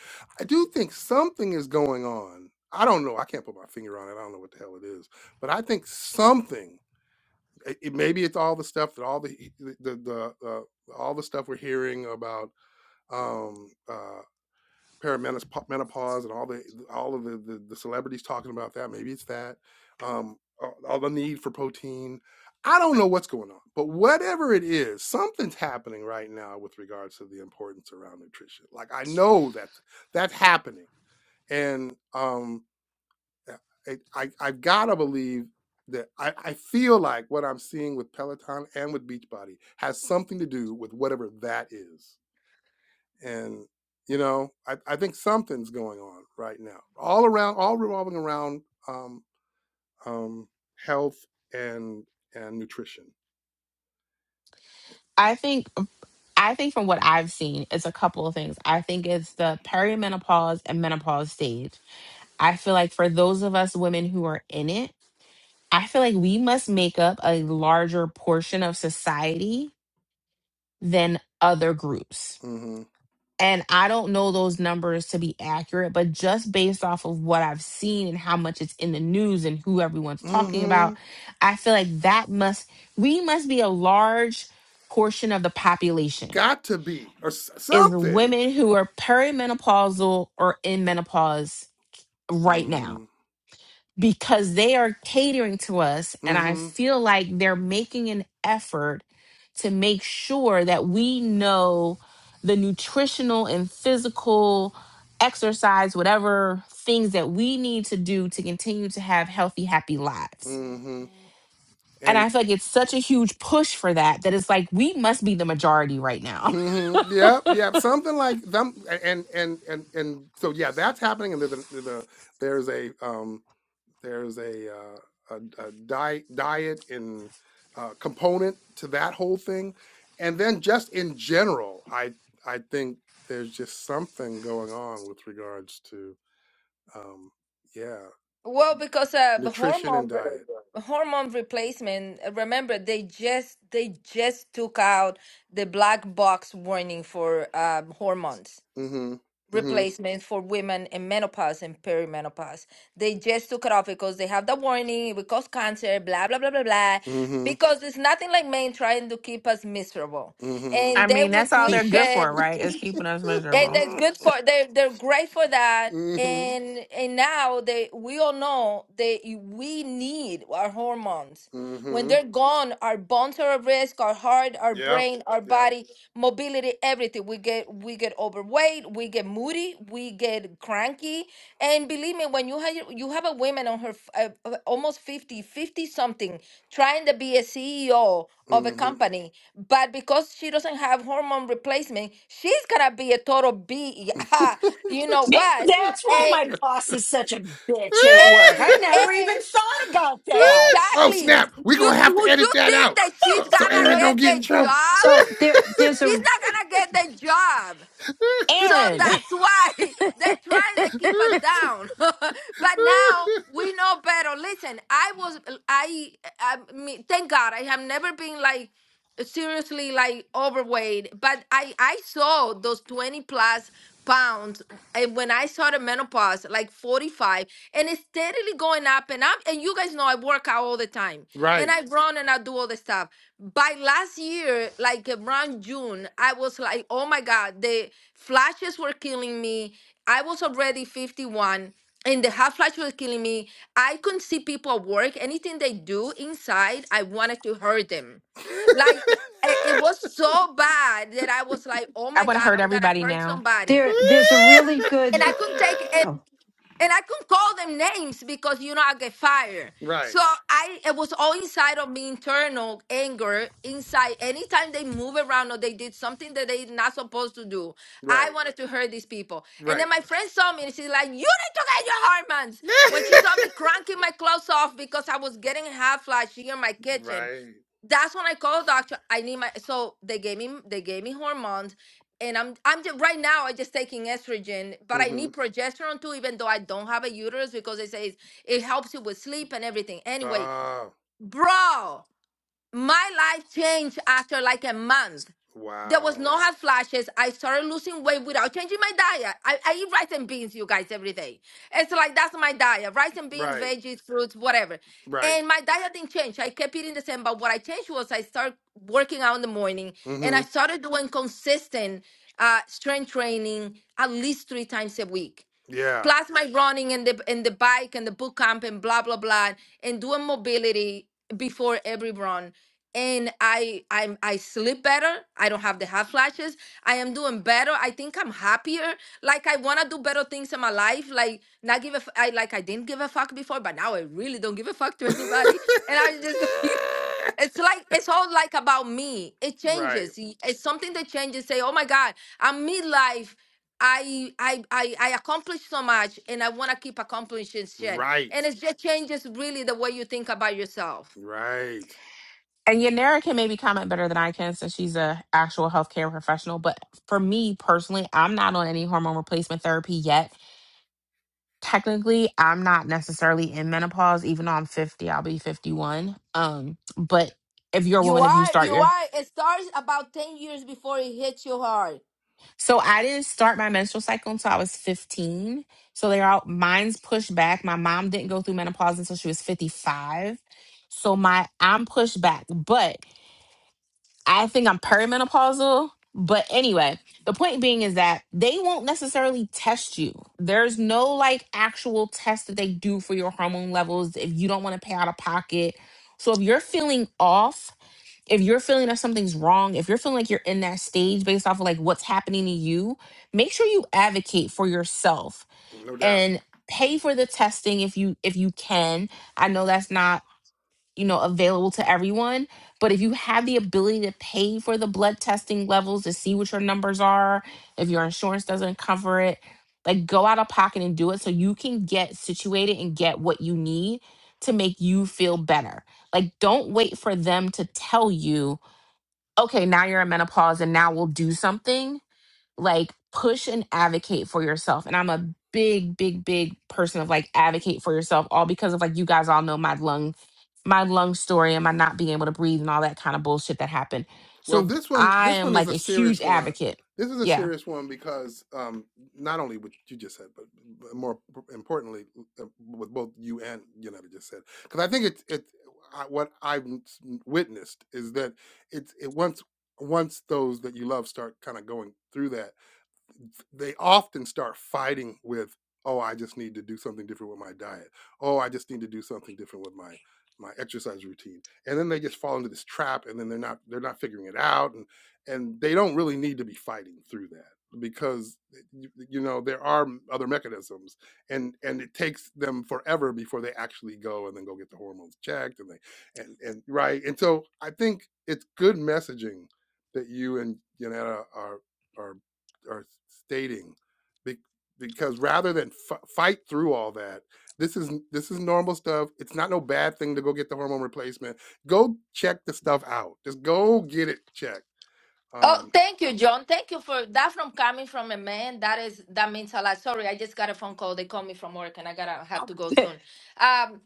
Speaker 1: I do think something is going on. I don't know. I can't put my finger on it. I don't know what the hell it is, but I think something. It, it- maybe it's all the stuff that all the the the, the uh, all the stuff we're hearing about. Um, uh, perimenopause and all the all of the, the the celebrities talking about that maybe it's that um all all the need for protein i don't know what's going on but whatever it is something's happening right now with regards to the importance around nutrition like i know that that's happening and um i, I i've got to believe that I, I feel like what i'm seeing with peloton and with beachbody has something to do with whatever that is and you know I, I think something's going on right now all around all revolving around um, um, health and and nutrition
Speaker 2: i think uh, i think from what i've seen it's a couple of things i think it's the perimenopause and menopause stage i feel like for those of us women who are in it I feel like we must make up a larger portion of society than other groups.
Speaker 1: mm-hmm
Speaker 2: And I don't know those numbers to be accurate, but just based off of what I've seen and how much it's in the news and who everyone's talking about,
Speaker 1: mm-hmm
Speaker 2: I feel like that must, we must be a large portion of the population
Speaker 1: got to be or s-
Speaker 2: is
Speaker 1: something
Speaker 2: women who are perimenopausal or in menopause right now
Speaker 1: mm-hmm
Speaker 2: because they are catering to us and i
Speaker 1: mm-hmm
Speaker 2: feel like they're making an effort to make sure that we know the nutritional and physical exercise whatever things that we need to do to continue to have healthy happy lives
Speaker 1: mm-hmm
Speaker 2: and
Speaker 1: And.
Speaker 2: i feel like it's such a huge push for that that it's like we must be the majority right now
Speaker 1: Mm-hmm. Yep. Yep. Something like them. And and and and so yeah, that's happening. And the, the, the there's a um there's a uh, a, a diet diet and uh, component to that whole thing. And then just in general, I I think there's just something going on with regards to um yeah
Speaker 11: Well, because uh, the
Speaker 1: nutrition and
Speaker 11: hormone re-
Speaker 1: diet.
Speaker 11: hormone replacement. uh, Remember, they just they just took out the black box warning for um, hormones
Speaker 1: Mm-hmm. Mm-hmm.
Speaker 11: replacement for women in menopause and perimenopause. They just took it off because they have the warning. It will cause cancer. Blah blah blah blah blah.
Speaker 1: Mm-hmm.
Speaker 11: Because it's nothing like men trying to keep us miserable,
Speaker 1: Mm-hmm.
Speaker 2: I
Speaker 11: and they
Speaker 2: mean, that's
Speaker 11: would
Speaker 2: all they're
Speaker 11: twitch
Speaker 2: good
Speaker 11: it
Speaker 2: for, right? Is keeping us
Speaker 11: Hey,
Speaker 2: miserable.
Speaker 11: that's good for they're they're great for that.
Speaker 1: mm-hmm.
Speaker 11: And and now they we all know that we need our hormones. When
Speaker 1: Mm-hmm.
Speaker 11: they're gone, our bones are at risk, our heart, our
Speaker 1: Yep.
Speaker 11: brain, our
Speaker 1: Yep.
Speaker 11: body, mobility, everything. We get we get overweight, we get moody, we get cranky. And believe me, when you have you have a woman on her f- uh, uh, almost 50 50 something, trying to be a CEO of a
Speaker 1: hmm
Speaker 11: company, but because she doesn't have hormone replacement, she's gonna be a total B. you know
Speaker 7: Maybe
Speaker 11: what?
Speaker 7: that's why
Speaker 11: And
Speaker 7: my boss is such a bitch at work.
Speaker 11: and
Speaker 7: I never even
Speaker 11: and
Speaker 7: thought about that.
Speaker 1: oh
Speaker 11: exactly.
Speaker 1: snap! We
Speaker 11: You
Speaker 1: gonna have to
Speaker 11: would you
Speaker 1: edit that
Speaker 11: think
Speaker 1: out
Speaker 11: that she's
Speaker 1: so so
Speaker 11: gonna
Speaker 1: Aaron don't
Speaker 11: get
Speaker 1: get in
Speaker 11: the
Speaker 1: trouble.
Speaker 11: job?
Speaker 8: So there, there's
Speaker 11: She's
Speaker 8: a,
Speaker 11: not gonna get the job. So
Speaker 2: aaron
Speaker 11: that's
Speaker 2: i
Speaker 11: why they're trying to keep us down. but now we know better. Listen, I was, I, I mean, thank God I have never been like seriously like overweight, but I, I saw those 20 plus pounds and when I saw the menopause, like 45 and it's steadily going up and up. And you guys know I work out all the time and
Speaker 1: right.
Speaker 11: I run and I do all the stuff by last year, like around June, I was like, oh my God, the flashes were killing me. I was already 51 and the hot flash was killing me. I couldn't see people at work. Anything they do inside, I wanted to hurt them. Like eh, it was so bad that I was like, oh my
Speaker 2: want to
Speaker 11: God,
Speaker 2: hurt
Speaker 11: I'm gonna
Speaker 2: everybody
Speaker 11: hurt
Speaker 2: now
Speaker 11: somebody.
Speaker 8: there, there's a really good,
Speaker 11: And I couldn't take it.
Speaker 8: oh,
Speaker 11: And I couldn't call them names because you know I get fired. So
Speaker 1: right.
Speaker 11: I it was all inside of me, internal anger, inside. Anytime they move around or they did something that they not supposed to do, I
Speaker 1: Right.
Speaker 11: wanted to hurt these people. And
Speaker 1: Right.
Speaker 11: then my friend saw me and she's like, "You need to get your hormones." When she saw me cranking my clothes off because I was getting half flash here in my kitchen,
Speaker 1: right.
Speaker 11: that's when I called the doctor. I need my so they gave me they gave me hormones, and I'm I'm just right now I am just taking estrogen, but I
Speaker 1: Mm-hmm.
Speaker 11: need progesterone too, even though I don't have a uterus because they say it helps you with sleep and everything. Anyway,
Speaker 1: Oh
Speaker 11: bro, my life changed after like a month. There was no
Speaker 1: wow.
Speaker 11: hot flashes. I started losing weight without changing my diet. I, I eat rice and beans, you guys, every day. It's like that's my diet: rice and beans,
Speaker 1: Right.
Speaker 11: veggies, fruits, whatever.
Speaker 1: Right.
Speaker 11: And my diet didn't change. I kept eating the same. But what I changed was I started working out in the morning, and
Speaker 1: Mm-hmm.
Speaker 11: I started doing consistent uh, strength training at least three times a week
Speaker 1: Yeah.
Speaker 11: plus my running and the and the bike and the boot camp and blah blah blah and doing mobility before every run and i i'm i sleep better i don't have the hot flashes i am doing better i think i'm happier like i want to do better things in my life like not give a f- i like i didn't give a fuck before but now i really don't give a fuck to anybody and i just It's like it's all like about me. It
Speaker 1: right.
Speaker 11: changes. Y- It's something that changes. Say, oh my God, I'm midlife. I I I I accomplished so much, and I want to keep accomplishing shit.
Speaker 1: Right.
Speaker 11: And it just changes really the way you think about yourself.
Speaker 1: Right.
Speaker 2: And Yanira can maybe comment better than I can since she's a actual healthcare professional. But for me personally, I'm not on any hormone replacement therapy yet. Technically, I'm not necessarily in menopause, even though I'm 50, I'll be 51. Um, but if you're a
Speaker 11: You
Speaker 2: woman, if you
Speaker 11: are
Speaker 2: start
Speaker 11: you
Speaker 2: your
Speaker 11: are. It starts about ten years before it hits you hard.
Speaker 2: so I didn't start my menstrual cycle until I was 15. So they're all mine's pushed back. My mom didn't go through menopause until she was 55. So my I'm pushed back. but. I think I'm perimenopausal. But anyway, the point being is that they won't necessarily test you. There's no like actual test that they do for your hormone levels if you don't want to pay out of pocket. So if you're feeling off, if you're feeling that something's wrong, if you're feeling like you're in that stage based off of like what's happening to you, make sure you advocate for yourself
Speaker 1: No doubt.
Speaker 2: and pay for the testing if you if you can. I know that's not you know available to everyone but if you have the ability to pay for the blood testing levels to see what your numbers are if your insurance doesn't cover it like go out of pocket and do it so you can get situated and get what you need to make you feel better like don't wait for them to tell you okay now you're in menopause and now we'll do something like push and advocate for yourself and i'm a big big big person of like advocate for yourself all because of like you guys all know my lung my lung story and my not being able to breathe and all that kind of bullshit that happened
Speaker 1: Well,
Speaker 2: so
Speaker 1: this one
Speaker 2: i
Speaker 1: this
Speaker 2: am
Speaker 1: one is
Speaker 2: like
Speaker 1: a
Speaker 2: a huge
Speaker 1: serious one.
Speaker 2: advocate
Speaker 1: This is a
Speaker 2: yeah
Speaker 1: serious one because um not only what you just said, but but more importantly, uh, what both you and Yonetta just said, because I think it's it I- what I've n- witnessed is that it's it once once those that you love start kind of going through that they often start fighting with oh i just need to do something different with my diet oh i just need to do something different with my my exercise routine and then they just fall into this trap and then they're not they're not figuring it out and and they don't really need to be fighting through that because eh, you, you know there are other mechanisms and and it takes them forever before they actually go and then go get the hormones checked and they and and right and so i think it's good messaging that you and Yanetta are are are stating, because rather than f- fight through all that, this is this is normal stuff. It's not no bad thing to go get the hormone replacement. Go check the stuff out. Just go get it checked.
Speaker 11: Oh,
Speaker 1: Um,
Speaker 11: thank you, John. Thank you for that. From coming from a man, that is that means a lot. Sorry, I just got a phone call. They call me from work, and I gotta have to go soon. Um,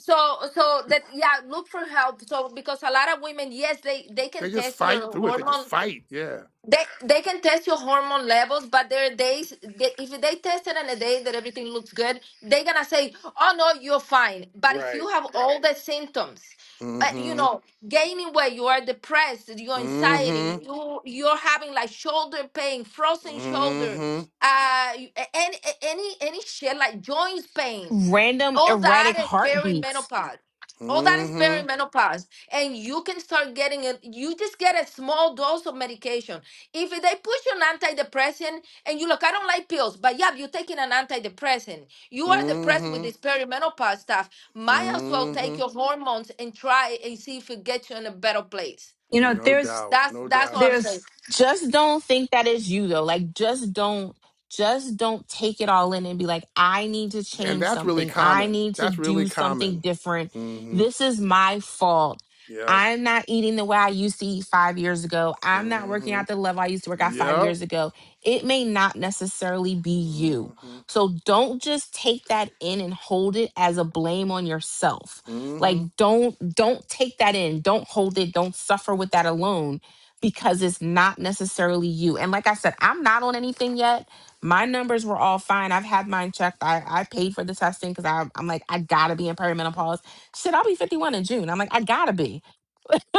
Speaker 11: so so that yeah, look for help. So because a lot of women, yes, they they can
Speaker 1: they just
Speaker 11: test
Speaker 1: fight
Speaker 11: your
Speaker 1: through it. They just
Speaker 11: hormone
Speaker 1: fight. Yeah.
Speaker 11: they they can test your hormone levels, but there are days they, if they test it on a day that everything looks good, they're gonna say, "Oh no, you're fine." But if
Speaker 1: Right.
Speaker 11: you have all the symptoms, uh, you
Speaker 1: Mm-hmm.
Speaker 11: know, gaining weight, you are depressed, your
Speaker 1: Mm-hmm.
Speaker 11: anxiety, you you're having like shoulder pain, frozen shoulder,
Speaker 1: Mm-hmm.
Speaker 11: uh, you- a- any a- any any shit like joints pain
Speaker 2: random
Speaker 11: all that
Speaker 2: erratic
Speaker 11: is
Speaker 2: heartbeats
Speaker 11: perimenopause. All that is
Speaker 1: Mm-hmm.
Speaker 11: perimenopause. And you can start getting it. You just get a small dose of medication. If they push you an antidepressant and you look, I don't like pills, but yeah, you're taking an antidepressant. You are depressed with
Speaker 1: Mm-hmm.
Speaker 11: this perimenopause stuff. Might as well take
Speaker 1: Mm-hmm.
Speaker 11: your hormones and try and see if it gets you in a better place.
Speaker 8: you know,
Speaker 1: No
Speaker 8: there's,
Speaker 1: doubt.
Speaker 11: That's
Speaker 1: No
Speaker 11: that's what
Speaker 1: doubt.
Speaker 11: I'm saying.
Speaker 8: there's
Speaker 2: just don't think that is you though like just don't just don't take it all in and be like i need to
Speaker 1: And
Speaker 2: change
Speaker 1: that's really
Speaker 2: something i
Speaker 1: common.
Speaker 2: need to
Speaker 1: That's really
Speaker 2: do
Speaker 1: common.
Speaker 2: something different
Speaker 1: Mm-hmm.
Speaker 2: this is my fault
Speaker 1: Yep.
Speaker 2: i'm not eating the way i used to eat five years ago i'm not
Speaker 1: Mm
Speaker 2: working
Speaker 1: hmm.
Speaker 2: out the level i used to work out five
Speaker 1: Yep.
Speaker 2: years ago it may not necessarily be you
Speaker 1: Mm-hmm.
Speaker 2: so don't just take that in and hold it as a blame on yourself like
Speaker 1: Mm-hmm.
Speaker 2: don't don't take that in don't hold it don't suffer with that alone because it's not necessarily you. And like I said, I'm not on anything yet. My numbers were all fine. I've had mine checked. I, I paid for the testing because I'm, I'm like, I gotta be in perimenopause. Shit, I'll be 51 in June. I'm like, I gotta be.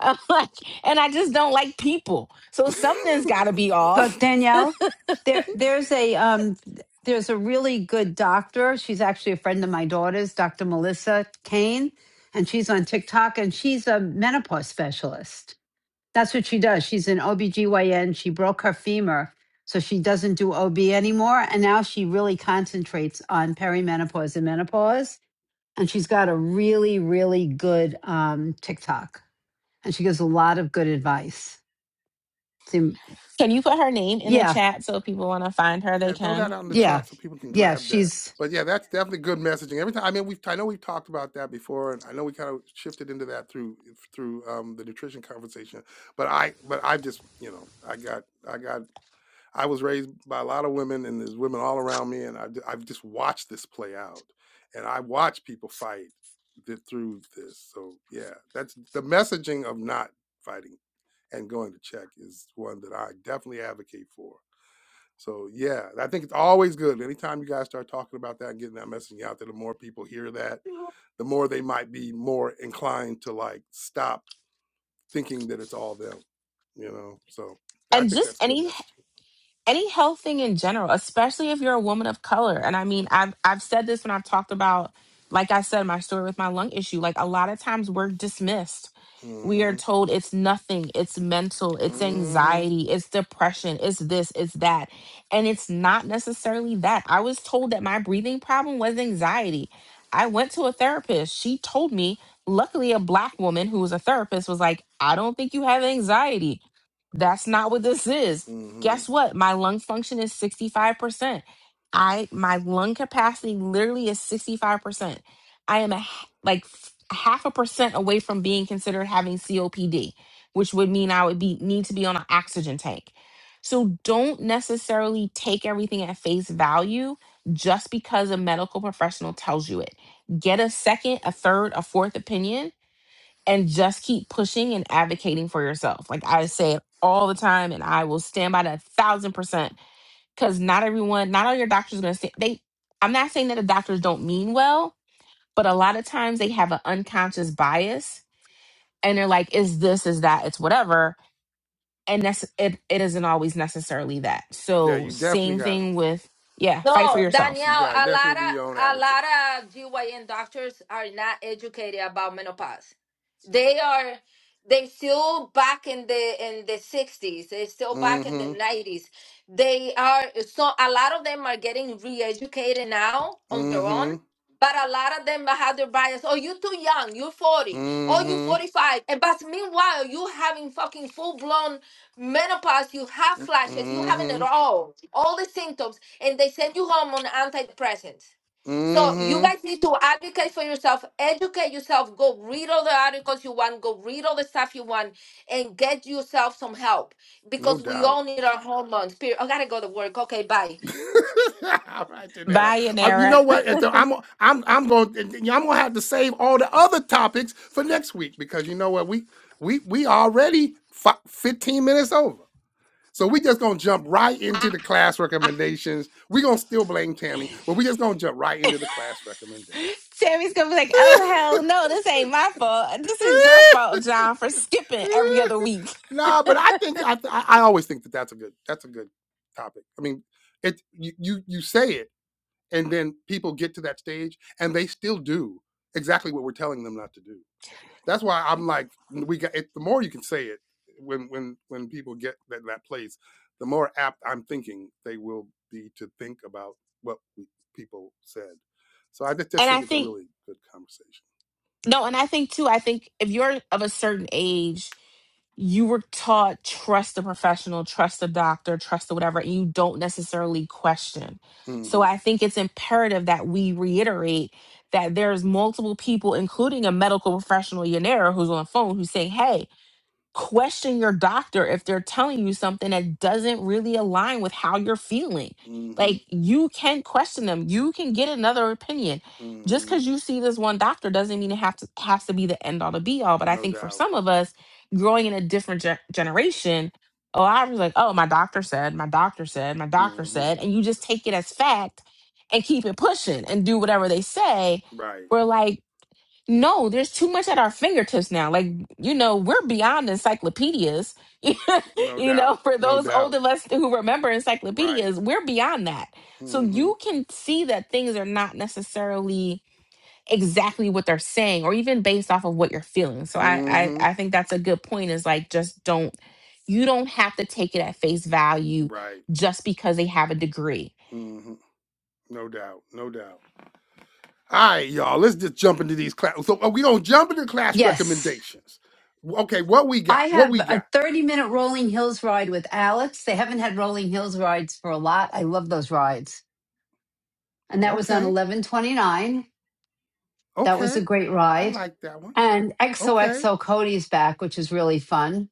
Speaker 2: I'm like, and I just don't like people. So something's gotta be off.
Speaker 8: But Danielle, there there's a um there's a really good doctor. She's actually a friend of my daughter's, Dr. Melissa Kane, and she's on TikTok and she's a menopause specialist. That's what she does. She's an OBGYN. She broke her femur, so she doesn't do OB anymore. And now she really concentrates on perimenopause and menopause. And she's got a really, really good um, TikTok. And she gives a lot of good advice. So,
Speaker 2: Can you put her name in the
Speaker 8: Yeah,
Speaker 2: chat so if people wanna find her,
Speaker 1: yeah,
Speaker 2: they
Speaker 1: throw that
Speaker 2: can?
Speaker 1: out in the
Speaker 8: Yeah.
Speaker 1: chat so people can
Speaker 8: Yeah.
Speaker 1: grab that.
Speaker 8: She's,
Speaker 1: But yeah, that's definitely good messaging. Every time I mean we've I know we've talked about that before and I know we kind of shifted into that through through um the nutrition conversation. But I but I just, you know, I got I got I was raised by a lot of women, and there's women all around me, and I've, I've just watched this play out, and I watch people fight th- through this. So yeah, that's the messaging of not fighting and going to check is one that I definitely advocate for. So yeah, I think it's always good. Anytime you guys start talking about that and getting that messaging out there, the more people hear that, the more they might be more inclined to like stop thinking that it's all them. You know, so I
Speaker 2: And
Speaker 1: think
Speaker 2: just
Speaker 1: that's good
Speaker 2: any
Speaker 1: messaging.
Speaker 2: any health thing in general, especially if you're a woman of color. And I mean, I've I've said this when I've talked about, like I said, my story with my lung issue. Like a lot of times we're dismissed we are
Speaker 1: hmm
Speaker 2: told it's nothing, it's mental, it's
Speaker 1: hmm
Speaker 2: anxiety, it's depression, it's this, it's that. And it's not necessarily that. I was told that my breathing problem was anxiety. I went to a therapist. She told me, luckily, a black woman who was a therapist was like, I don't think you have anxiety. That's not what this is.
Speaker 1: hmm
Speaker 2: Guess what? My lung function is 65%. I my lung capacity literally is 65%. I am a, h- like f- half a percent away from being considered having COPD, which would mean I would be need to be on an oxygen tank. So don't necessarily take everything at face value just because a medical professional tells you it. Get a second, a third, a fourth opinion and just keep pushing and advocating for yourself. Like I say it all the time and I will stand by that a thousand percent because not everyone, not all your doctors are gonna say they I'm not saying that the doctors don't mean well, but a lot of times they have an unconscious bias and they're like is this is that it's whatever and that's it, it isn't always necessarily that
Speaker 1: Yeah,
Speaker 2: so
Speaker 1: you definitely
Speaker 2: same
Speaker 1: gotta.
Speaker 2: thing with yeah fight for
Speaker 1: y-
Speaker 11: No,
Speaker 2: yourself
Speaker 1: You
Speaker 11: Danielle,
Speaker 1: gotta
Speaker 11: a lot
Speaker 1: definitely be
Speaker 11: of
Speaker 1: your own
Speaker 11: a
Speaker 1: advocate.
Speaker 11: lot of GYN doctors are not educated about menopause. They are they still back in the in the sixties, they still back in the
Speaker 1: hmm
Speaker 11: nineties. They are so a lot of them are getting re-educated now on their own.
Speaker 1: hmm
Speaker 11: But a lot of them have their bias. Oh, you too young. You're 40. Oh, you
Speaker 1: hmm
Speaker 11: 45. And but meanwhile, you having fucking full blown menopause, you have flashes, you having
Speaker 1: hmm
Speaker 11: it all, all the symptoms, and they send you home on antidepressants. So you
Speaker 1: hmm
Speaker 11: guys need to advocate for yourself, educate yourself, go read all the articles you want, go read all the stuff you want, and get yourself some help
Speaker 1: No
Speaker 11: because we
Speaker 1: doubt.
Speaker 11: all need our hormones. Period. I gotta go to work. Okay, bye.
Speaker 1: all right, Janetta.
Speaker 2: bye
Speaker 1: Uh, you
Speaker 2: yanera
Speaker 1: know what? Ethel, I'm I'm I'm going to I'm gonna have to save all the other topics for next week because you know what we we we already fi- 15 minutes over. So we just gonna jump right into the class recommendations. we gonna still blame Tammy, but we just gonna jump right into the class recommendation.
Speaker 2: tammy's gonna be like oh hell no this ain't my fault this is your fault john for skipping every other week
Speaker 1: No, but I think I I always think that that's a good that's a good topic. I mean, it you you you say it, and then people get to that stage, and they still do exactly what we're telling them not to do. That's why I'm like we got it, the more you can say it when when when people get that that place, the more apt I'm thinking they will be to think about what we, people said. So I just, just
Speaker 2: and i
Speaker 1: think it's a
Speaker 2: think
Speaker 1: really good conversation.
Speaker 2: no and i think too i think if you're of a certain age you were taught trust the professional, trust the doctor, trust the whatever, and you don't necessarily question. So I think it's imperative that we reiterate that there's multiple people, including a medical professional, Yanera, who's on the phone, who's saying, "Hey, question your doctor if they're telling you something that doesn't really align with how you're feeling.
Speaker 1: hmm hmm
Speaker 2: Like you can question them. You can get another opinion. Just
Speaker 1: hmm
Speaker 2: because you see this one doctor doesn't mean it have to has to be the end all to be all. But I
Speaker 1: No
Speaker 2: think for
Speaker 1: doubt.
Speaker 2: some of us, growing in a different ge- generation, oh, I was like, oh, my doctor said, my doctor said, my doctor
Speaker 1: hmm
Speaker 2: said, and you just take it as fact and keep it pushing and do whatever they say.
Speaker 1: Right.
Speaker 2: We're like no, there's too much at our fingertips now. Like, you know, we're beyond encyclopedias.
Speaker 1: No
Speaker 2: you
Speaker 1: doubt.
Speaker 2: know, for
Speaker 1: No
Speaker 2: those old
Speaker 1: doubt.
Speaker 2: of us who remember
Speaker 1: Right.
Speaker 2: encyclopedias, we're beyond that. So
Speaker 1: hmm
Speaker 2: you can see that things are not necessarily exactly what they're saying or even based off of what you're feeling. So I I,
Speaker 1: hmm
Speaker 2: I think that's a good point is like just don't you don't have to take it at face value
Speaker 1: Right.
Speaker 2: just because they have a degree
Speaker 1: hmm No doubt. No doubt. All right, y'all. Let's just jump into these class. So are we gonna jump into class
Speaker 8: yes.
Speaker 1: recommendations. Okay, what we
Speaker 8: I
Speaker 1: got? What
Speaker 8: have
Speaker 1: we
Speaker 8: a
Speaker 1: got?
Speaker 8: 30 minute Rolling Hills ride with Alex. They haven't had Rolling Hills rides for a lot. I love those rides. And that was on
Speaker 1: Okay,
Speaker 8: 1129. That was a
Speaker 1: okay.
Speaker 8: great
Speaker 1: I
Speaker 8: ride.
Speaker 1: like that one.
Speaker 8: And
Speaker 1: Okay,
Speaker 8: XOXO Cody's back, which is really fun.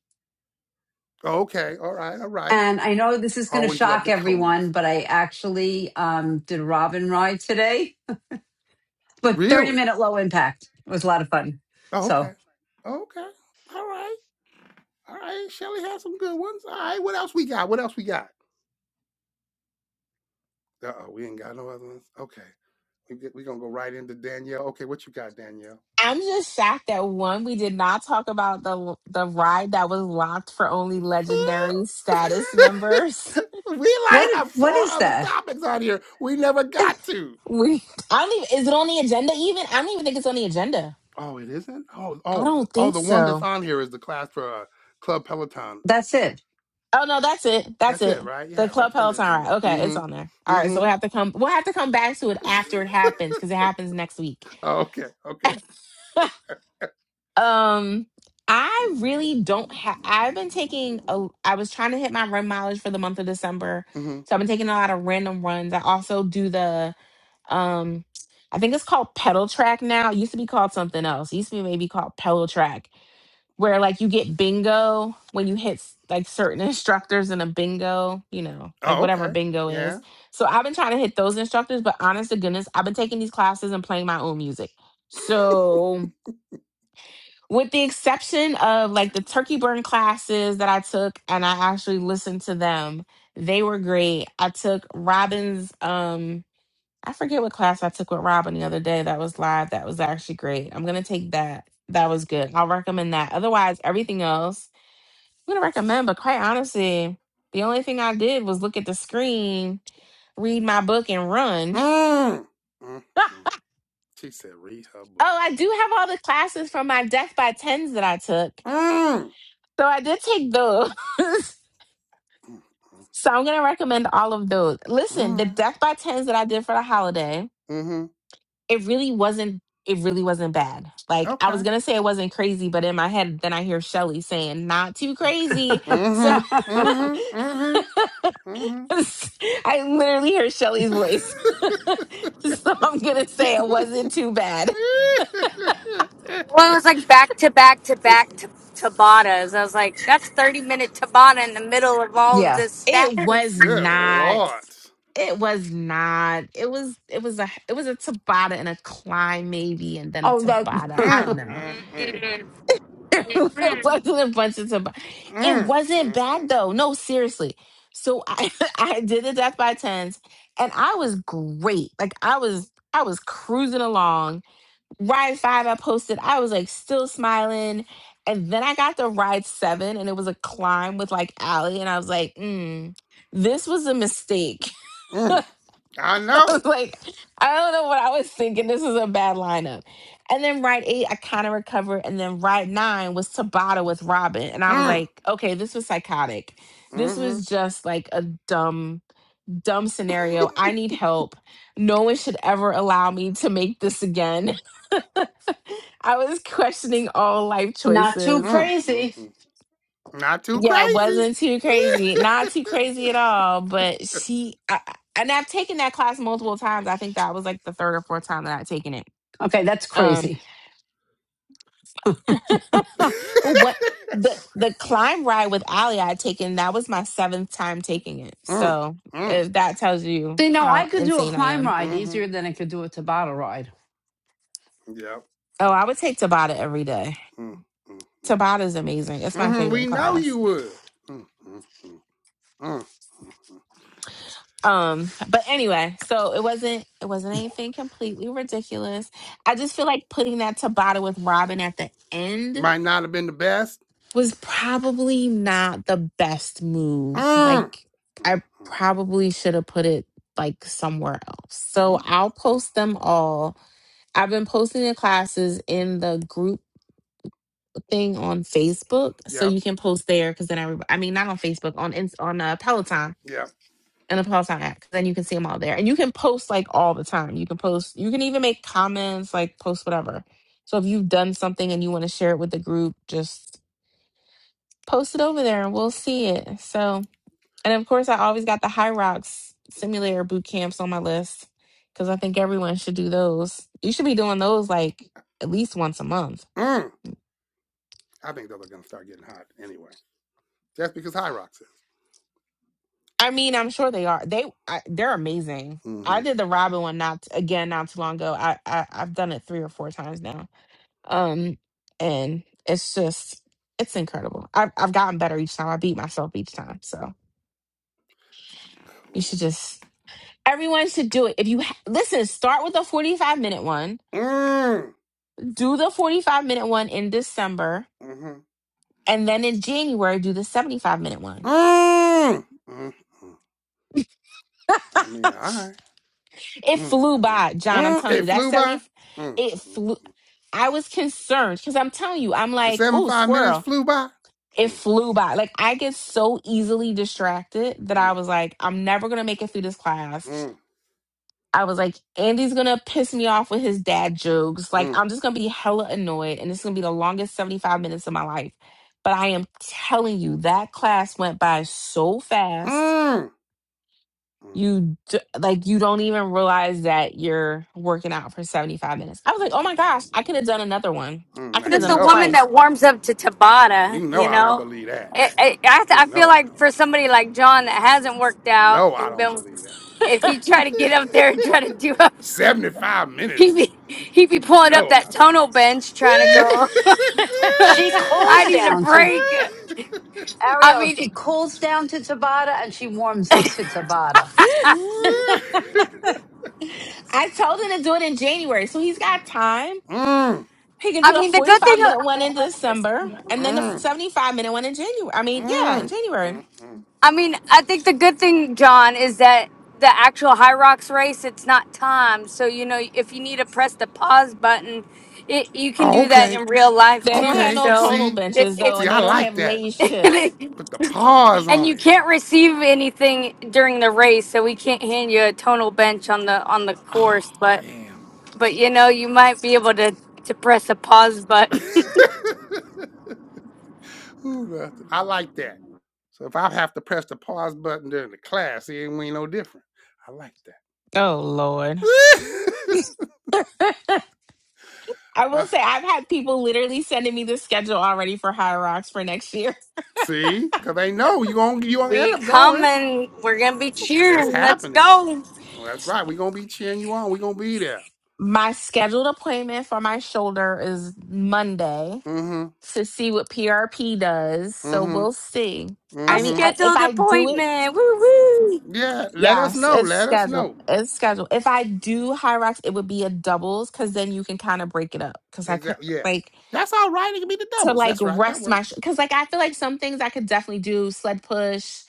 Speaker 1: okay. All right, all right.
Speaker 8: And I know this is going to
Speaker 1: Always love
Speaker 8: shock
Speaker 1: the Codys.
Speaker 8: everyone, but I actually um, did a Robin ride today, but 30
Speaker 1: Really?
Speaker 8: minute low impact. It was a lot of fun.
Speaker 1: Oh,
Speaker 8: So
Speaker 1: okay, okay. All right, all right. Shelly has some good ones. All right. What else we got? What else we got? Uh oh, we ain't got no other ones. Okay, we we gonna go right into Danielle. Okay, what you got, Danielle?
Speaker 2: I'm just shocked that one, we did not talk about the the ride that was locked for only legendary status members.
Speaker 1: we like
Speaker 8: what
Speaker 1: have
Speaker 8: what
Speaker 1: four
Speaker 8: is
Speaker 1: other
Speaker 8: that?
Speaker 1: topics on here we never got to.
Speaker 2: We I don't even is it on the agenda even? I don't even think it's on the agenda.
Speaker 1: Oh, it isn't. Oh,
Speaker 2: I
Speaker 1: oh,
Speaker 2: don't
Speaker 1: oh.
Speaker 2: think
Speaker 1: The one that's
Speaker 2: so.
Speaker 1: on here is the class for uh, Club Peloton.
Speaker 8: That's it.
Speaker 2: Oh no, that's it. That's
Speaker 1: That's
Speaker 2: it.
Speaker 1: it, right?
Speaker 2: The
Speaker 1: Yeah,
Speaker 2: Club
Speaker 1: that's on the
Speaker 2: Peloton
Speaker 1: agenda.
Speaker 2: ride. Okay, it's on there.
Speaker 1: Mm-hmm.
Speaker 2: All right, so
Speaker 1: Mm-hmm.
Speaker 2: we'll have to come we'll have to come back to it after it happens because it happens next week.
Speaker 1: oh, okay. Okay.
Speaker 2: Um, I really don't have. I've been taking a. I was trying to hit my run mileage for the month of December,
Speaker 1: Mm-hmm.
Speaker 2: so I've been taking a lot of random runs. I also do the um, I think it's called pedal track now. It used to be called something else. It used to be maybe called pedal track, where like you get bingo when you hit s- like certain instructors in a bingo, you know, like
Speaker 1: Oh,
Speaker 2: whatever
Speaker 1: okay.
Speaker 2: bingo
Speaker 1: Yeah.
Speaker 2: is. So I've been trying to hit those instructors, but honest to goodness, I've been taking these classes and playing my own music. So with the exception of like the turkey burn classes that I took and I actually listened to them. They were great. I took Robin's um I forget what class I took with Robin the other day that was live. That was actually great. I'm gonna take that. That was good. I'll recommend that. Otherwise, everything else I'm gonna recommend, but quite honestly, the only thing I did was look at the screen, read my book, and run.
Speaker 1: mm.
Speaker 2: oh,
Speaker 1: Mm-hmm. She said, "Read her book."
Speaker 2: I do have all the classes from my Death by Tens that I took.
Speaker 1: Mm.
Speaker 2: So I did take those.
Speaker 1: Mm-hmm.
Speaker 2: So I'm gonna recommend all of those. Listen, the
Speaker 1: Mm-hmm.
Speaker 2: death by tens that I did for the holiday,
Speaker 1: Mm-hmm.
Speaker 2: it really wasn't it really wasn't bad. Like I
Speaker 1: Okay.
Speaker 2: was gonna say it wasn't crazy, but in my head then I hear Shelly saying, not too crazy. So
Speaker 1: Mm-hmm. Mm-hmm. Mm-hmm. Mm-hmm.
Speaker 2: I literally hear Shelly's voice. so I'm gonna say it wasn't too bad.
Speaker 4: Well, it was like back to back to back to Tabatas. I was like, that's 30 minute Tabata in the middle of all of
Speaker 8: yeah.
Speaker 4: this stuff.
Speaker 2: It was
Speaker 1: Good
Speaker 2: not.
Speaker 1: lord.
Speaker 2: It was not. It was it was a it was a Tabata and a climb maybe and then a
Speaker 8: Oh, that
Speaker 2: Tabata. I
Speaker 1: Mm,
Speaker 2: don't know
Speaker 1: mm, mm,
Speaker 2: it wasn't a bunch of tobacco. It
Speaker 1: mm,
Speaker 2: wasn't
Speaker 1: mm, mm,
Speaker 2: bad though. No, seriously. So I I did the death by tens, and I was great. Like I was I was cruising along. Ride five, I posted. I was like still smiling, and then I got to ride seven, and it was a climb with like Allie, and I was like, mm, this was a mistake.
Speaker 1: mm. I
Speaker 2: I
Speaker 1: know.
Speaker 2: was like, I don't know what I was thinking. This is a bad lineup. And then ride eight, I kind of recovered. And then ride nine was Tabata with Robin. And I was
Speaker 1: Mm,
Speaker 2: like, okay, this was psychotic. This
Speaker 1: mm,
Speaker 2: was just like a dumb, dumb scenario. I need help. No one should ever allow me to make this again. I was questioning all life
Speaker 8: not too
Speaker 2: choices.
Speaker 1: mm, mm,
Speaker 8: crazy.
Speaker 1: mm. Not too
Speaker 2: Yeah, it
Speaker 1: crazy.
Speaker 2: wasn't too crazy. Not too crazy at all. But she, I, I- and I've taken that class multiple times. I think that was like the third or fourth time that i would taken it.
Speaker 8: Okay, that's
Speaker 2: Um,
Speaker 8: crazy.
Speaker 2: well, what the the climb ride with Ali I would taken that was my seventh time taking it.
Speaker 1: mm,
Speaker 2: So
Speaker 1: mm,
Speaker 2: if that tells you
Speaker 8: See, know,
Speaker 2: how
Speaker 8: I could do a
Speaker 2: insane I
Speaker 8: climb
Speaker 2: am.
Speaker 8: ride
Speaker 1: mm-hmm.
Speaker 8: easier than I could do a Tabata ride.
Speaker 1: Yep.
Speaker 2: Oh, I would take Tabata every day.
Speaker 1: Mm, mm, mm.
Speaker 2: Tabata is amazing. It's my
Speaker 1: hmm We
Speaker 2: favorite
Speaker 1: know
Speaker 2: class.
Speaker 1: you would. Mm, mm, mm, mm, mm, mm.
Speaker 2: Um, but anyway, so it wasn't it wasn't anything completely ridiculous. I just feel like putting that Tabata with Robin at the end
Speaker 1: Might not have been the best.
Speaker 2: was probably not the best move.
Speaker 1: Mm.
Speaker 2: Like
Speaker 1: Mm,
Speaker 2: I
Speaker 1: mm,
Speaker 2: probably should have put it like somewhere else. So
Speaker 1: mm,
Speaker 2: I'll
Speaker 1: mm.
Speaker 2: post them all. I've been posting the classes in the group thing on Facebook, so
Speaker 1: Yep.
Speaker 2: you can post there because then everybody. I mean, not on Facebook, on Ins- on uh, Peloton
Speaker 1: Yep.
Speaker 2: an Peloton app 'cause then you can see them all there. And you can post like all the time. You can post, you can even make comments, like post whatever. So if you've done something and you want to share it with the group, just post it over there and we'll see it. So, and of course, I always got the High Rocks simulator boot camps on my list because I think everyone should do those. You should be doing those like at least once a month.
Speaker 1: Mm, I think those are going to start getting hot anyway. That's because High Rock says.
Speaker 2: I mean, I'm sure they are. They I, they're amazing. I
Speaker 1: Mm-hmm.
Speaker 2: did the Robin one not again not too long ago. I, I I've done it three or four times now Um, and it's just it's incredible. I've I've gotten better each time. I beat myself each time. So you should just everyone should do it. If you ha- listen, start with a forty five minute one.
Speaker 1: Mm,
Speaker 2: Do the forty five minute one in December,
Speaker 1: mm-hmm.
Speaker 2: and then in January do the seventy five minute one.
Speaker 1: Mm, mm, mm. I mean, all right.
Speaker 2: It
Speaker 1: Mm,
Speaker 2: flew
Speaker 1: mm,
Speaker 2: by, John. I'm
Speaker 1: mm.
Speaker 2: telling
Speaker 1: It
Speaker 2: you that
Speaker 1: flew by.
Speaker 2: seventy.
Speaker 1: Mm,
Speaker 2: It
Speaker 1: mm,
Speaker 2: flew.
Speaker 1: mm.
Speaker 2: I was concerned because I'm telling you, I'm
Speaker 1: The
Speaker 2: like, oh,
Speaker 1: 75 minutes
Speaker 2: squirrel.
Speaker 1: flew by.
Speaker 2: It
Speaker 1: Mm,
Speaker 2: flew
Speaker 1: mm,
Speaker 2: by. Like I get so easily
Speaker 1: mm,
Speaker 2: distracted that I
Speaker 1: mm,
Speaker 2: was like, I'm never gonna make it through this class
Speaker 1: mm,
Speaker 2: I was like, Andy's gonna piss me off with his dad jokes.
Speaker 1: mm,
Speaker 2: Like, I'm just gonna be hella annoyed, and it's gonna be the longest 75 minutes of my life. But I am telling you, that class went by so fast.
Speaker 1: mm,
Speaker 2: You d- like, you don't even realize that you're working out for 75 minutes. I was like, oh my gosh, I could have done another one.
Speaker 1: mm.
Speaker 2: I
Speaker 1: Now,
Speaker 2: could have
Speaker 4: Since
Speaker 1: you
Speaker 2: done
Speaker 4: the
Speaker 2: it
Speaker 1: know,
Speaker 4: woman
Speaker 1: I,
Speaker 2: twice.
Speaker 4: that warms up to Tabata,
Speaker 1: you know
Speaker 4: you
Speaker 1: I don't
Speaker 4: know?
Speaker 1: believe that.
Speaker 4: It, it, I, have
Speaker 1: You
Speaker 4: to- I feel
Speaker 1: know I don't
Speaker 4: like for
Speaker 1: believe that.
Speaker 4: somebody like John that hasn't worked out,
Speaker 1: No,
Speaker 4: he
Speaker 1: I don't
Speaker 4: been,
Speaker 1: believe that.
Speaker 4: if he try to get up there and try to do a,
Speaker 1: 75
Speaker 4: he
Speaker 1: minutes.
Speaker 4: be, he'd be
Speaker 1: You
Speaker 4: pulling up
Speaker 1: know I
Speaker 4: that
Speaker 1: don't.
Speaker 4: tonal bench trying to go.
Speaker 8: She
Speaker 4: I
Speaker 8: cools
Speaker 4: need a
Speaker 8: down to
Speaker 4: break. I
Speaker 8: Ariel.
Speaker 4: mean,
Speaker 8: She cools down to Tabata and she warms up to Tabata.
Speaker 1: Mm,
Speaker 2: I told him to do it in January, so he's got time. He can
Speaker 4: I
Speaker 2: do the
Speaker 4: mean the good
Speaker 2: 45
Speaker 4: thing.
Speaker 2: minute one in December, and then the
Speaker 1: mm, mm,
Speaker 2: 75 minute one in January. I mean, yeah, in
Speaker 1: mm,
Speaker 2: January.
Speaker 1: mm.
Speaker 4: I mean, I think the good thing, John, is that the actual High Rocks race, it's not timed. So, you know, if you need to press the pause button, it, you can
Speaker 1: Oh,
Speaker 4: do that
Speaker 1: okay.
Speaker 4: in real life
Speaker 2: They don't
Speaker 4: too.
Speaker 2: have
Speaker 1: Okay.
Speaker 2: no
Speaker 4: So,
Speaker 2: tonal
Speaker 1: See,
Speaker 4: it,
Speaker 2: benches though,
Speaker 1: see,
Speaker 2: and
Speaker 1: I
Speaker 2: they don't
Speaker 1: like
Speaker 2: have
Speaker 1: that.
Speaker 2: Lay's chips.
Speaker 4: it,
Speaker 1: Put the pause
Speaker 4: and
Speaker 1: on
Speaker 4: you
Speaker 1: it.
Speaker 4: can't receive anything during the race, so we can't hand you a tonal bench on the on the course.
Speaker 1: Oh,
Speaker 4: But
Speaker 1: damn.
Speaker 4: but you know, you might be able to to press a pause button.
Speaker 1: Ooh, that's- I like that. So if I have to press the pause button during the class, it ain't- we ain't no different. I like
Speaker 2: Oh Lord.
Speaker 1: that.
Speaker 2: I
Speaker 1: Uh,
Speaker 2: will say I've had people literally sending me the schedule already for High Rocks for next year.
Speaker 1: see, cause they know you gonna you gonna
Speaker 4: we
Speaker 1: end up going.
Speaker 4: coming. We're gonna be
Speaker 1: Mm, That's
Speaker 4: cheering. Let's
Speaker 1: happening.
Speaker 4: go.
Speaker 1: Oh, that's right. We're gonna be cheering you on. We're gonna be there.
Speaker 2: My scheduled appointment for my shoulder is Monday
Speaker 1: Mm-hmm.
Speaker 2: to see what PRP does. So we'll
Speaker 1: Mm-hmm.
Speaker 2: see. I mean,
Speaker 1: Mm-hmm.
Speaker 2: I- if
Speaker 4: Scheduled
Speaker 2: I do it,
Speaker 4: appointment. Woo woo.
Speaker 1: Yeah, let us
Speaker 2: yes,
Speaker 1: know.
Speaker 2: it's
Speaker 1: Let us
Speaker 2: scheduled.
Speaker 1: know.
Speaker 2: It's scheduled. If I do High Rocks, it would be a doubles because then you can kind of break it up. Because I could
Speaker 1: Exactly. Yeah.
Speaker 2: like
Speaker 1: That's all right. It can be the
Speaker 2: to
Speaker 1: doubles.
Speaker 2: like
Speaker 1: That's right. That
Speaker 2: rest my
Speaker 1: works.
Speaker 2: because like I feel like some things I could definitely do sled push,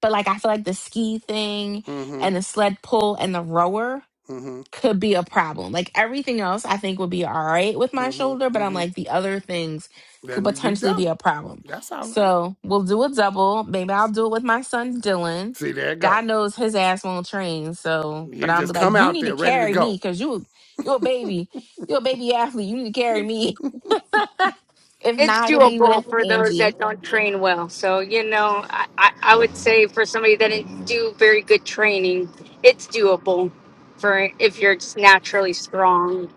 Speaker 2: but like I feel like the ski thing
Speaker 1: Mm-hmm.
Speaker 2: and the sled pull and the rower
Speaker 1: Mm-hmm.
Speaker 2: could be a problem. Like everything else I think would be all right with my
Speaker 1: Mm-hmm.
Speaker 2: shoulder, but I'm
Speaker 1: Mm-hmm.
Speaker 2: like the other things could
Speaker 1: Then you do
Speaker 2: potentially be a
Speaker 1: double.
Speaker 2: problem.
Speaker 1: That's all right.
Speaker 2: So we'll do a double. Maybe I'll do it with my son Dylan.
Speaker 1: See, there it go.
Speaker 2: God knows his ass won't train. So, but
Speaker 1: He'll
Speaker 2: I'm
Speaker 1: just come
Speaker 2: like, you
Speaker 1: out
Speaker 2: need to
Speaker 1: there ready to
Speaker 2: carry me
Speaker 1: go.
Speaker 2: because you you a baby. You're a baby athlete. You need to carry me. If
Speaker 4: it's
Speaker 2: not, it'll be with
Speaker 4: doable for those
Speaker 2: Angie.
Speaker 4: that don't train well. So, you know, I, I, I would say for somebody that didn't do very good training, it's doable for if you're just naturally strong.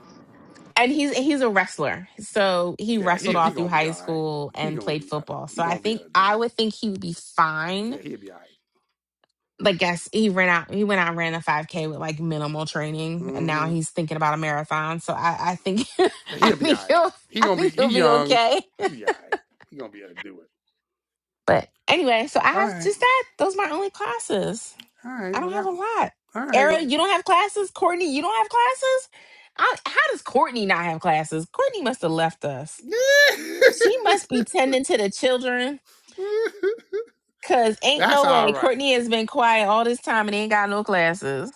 Speaker 2: And he's he's a wrestler. So he
Speaker 1: yeah, he
Speaker 2: wrestled
Speaker 1: he
Speaker 2: all through
Speaker 1: gonna be
Speaker 2: high
Speaker 1: all right.
Speaker 2: school
Speaker 1: He
Speaker 2: and
Speaker 1: gonna
Speaker 2: played
Speaker 1: be able to
Speaker 2: football.
Speaker 1: he
Speaker 2: So I
Speaker 1: gonna be
Speaker 2: think
Speaker 1: able to do
Speaker 2: I would
Speaker 1: it.
Speaker 2: think he would be fine.
Speaker 1: Yeah, he'll be all right.
Speaker 2: Like guess he ran out he went out and ran a 5K with like minimal
Speaker 1: right.
Speaker 2: training and
Speaker 1: Mhm.
Speaker 2: now he's thinking about a marathon. So I, I think I
Speaker 1: He'll be all
Speaker 2: think
Speaker 1: right.
Speaker 2: he'll
Speaker 1: He
Speaker 2: I
Speaker 1: gonna be
Speaker 2: think
Speaker 1: he
Speaker 2: he'll be
Speaker 1: young.
Speaker 2: okay.
Speaker 1: He'll be all right. He gonna be able to do it.
Speaker 2: But anyway, so I
Speaker 1: All
Speaker 2: have
Speaker 1: right.
Speaker 2: just that. Those are my only classes.
Speaker 1: All right.
Speaker 2: I
Speaker 1: Well,
Speaker 2: don't have
Speaker 1: that,
Speaker 2: a lot.
Speaker 1: all right.
Speaker 2: Era,
Speaker 1: Well,
Speaker 2: you don't have classes. Courtney, you don't have classes. I, how does Courtney not have classes? Courtney must have left us. She must be tending to the children, cause ain't
Speaker 1: that's
Speaker 2: no
Speaker 1: all
Speaker 2: way
Speaker 1: right.
Speaker 2: Courtney has been quiet all this time and ain't got no classes.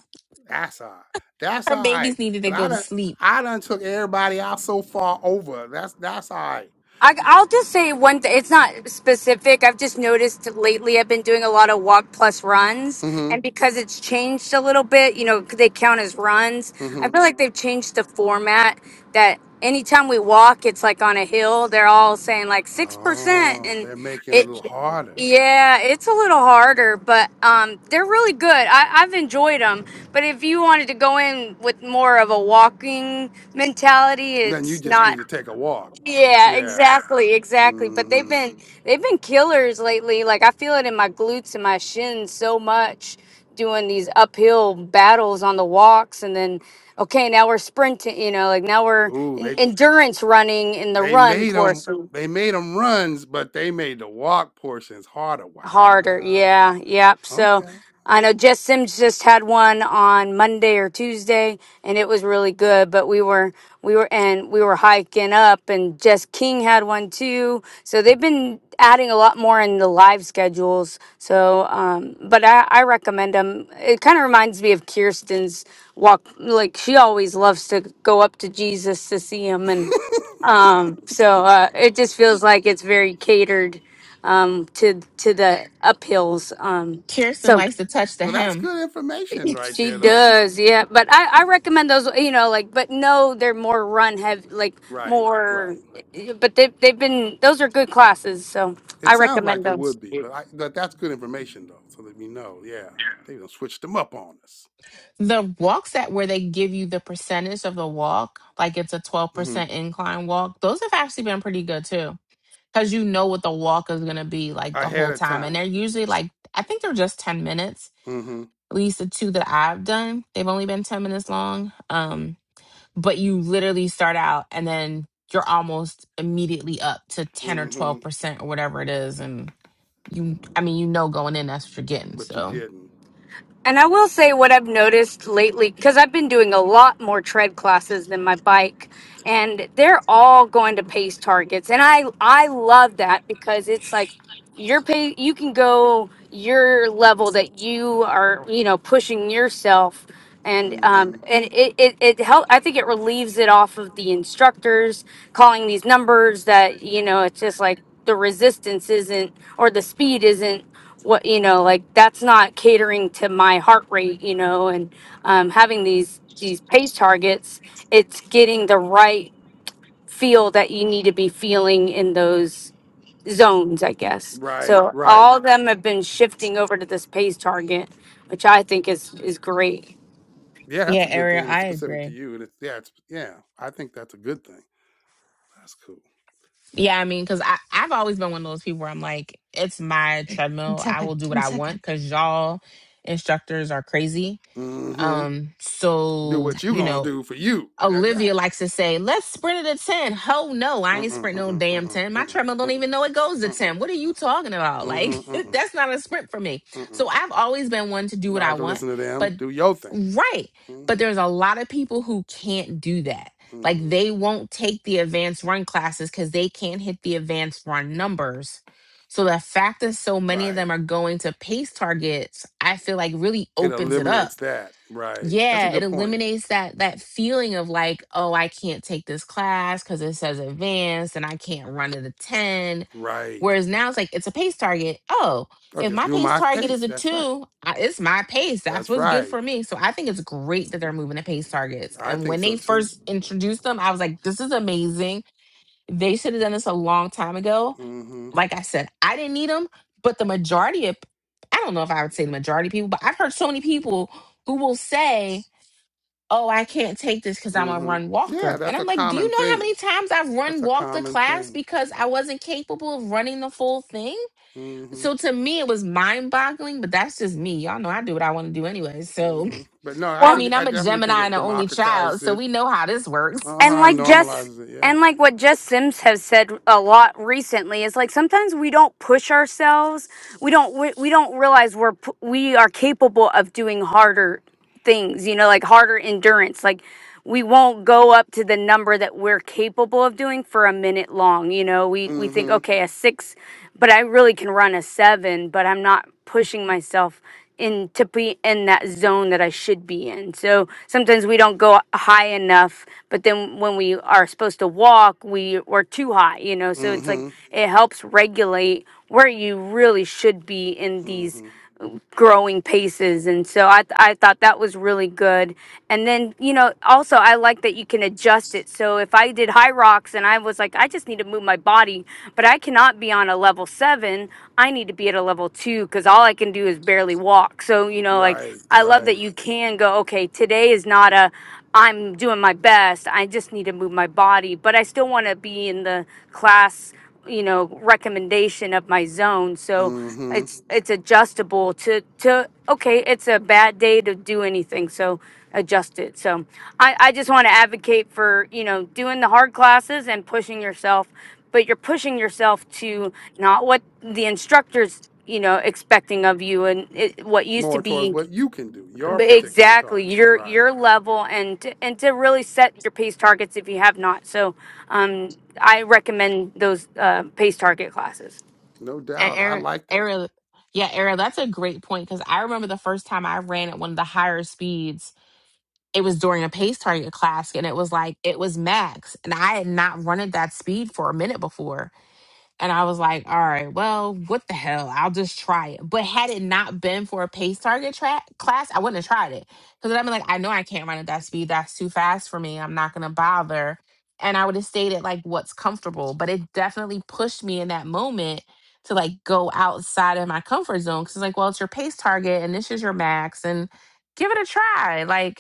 Speaker 1: That's all. Right. That's
Speaker 2: Her
Speaker 1: all right.
Speaker 2: babies needed to
Speaker 1: Cause
Speaker 2: go
Speaker 1: I
Speaker 2: to
Speaker 1: done
Speaker 2: sleep.
Speaker 1: I done took everybody out so far over. That's that's all right.
Speaker 4: I, I'll just say one thing. It's not specific. I've just noticed lately I've been doing a lot of walk plus runs. And
Speaker 1: Mm-hmm.
Speaker 4: because it's changed a little bit, you know, they count as runs. I
Speaker 1: Mm-hmm.
Speaker 4: feel like they've changed the format that anytime we walk, it's like on a hill. They're all saying like 6%.
Speaker 1: Oh,
Speaker 4: And
Speaker 1: they're making it a
Speaker 4: it,
Speaker 1: little harder.
Speaker 4: Yeah, it's a little harder, but um, they're really good. I, I've enjoyed them. But if you wanted to go in with more of a walking mentality,
Speaker 1: Then you
Speaker 4: it's
Speaker 1: just need
Speaker 4: not.
Speaker 1: to take a walk.
Speaker 4: Yeah,
Speaker 1: Yeah.
Speaker 4: exactly, exactly. But they've
Speaker 1: Mm-hmm.
Speaker 4: been they've been killers lately. Like I feel it in my glutes and my shins so much doing these uphill battles on the walks, and then okay, now we're sprinting. You know, like now we're
Speaker 1: Ooh,
Speaker 4: in,
Speaker 1: they
Speaker 4: endurance running in the
Speaker 1: They
Speaker 4: run
Speaker 1: made them.
Speaker 4: portion.
Speaker 1: They made them runs, but they made the walk portions harder.
Speaker 4: harder.
Speaker 1: Wow.
Speaker 4: Yeah, yep. So
Speaker 1: Okay.
Speaker 4: I know Jess Sims just had one on Monday or Tuesday, and it was really good. But we were we were and we were hiking up, and Jess King had one too. So they've been adding a lot more in the live schedules. So, um, but I, I recommend them. It kind of reminds me of Kirsten's walk. Like she always loves to go up to Jesus to see him and um so uh it just feels like it's very catered um, to to the uphills. Um,
Speaker 2: Kirsten
Speaker 4: so
Speaker 2: likes to touch the
Speaker 1: well, that's
Speaker 2: hem.
Speaker 1: good information right
Speaker 4: she
Speaker 1: there, though.
Speaker 4: does, yeah. But I, I recommend those, you know, like, but no, they're more run heavy, like
Speaker 1: Right.
Speaker 4: more.
Speaker 1: Right.
Speaker 4: But they they've been those are good classes, so
Speaker 1: It
Speaker 4: I
Speaker 1: sounds like
Speaker 4: recommend
Speaker 1: they
Speaker 4: those.
Speaker 1: would be, but I, but that's good information though, so that we know. Yeah, they gonna switch them up on us
Speaker 2: The walk set where they give you the percentage of the walk, like it's a twelve
Speaker 1: hmm
Speaker 2: percent incline walk. Those have actually been pretty good too. because you know what the walk is going to be like the
Speaker 1: ahead
Speaker 2: whole
Speaker 1: of
Speaker 2: time. And
Speaker 1: time.
Speaker 2: they're usually like, I think they're just 10 minutes.
Speaker 1: hmm
Speaker 2: At least the two that I've done, they've only been 10 minutes long. Um, but you literally start out and then you're almost immediately up to 10 or
Speaker 1: hmm
Speaker 2: 12% or whatever it is. And you, I mean, you know, going in, that's what you're getting.
Speaker 1: But you're
Speaker 2: So,
Speaker 1: getting.
Speaker 4: And I will say what I've noticed lately, because I've been doing a lot more tread classes than my bike, and they're all going to pace targets. And I I love that because it's like your pace, you can go your level that you are, you know, pushing yourself. And um,
Speaker 1: hmm
Speaker 4: and it, it, it help I think it relieves it off of the instructors calling these numbers that, you know, it's just like the resistance isn't or the speed isn't what you know like that's not catering to my heart rate you know and um, having these these pace targets it's getting the right feel that you need to be feeling in those zones i guess
Speaker 1: Right,
Speaker 4: so
Speaker 1: right.
Speaker 4: all of them have been shifting over to this pace target which i think is is great
Speaker 1: Yeah, that's
Speaker 2: Yeah,
Speaker 1: a good thing,
Speaker 2: Ariel,
Speaker 1: and it's
Speaker 2: I
Speaker 1: specific
Speaker 2: agree.
Speaker 1: to you. And it's yeah, it's yeah. I think that's a good thing. That's cool.
Speaker 2: yeah, I mean, because I've always been one of those people where I'm like, it's my treadmill. I will do what I want because y'all instructors are crazy
Speaker 1: hmm
Speaker 2: Um,
Speaker 1: Do
Speaker 2: so
Speaker 1: what you
Speaker 2: you
Speaker 1: gonna
Speaker 2: know,
Speaker 1: do for you.
Speaker 2: Olivia
Speaker 1: Exactly.
Speaker 2: likes to say, "Let's sprint it to 10. Ho, no, I ain't
Speaker 1: Mm-mm,
Speaker 2: sprinting no
Speaker 1: mm-mm,
Speaker 2: damn
Speaker 1: mm-mm,
Speaker 2: ten. My
Speaker 1: mm-mm,
Speaker 2: treadmill don't
Speaker 1: mm-mm,
Speaker 2: even know it goes to
Speaker 1: mm-mm,
Speaker 2: ten. What are you talking about? Like
Speaker 1: mm-mm, mm-mm,
Speaker 2: that's not a sprint for me.
Speaker 1: mm-mm.
Speaker 2: So I've always been one to do what
Speaker 1: Don't
Speaker 2: I
Speaker 1: have to
Speaker 2: want,
Speaker 1: listen to them.
Speaker 2: but
Speaker 1: Do your thing.
Speaker 2: right. But
Speaker 1: hmm
Speaker 2: there's a lot of people who can't do that. Like
Speaker 1: hmm
Speaker 2: they won't take the advanced run classes because they can't hit the advanced run numbers. So the fact that so many of
Speaker 1: Right.
Speaker 2: them are going to pace targets, I feel like really
Speaker 1: It
Speaker 2: opens it
Speaker 1: eliminates
Speaker 2: up
Speaker 1: that. Right. That's a
Speaker 2: yeah, it
Speaker 1: good point.
Speaker 2: eliminates that that feeling of like, oh, I can't take this class because it says advanced and I can't run at a 10.
Speaker 1: Right.
Speaker 2: Whereas now it's like it's a pace target. Oh,
Speaker 1: Oh,
Speaker 2: if
Speaker 1: just
Speaker 2: my
Speaker 1: do
Speaker 2: pace
Speaker 1: my
Speaker 2: target is
Speaker 1: pace.
Speaker 2: a
Speaker 1: That's right.
Speaker 2: two, I- it's my pace. That's
Speaker 1: That's
Speaker 2: what's good
Speaker 1: right.
Speaker 2: for me. So I think it's great that they're moving the pace targets.
Speaker 1: I
Speaker 2: And
Speaker 1: think
Speaker 2: when
Speaker 1: so
Speaker 2: they
Speaker 1: too.
Speaker 2: first introduced them, I was like, this is amazing. They should have done this a long time ago.
Speaker 1: hmm
Speaker 2: Like I said, I didn't need them, but the majority of I don't know if I would say the majority of people, but I've heard so many people who will say oh, I can't take this because I'm a
Speaker 1: hmm
Speaker 2: run
Speaker 1: Yeah,
Speaker 2: walker. And
Speaker 1: that's a
Speaker 2: I'm like, do you
Speaker 1: common
Speaker 2: know how
Speaker 1: thing.
Speaker 2: many times I've run
Speaker 1: That's a
Speaker 2: walked the
Speaker 1: common
Speaker 2: class
Speaker 1: thing.
Speaker 2: because I wasn't capable of running the full thing?
Speaker 1: hmm
Speaker 2: So to me, it was mind boggling, but that's just me. Y'all know I do what I want to do anyway. So,
Speaker 1: hmm But no, I
Speaker 2: I
Speaker 4: Well,
Speaker 2: mean,
Speaker 1: think I
Speaker 2: I'm a
Speaker 1: definitely think
Speaker 2: Gemini and
Speaker 1: it
Speaker 2: an only child,
Speaker 1: democratizes
Speaker 2: so
Speaker 1: it
Speaker 2: we know how this works.
Speaker 4: and
Speaker 1: Uh-huh.
Speaker 4: like Jess
Speaker 1: Normalizes it, yeah.
Speaker 4: and like what Jess Sims has said a lot recently is like sometimes we don't push ourselves. We don't we, we don't realize we're pu- we are capable of doing harder things, you know, like harder endurance. Like we won't go up to the number that we're capable of doing for a minute long, you know. We we think
Speaker 1: Mm-hmm.
Speaker 4: okay, a 6 but I really can run a seven, but I'm not pushing myself in to be in that zone that I should be in. So sometimes we don't go high enough, but then when we are supposed to walk, we we're too high, you know. So it's like
Speaker 1: Mm-hmm.
Speaker 4: it helps regulate where you really should be in these
Speaker 1: Mm-hmm.
Speaker 4: growing paces and so I, th- I thought that was really good and then you know also i like that you can adjust it so if i did high rocks and i was like i just need to move my body but i cannot be on a level seven i need to be at a level two because all i can do is barely walk so you know like
Speaker 1: Right,
Speaker 4: i love that
Speaker 1: right.
Speaker 4: you can go okay today is not a i'm doing my best i just need to move my body but i still want to be in the class you know recommendation of my zone so
Speaker 1: Mm-hmm.
Speaker 4: it's it's adjustable to to okay it's a bad day to do anything so adjust it so i i just want to advocate for you know doing the hard classes and pushing yourself but you're pushing yourself to not what the instructors you know expecting of you and it, what used to
Speaker 1: More towards
Speaker 4: be
Speaker 1: what you can do, your
Speaker 4: but
Speaker 1: particular
Speaker 4: exactly
Speaker 1: target.
Speaker 4: your
Speaker 1: Right.
Speaker 4: your level and to, and to really set your pace targets if you have not. So um, I recommend those uh, pace target classes.
Speaker 1: No
Speaker 2: And
Speaker 1: doubt. I
Speaker 2: Aaron,
Speaker 1: like that.
Speaker 2: Aaron, yeah, Aaron, that's a great point because I remember the first time I ran at one of the higher speeds it was during a pace target class and it was like it was max and i had not run at that speed for a minute before and i was like all right well what the hell i'll just try it but had it not been for a pace target track class i wouldn't have tried it because i would be like i know i can't run at that speed that's too fast for me i'm not gonna bother and i would have stayed at like what's comfortable but it definitely pushed me in that moment to like go outside of my comfort zone because it's like well it's your pace target and this is your max and give it a try like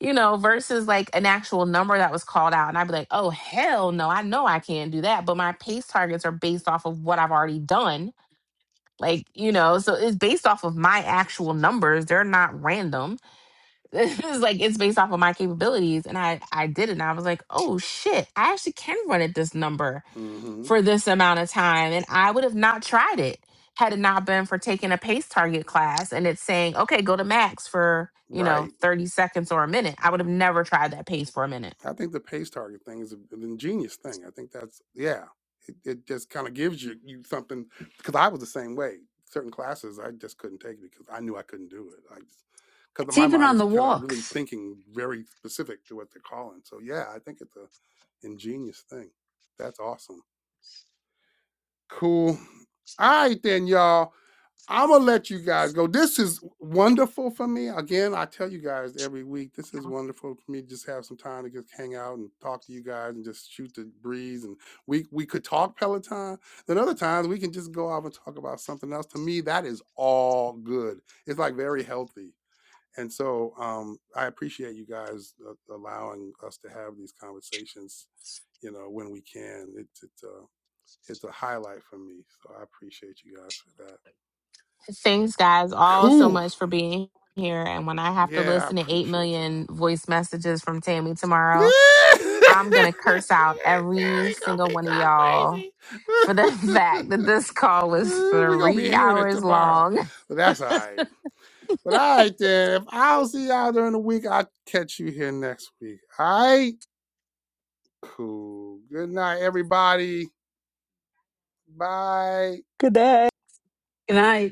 Speaker 2: you know, versus like an actual number that was called out. And I'd be like, oh, hell no, I know I can't do that. But my pace targets are based off of what I've already done. Like, you know, so it's based off of my actual numbers. They're not random. It's like it's based off of my capabilities. And I I did it and I was like, oh shit, I actually can run at this number
Speaker 1: Mm-hmm.
Speaker 2: for this amount of time. And I would have not tried it had it not been for taking a pace target class and it's saying, okay, go to max for, you
Speaker 1: Right.
Speaker 2: know, 30 seconds or a minute. I would have never tried that pace for a minute.
Speaker 1: I think the pace target thing is an ingenious thing. I think that's yeah. It, it just kind of gives you you something because I was the same way. Certain classes I just couldn't take because I knew I couldn't do it. I just because
Speaker 8: It's
Speaker 1: my
Speaker 8: even
Speaker 1: mind
Speaker 8: on
Speaker 1: is
Speaker 8: the
Speaker 1: kind of really
Speaker 8: walks.
Speaker 1: thinking very specific to what they're calling. So yeah, I think it's a ingenious thing. That's awesome. Cool. All right then, y'all. I'm gonna let you guys go. This is wonderful for me. Again, I tell you guys every week, this is wonderful for me. to Just have some time to just hang out and talk to you guys and just shoot the breeze. And we we could talk Peloton. Then other times we can just go off and talk about something else. To me, that is all good. It's like very healthy. And so um, I appreciate you guys uh, allowing us to have these conversations. You know, when we can, it's it's a it's a highlight for me. So I appreciate you guys for that.
Speaker 2: Thanks, guys, all so
Speaker 1: Cool.
Speaker 2: much for being here. And when I have to
Speaker 1: Yeah, I
Speaker 2: listen to 8
Speaker 1: appreciate y'all.
Speaker 2: million voice messages from Tammy tomorrow,
Speaker 1: we
Speaker 2: I'm going to curse out every
Speaker 1: gonna
Speaker 2: single
Speaker 1: be
Speaker 2: one of y'all for the
Speaker 1: talking
Speaker 2: fact that
Speaker 1: crazy.
Speaker 2: this call was
Speaker 1: we gonna be
Speaker 2: three
Speaker 1: hearing it
Speaker 2: hours
Speaker 1: tomorrow.
Speaker 2: long.
Speaker 1: But that's all right. But all right then. If I don't see y'all during the week, I'll catch you here next week. All right. Cool. Good night, everybody. Bye.
Speaker 8: Good night.